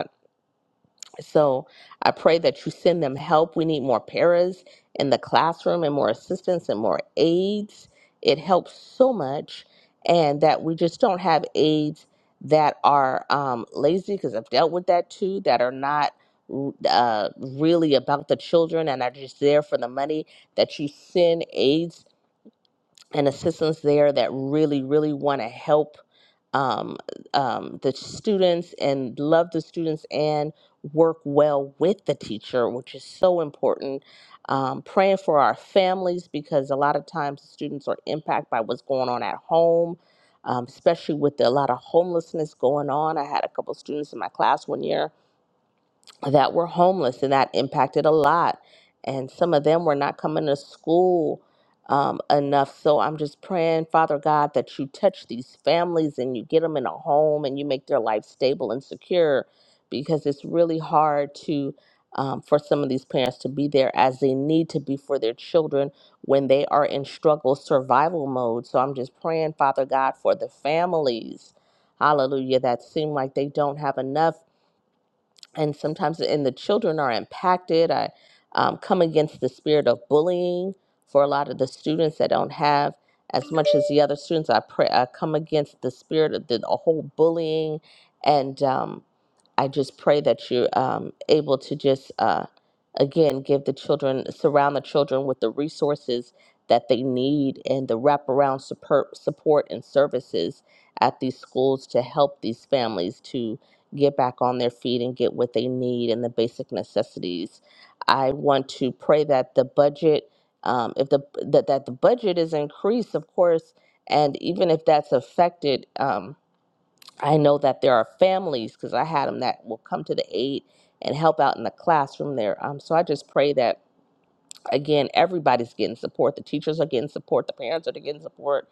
Speaker 8: so I pray that you send them help. We need more paras in the classroom and more assistance and more aides. It helps so much. And that we just don't have aides that are um, lazy, because I've dealt with that too, that are not uh, really about the children and are just there for the money, that you send aides and assistants there that really, really want to help um, um, the students and love the students and work well with the teacher, which is so important. Um, praying for our families because a lot of times students are impacted by what's going on at home, um, especially with a lot of homelessness going on. I had a couple students in my class one year that were homeless, and that impacted a lot. And some of them were not coming to school um, enough. So I'm just praying, Father God, that you touch these families and you get them in a home and you make their life stable and secure, because it's really hard to um, for some of these parents to be there as they need to be for their children when they are in struggle survival mode. So I'm just praying, Father God, for the families. Hallelujah, that seem like they don't have enough and sometimes and the children are impacted i um, come against the spirit of bullying for a lot of the students that don't have as much as the other students i pray i come against the spirit of the, the whole bullying and um, I just pray that you're um, able to just, uh, again, give the children, surround the children with the resources that they need and the wraparound support, support and services at these schools to help these families to get back on their feet and get what they need and the basic necessities. I want to pray that the budget, um, if the that, that the budget is increased, of course, and even if that's affected. Um, I know that there are families because I had them that will come to the aid and help out in the classroom there. Um, so I just pray that again everybody's getting support. The teachers are getting support. The parents are getting support,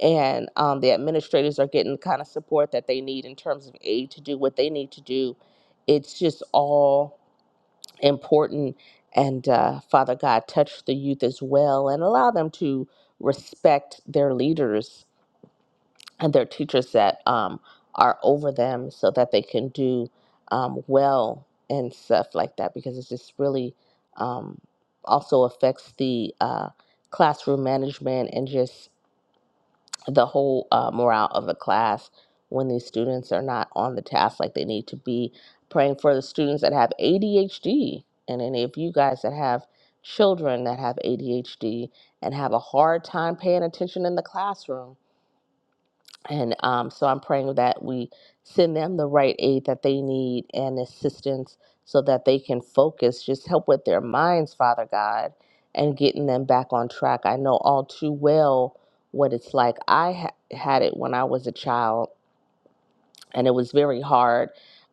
Speaker 8: and um, the administrators are getting the kind of support that they need in terms of aid to do what they need to do. It's just all important. And uh, Father God, touch the youth as well and allow them to respect their leaders and their teachers that um, are over them so that they can do um, well and stuff like that because it's just really um, also affects the uh, classroom management and just the whole uh, morale of the class when these students are not on the task like they need to be praying for the students that have adhd and any of you guys that have children that have adhd and have a hard time paying attention in the classroom and um, so I'm praying that we send them the right aid that they need and assistance so that they can focus, just help with their minds, Father God, and getting them back on track. I know all too well what it's like. I ha- had it when I was a child and it was very hard,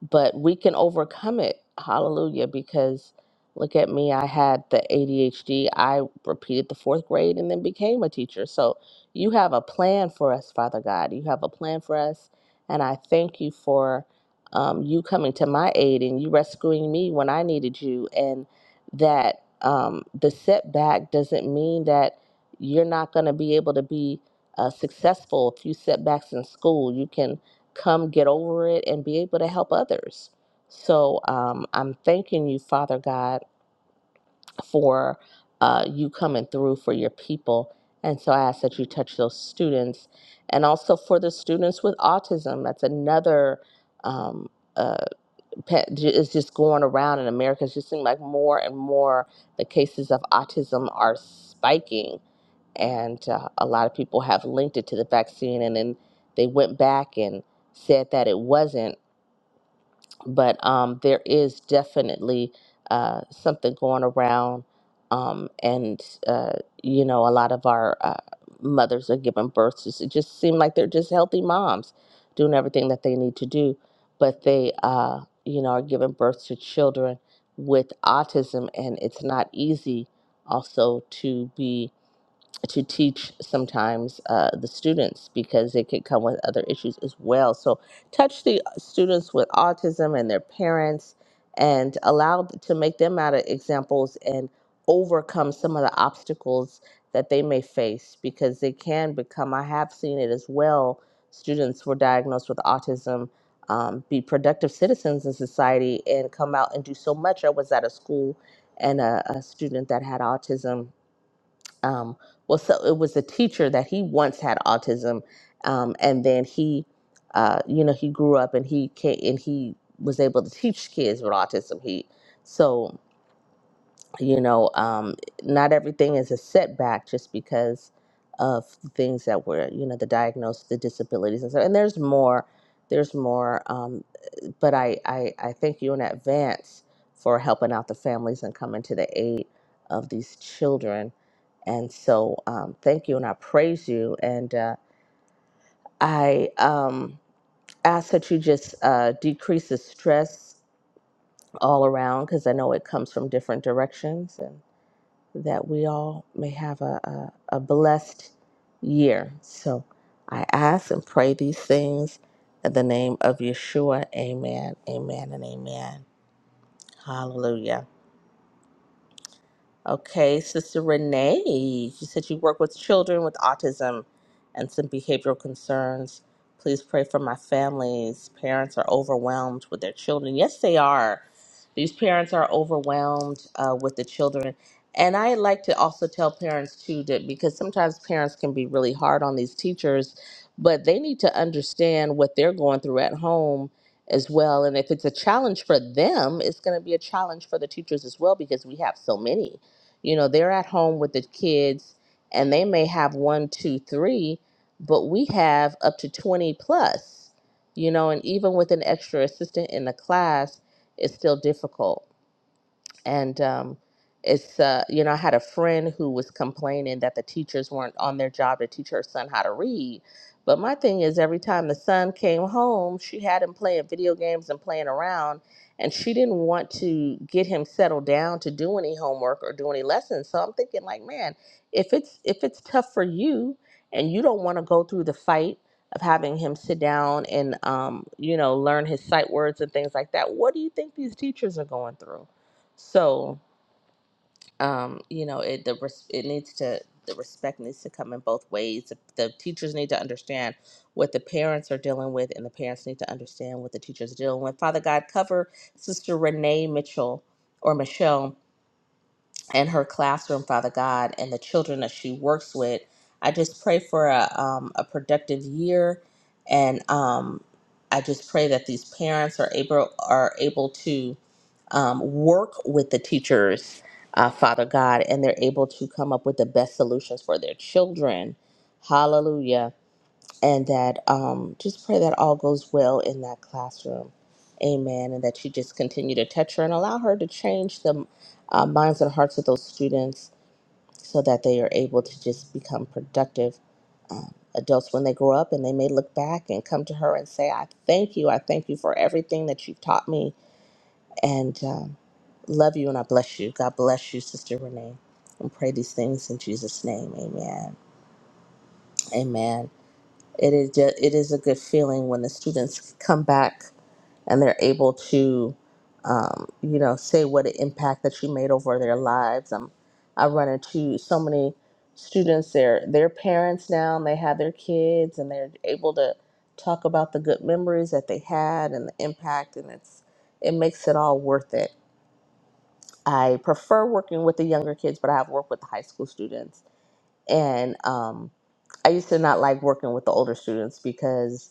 Speaker 8: but we can overcome it. Hallelujah. Because look at me, I had the ADHD. I repeated the fourth grade and then became a teacher. So you have a plan for us, Father God. You have a plan for us. And I thank you for um, you coming to my aid and you rescuing me when I needed you. And that um, the setback doesn't mean that you're not going to be able to be uh, successful. A few setbacks in school, you can come get over it and be able to help others. So um, I'm thanking you, Father God, for uh, you coming through for your people. And so I ask that you touch those students and also for the students with autism. That's another. Um, uh, pet, it's just going around in America. It's just seems like more and more the cases of autism are spiking, and uh, a lot of people have linked it to the vaccine, and then they went back and said that it wasn't, but um, there is definitely uh, something going around, um, and uh, you know, a lot of our uh, mothers are giving birth. To, it just seem like they're just healthy moms, doing everything that they need to do, but they, uh, you know, are giving birth to children with autism, and it's not easy also to be to teach sometimes uh, the students because they could come with other issues as well. So touch the uh, students with autism and their parents and allow th- to make them out of examples and overcome some of the obstacles that they may face because they can become, I have seen it as well, students were diagnosed with autism, um, be productive citizens in society and come out and do so much. I was at a school and a, a student that had autism um, well, so it was a teacher that he once had autism, um, and then he, uh, you know, he grew up and he can and he was able to teach kids with autism. He, so you know, um, not everything is a setback just because of things that were, you know, the diagnosis, the disabilities, and so. And there's more, there's more, um, but I, I, I thank you in advance for helping out the families and coming to the aid of these children and so, um, thank you, and I praise you. And uh, I um, ask that you just uh, decrease the stress all around because I know it comes from different directions, and that we all may have a, a, a blessed year. So, I ask and pray these things in the name of Yeshua. Amen, amen, and amen. Hallelujah. Okay, Sister Renee, you said you work with children with autism and some behavioral concerns. Please pray for my families. Parents are overwhelmed with their children. Yes, they are. These parents are overwhelmed uh, with the children. And I like to also tell parents, too, that because sometimes parents can be really hard on these teachers, but they need to understand what they're going through at home as well. And if it's a challenge for them, it's going to be a challenge for the teachers as well because we have so many. You know, they're at home with the kids and they may have one, two, three, but we have up to 20 plus, you know, and even with an extra assistant in the class, it's still difficult and um, it's uh, you know I had a friend who was complaining that the teachers weren't on their job to teach her son how to read. But my thing is, every time the son came home, she had him playing video games and playing around, and she didn't want to get him settled down to do any homework or do any lessons. So I'm thinking, like, man, if it's if it's tough for you and you don't want to go through the fight of having him sit down and um, you know learn his sight words and things like that, what do you think these teachers are going through? So, um, you know, it the res- it needs to the respect needs to come in both ways. The, the teachers need to understand what the parents are dealing with, and the parents need to understand what the teachers are dealing with. Father God, cover Sister Renee Mitchell or Michelle and her classroom, Father God, and the children that she works with. I just pray for a, um, a productive year, and um, I just pray that these parents are able are able to um, work with the teachers, uh, Father God, and they're able to come up with the best solutions for their children. Hallelujah and that um, just pray that all goes well in that classroom. Amen. And that you just continue to touch her and allow her to change the uh, minds and hearts of those students so that they are able to just become productive um, adults when they grow up. And they may look back and come to her and say, I thank you. I thank you for everything that you've taught me. And um, love you and I bless you. God bless you, Sister Renee. And pray these things in Jesus' name. Amen. Amen. It is just, it is a good feeling when the students come back and they're able to, um, you know, say what an impact that you made over their lives. Um, I run into so many students. They're they're parents now, and they have their kids, and they're able to talk about the good memories that they had and the impact, and it's it makes it all worth it. I prefer working with the younger kids, but I have worked with the high school students and um, I used to not like working with the older students because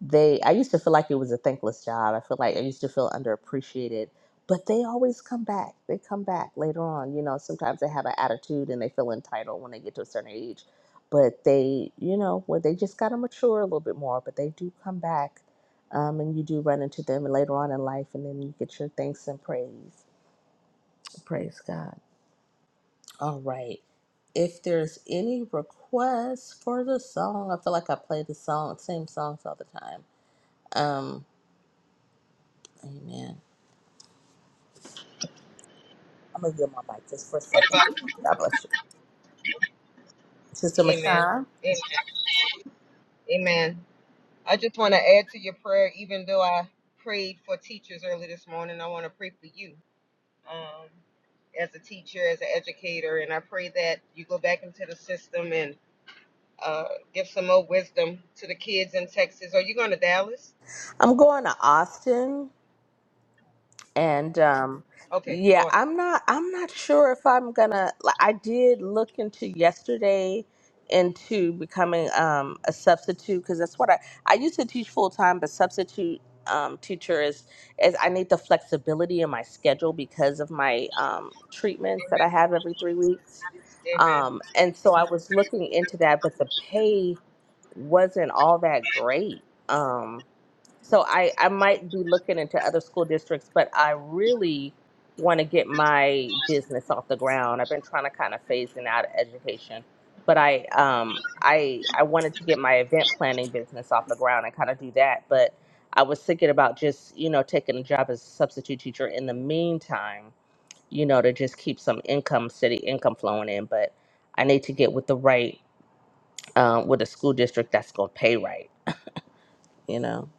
Speaker 8: they. I used to feel like it was a thankless job. I feel like I used to feel underappreciated, but they always come back. They come back later on. You know, sometimes they have an attitude and they feel entitled when they get to a certain age, but they, you know, well, they just gotta mature a little bit more. But they do come back. Um, and you do run into them later on in life, and then you get your thanks and praise. Praise God. All right. If there's any requests for the song, I feel like I play the song, same songs all the time. Um, amen. I'm gonna give my mic just for a second.
Speaker 6: Amen.
Speaker 8: God bless you, Sister
Speaker 6: Amen.
Speaker 8: Michelle.
Speaker 6: Amen. I just want to add to your prayer, even though I prayed for teachers early this morning, I want to pray for you um, as a teacher, as an educator. And I pray that you go back into the system and uh, give some more wisdom to the kids in Texas. Are you going to Dallas?
Speaker 8: I'm going to Austin and um
Speaker 6: Okay.
Speaker 8: yeah i'm not i'm not sure if i'm gonna like, i did look into yesterday into becoming um a substitute because that's what i i used to teach full-time but substitute um teacher is is i need the flexibility in my schedule because of my um treatments that i have every three weeks
Speaker 6: Amen.
Speaker 8: um and so i was looking into that but the pay wasn't all that great um so I, I might be looking into other school districts, but I really want to get my business off the ground. I've been trying to kind of phase in out of education, but I um I I wanted to get my event planning business off the ground and kind of do that. But I was thinking about just you know taking a job as a substitute teacher in the meantime, you know, to just keep some income, city income flowing in. But I need to get with the right um, with a school district that's going to pay right, you know.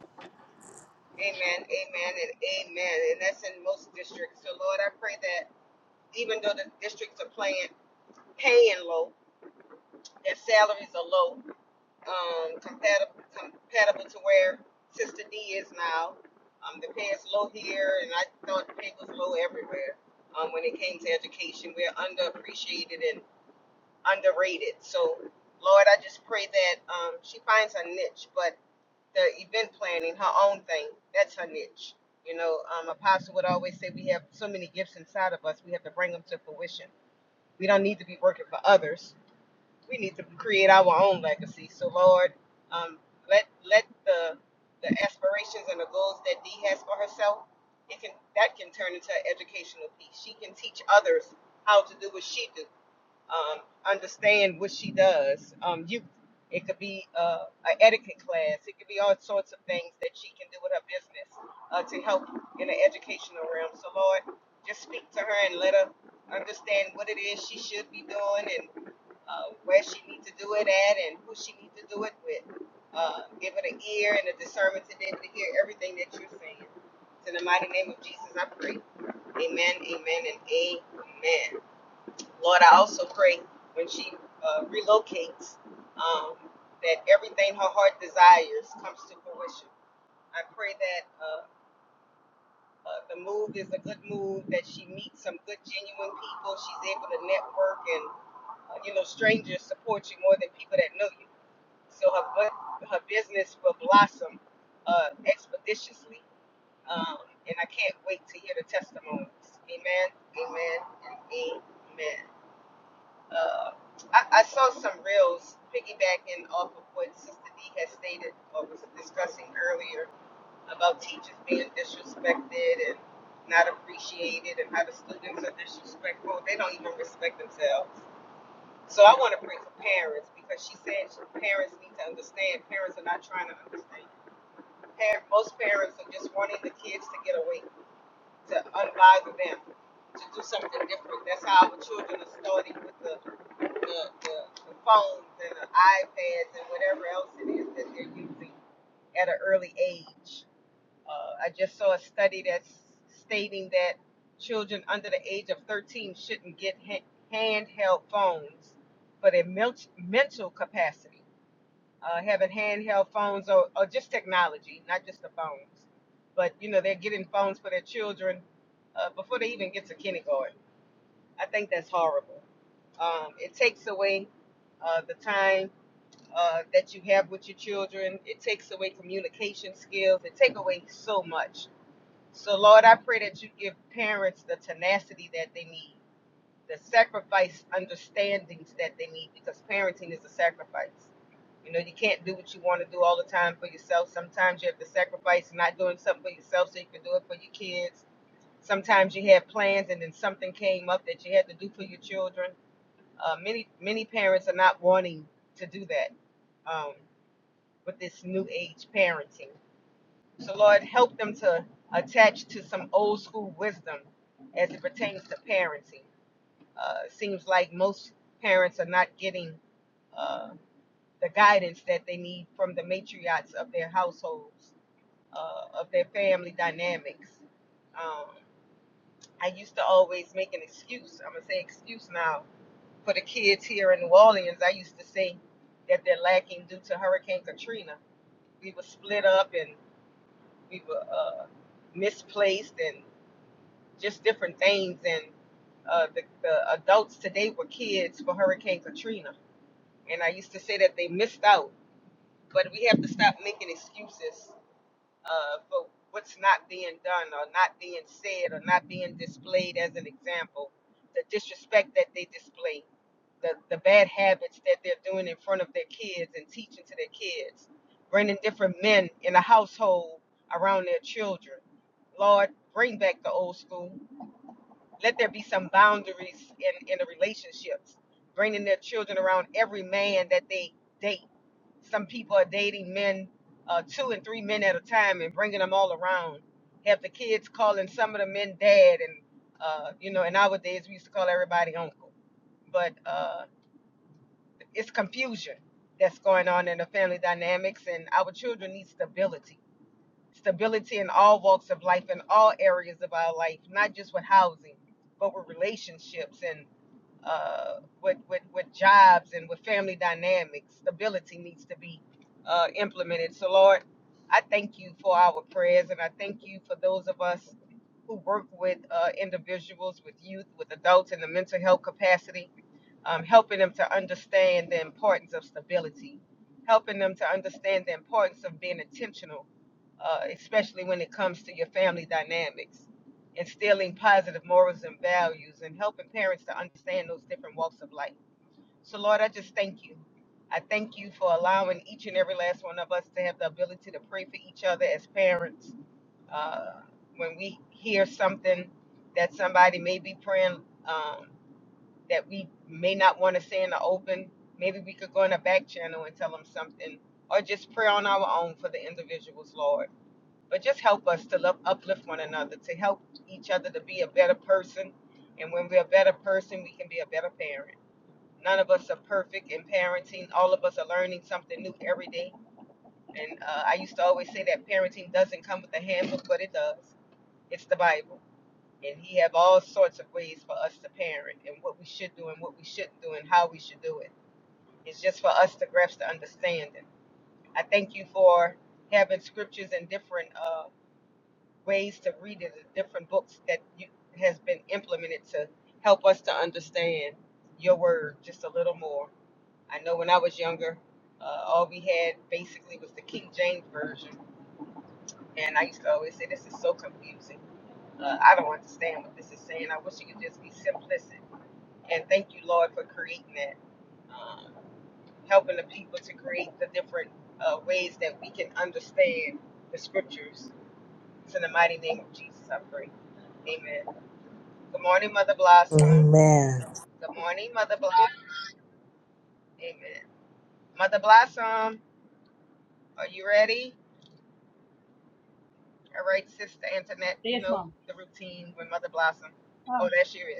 Speaker 8: Amen.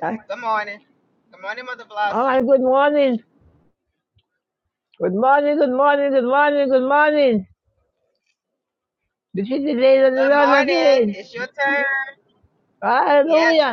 Speaker 10: I, all right, good morning. Good morning, good morning, good morning, good morning. This is the day that the
Speaker 6: Good
Speaker 10: Lord has
Speaker 6: morning.
Speaker 10: made.
Speaker 6: It's your turn.
Speaker 10: Hallelujah.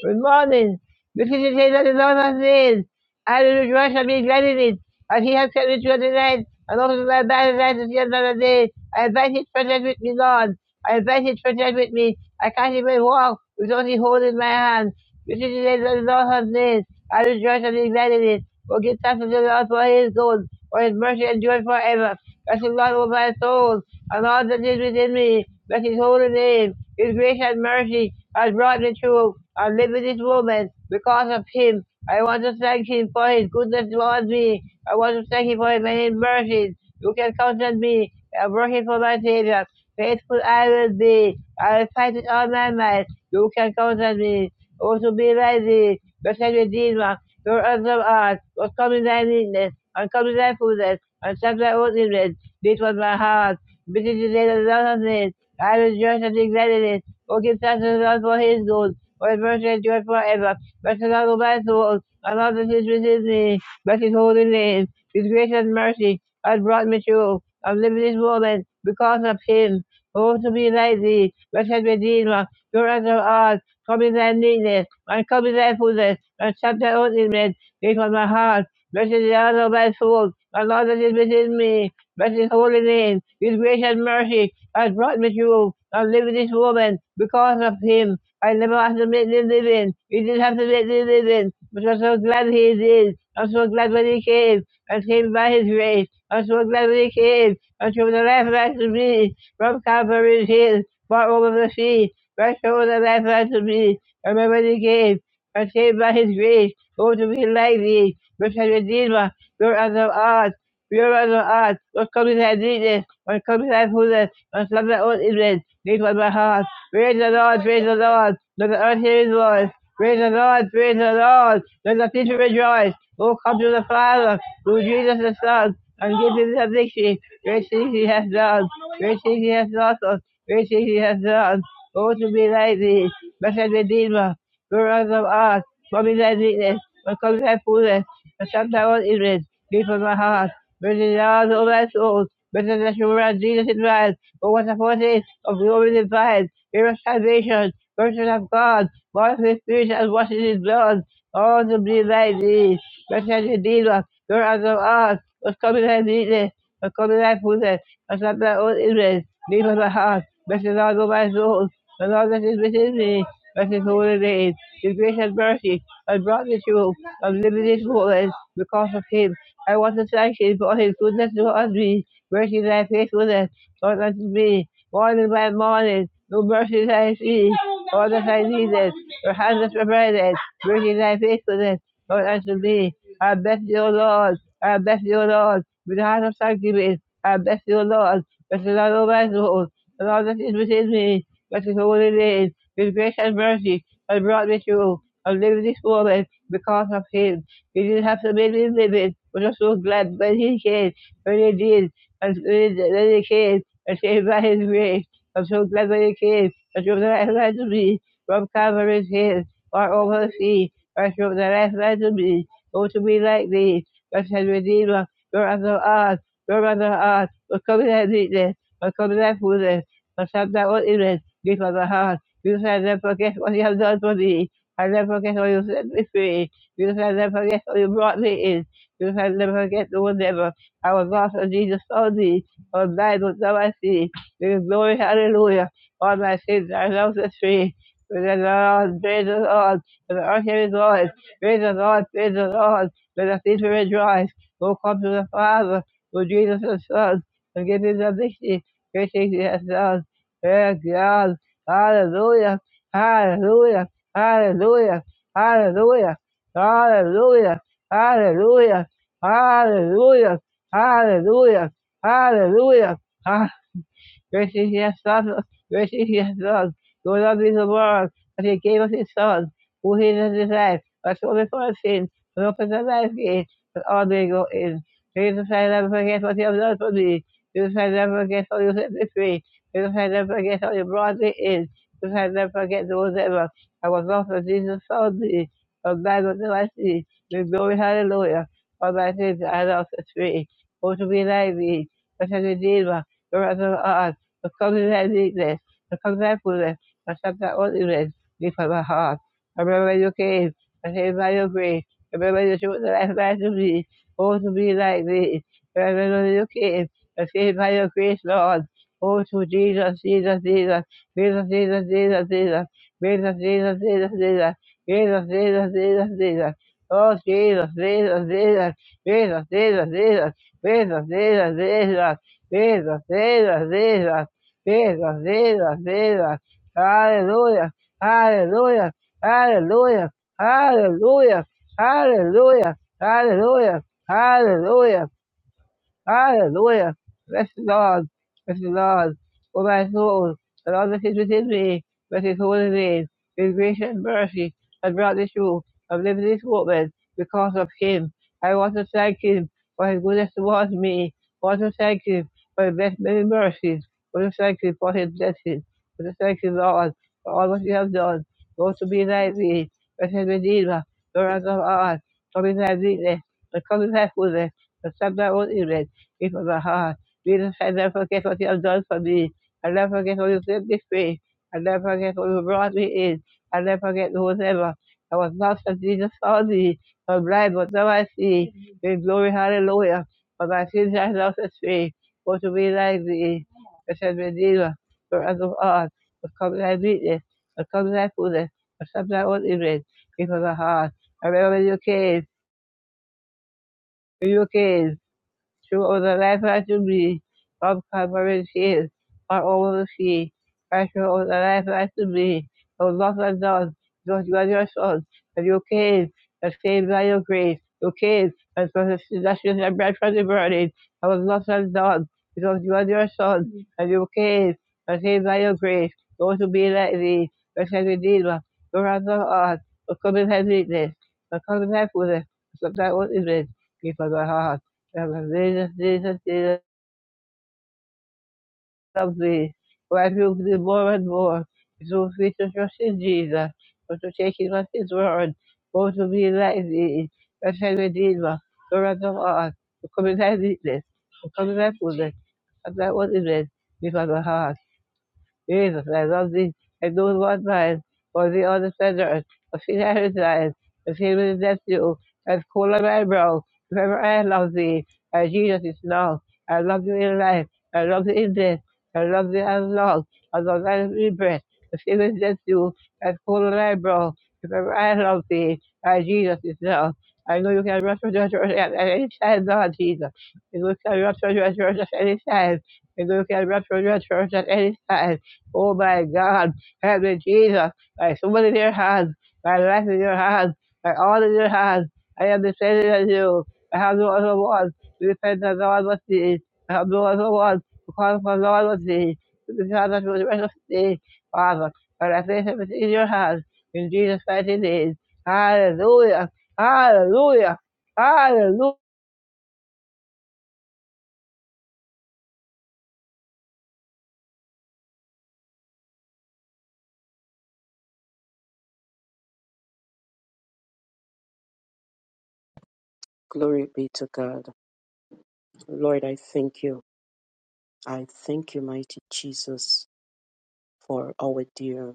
Speaker 10: Good morning. This is the day that the Lord has made. I will rejoice and be glad in it. As he has kept me through the night, and also my bad life is yet another day. I invite his presence with me, Lord. I invite his presence with me. I can't even walk with only holding my hand. This is the day that the Lord has made. I will rejoice and be glad in it. Oh, give thanks to the Lord for his good, for his mercy endures forever. Blessed God, all my soul, and all that is within me. Bless his holy name. His grace and mercy has brought me through. I live in this moment because of him. I want to thank him for his goodness towards me. I want to thank him for his many mercies. You can count on me. I'm working for my Savior. Faithful I will be. I will fight with all my might. You can count on me. I to be like thee. Blessed Redeemer, your awesome art, was come in thy meekness and come in thy fullness and accept thy oath in it. This was my heart. This is the Lord of thou I rejoice and be glad in it. O give thanks to the Lord for his good. For his mercy endures forever. Bless the Lord, O my soul, and all that is within me. Bless his holy name. His grace and mercy has brought me through. I'm living this moment because of him. Oh, to be like thee, blessed Redeemer, pure as thou art, come in thy meekness, and come in thy fullness, and accept thy own image. This was my heart. Blessed is the Lord of thy soul, the Lord that is within me. Bless his holy name. His grace and mercy has brought me through. I live with this woman because of him. I never have to make the living. He didn't have to make the living. But I'm so glad he did. I'm so glad when he came. And came by his grace. I'm so glad when he came. And showed the life right to me. From Calvary's hill, far over the sea. Right showed the life right to me. Remember when he came. And came by his grace. Oh, to be lazy, which has redeemer, your other art, your other art, what comes with thy neatness, what comes with thy fullness, what comes with thy own image, deep on my heart. Praise the Lord, praise the Lord, let the earth hear his voice. Praise the Lord, praise the Lord, let the people rejoice. Oh, come to the Father, through Jesus the Son, and give him the victory. Great things he has done, great things he has taught us, great things he has done. Oh, to be like thee, blessed Redeemer, Whereas thou art from in thy weakness, when comes thy fullness, and shalt thou on Israel, be from my heart, burning thou all my souls, better than sure and Jesus in rise, O what a foretaste of glory divine, here of salvation, person of God, born of the Spirit and washed in his blood, all to be thy thee, better than Redeemer, whereas thou art, was coming thy weakness, when comes thy fullness, and shalt thou on Israel, be from my heart, better thou all my soul, the Lord that is within me, that is holy name, his grace and mercy has brought me to and limited fullness because of him. I want to thank him for his goodness towards me, mercy thy faithfulness towards unto me, morning by morning, no mercy that I see, all that I needed, your hand has provided, mercy thy faithfulness towards unto me. I bless you, O Lord, I bless you, O Lord, with the heart of thanksgiving, I bless you, O Lord, bless the Lord, O my soul, the Lord that is within me, but the holy name, His grace and mercy, has brought me through. I live this moment because of him. He didn't have to make me live it, but I'm so glad when he came, when he did, and when he when he came, and saved by his grace. I'm so glad when he came, and showed the life light to me, from Calvary's hill, or over the sea, or showed the life light to me, oh to be like thee, blessed Redeemer, your other art, your other art, will come in thy meekness, will come in thy fullness, but sometimes what is it? Give us a heart. You shall never forget what you have done for me. I never forget how you set me free. You shall never forget how you brought me in. You shall never forget the one ever. I was lost and Jesus found me. I was blind, but now I see. Give glory, hallelujah. All my sins are now set free. Praise the Lord, praise the Lord. For the earth here is Lord. Praise the Lord, praise the Lord. Let the people rejoice. Who come to the Father, who Jesus the Son, and give him the victory. Great things he has done. Praise God. Hallelujah. Hallelujah. Hallelujah. Hallelujah. Hallelujah. Hallelujah. Hallelujah. Hallelujah. Hallelujah. Grace is your son, grace is your son. So lovely the world that he gave us his son, who he has desired, but so before our sin, and open the life gate, that all may go in. Jesus, I never forget what you have done for me. Jesus, I never forget how you set me free. Jesus, I never forget how you brought me in. Jesus, I never forget those ever. I was lost, but Jesus found me. From that was the I see. with glory, hallelujah. All my sins I lost set free. Oh, to be like me, such a redeemer, the rest of us because of that this. because of that fullness, I stop that worthiness be from my heart. I remember You came, I came by your grace. I remember You truth that I found to be, oh, to be like this. I remember You came, I came by your grace, Lord. Oh, to Jesus, Jesus, Jesus, Jesus, Jesus, Jesus, Jesus, Jesus, Jesus, Jesus, Jesus, Jesus, Jesus, Jesus, Jesus. Oh, Jesus, Jesus, Jesus, Jesus, Jesus, Jesus, Jesus, Jesus, Jesus, Jesus, Jesus, Jesus. Jesus, Jesus, Jesus. Hallelujah, hallelujah, hallelujah, hallelujah, hallelujah, hallelujah, hallelujah, Hallelujah. Bless the Lord. Bless the Lord. O my soul, the Lord that is within me, bless his holy name. His grace and mercy has brought me through. I'm living this moment because of him. I want to thank him for his goodness towards me. I want to thank him for his best many mercies. I want to thank him for his blessings. I want to thank you, Lord, for all what you have done. Go to be thy me, blessed Redeemer, the ransom of God. Come in thy weakness, and come in thy fullness, and stop thy own illness grateful to my heart. Jesus, I never forget what you have done for me. I never forget what you set me free. I never forget what you brought me in. I never forget whatever. I was lost, but Jesus found me. I was blind, but now I see. In glory, hallelujah. For my sins I now set free. Go to be like thee. Blessed Redeemer, for us of all. But come thy weakness, but come thy fullness, but some thy own image. Give us a heart. I remember when you came, when you came. True all the life I to be, of covering shield, far all the sea. Pressure all the life I to be, of lost and done, because you are your son, and you came, and saved by your grace. You came, and for the seductions and bread from the burning, I was lost and done, because you are your son, and you came, and saved by your grace. Those who be like thee, your said Redeemer, your ransom of us, the coming heaviness, the coming heaviness, the that was in it, before the heart. Jesus, Jesus, Jesus, love thee. Refuge thee more and more. So free to trust in Jesus, but to take him at his word, both to be like thee, blessed Redeemer, servant of all, to come in thy weakness, to come in thy fullness, and thy worthiness, before the heart. Jesus, I love thee, and do Lord mine, for thee all the sinners, of sin I resign, of sin with rescue, as cool as my brow, forever I love thee, and Jesus is now, I love thee in life, I love thee in death, I love thee as long, as long as I breathe breath, of sin with rescue, as cool as my brow, forever I love thee, and Jesus is now. I know you can rush for your church at any time, Lord Jesus. You know you can rush for your church at any time. You know you can rush for your church at any time. Oh my God, help me, Jesus. My soul is in your hands, my life in your hands, my all in your hands. I am dependent on you. I have no other one. To depend on no one but thee. I have no other one. To call upon no one but thee. To be found at the rest of thee. Father, And I place everything in your hands. In Jesus' mighty name. Hallelujah. Hallelujah. Hallelujah.
Speaker 11: Glory be to God. Lord, I thank you. I thank you, mighty Jesus, for our dear.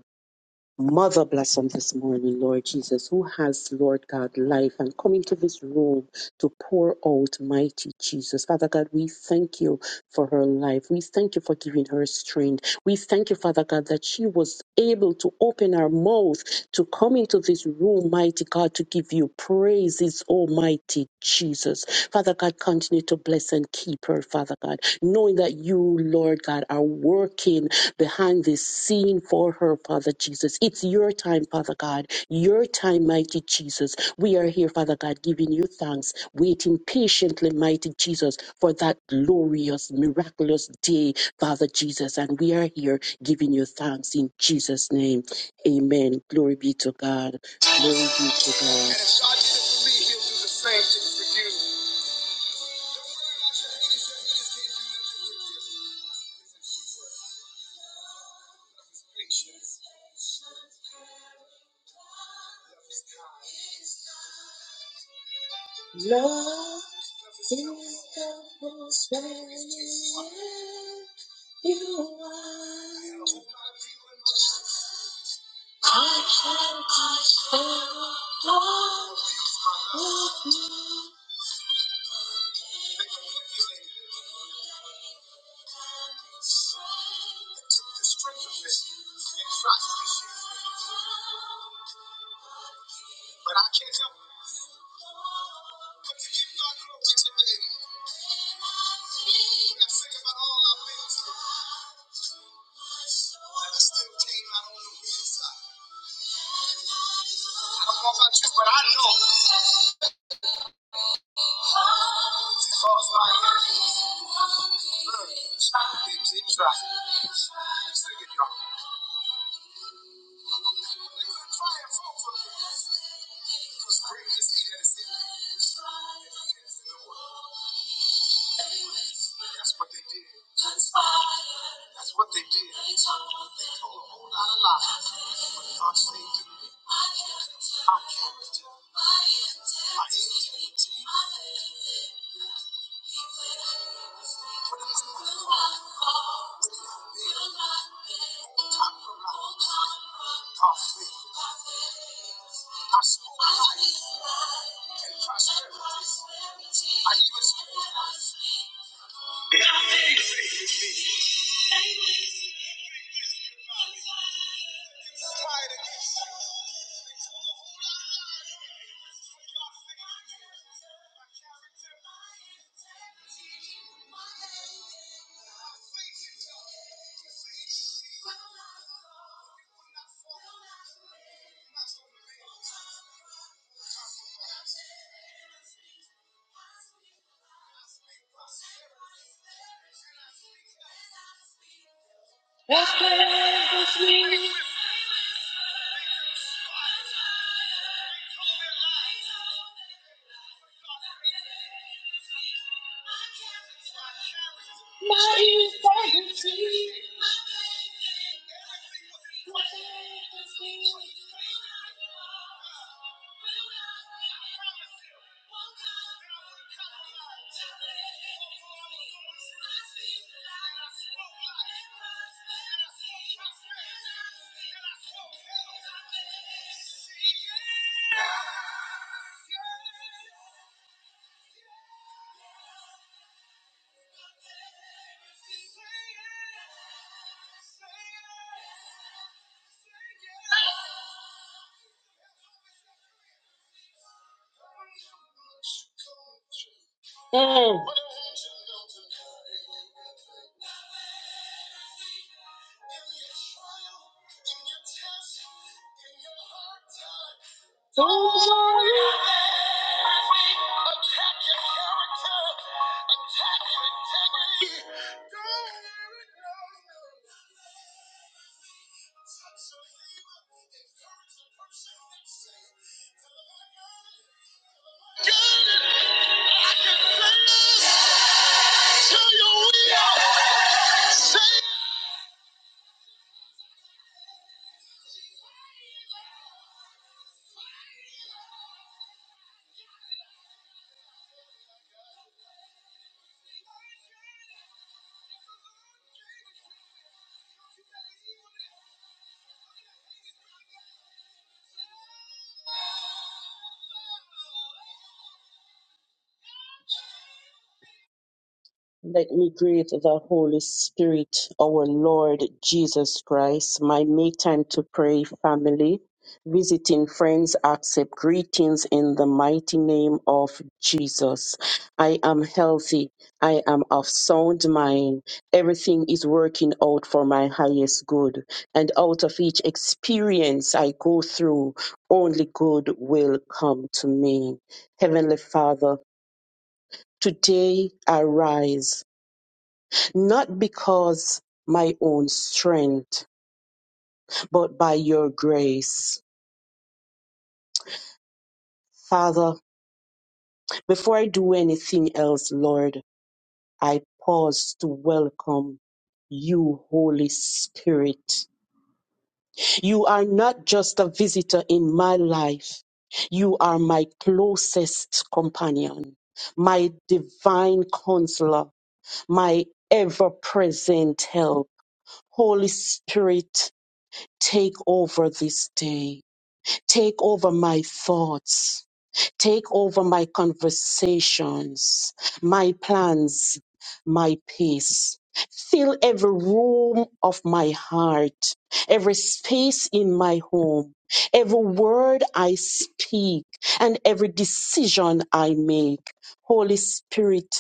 Speaker 11: Mother bless them this morning, Lord Jesus, who has, Lord God, life and come into this room to pour out mighty Jesus. Father God, we thank you for her life. We thank you for giving her strength. We thank you, Father God, that she was able to open her mouth to come into this room, mighty God, to give you praises, almighty Jesus. Father God, continue to bless and keep her, Father God, knowing that you, Lord God, are working behind the scenes interceding for her, Father Jesus. It's your time, Father God. Your time, mighty Jesus. We are here, Father God, giving you thanks, waiting patiently, mighty Jesus, for that glorious, miraculous day, Father Jesus. And we are here giving you thanks in Jesus' name. Amen. Glory be to God. Glory be to God. And if I did it for That's why everybody is helpful. Mm. Let me greet the Holy Spirit, our Lord Jesus Christ, my make time to pray family, visiting friends, accept greetings in the mighty name of Jesus. I am healthy. I am of sound mind. Everything is working out for my highest good. And out of each experience I go through, only good will come to me. Heavenly Father, today I rise not because my own strength, but by your grace. Father, before I do anything else, Lord, I pause to welcome you, Holy Spirit. You are not just a visitor in my life. You are my closest companion, my divine counselor, my ever present help. Holy Spirit, take over this day Take over my thoughts. Take over my conversations, my plans, my peace. Fill every room of my heart, every space in my home, every word I speak, and every decision I make. Holy Spirit,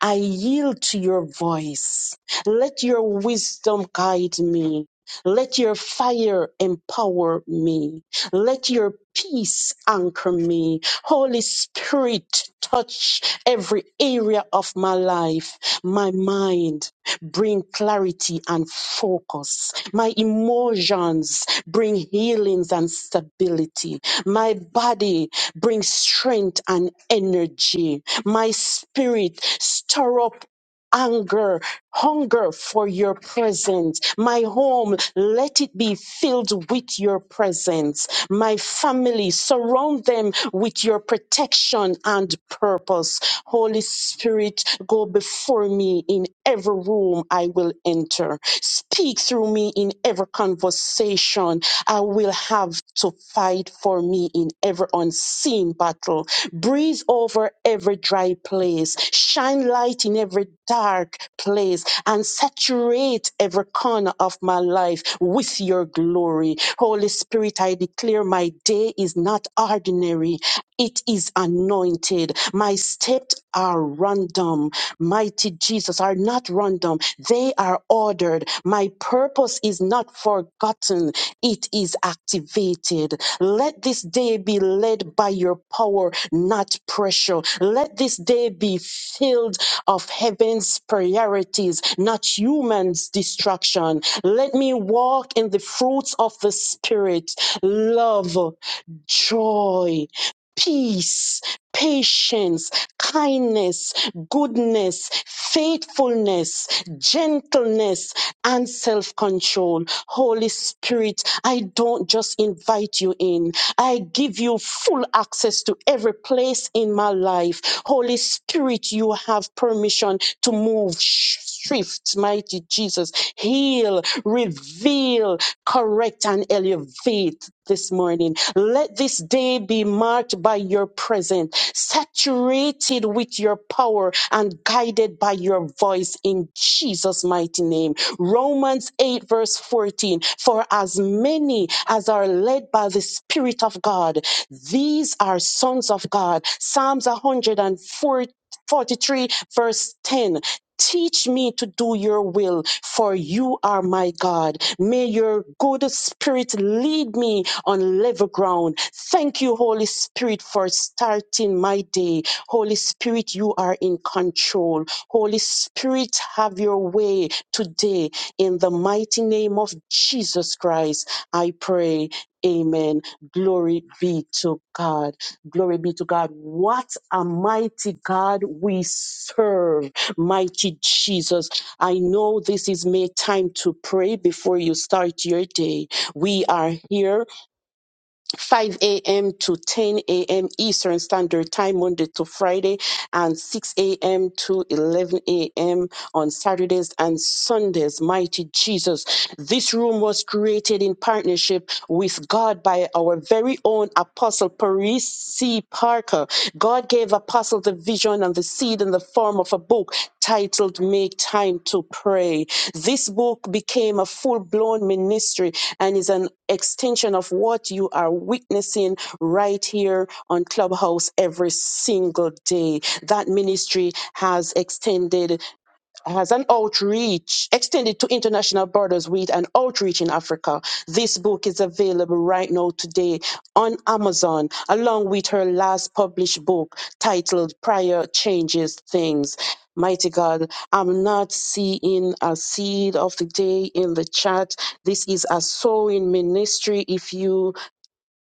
Speaker 11: I yield to your voice. Let your wisdom guide me. Let your fire empower me. Let your peace anchor me. Holy Spirit, touch every area of my life, my mind. Bring clarity and focus. My emotions bring healings and stability. My body Bring strength and energy. My spirit, stir up anger, hunger for your presence. My home, let it be filled with your presence. My family, surround them with your protection and purpose. Holy Spirit, go before me in every room I will enter. Speak through me in every conversation conversation, I will have to fight for me in every unseen battle. Breathe over every dry place. Shine light in every dark place and saturate every corner of my life with your glory. Holy Spirit, I declare my day is not ordinary. It is anointed. My steps are random. Mighty Jesus are not random. They are ordered. My purpose is not forgotten. It is activated. Let this day be led by your power, not pressure. Let this day be filled of heaven's priorities, not human's distraction. Let me walk in the fruits of the Spirit love, joy peace, patience, kindness, goodness, faithfulness, gentleness, and self control. Holy Spirit, I don't just invite you in, I give you full access to every place in my life. Holy Spirit, you have permission to move. sh- Shift, mighty Jesus, heal, reveal, correct and elevate this morning. Let this day be marked by your presence, saturated with your power and guided by your voice in Jesus' mighty name. Romans 8, verse 14. For as many as are led by the Spirit of God, these are sons of God. Psalms 143, verse 10. Teach me to do your will, for you are my God. May your good spirit lead me on level ground. Thank you, Holy Spirit, for starting my day. Holy Spirit, you are in control. Holy Spirit, have your way today. In the mighty name of Jesus Christ, I pray. Amen. Glory be to God. Glory be to God. What a mighty God we serve. Mighty Jesus, I know this is make time to pray before you start your day. We are here 5 a.m. to 10 a.m. Eastern Standard Time, Monday to Friday, and 6 a.m. to 11 a.m. on Saturdays and Sundays. Mighty Jesus. This room was created in partnership with God by our very own Apostle Paris C. Parker. God gave Apostle the vision and the seed in the form of a book titled Make Time to Pray. This book became a full blown ministry and is an extension of what you are witnessing right here on Clubhouse every single day. That ministry has extended has an outreach extended to international borders with an outreach in Africa. This book is available right now today on Amazon, along with her last published book titled Prior Changes Things. Mighty God, I'm not seeing a seed of the day in the chat. This is a sowing ministry. If you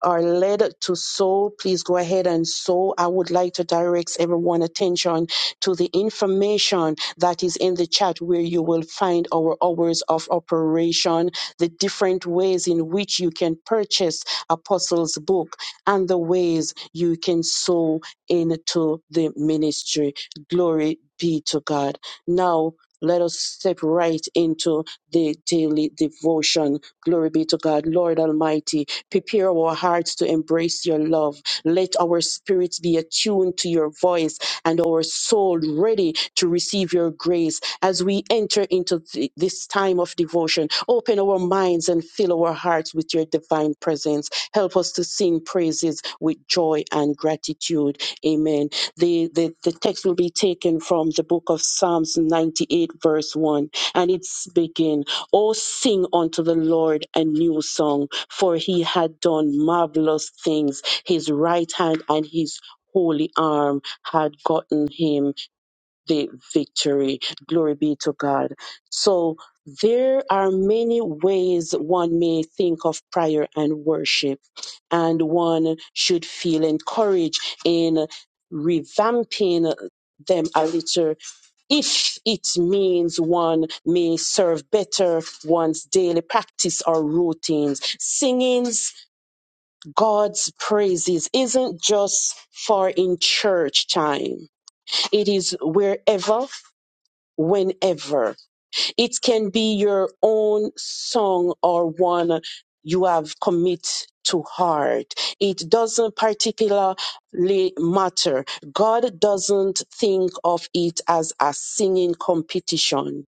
Speaker 11: are led to sow, please go ahead and sow. I would like to direct everyone's attention to the information that is in the chat where you will find our hours of operation, the different ways in which you can purchase Apostles' book, and the ways you can sow into the ministry. Glory be to God. Now, let us step right into the daily devotion. Glory be to God. Lord Almighty, Prepare our hearts to embrace your love. Let our spirits be attuned to your voice and our soul ready to receive your grace as we enter into th- this time of devotion. Open our minds and fill our hearts with your divine presence. Help us to sing praises with joy and gratitude. Amen. The, the, the text will be taken from the book of Psalms 98, verse 1, and it's begin, Oh, sing unto the Lord a new song for he had done marvelous things. His right hand and his holy arm had gotten him the victory. Glory be to God. So there are many ways one may think of prayer and worship, and one should feel encouraged in revamping them a little if it means one may serve better one's daily practice or routines. Singing God's praises isn't just for in church time, it is wherever. Whenever it can be your own song or one you have commit to heart, it doesn't particularly matter. God doesn't think of it as a singing competition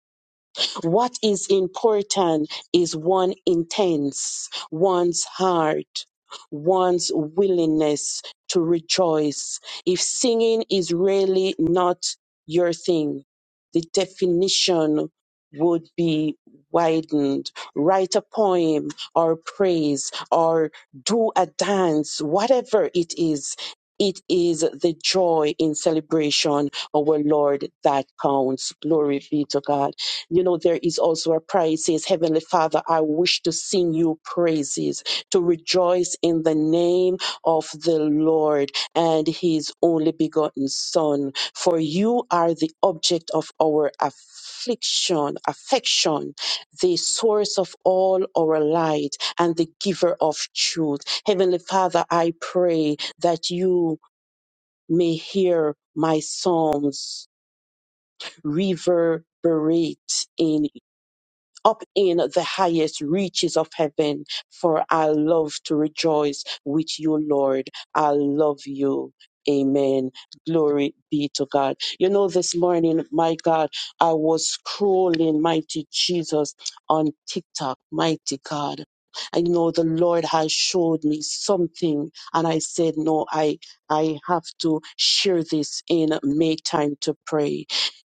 Speaker 11: what is important is one intents, one's heart, one's willingness to rejoice. If singing is really not your thing, the definition would be widened. Write a poem or praise or do a dance, whatever it is. It is the joy in celebration, our Lord, that counts. Glory be to God you know, there is also a prayer. It says, Heavenly Father, I wish to sing you praises, to rejoice in the name of the Lord and his only begotten Son. For you are the object of our affliction, affection, the source of all our light and the giver of truth. Heavenly Father, I pray that you may hear my songs reverberate in up in the highest reaches of heaven, for I love to rejoice with you, Lord. I love you. Amen. Glory be to God. You know, this morning, my God, I was scrolling, mighty Jesus, on TikTok, mighty God. I know the Lord has showed me something, and I said, No, I I have to share this in May time to pray.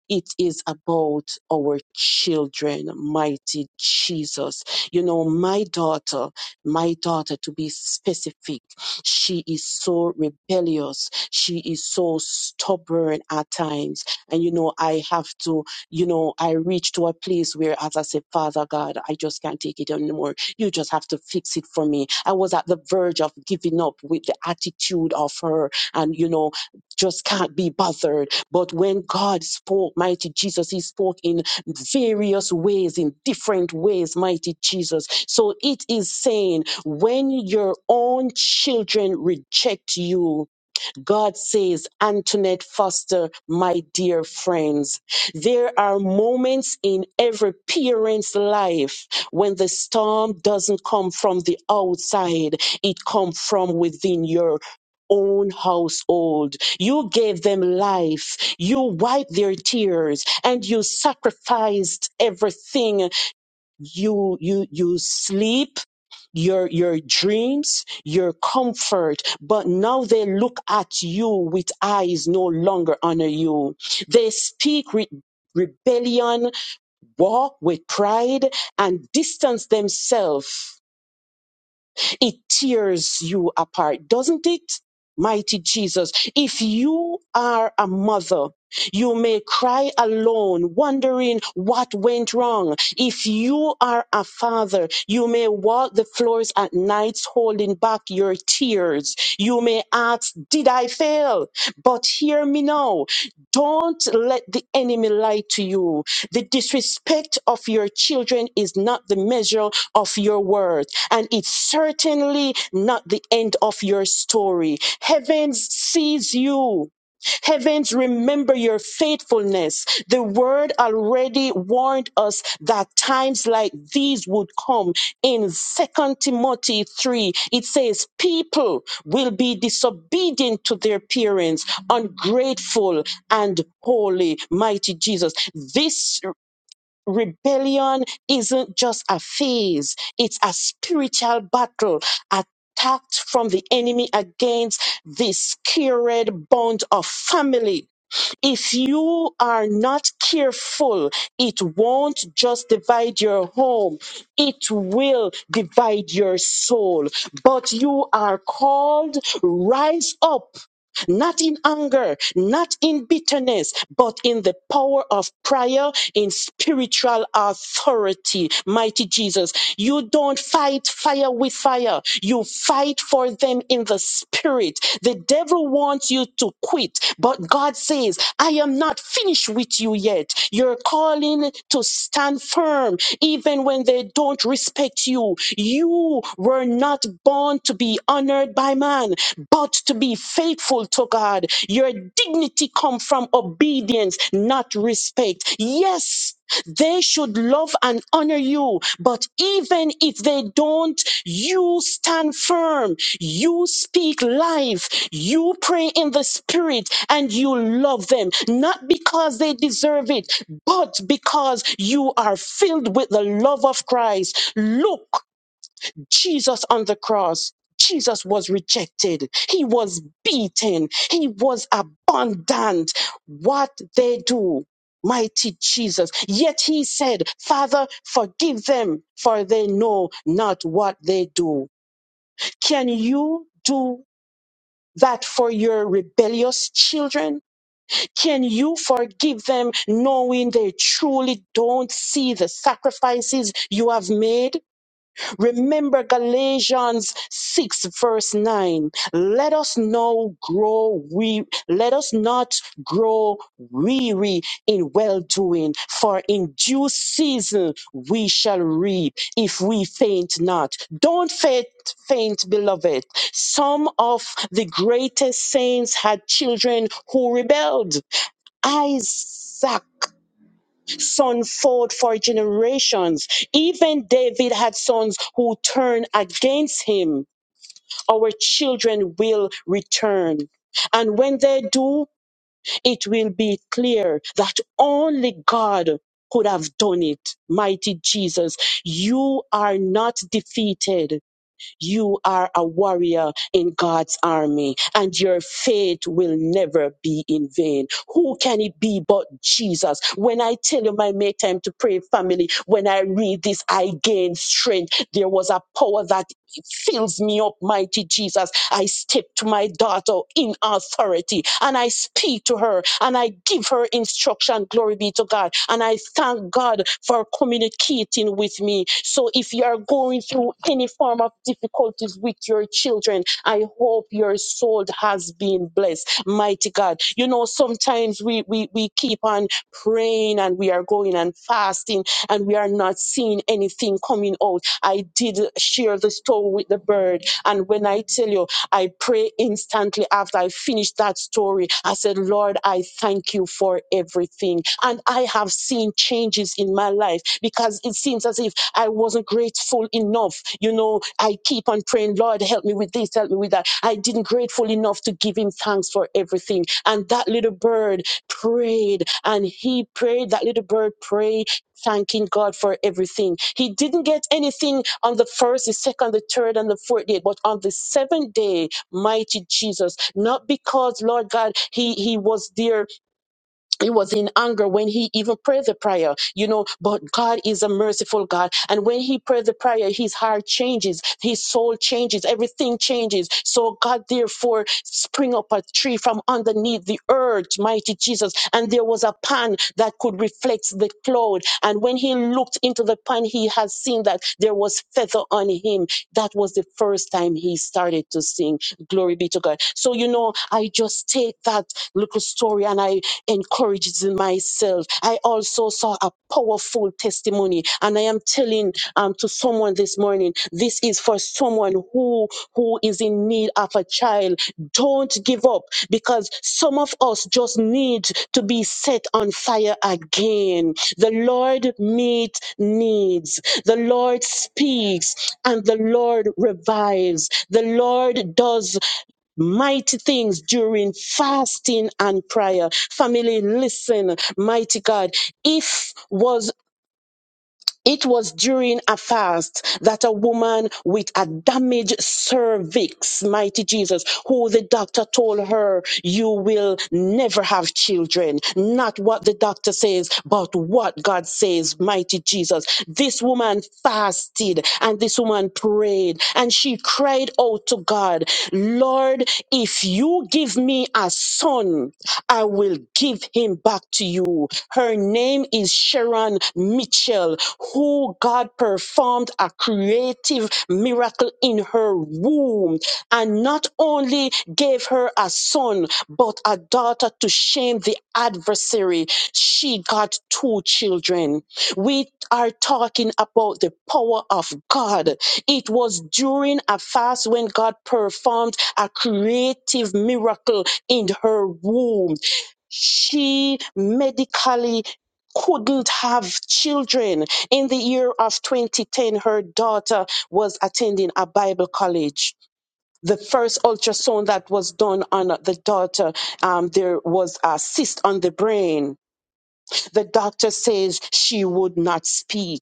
Speaker 11: It is about our children, mighty Jesus. You know, my daughter, my daughter, to be specific, she is so rebellious. She is so stubborn at times. And, you know, I have to, you know, I reach to a place where, as I say, Father God, I just can't take it anymore. You just have to fix it for me. I was at the verge of giving up with the attitude of her and, you know, just can't be bothered but when God spoke, mighty Jesus, He spoke in various ways, in different ways, mighty Jesus. So it is saying, when your own children reject you, God says, Antoinette Foster, my dear friends, there are moments in every parent's life when the storm doesn't come from the outside, it comes from within your own household. You gave them life. You wiped their tears and you sacrificed everything. You, you, you sleep your your dreams your comfort but now they look at you with eyes no longer honor you they speak with rebellion walk with pride and distance themselves it tears you apart, doesn't it? Mighty Jesus, if you are a mother, you may cry alone, wondering what went wrong. If you are a father, you may walk the floors at nights holding back your tears. You may ask, Did I fail? But hear me now. Don't let the enemy lie to you. The disrespect of your children is not the measure of your word, and it's certainly not the end of your story. Heaven sees you. Heavens remember your faithfulness. The word already warned us that times like these would come. In Second Timothy 3, it says, People will be disobedient to their parents, ungrateful, and holy, mighty Jesus. This rebellion isn't just a phase, it's a spiritual battle attacked from the enemy against this cured bond of family. If you are not careful, it won't just divide your home, it will divide your soul. But you are called, rise up not in anger, not in bitterness, but in the power of prayer, in spiritual authority. Mighty Jesus, you don't fight fire with fire. You fight for them in the spirit. The devil wants you to quit, but God says, I am not finished with you yet. You're calling to stand firm, even when they don't respect you. You were not born to be honored by man but to be faithful to God. Your dignity comes from obedience, not respect. Yes, they should love and honor you, but even if they don't, you stand firm. You speak life. You pray in the spirit and you love them, not because they deserve it, but because you are filled with the love of Christ. Look Jesus on the cross. Jesus was rejected. He was beaten. He was abandoned. What they do, mighty Jesus. Yet he said, Father, forgive them, for they know not what they do. Can you do that for your rebellious children? Can you forgive them knowing they truly don't see the sacrifices you have made? Remember Galatians 6 verse 9. Let us no grow we let us not grow weary in well doing, for in due season we shall reap if we faint not. Don't faint faint, beloved. Some of the greatest saints had children who rebelled. Isaac. Son fought for generations. Even David had sons who turned against him. Our children will return. And when they do, it will be clear that only God could have done it. Mighty Jesus, you are not defeated you are a warrior in God's army, and your faith will never be in vain. Who can it be but Jesus? When I tell you, I make time to pray, family, when I read this, I gain strength. There was a power that it fills me up, mighty Jesus. I step to my daughter in authority and I speak to her and I give her instruction. Glory be to God. And I thank God for communicating with me. So if you are going through any form of difficulties with your children, I hope your soul has been blessed. Mighty God. You know, sometimes we we, we keep on praying and we are going and fasting and we are not seeing anything coming out I did share the story with the bird. And when I tell you, I pray instantly after I finished that story. I said, Lord, I thank you for everything. And I have seen changes in my life because it seems as if I wasn't grateful enough. You know, I keep on praying, Lord, help me with this, help me with that. I didn't grateful enough to give him thanks for everything. And that little bird prayed and he prayed, that little bird prayed thanking God for everything. He didn't get anything on the first, the second, the third, and the fourth day, but on the seventh day, mighty Jesus. Not because, Lord God, he, he was there he was in anger when he even prayed the prayer, you know. But God is a merciful God. And when he prayed the prayer, his heart changes, his soul changes, everything changes. So God, therefore, spring up a tree from underneath the earth, mighty Jesus. And there was a pan that could reflect the cloud. And when he looked into the pan, he had seen that there was feather on him. That was the first time he started to sing. Glory be to God. So, you know, I just take that little story and I Encourages myself. I also saw a powerful testimony, and I am telling um, to someone this morning, this is for someone who who is in need of a child. Don't give up because some of us just need to be set on fire again. The Lord meets needs. The Lord speaks, and the Lord revives. The Lord does mighty things during fasting and prayer. Family, listen, mighty God. If was it was during a fast that a woman with a damaged cervix, mighty Jesus, who the doctor told her, you will never have children. Not what the doctor says, but what God says, mighty Jesus. This woman fasted and this woman prayed and she cried out to God, Lord, if you give me a son, I will give him back to you. Her name is Sharon Mitchell, who God performed a creative miracle in her womb and not only gave her a son, but a daughter to shame the adversary. She got two children. We are talking about the power of God. It was during a fast when God performed a creative miracle in her womb she medically couldn't have children. In the year of 2010, her daughter was attending a Bible college. The first ultrasound that was done on the daughter, um, there was a cyst on the brain the doctor says she would not speak.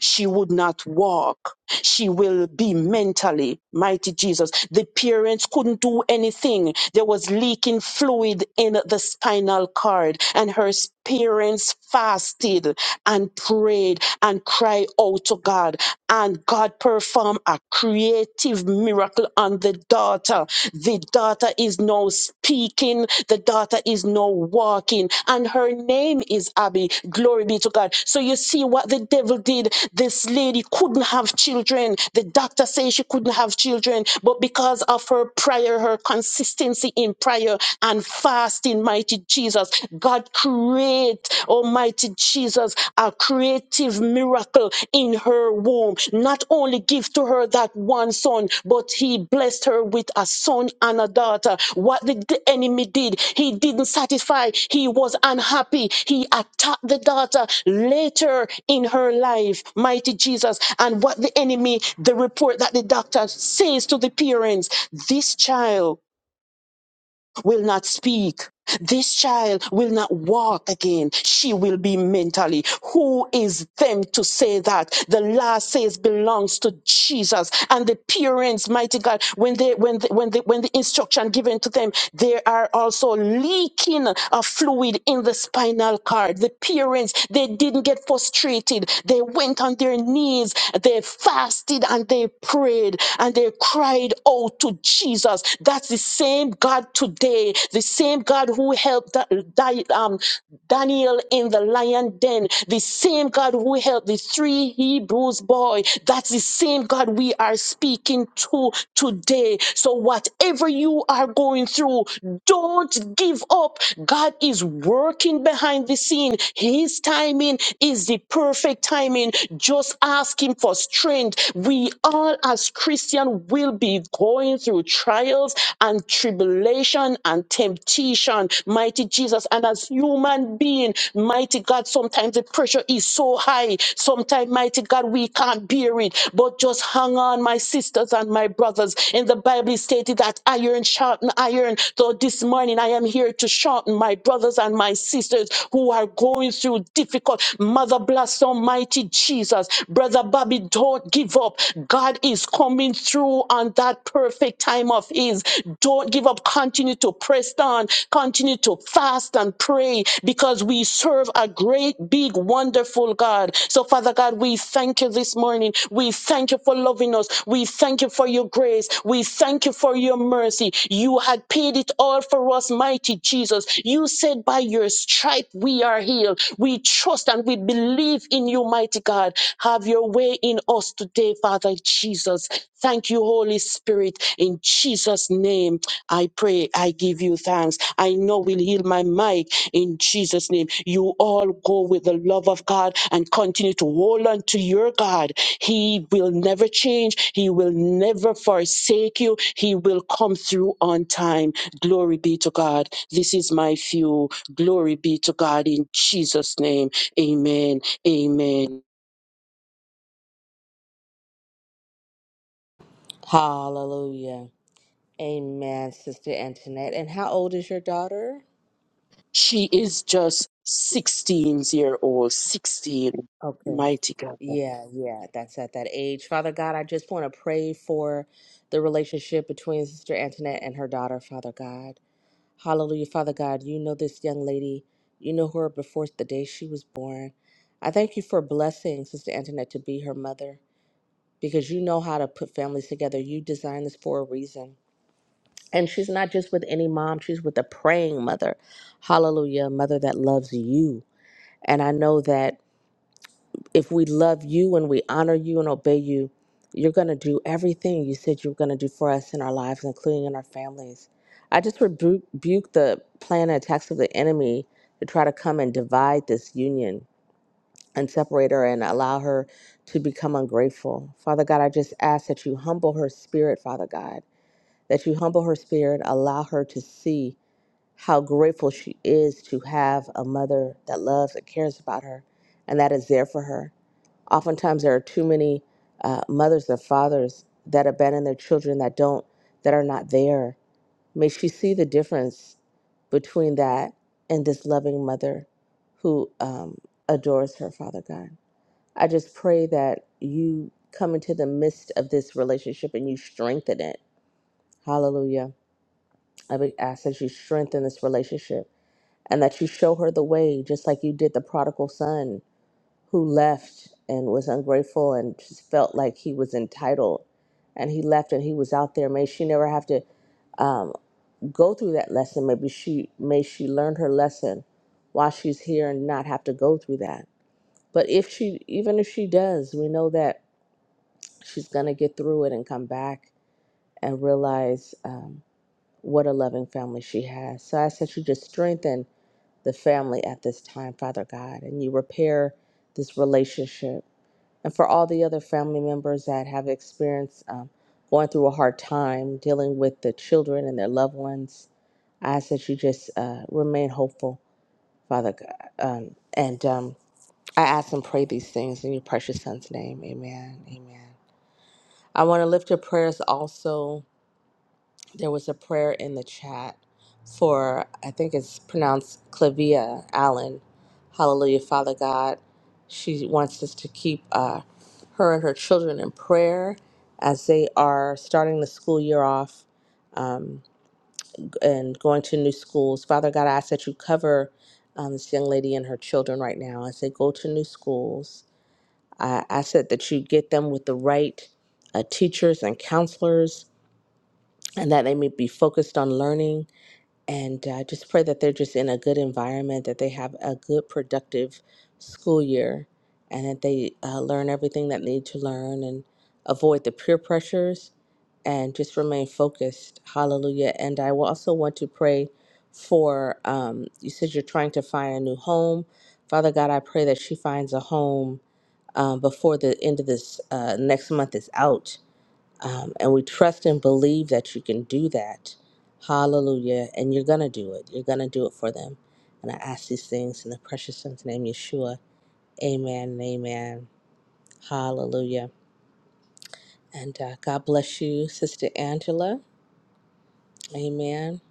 Speaker 11: She would not walk. She will be mentally. Mighty Jesus. The parents couldn't do anything. There was leaking fluid in the spinal cord, and her parents fasted and prayed and cried out to God. And God performed a creative miracle on the daughter. The daughter is now speaking. The daughter is now walking. And her name is Abby. Glory be to God. So you see what the devil did. This lady couldn't have children. The doctor says she couldn't have children. But because of her prayer, her consistency in prayer and fasting, mighty Jesus. Jesus. God, create, Almighty Jesus, a creative miracle in her womb. Not only give to her that one son, but he blessed her with a son and a daughter. What did the enemy did? He didn't satisfy. He was unhappy. He attacked the daughter later in her life. Mighty Jesus. And what the enemy, the report that the doctor says to the parents, this child will not speak this child will not walk again. She will be mentally. Who is them to say that? The law says belongs to Jesus and the parents, mighty God, when they when the, when the when the instruction given to them, they are also leaking of fluid in the spinal cord. The parents, they didn't get frustrated. They went on their knees, they fasted and they prayed and they cried out to Jesus. That's the same God today, the same same God who helped Da- Di- um, Daniel in the lion den, the same God who helped the three Hebrews boy, that's the same God we are speaking to today. So whatever you are going through, don't give up. God is working behind the scene. His timing is the perfect timing. Just ask Him for strength. We all, as Christian, will be going through trials and tribulation and temptation, mighty Jesus. And as human being, mighty God, sometimes the pressure is so high. Sometimes, mighty God, we can't bear it. But just hang on, my sisters and my brothers. In the Bible, it stated that iron sharpen iron. So this morning, I am here to sharpen my brothers and my sisters who are going through difficult. Mother bless Almighty Jesus. Brother Bobby, don't give up. God is coming through on that perfect time of His. Don't give up continue to press on, continue to fast and pray because we serve a great, big, wonderful God. So, Father God, we thank you this morning. We thank you for loving us. We thank you for your grace. We thank you for your mercy. You had paid it all for us, mighty Jesus. You said, by your stripe we are healed. We trust and we believe in you, mighty God. Have your way in us today, Father Jesus. Thank you, Holy Spirit, in Jesus' name. I pray, I give you thanks. I know we'll heal my mic in Jesus' name. You all go with the love of God and continue to hold on to your God. He will never change, He will never forsake you. He will come through on time. Glory be to God. This is my few. Glory be to God in Jesus' name. Amen. Amen.
Speaker 8: Hallelujah. Amen, Sister Antoinette. And how old is your daughter?
Speaker 11: She is just 16 year old, 16.
Speaker 8: Okay.
Speaker 11: Mighty God.
Speaker 8: Yeah, yeah, that's at that age. Father God, I just want to pray for the relationship between Sister Antoinette and her daughter, Father God. Hallelujah, Father God. You know this young lady, you know her before the day she was born. I thank you for blessing Sister Antoinette to be her mother because you know how to put families together. You designed this for a reason. And she's not just with any mom, she's with a praying mother. Hallelujah, a mother that loves you. And I know that if we love you and we honor you and obey you, you're going to do everything you said you were going to do for us in our lives, including in our families. I just rebu- rebuke the plan and attacks of the enemy to try to come and divide this union and separate her and allow her to become ungrateful. Father God, I just ask that you humble her spirit, Father God, that you humble her spirit, allow her to see how grateful she is to have a mother that loves and cares about her and that is there for her. Oftentimes, there are too many uh, mothers or fathers that abandon their children that don't, that are not there. May she see the difference between that and this loving mother who um, adores her, Father God. I just pray that you come into the midst of this relationship and you strengthen it. Hallelujah. I would ask that you strengthen this relationship and that you show her the way, just like you did the prodigal son who left and was ungrateful and just felt like he was entitled. And he left and he was out there. May she never have to um, go through that lesson. Maybe she may she learn her lesson while she's here and not have to go through that. But if she even if she does, we know that she's gonna get through it and come back and realize um, what a loving family she has. So I said, you just strengthen the family at this time, Father God, and you repair this relationship. And for all the other family members that have experienced um, going through a hard time dealing with the children and their loved ones, I ask that you just uh, remain hopeful, Father God. Um, and um, I ask and pray these things in your precious Son's name. Amen. Amen. I want to lift your prayers also there was a prayer in the chat for I think it's pronounced Clavia Allen. Hallelujah, Father God. She wants us to keep uh, her and her children in prayer as they are starting the school year off um, and going to new schools. Father God, I ask that you cover um, this young lady and her children right now as they go to new schools. I ask that that you get them with the right uh, teachers and counselors and that they may be focused on learning and uh, just pray that they're just in a good environment, that they have a good, productive school year, and that they uh, learn everything that they need to learn and avoid the peer pressures and just remain focused. Hallelujah. And I will also want to pray for um, you said you're trying to find a new home. Father God, I pray that she finds a home um, before the end of this uh, next month is out um, and we trust and believe that you can do that. Hallelujah. And you're going to do it. You're going to do it for them. And I ask these things in the precious son's name, Yeshua. Amen and amen. Hallelujah. And uh, God bless you, Sister Angela. Amen.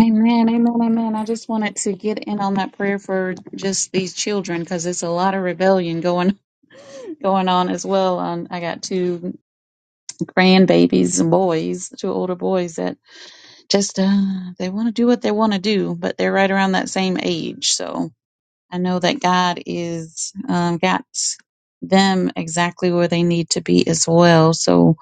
Speaker 12: Amen, amen, amen. I just wanted to get in on that prayer for just these children because it's a lot of rebellion going <laughs> going on as well. Um, I got two grandbabies, boys, two older boys that just uh, they want to do what they want to do, but they're right around that same age. So I know that God is um, got them exactly where they need to be as well. So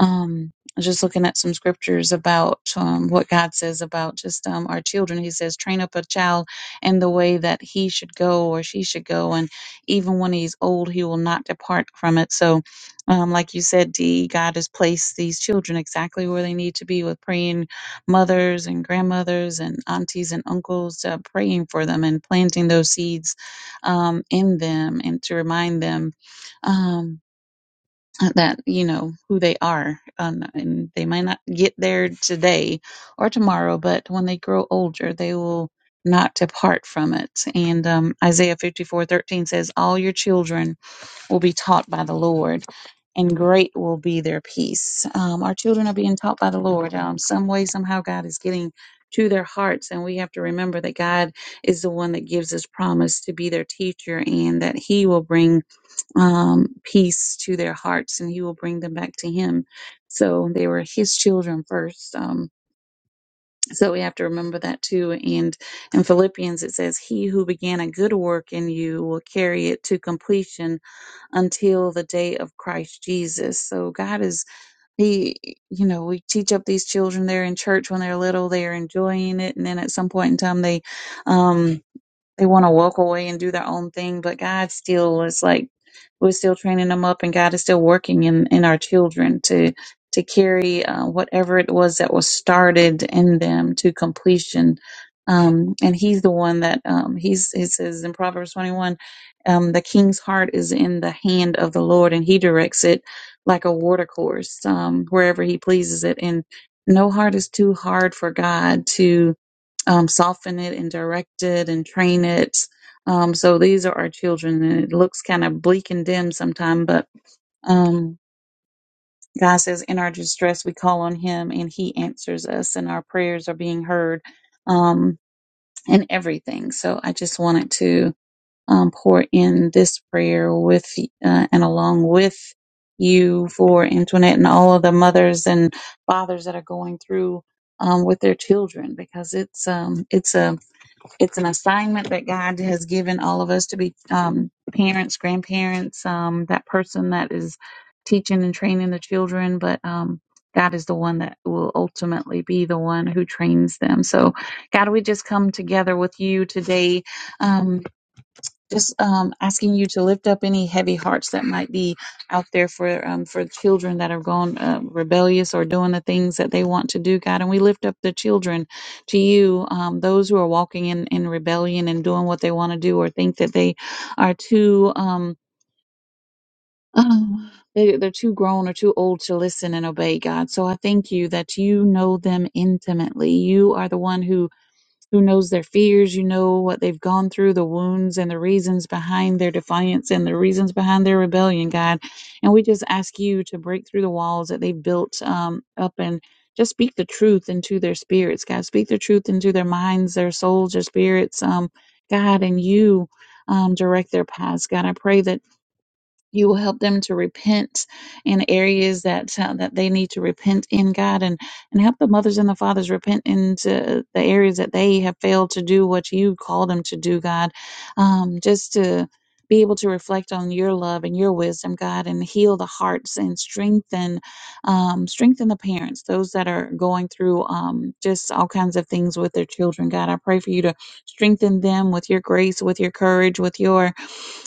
Speaker 12: um I was just looking at some scriptures about um, what God says about just um, our children. He says, train up a child in the way that he should go or she should go. And even when he's old, he will not depart from it. So, um, like you said, Dee, God has placed these children exactly where they need to be with praying mothers and grandmothers and aunties and uncles, uh, praying for them and planting those seeds um, in them and to remind them. Um, that you know who they are um, and they might not get there today or tomorrow but when they grow older they will not depart from it and um, isaiah fifty four thirteen says all your children will be taught by the lord and great will be their peace um, our children are being taught by the lord um, some way somehow god is getting to their hearts and we have to remember that god is the one that gives us promise to be their teacher and that he will bring um, peace to their hearts and he will bring them back to him. So they were his children first. Um, so we have to remember that too. And in Philippians, it says, He who began a good work in you will carry it to completion until the day of Christ Jesus. So God is, He, you know, we teach up these children. They're in church when they're little, they're enjoying it. And then at some point in time, they, um, they want to walk away and do their own thing, but God still is like we're still training them up, and God is still working in in our children to to carry uh, whatever it was that was started in them to completion. Um, and He's the one that um, He's He says in Proverbs twenty one, um, the king's heart is in the hand of the Lord, and He directs it like a water course um, wherever He pleases it, and no heart is too hard for God to um, soften it and direct it and train it. Um, so these are our children, and it looks kind of bleak and dim sometimes, but um, God says, in our distress, we call on Him, and He answers us, and our prayers are being heard, um, and everything. So I just wanted to um, pour in this prayer with uh, and along with you for Antoinette and all of the mothers and fathers that are going through um, with their children because it's um, it's a it's an assignment that God has given all of us to be um, parents, grandparents, um, that person that is teaching and training the children, but um, God is the one that will ultimately be the one who trains them. So, God, we just come together with you today. um, just um, asking you to lift up any heavy hearts that might be out there for um, for children that are gone uh, rebellious or doing the things that they want to do, God. And we lift up the children to you, um, those who are walking in, in rebellion and doing what they want to do or think that they are too. Um, <sighs> um, they, they're too grown or too old to listen and obey God. So I thank you that you know them intimately. You are the one who who knows their fears, you know what they've gone through, the wounds and the reasons behind their defiance and the reasons behind their rebellion, God. And we just ask you to break through the walls that they've built um, up and just speak the truth into their spirits, God. Speak the truth into their minds, their souls, their spirits, um, God, and you um, direct their paths, God. I pray that you will help them to repent in areas that uh, that they need to repent in God and and help the mothers and the fathers repent into the areas that they have failed to do what you call them to do God um, just to be able to reflect on your love and your wisdom God and heal the hearts and strengthen um, strengthen the parents those that are going through um, just all kinds of things with their children God I pray for you to strengthen them with your grace with your courage with your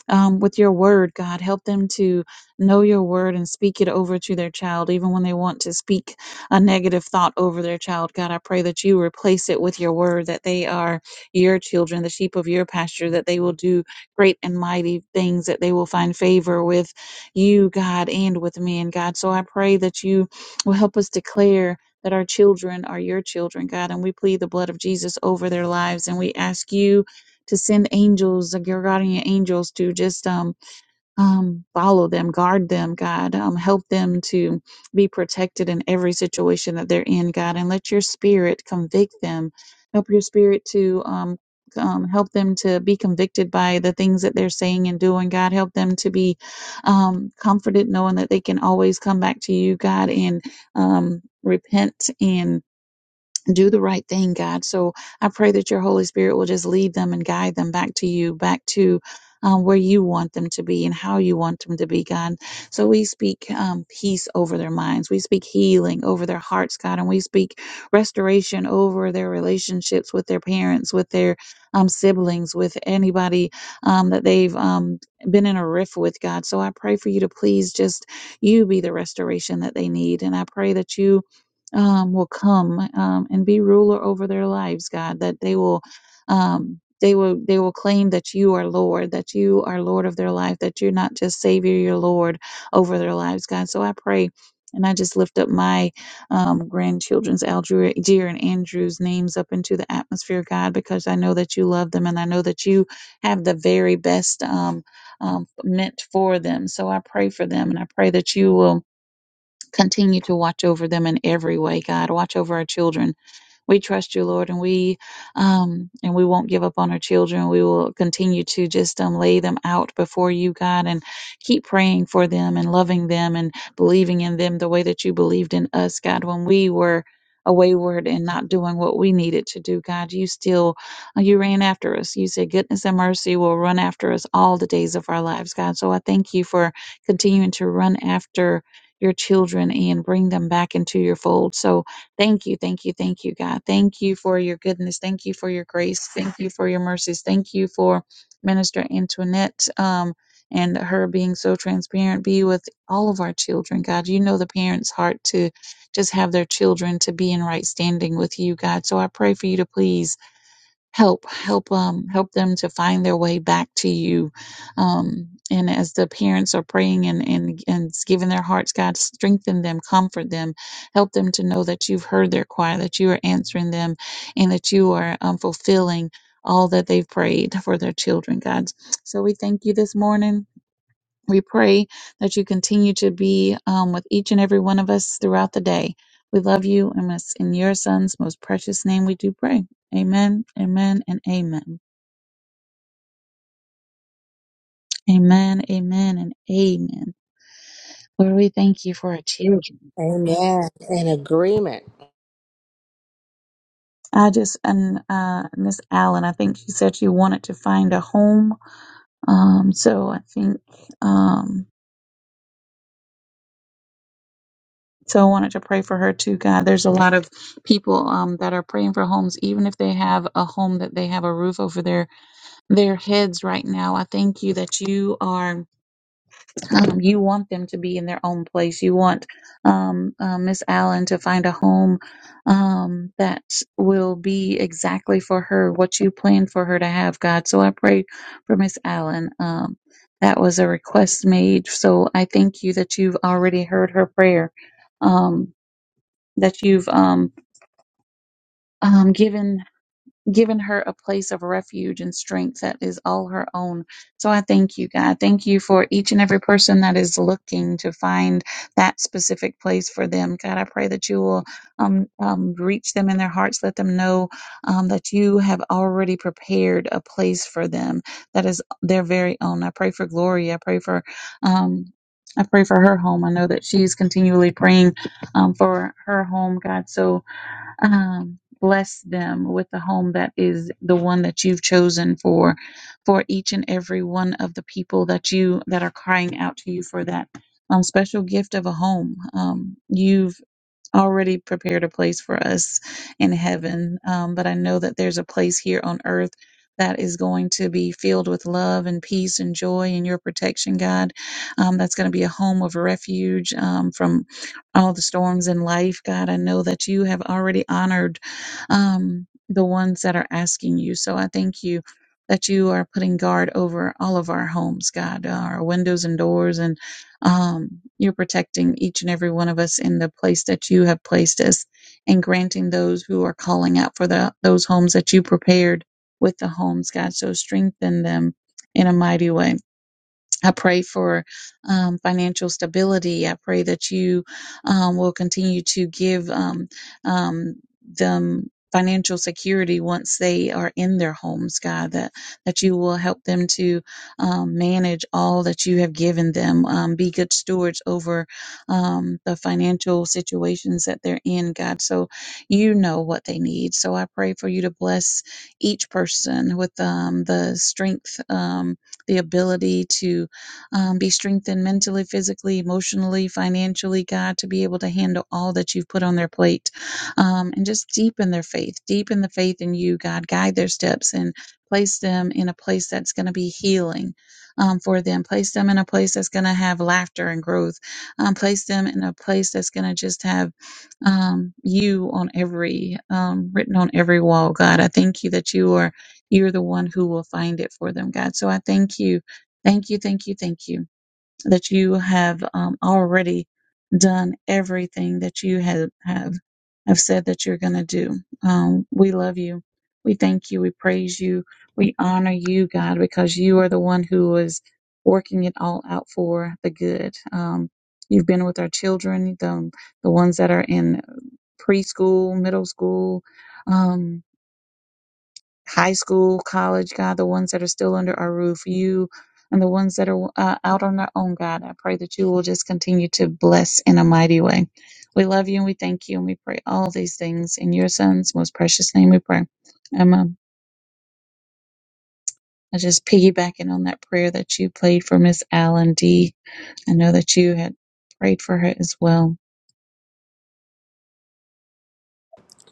Speaker 12: um, with your word, God. Help them to know your word and speak it over to their child, even when they want to speak a negative thought over their child. God, I pray that you replace it with your word, that they are your children, the sheep of your pasture, that they will do great and mighty things, that they will find favor with you, God, and with men, God. So I pray that you will help us declare. That our children are your children, God, and we plead the blood of Jesus over their lives. And we ask you to send angels, like your guardian angels, to just um, um, follow them, guard them, God. Um, help them to be protected in every situation that they're in, God. And let your spirit convict them. Help your spirit to um, um, help them to be convicted by the things that they're saying and doing, God. Help them to be um, comforted knowing that they can always come back to you, God, and um, repent and do the right thing, God. So I pray that your Holy Spirit will just lead them and guide them back to you, back to um, where you want them to be and how you want them to be, God. So we speak um, peace over their minds. We speak healing over their hearts, God. And we speak restoration over their relationships with their parents, with their um, siblings, with anybody um, that they've um, been in a rift with, God. So I pray for you to please just, you be the restoration that they need. And I pray that you um, will come um, and be ruler over their lives, God. That they will, um, they will, they will claim that you are Lord, that you are Lord of their life, that you're not just Savior, you're Lord over their lives, God. So I pray. And I just lift up my um, grandchildren's Algier and Andrew's names up into the atmosphere, God, because I know that you love them and I know that you have the very best um, um, meant for them. So I pray for them and I pray that you will Continue to watch over them in every way, God. Watch over our children. We trust you, Lord, and we um, and we won't give up on our children. We will continue to just um, lay them out before you, God, and keep praying for them and loving them and believing in them the way that you believed in us, God, when we were a wayward and not doing what we needed to do god you still uh, you ran after us you said goodness and mercy will run after us all the days of our lives god so i thank you for continuing to run after your children and bring them back into your fold. So thank you, thank you, thank you, God. Thank you for your goodness. Thank you for your grace. Thank you for your mercies. Thank you for Minister Antoinette. Um, and her being so transparent, be with all of our children, God. You know the parents' heart to just have their children to be in right standing with you, God. So I pray for you to please help help um help them to find their way back to you um and as the parents are praying and and and giving their hearts god strengthen them comfort them help them to know that you've heard their cry that you are answering them and that you are um, fulfilling all that they've prayed for their children god so we thank you this morning we pray that you continue to be um, with each and every one of us throughout the day. We love you, and it's in your son's most precious name we do pray. Amen, amen, and amen. Amen, amen, and amen. Lord, we thank you for our children.
Speaker 8: Amen. In agreement.
Speaker 12: I just, and uh, Miss Allen, I think she said she wanted to find a home. Um, so I think, um, so I wanted to pray for her too, God. There's a lot of people um, that are praying for homes, even if they have a home that they have a roof over their their heads right now. I thank you that you are, um, you want them to be in their own place. You want um, uh, Miss Allen to find a home um, that will be exactly for her, what you planned for her to have, God. So I pray for Miss Allen. Um, that was a request made. So I thank you that you've already heard her prayer, um, that you've um, um, given. given her a place of refuge and strength that is all her own. So I thank you, God. Thank you for each and every person that is looking to find that specific place for them. God, I pray that you will um, um, reach them in their hearts, let them know um, that you have already prepared a place for them that is their very own. I pray for Gloria. I pray for. Um, I pray for her home. I know that she's continually praying um, for her home, God. So um, bless them with the home that is the one that you've chosen for for each and every one of the people that you that are crying out to you for that um, special gift of a home um, you've already prepared a place for us in heaven. Um, but I know that there's a place here on earth that is going to be filled with love and peace and joy and your protection, God. Um, that's going to be a home of refuge um, from all the storms in life, God. I know that you have already honored um, the ones that are asking you. So I thank you. That you are putting guard over all of our homes, God, our windows and doors, and. Um, you're protecting each and every one of us in the place that you have placed us and granting those who are calling out for the, those homes that you prepared with the homes, God. So strengthen them in a mighty way I pray for um, financial stability. I pray that you um, will continue to give um, um, them financial security once they are in their homes, God. That that you will help them to um, manage all that you have given them. Um, be good stewards over um, the financial situations that they're in, God. So you know what they need. So I pray for you to bless each person with um, the strength, um, the ability to um, be strengthened mentally, physically, emotionally, financially, God, to be able to handle all that you've put on their plate. Um, and just deepen their faith, deepen the faith in you, God. Guide their steps and place them in a place that's going to be healing um, for them. Place them in a place that's going to have laughter and growth. Um, place them in a place that's going to just have um, you on every, um, written on every wall, God. I thank you that you are. You're the one who will find it for them, God. So I thank you Thank you, thank you, thank you that you have um, already done everything that you have have, have said that you're going to do. Um, we love you. We thank you. We praise you. We honor you, God, because you are the one who is working it all out for the good. Um, you've been with our children, the the ones that are in preschool, middle school. um, high school, college, God, the ones that are still under our roof, you and the ones that are uh, out on their own, God. I pray that you will just continue to bless in a mighty way. We love you and we thank you and we pray all these things in your son's most precious name we pray. Amen. I just piggybacking on that prayer that you played for Miss Allen D. I know that you had prayed for her as well.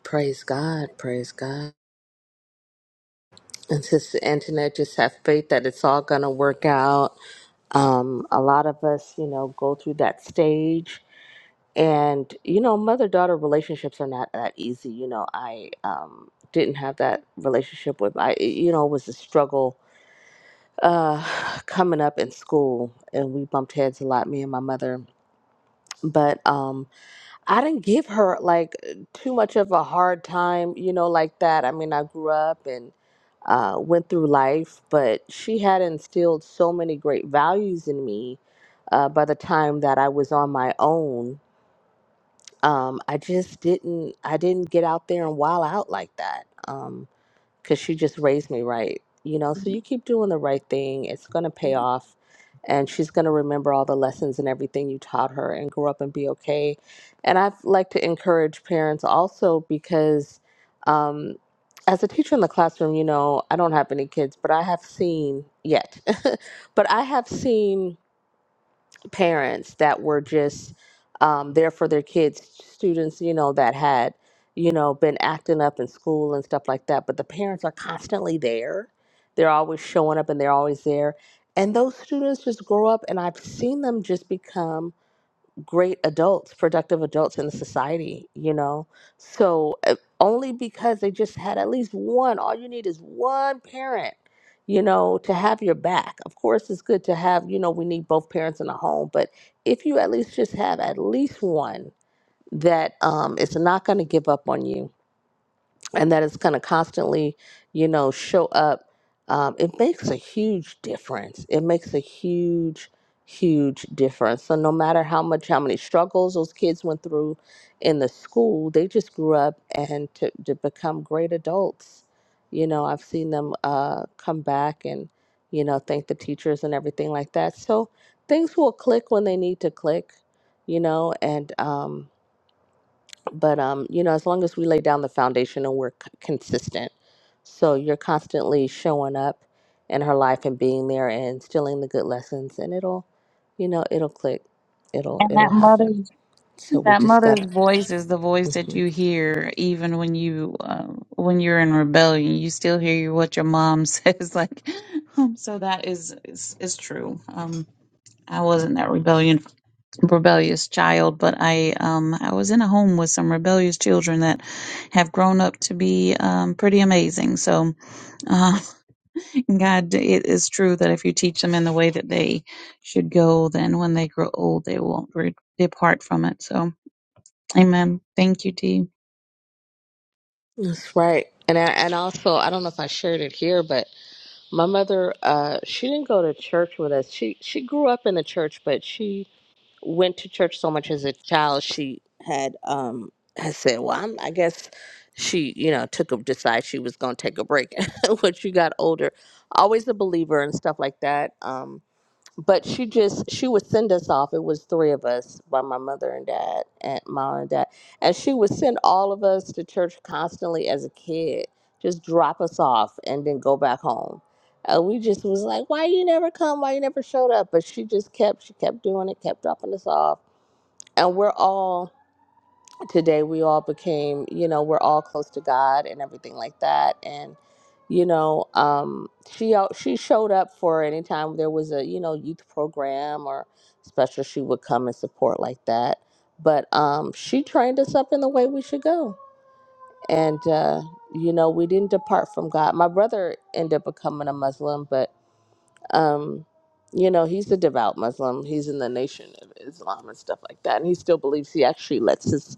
Speaker 8: Praise God. Praise God. And Sister Antoinette, just have faith that it's all going to work out. Um, a lot of us, you know, go through that stage and you know mother daughter relationships are not that easy you know i um didn't have that relationship with my it- you know it was a struggle uh <sighs> coming up in school and we bumped heads a lot me and my mother but um i didn't give her like too much of a hard time you know like that i mean i grew up and uh went through life but she had instilled so many great values in me uh by the time that i was on my own um, I just didn't I didn't get out there and wild out like that um, because she just raised me right, you know. So you keep doing the right thing; it's gonna pay off, and she's gonna remember all the lessons and everything you taught her, and grow up and be okay. And I'd like to encourage parents also because, um, as a teacher in the classroom, you know, I don't have any kids, but I have seen yet, <laughs> but I have seen parents that were just um, there for their kids, students, you know, that had, you know, been acting up in school and stuff like that. But the parents are constantly there. They're always showing up and they're always there. And those students just grow up, and I've seen them just become great adults, productive adults in the society, you know? So uh, only because they just had at least one, all you need is one parent, you know, to have your back. Of course, it's good to have, you know, we need both parents in the home, but if you at least just have at least one that um, is not going to give up on you and that it's going to constantly, you know, show up, um, it makes a huge difference. It makes a huge, huge difference. So no matter how much, how many struggles those kids went through in the school, they just grew up and to, to become great adults. You know, I've seen them uh, come back and, you know, thank the teachers and everything like that. So things will click when they need to click, you know, and, um, but um you know as long as we lay down the foundation and we're c- consistent so you're constantly showing up in her life and being there and instilling the good lessons and it'll you know it'll click it'll
Speaker 12: and
Speaker 8: it'll
Speaker 12: that mother.
Speaker 8: happen so we
Speaker 12: That
Speaker 8: just gotta
Speaker 12: mother's voice is the voice that
Speaker 8: hmm
Speaker 12: you hear even when you uh, when you're in rebellion. You still hear what your mom <laughs> says. Like, um, so that is is, is true. Um, I wasn't that rebellion rebellious child, but I um I was in a home with some rebellious children that have grown up to be um pretty amazing. So, uh, <laughs> God, it is true that if you teach them in the way that they should go, then when they grow old, they won't re- depart from it. So. Amen. Thank you, Dee.
Speaker 8: that's right and I, and also i don't know if i shared it here but my mother uh she didn't go to church with us she she grew up in the church but she went to church so much as a child she had um had said well I'm, i guess she you know took a decide she was going to take a break <laughs> when she got older always a believer and stuff like that Um, but she just she would send us off it was three of us by my mother and dad and mom and dad and she would send all of us to church constantly as a kid just drop us off and then go back home and we just was like why you never come why you never showed up but she just kept she kept doing it kept dropping us off and we're all today we all became you know we're all close to god and everything like that and you know um she al- she showed up for any time there was a you know youth program or special she would come and support like that but um she trained us up in the way we should go and uh you know we didn't depart from god my brother ended up becoming a muslim but um you know he's a devout muslim he's in the nation of islam and stuff like that and he still believes he actually lets his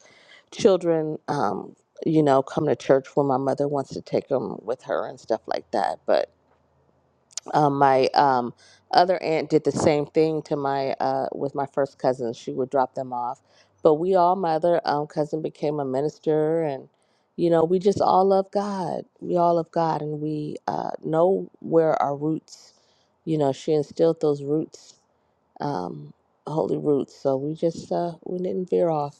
Speaker 8: children, um, you know, come to church when my mother wants to take them with her and stuff like that. But um, my um, other aunt did the same thing to my uh, with my first cousin. She would drop them off. But we all, my other um, cousin became a minister, and you know, we just all love God. We all love God, and we uh, know where our roots. You know, she instilled those roots, um, holy roots. So we just uh, we didn't veer off.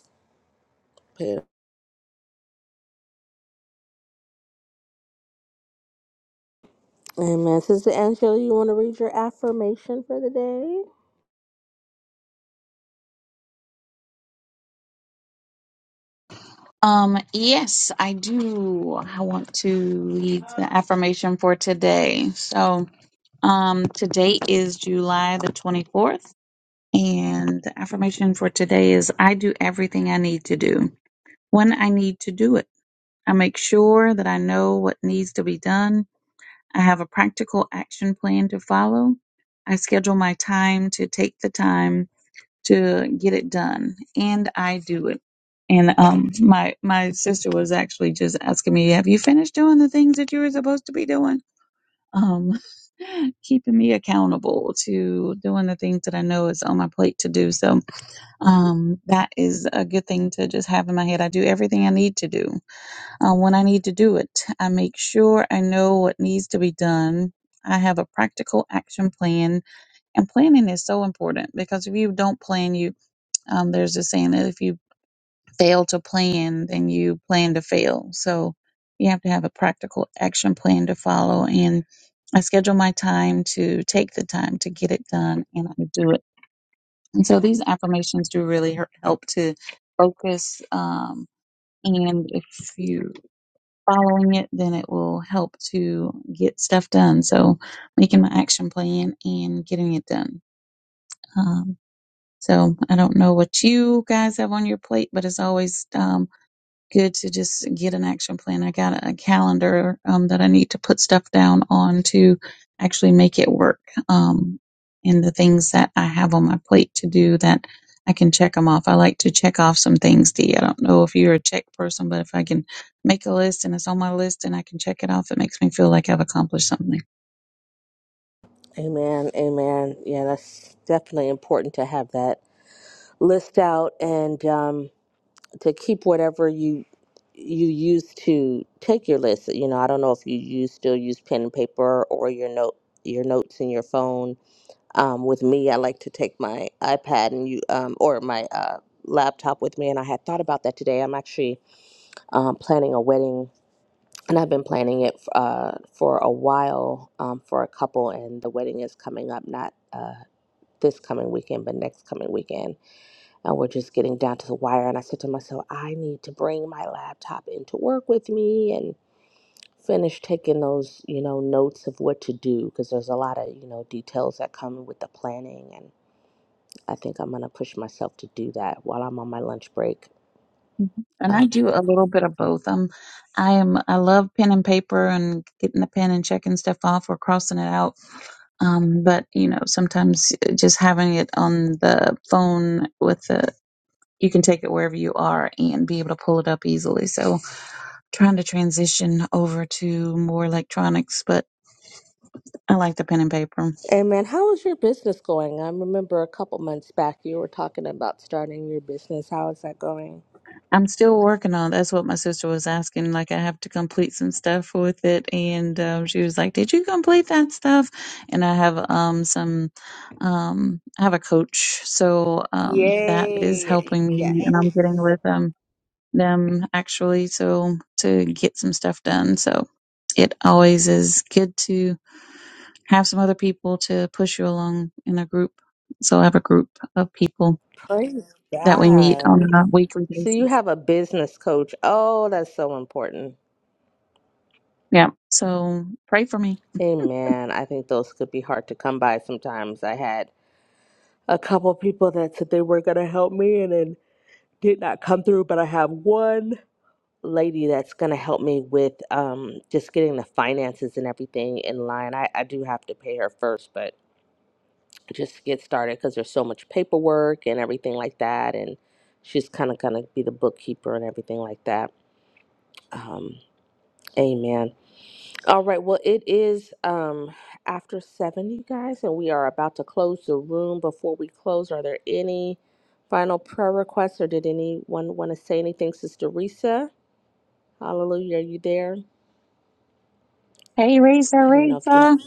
Speaker 8: Amen. Sister Angela, you want to read your affirmation for the day?
Speaker 12: Um, yes, I do. I want to lead the affirmation for today. So, um, today is July the 24th, and the affirmation for today is I do everything I need to do when I need to do it. I make sure that I know what needs to be done. I have a practical action plan to follow. I schedule my time to take the time to get it done and I do it. And um my my sister was actually just asking me, "Have you finished doing the things that you were supposed to be doing?" Um <laughs> keeping me accountable to doing the things that I know is on my plate to do. So, um that is a good thing to just have in my head. I do everything I need to do. Uh, when I need to do it, I make sure I know what needs to be done. I have a practical action plan and planning is so important because if you don't plan, you um, there's a saying that if you fail to plan, then you plan to fail. So you have to have a practical action plan to follow. And I schedule my time to take the time to get it done, and I do it. And so these affirmations do really her- help to focus. Um, and if you following it, then it will help to get stuff done. So making my action plan and getting it done. Um, so I don't know what you guys have on your plate, but as always, um, good to just get an action plan. I got a calendar um, that I need to put stuff down on to actually make it work. Um, and the things that I have on my plate to do that I can check them off. I like to check off some things, D. I don't know if you're a check person, but if I can make a list and it's on my list and I can check it off, it makes me feel like I've accomplished something.
Speaker 8: Amen. Amen. Yeah, that's definitely important to have that list out and um, to keep whatever you you used to take your list. You know, I don't know if you use still use pen and paper or your note your notes in your phone. Um, with me, I like to take my iPad and you um, or my uh, laptop with me, and I had thought about that today. I'm actually um, planning a wedding and I've been planning it uh, for a while um, for a couple, and the wedding is coming up not uh, this coming weekend, but next coming weekend. And we're just getting down to the wire. And I said to myself, I need to bring my laptop into work with me and finish taking those, you know, notes of what to do because there's a lot of, you know, details that come with the planning. And I think I'm going to push myself to do that while I'm on my lunch break.
Speaker 12: and I do a little bit of both. I'm, I am, I love pen and paper and getting the pen and checking stuff off or crossing it out. Um, but you know, sometimes uh, just having it on the phone with the, you can take it wherever you are and be able to pull it up easily. So trying to transition over to more electronics, but I like the pen and paper.
Speaker 8: And man, how is your business going? I remember a couple months back you were talking about starting your business. How is that going?
Speaker 12: I'm still working on. That's what my sister was asking. Like I have to complete some stuff with it, and um, she was like, "Did you complete that stuff?" And I have um some um I have a coach, so um that is
Speaker 8: Yay.
Speaker 12: helping me, and
Speaker 8: Yes.
Speaker 12: I'm getting with um them actually, so to get some stuff done. So it always is good to have some other people to push you along in a group. So I have a group of people
Speaker 8: Praise
Speaker 12: that we meet on
Speaker 8: God.
Speaker 12: a weekly
Speaker 8: So you
Speaker 12: basis.
Speaker 8: have a business coach. Oh, that's so important.
Speaker 12: Yeah. So pray for me.
Speaker 8: Amen. I think those could be hard to come by sometimes. I had a couple people that said they were going to help me and then did not come through, but I have one. lady that's going to help me with um, just getting the finances and everything in line. I, I do have to pay her first, but just to get started because there's so much paperwork and everything like that. And she's kind of going to be the bookkeeper and everything like that. Um, amen. All right. Well, it is um, after seven, you guys, and we are about to close the room. Before we close, are there any final prayer requests or did anyone want to say anything, Sister Risa? Hallelujah. Are you there?
Speaker 12: Hey, Risa,
Speaker 8: I didn't know if you.
Speaker 12: Risa.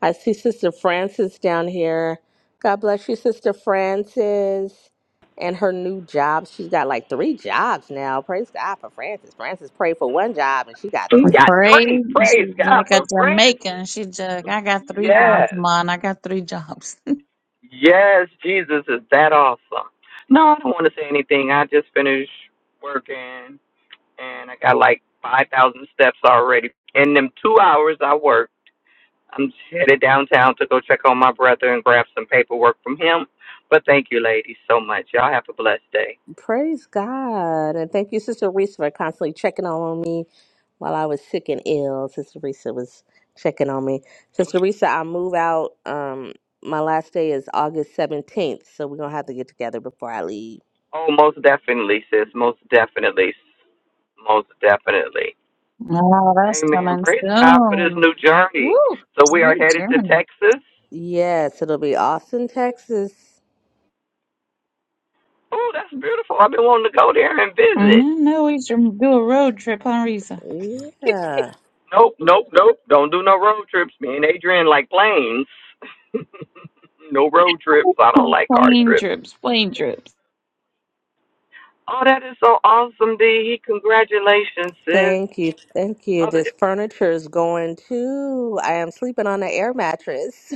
Speaker 8: I see Sister Frances down here. God bless you, Sister Frances, and her new job. She's got like three jobs now. Praise God for Frances. Frances prayed for one job and she got
Speaker 13: He
Speaker 8: three.
Speaker 13: got
Speaker 12: Pray.
Speaker 13: three.
Speaker 12: She's
Speaker 13: Praise God
Speaker 12: like a
Speaker 13: for Francis.
Speaker 12: Jamaican. She just, I got three jobs,
Speaker 13: Yes.
Speaker 12: man. I got three jobs. <laughs>
Speaker 13: Yes, Jesus is that awesome. No, I don't want to say anything. I just finished working and I got like 5,000 steps already. In them two hours I worked, I'm headed downtown to go check on my brother and grab some paperwork from him. But thank you, ladies, so much. Y'all have a blessed day.
Speaker 8: Praise God. And thank you, Sister Reese, for constantly checking on me while I was sick and ill. Sister Reese was checking on me. Sister Reese, I move out. Um, my last day is August 17th, so we're going to have to get together before I leave.
Speaker 13: Oh, most definitely, sis. Most definitely. Most definitely.
Speaker 12: Oh, that's
Speaker 13: Amen.
Speaker 12: coming
Speaker 13: Praise God for this
Speaker 12: soon.
Speaker 13: new
Speaker 12: Woo.
Speaker 13: journey. So
Speaker 12: It's a
Speaker 13: we are
Speaker 12: huge
Speaker 13: headed to
Speaker 12: journey.
Speaker 13: Texas.
Speaker 8: Yes, it'll be Austin, Texas.
Speaker 13: Oh, that's beautiful. I've been wanting to go there and visit.
Speaker 12: Mm, No, we used to do a road trip, huh, Risa?
Speaker 8: Yeah.
Speaker 13: Nope, nope, nope. Don't do no road trips. Me and Adrian like planes. <laughs> no road trips.
Speaker 12: <laughs>
Speaker 13: I don't like car
Speaker 12: Plane
Speaker 13: trips.
Speaker 12: trips, plane trips.
Speaker 13: Oh, that is so awesome, D. Congratulations, sis.
Speaker 8: Thank you. Thank you.
Speaker 13: Other
Speaker 8: This furniture is going too. I am sleeping on an air mattress.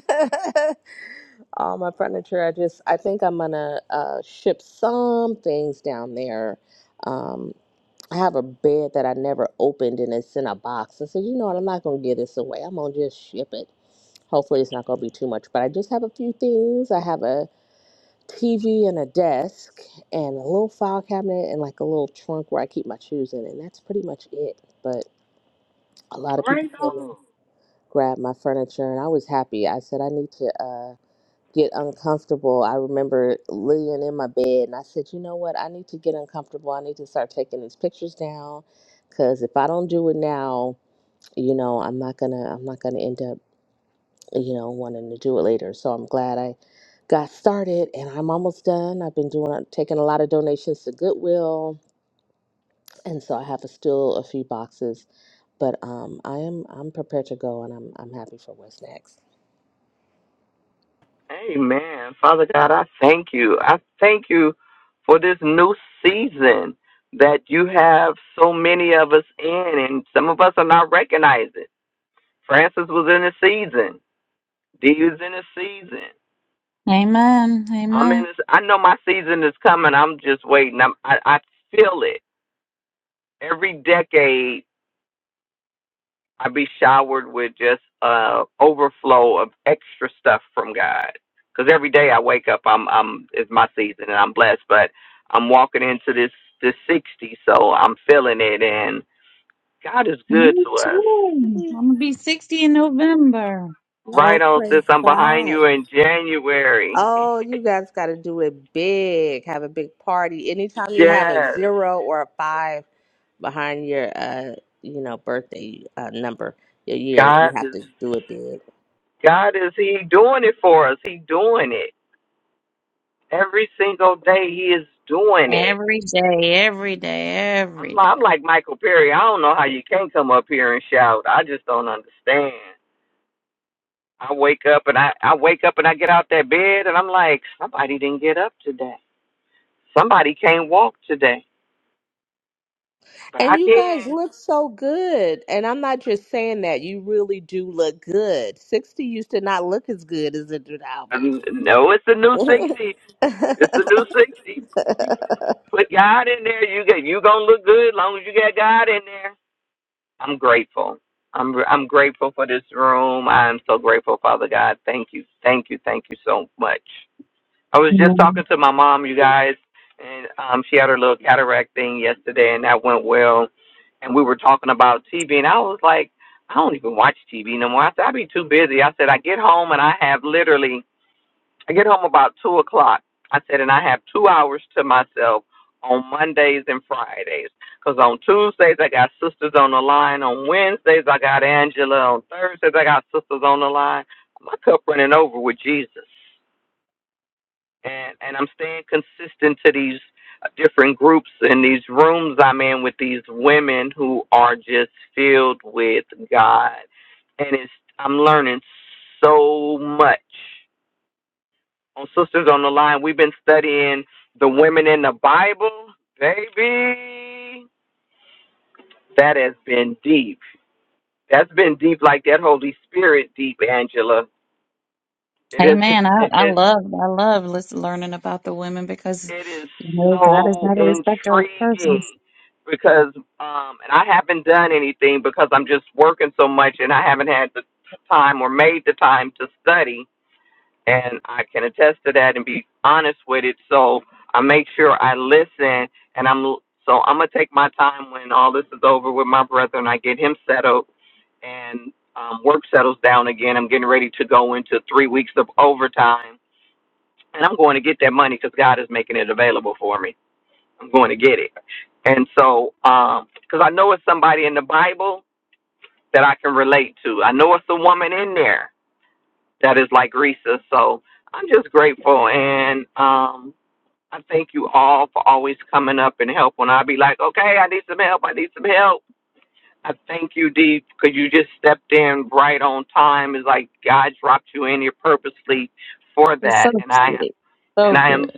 Speaker 8: <laughs> All my furniture. I just, I think I'm going to uh, ship some things down there. Um, I have a bed that I never opened and it's in a box. I said, you know what? I'm not going to give this away. I'm going to just ship it. Hopefully, it's not going to be too much, but I just have a few things. I have a TV and a desk and a little file cabinet and like a little trunk where I keep my shoes in, and that's pretty much it. But a lot of people
Speaker 13: right
Speaker 8: came and
Speaker 13: on.
Speaker 8: grabbed my furniture, and I was happy. I said I need to uh, get uncomfortable. I remember laying in my bed, and I said, you know what? I need to get uncomfortable. I need to start taking these pictures down, cause if I don't do it now, you know, I'm not gonna, I'm not gonna end up you know, wanting to do it later. So I'm glad I got started and I'm almost done. I've been doing uh, taking a lot of donations to Goodwill and so I have a, still a few boxes, but um I am I'm prepared to go and I'm I'm happy for what's next.
Speaker 13: Amen. Father God, I thank you. I thank you for this new season that you have so many of us in, and some of us are not recognizing. Francis was in a season. Dee was in a season.
Speaker 12: Amen,
Speaker 13: I'm in.
Speaker 12: amen.
Speaker 13: This, I know my season is coming. I'm just waiting. I'm, I I feel it every decade. I be showered with just uh overflow of extra stuff from God. Because every day I wake up, I'm I'm it's my season and I'm blessed. But I'm walking into this this sixty, so I'm feeling it, and God is good
Speaker 12: Me
Speaker 13: to us.
Speaker 12: too. I'm gonna be 60 in November.
Speaker 13: Right
Speaker 8: Oh,
Speaker 13: on,
Speaker 8: praise
Speaker 13: sis. I'm behind
Speaker 8: God.
Speaker 13: you in January. <laughs>
Speaker 8: Oh, you guys got to do it big. Have a big party. Anytime you have a
Speaker 13: Yes,
Speaker 8: zero or a five behind your, uh, you know, birthday uh, number, your year, you
Speaker 13: God
Speaker 8: have
Speaker 13: is
Speaker 8: to do it big.
Speaker 13: God is He doing it for us. He doing it every single day. He is doing it
Speaker 12: Every day, every day,
Speaker 13: I'm,
Speaker 12: every
Speaker 13: I'm
Speaker 12: day.
Speaker 13: like Michael Perry. I don't know how you can't come up here and shout. I just don't understand. I wake up and I, I wake up and I get out that bed and I'm like, somebody didn't get up today. Somebody can't walk today, but
Speaker 8: And
Speaker 13: I
Speaker 8: you
Speaker 13: can.
Speaker 8: guys look so good. And I'm not just saying that. You really do look good. 60 used to not look as good as it do now, but
Speaker 13: And no, it's a new
Speaker 8: it's.
Speaker 13: sixty.
Speaker 8: <laughs>
Speaker 13: It's a new sixty. Put God in there. You get you gonna look good as long as you got God in there. I'm grateful. I'm I'm grateful for this room. I'm so grateful, Father God. Thank you, thank you, thank you so much. I was just
Speaker 12: Amen.
Speaker 13: talking to my mom, you guys, and um, she had her little cataract thing yesterday, and that went well. And we were talking about TV, and I was like, I don't even watch TV no more. I said, I be too busy. I said, I get home and I have literally, I get home about 2 o'clock. I said, and I have two hours to myself on Mondays and Fridays. Because on Tuesdays, I got sisters on the line. On Wednesdays, I got Angela. On Thursdays, I got sisters on the line. My cup running over with Jesus and and I'm staying consistent to these uh, different groups and these rooms I'm in with these women who are just filled with God, and it's I'm learning so much. On Sisters on the Line, we've been studying the women in the Bible, baby. That has been deep. That's been deep, like that Holy Spirit deep, Angela. It is. It's,
Speaker 12: Amen. I, I
Speaker 13: it's
Speaker 12: love, I love listen, learning about the women because,
Speaker 13: It is
Speaker 12: you know, God is
Speaker 13: so
Speaker 12: not a respecter of persons.
Speaker 13: intriguing because, um, and I haven't done anything because I'm just working so much and I haven't had the t- time or made the time to study. And I can attest to that and be honest with it. So I make sure I listen and I'm, l- so I'm going to take my time when all this is over with my brother and I get him settled and um, work settles down again. I'm getting ready to go into three weeks of overtime and I'm going to get that money because God is making it available for me. I'm going to get it. And so, um, because I know it's somebody in the Bible that I can relate to. I know it's a woman in there that is like Risa. So I'm just grateful. And um, I thank you all for always coming up and help. When I be like, okay, I need some help. I need some help. I thank you, Dee, because you just stepped in right on time. It's like God dropped you in here purposely for
Speaker 12: He's so
Speaker 13: that. and I
Speaker 12: good. So
Speaker 13: and I
Speaker 12: good.
Speaker 13: am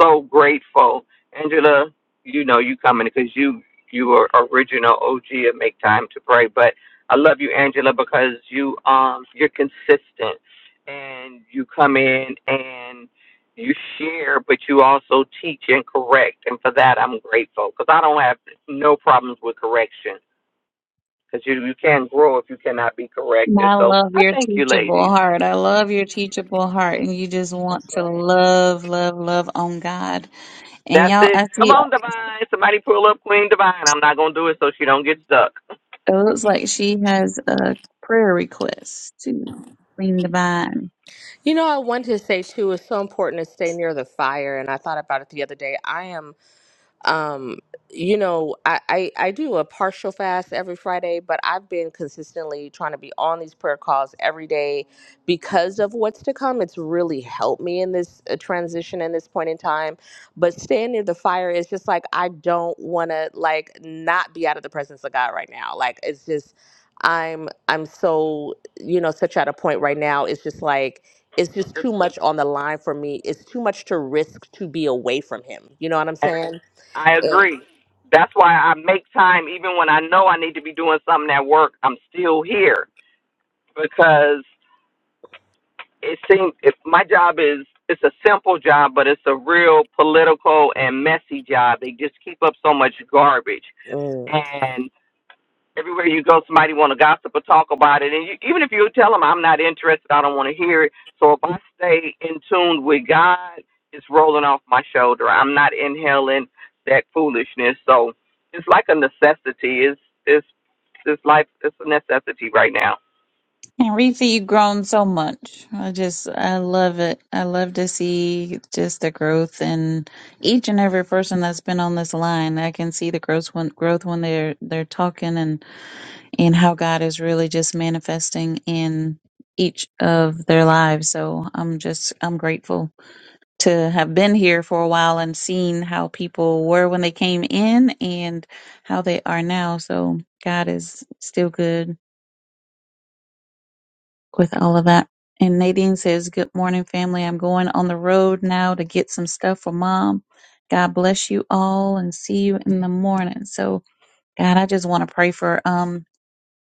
Speaker 13: so grateful, Angela. You know you coming because you you are original OG of Make Time to Pray. But I love you, Angela, because you um you're consistent and you come in and you share, but you also teach and correct, and for that I'm grateful because I don't have no problems with correction because you you can't grow if you cannot be corrected.
Speaker 12: I
Speaker 13: So
Speaker 12: love
Speaker 13: I
Speaker 12: your
Speaker 13: thank you,
Speaker 12: teachable
Speaker 13: ladies.
Speaker 12: heart. I love your teachable heart. And you just
Speaker 8: That's
Speaker 12: want to
Speaker 8: right.
Speaker 12: love, love, love on God. And
Speaker 13: That's
Speaker 12: y'all,
Speaker 13: it.
Speaker 12: I
Speaker 13: Come
Speaker 12: see
Speaker 13: on, Divine. Somebody pull up Queen Divine. I'm not gonna do it so she don't get stuck.
Speaker 12: it looks like she has a prayer request to Queen Divine.
Speaker 8: You know, I wanted to say too, it's so important to stay near the fire. And I thought about it the other day. I am. um you know I, I i do a partial fast every friday but i've been consistently trying to be on these prayer calls every day because of what's to come it's really helped me in this uh, transition in this point in time but staying near the fire is just like i don't want to like not be out of the presence of god right now like it's just i'm i'm so you know such at a point right now it's just like it's just too much on the line for me it's too much to risk to be away from him you know what i'm
Speaker 13: And
Speaker 8: saying
Speaker 13: I
Speaker 8: yeah.
Speaker 13: agree. That's why I make time even when I know I need to be doing something at work. I'm still here because it seems if my job is it's a simple job, but it's a real political and messy job. They just keep up so much garbage.
Speaker 8: Mm.
Speaker 13: and. everywhere you go, somebody want to gossip or talk about it. And you, even if you tell them I'm not interested, I don't want to hear it. So if I stay in tune with God, it's rolling off my shoulder. I'm not inhaling that foolishness. So it's like a necessity. It's it's this life. It's a necessity right now.
Speaker 12: And Reefa, you've grown so much. I just, I love it. I love to see just the growth in each and every person that's been on this line. I can see the growth when, growth when they're they're talking, and. and how God is really just manifesting in each of their lives. So I'm just I'm grateful to have been here for a while and seen how people were when they came in and how they are now. So God is still good with all of that. And Nadine says, Good morning, family. I'm going on the road now to get some stuff for mom. God bless you all and see you in the morning. So God, I just want to pray for um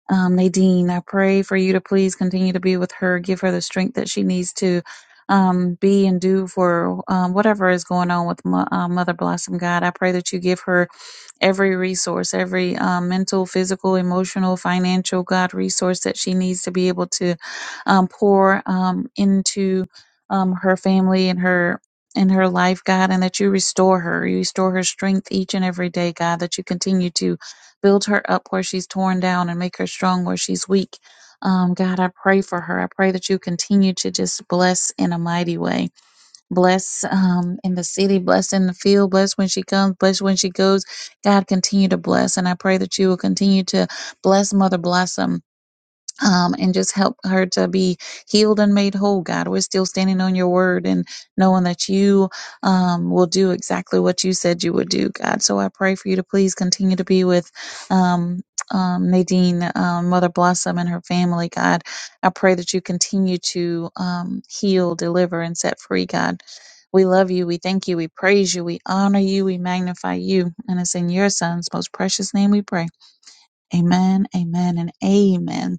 Speaker 12: Um, Nadine, I pray for you to please continue to be with her, give her the strength that she needs to um, be and do for um, whatever is going on with Mo- uh, Mother Blossom. God, I pray that you give her every resource, every um, mental, physical, emotional, financial, God, resource that she needs to be able to um, pour um, into um, her family and her. In her life, God, and that you restore her. You restore her strength each and every day, God, that you continue to build her up where she's torn down and make her strong where she's weak. Um, God, I pray for her. I pray that you continue to just bless in a mighty way. Bless um, in the city, bless in the field, bless when she comes, bless when she goes. God, continue to bless. And I pray that you will continue to bless Mother Blossom um, and just help her to be healed and made whole, God. We're still standing on your word and knowing that you um, will do exactly what you said you would do, God. So I pray for you to please continue to be with um, um, Nadine, um, Mother Blossom, and her family, God. I pray that you continue to um, heal, deliver, and set free, God. We love you. We thank you. We praise you. We honor you. We magnify you. And it's in your son's most precious name we pray. Amen, amen, and amen.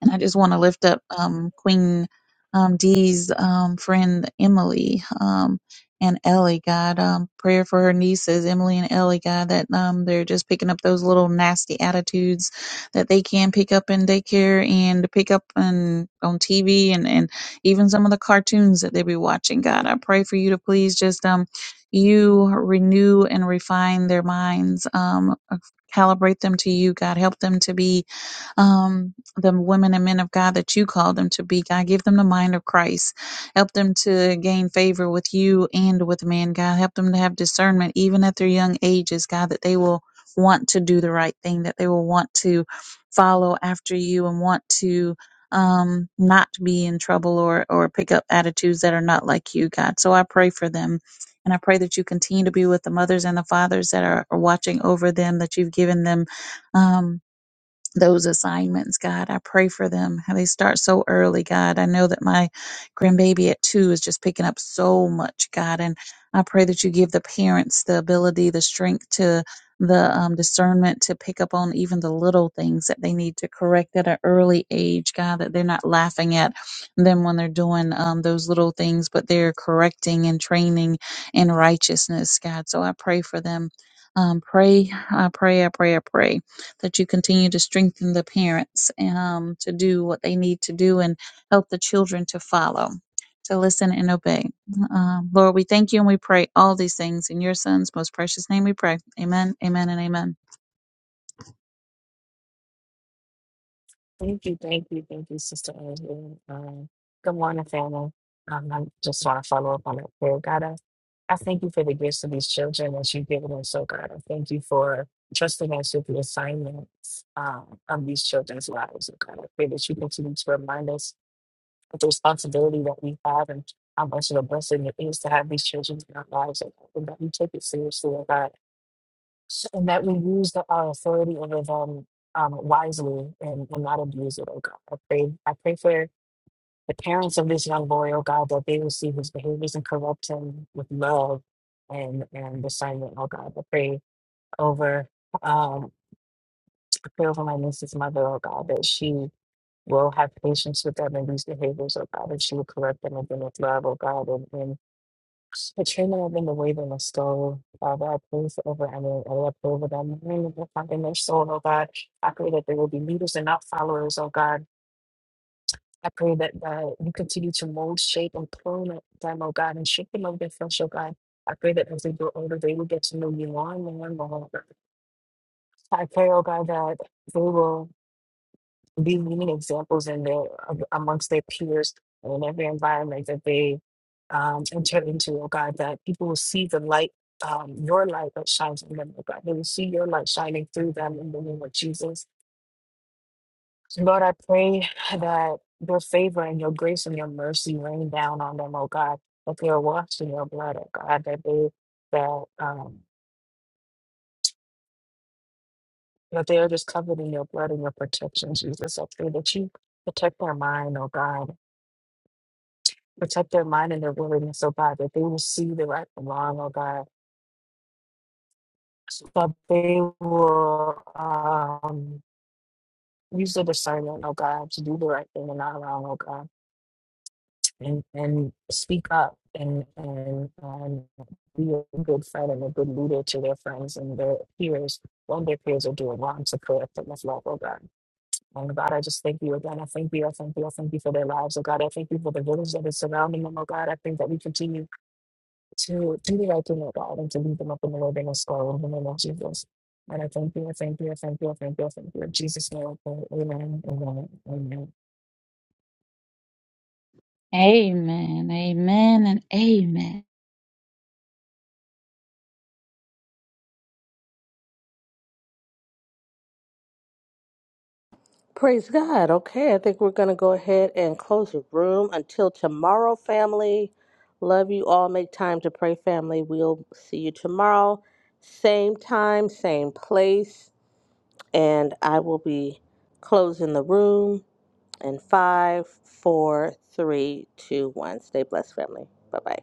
Speaker 12: And I just want to lift up um, Queen um, Dee's um, friend Emily um, and Ellie, God. Um, prayer for her nieces, Emily and Ellie, God, that um, they're just picking up those little nasty attitudes that they can pick up in daycare and pick up on, on TV and, and even some of the cartoons that they be watching, God. I pray for you to please just. Um, you renew and refine their minds, um, calibrate them to you, God. Help them to be um, the women and men of God that you call them to be, God. Give them the mind of Christ. Help them to gain favor with you and with men, God. Help them to have discernment even at their young ages, God, that they will want to do the right thing, that they will want to follow after you and want to um not be in trouble or or pick up attitudes that are not like you god so i pray for them and i pray that you continue to be with the mothers and the fathers that are, are watching over them that you've given them um those assignments, God. I pray for them. How they start so early, God. I know that my grandbaby at two is just picking up so much, God. And I pray that you give the parents the ability, the strength to the um, discernment to pick up on even the little things that they need to correct at an early age, God, that they're not laughing at them when they're doing um, those little things, but they're correcting and training in righteousness, God. So I pray for them. Um, pray, I pray, I pray, I pray that you continue to strengthen the parents um, to do what they need to do and help the children to follow, to listen and obey. Um, Lord, we thank you and we pray all these things in your son's most precious name we pray. Amen, amen, and amen.
Speaker 14: Thank you, thank you, thank you, Sister Andrew. Um, good morning, family. Um, I just want to follow up on that prayer. God, I, I thank you for the gifts of these children that you've given us. So, God, I thank you for trusting us with the assignments um, of these children's lives. Oh, God, I pray that you continue to remind us of the responsibility that we have and how much of a blessing it is to have these children in our lives. Oh, God, And that we take it seriously, oh God. So, and that we use the, our authority over them um, wisely and, and not abuse it, oh God. I pray, I pray for the parents of this young boy, oh God, that they will see his behaviors and correct him with love and, and discernment, oh God. I pray over um I pray over my niece's mother, oh God, that she will have patience with them and these behaviors, oh God, that she will correct them and with love, oh God, Katrina and the waving of soul, Father, I pray for over Emily, I love over them, and the find in their soul, oh God. I pray that they will be leaders and not followers, oh God. I pray that uh, you continue to mold, shape, and prune them, oh God, and shape them over their flesh, oh God. I pray that as they grow older, they will get to know you more and more and more. I pray, oh God, that they will. be leading examples in their amongst their peers and in every environment that they um, enter into, oh God, that people will see the light, um, your light that shines in them, oh God. They will see your light shining through them in the name of Jesus. Lord, I pray that your favor and your grace and your mercy rain down on them, oh God, that they are washed in your blood, oh God, that they that um that they are just covered in your blood and your protection, Jesus. I pray that you protect their mind, oh God protect their mind and their willingness, oh God, that they will see the right from wrong, oh God. But they will um, use their discernment, oh God, to do the right thing and not wrong, oh God, and and speak up and and and be a good friend and a good leader to their friends and their peers when their peers are doing wrong to correct them with love, oh God. And God, I just thank you again. I thank you. I thank you. I thank you for their lives, oh God. I thank you for the village that is surrounding them, oh God. I think that we continue to do the right thing, O God, and to lead them up in the wilderness, God, in the name of Jesus. And I thank you, I thank you, I thank you, I thank you, I thank you. In Jesus' name, I pray. amen, amen, amen.
Speaker 12: Amen, amen, and amen.
Speaker 8: Praise God. Okay, I think we're going to go ahead and close the room until tomorrow, family. Love you all. Make time to pray, family. We'll see you tomorrow. Same time, same place. And I will be closing the room in five, four, three, two, one. Stay blessed, family. Bye bye.